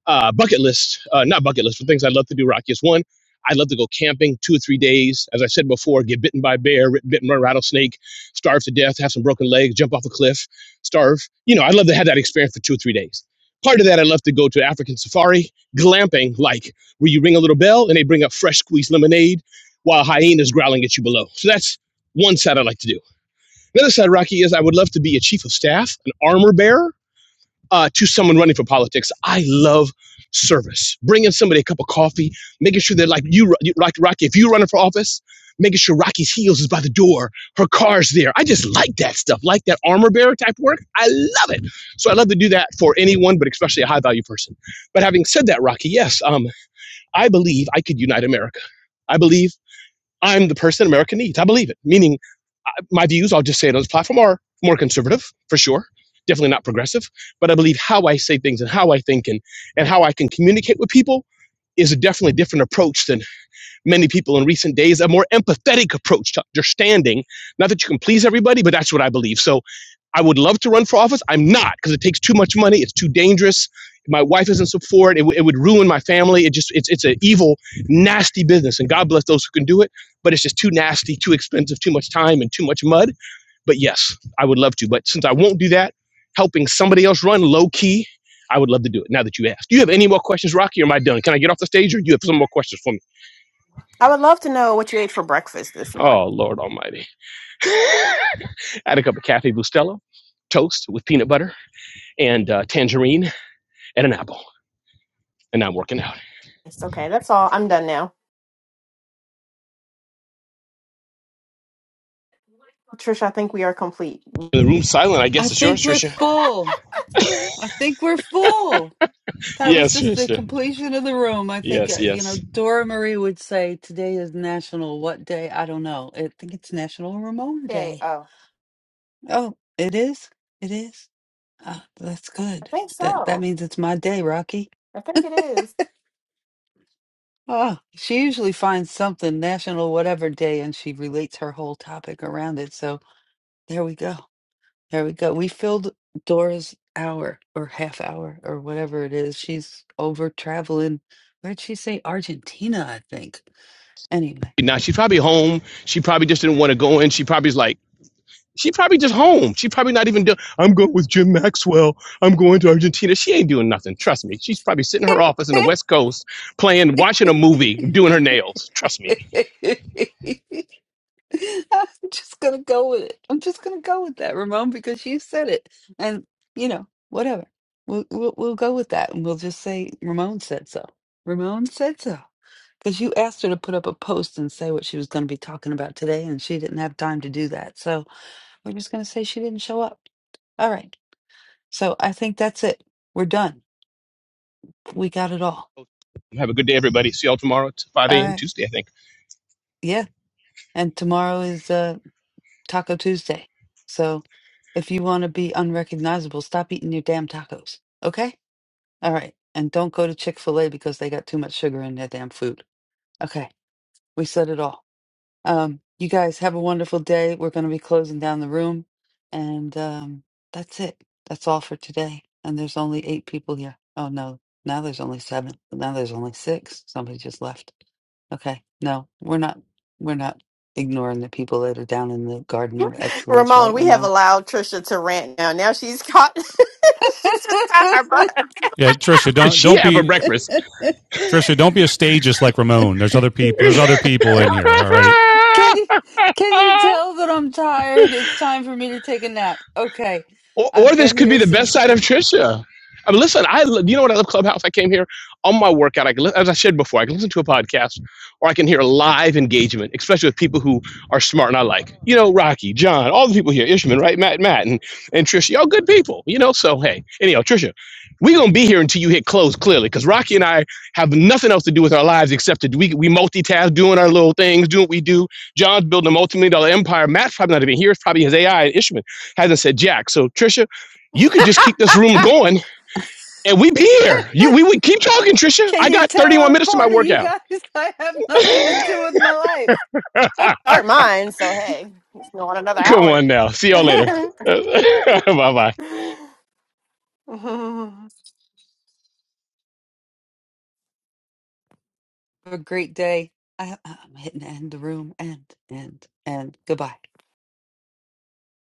Speaker 25: uh, bucket list, uh, not bucket list, for things I'd love to do, Rocky, is one, I'd love to go camping two or three days. As I said before, get bitten by a bear, ri- bitten by a rattlesnake, starve to death, have some broken legs, jump off a cliff, starve. You know, I'd love to have that experience for two or three days. Part of that, I'd love to go to African safari, glamping, like where you ring a little bell and they bring up fresh squeezed lemonade while hyenas growling at you below. So that's one side I'd like to do. Another side, Rocky, is I would love to be a chief of staff, an armor bearer uh, to someone running for politics. I love service. Bringing somebody a cup of coffee, making sure that like you, you like Rocky, if you're running for office, making sure Rocky's heels is by the door, her car's there. I just like that stuff, like that armor bearer type work. I love it. So I love to do that for anyone, but especially a high value person. But having said that, Rocky, yes, um, I believe I could unite America. I believe I'm the person America needs. I believe it. Meaning my views, I'll just say it on this platform, are more conservative for sure. Definitely not progressive, but I believe how I say things and how I think and, and how I can communicate with people is a definitely different approach than many people in recent days. A more empathetic approach to understanding. Not that you can please everybody, but that's what I believe. So I would love to run for office. I'm not because it takes too much money. It's too dangerous. My wife isn't support. It, w- it would ruin my family. It just it's it's an evil, nasty business. And God bless those who can do it, but it's just too nasty, too expensive, too much time, and too much mud but yes, I would love to. But since I won't do that, helping somebody else run low key, I would love to do it now that you asked. Do you have any more questions, Rocky, or am I done? Can I get off the stage or do you have some more questions for me?
Speaker 19: i would love to know what you ate for breakfast this morning
Speaker 25: Oh, Lord Almighty. (laughs) Add a cup of Cafe Bustelo, toast with peanut butter and uh, tangerine and an apple. And I'm working out.
Speaker 19: it's okay that's all i'm done now trisha i think we are complete
Speaker 25: And the room's silent. I guess
Speaker 4: I
Speaker 25: it's yours,
Speaker 4: think we're
Speaker 25: Trisha.
Speaker 4: full. I think we're full. That was
Speaker 25: Yes,
Speaker 4: just the
Speaker 25: Trisha.
Speaker 4: completion of the room. I think, uh,
Speaker 25: Yes,
Speaker 4: you
Speaker 25: yes.
Speaker 4: know, Dora Marie would say today is National What Day? I don't know. I think it's National Ramon
Speaker 19: okay
Speaker 4: Day.
Speaker 19: oh
Speaker 4: Oh, it is? It is? Ah, that's
Speaker 19: i
Speaker 4: good.
Speaker 19: think
Speaker 4: That that
Speaker 19: so
Speaker 4: means it's my day, Rocky.
Speaker 19: i think it is
Speaker 4: Ah, she usually finds something national whatever day and she relates her whole topic around it. So there we go. There we go. We filled Dora's hour or half hour or whatever it is. She's over traveling. Where'd she say? Argentina, I think. Anyway.
Speaker 25: Now she's probably home. She probably just didn't want to go in. She probably's like, She probably just home. She probably not even doing. I'm going with Jim Maxwell. I'm going to Argentina. She ain't doing nothing. Trust me. She's probably sitting in her office in the West Coast, playing, watching a movie, doing her nails. Trust me.
Speaker 4: (laughs) (laughs) I'm just gonna go with it. I'm just gonna go with that, Ramon, because you said it, and you know, whatever. We'll we'll, we'll go with that, and we'll just say Ramon said so. Ramon said so, because you asked her to put up a post and say what she was going to be talking about today, and she didn't have time to do that. So we're just gonna say she didn't show up. All right. So I think that's it. We're done. We got it all.
Speaker 25: Have a good day, everybody. See y'all tomorrow at 5
Speaker 4: All
Speaker 25: a.m.
Speaker 4: right.
Speaker 25: Tuesday, I think.
Speaker 4: Yeah. And tomorrow is uh, Taco Tuesday. So if you want to be unrecognizable, stop eating your damn tacos. Okay? All right. And don't go to Chick fil A because they got too much sugar in their damn food. Okay. We said it all. Um, you guys have a wonderful day. We're going to be closing down the room. And um, that's it. That's all for today. And there's only eight people here. Oh, no. Now there's only seven. Now there's only six. Somebody just left. Okay. No, we're not. We're not ignoring the people that are down in the Garden of Excellence,
Speaker 19: Ramon,
Speaker 4: right,
Speaker 19: we have
Speaker 4: Ramon?
Speaker 19: allowed Trisha to rant now. Now she's caught. (laughs)
Speaker 4: (laughs)
Speaker 19: she's just caught her butt.
Speaker 23: Yeah, Trisha,
Speaker 25: Did
Speaker 23: don't
Speaker 25: she
Speaker 23: don't
Speaker 25: have a
Speaker 23: be
Speaker 25: breakfast?
Speaker 23: Trisha, don't be a stageist like Ramon. There's other people.
Speaker 25: (laughs)
Speaker 23: There's other people in here. All right.
Speaker 4: can you can you
Speaker 25: Ah!
Speaker 4: tell that I'm tired? It's time for me to take a nap. Okay.
Speaker 25: Or,
Speaker 4: I've
Speaker 25: or this
Speaker 4: been
Speaker 25: could be
Speaker 4: here
Speaker 25: the best
Speaker 4: since
Speaker 25: side of Trisha. I mean, listen, I lo- you know what I love Clubhouse. I came here on my workout. I can, li- as I said before, I can listen to a podcast, or I can hear live engagement, especially with people who are smart and I like. You know, Rocky, John, all the people here, Ishman, right, Matt, Matt, and and Trisha, all good people. You know, so hey, anyhow, Trisha, we gonna be here until you hit close clearly, because Rocky and I have nothing else to do with our lives except to do- we we multitask, doing our little things, doing what we do. John's building a multi-million dollar empire. Matt's probably not even here. It's probably his AI and Ishman as I said, Jack. So Trisha, you could just keep this room going and we'd be here. You, we would keep talking, Trisha.
Speaker 4: Can
Speaker 25: I
Speaker 4: you
Speaker 25: got
Speaker 4: tell
Speaker 25: 31
Speaker 4: I'm
Speaker 25: minutes to my
Speaker 4: part of you
Speaker 25: workout.
Speaker 4: guys? (laughs) I have nothing
Speaker 25: (laughs)
Speaker 4: to do with my life.
Speaker 25: Come on now. See y'all later. (laughs) bye bye.
Speaker 4: Have a great day. I, I'm hitting end the room. End, end, end. Goodbye.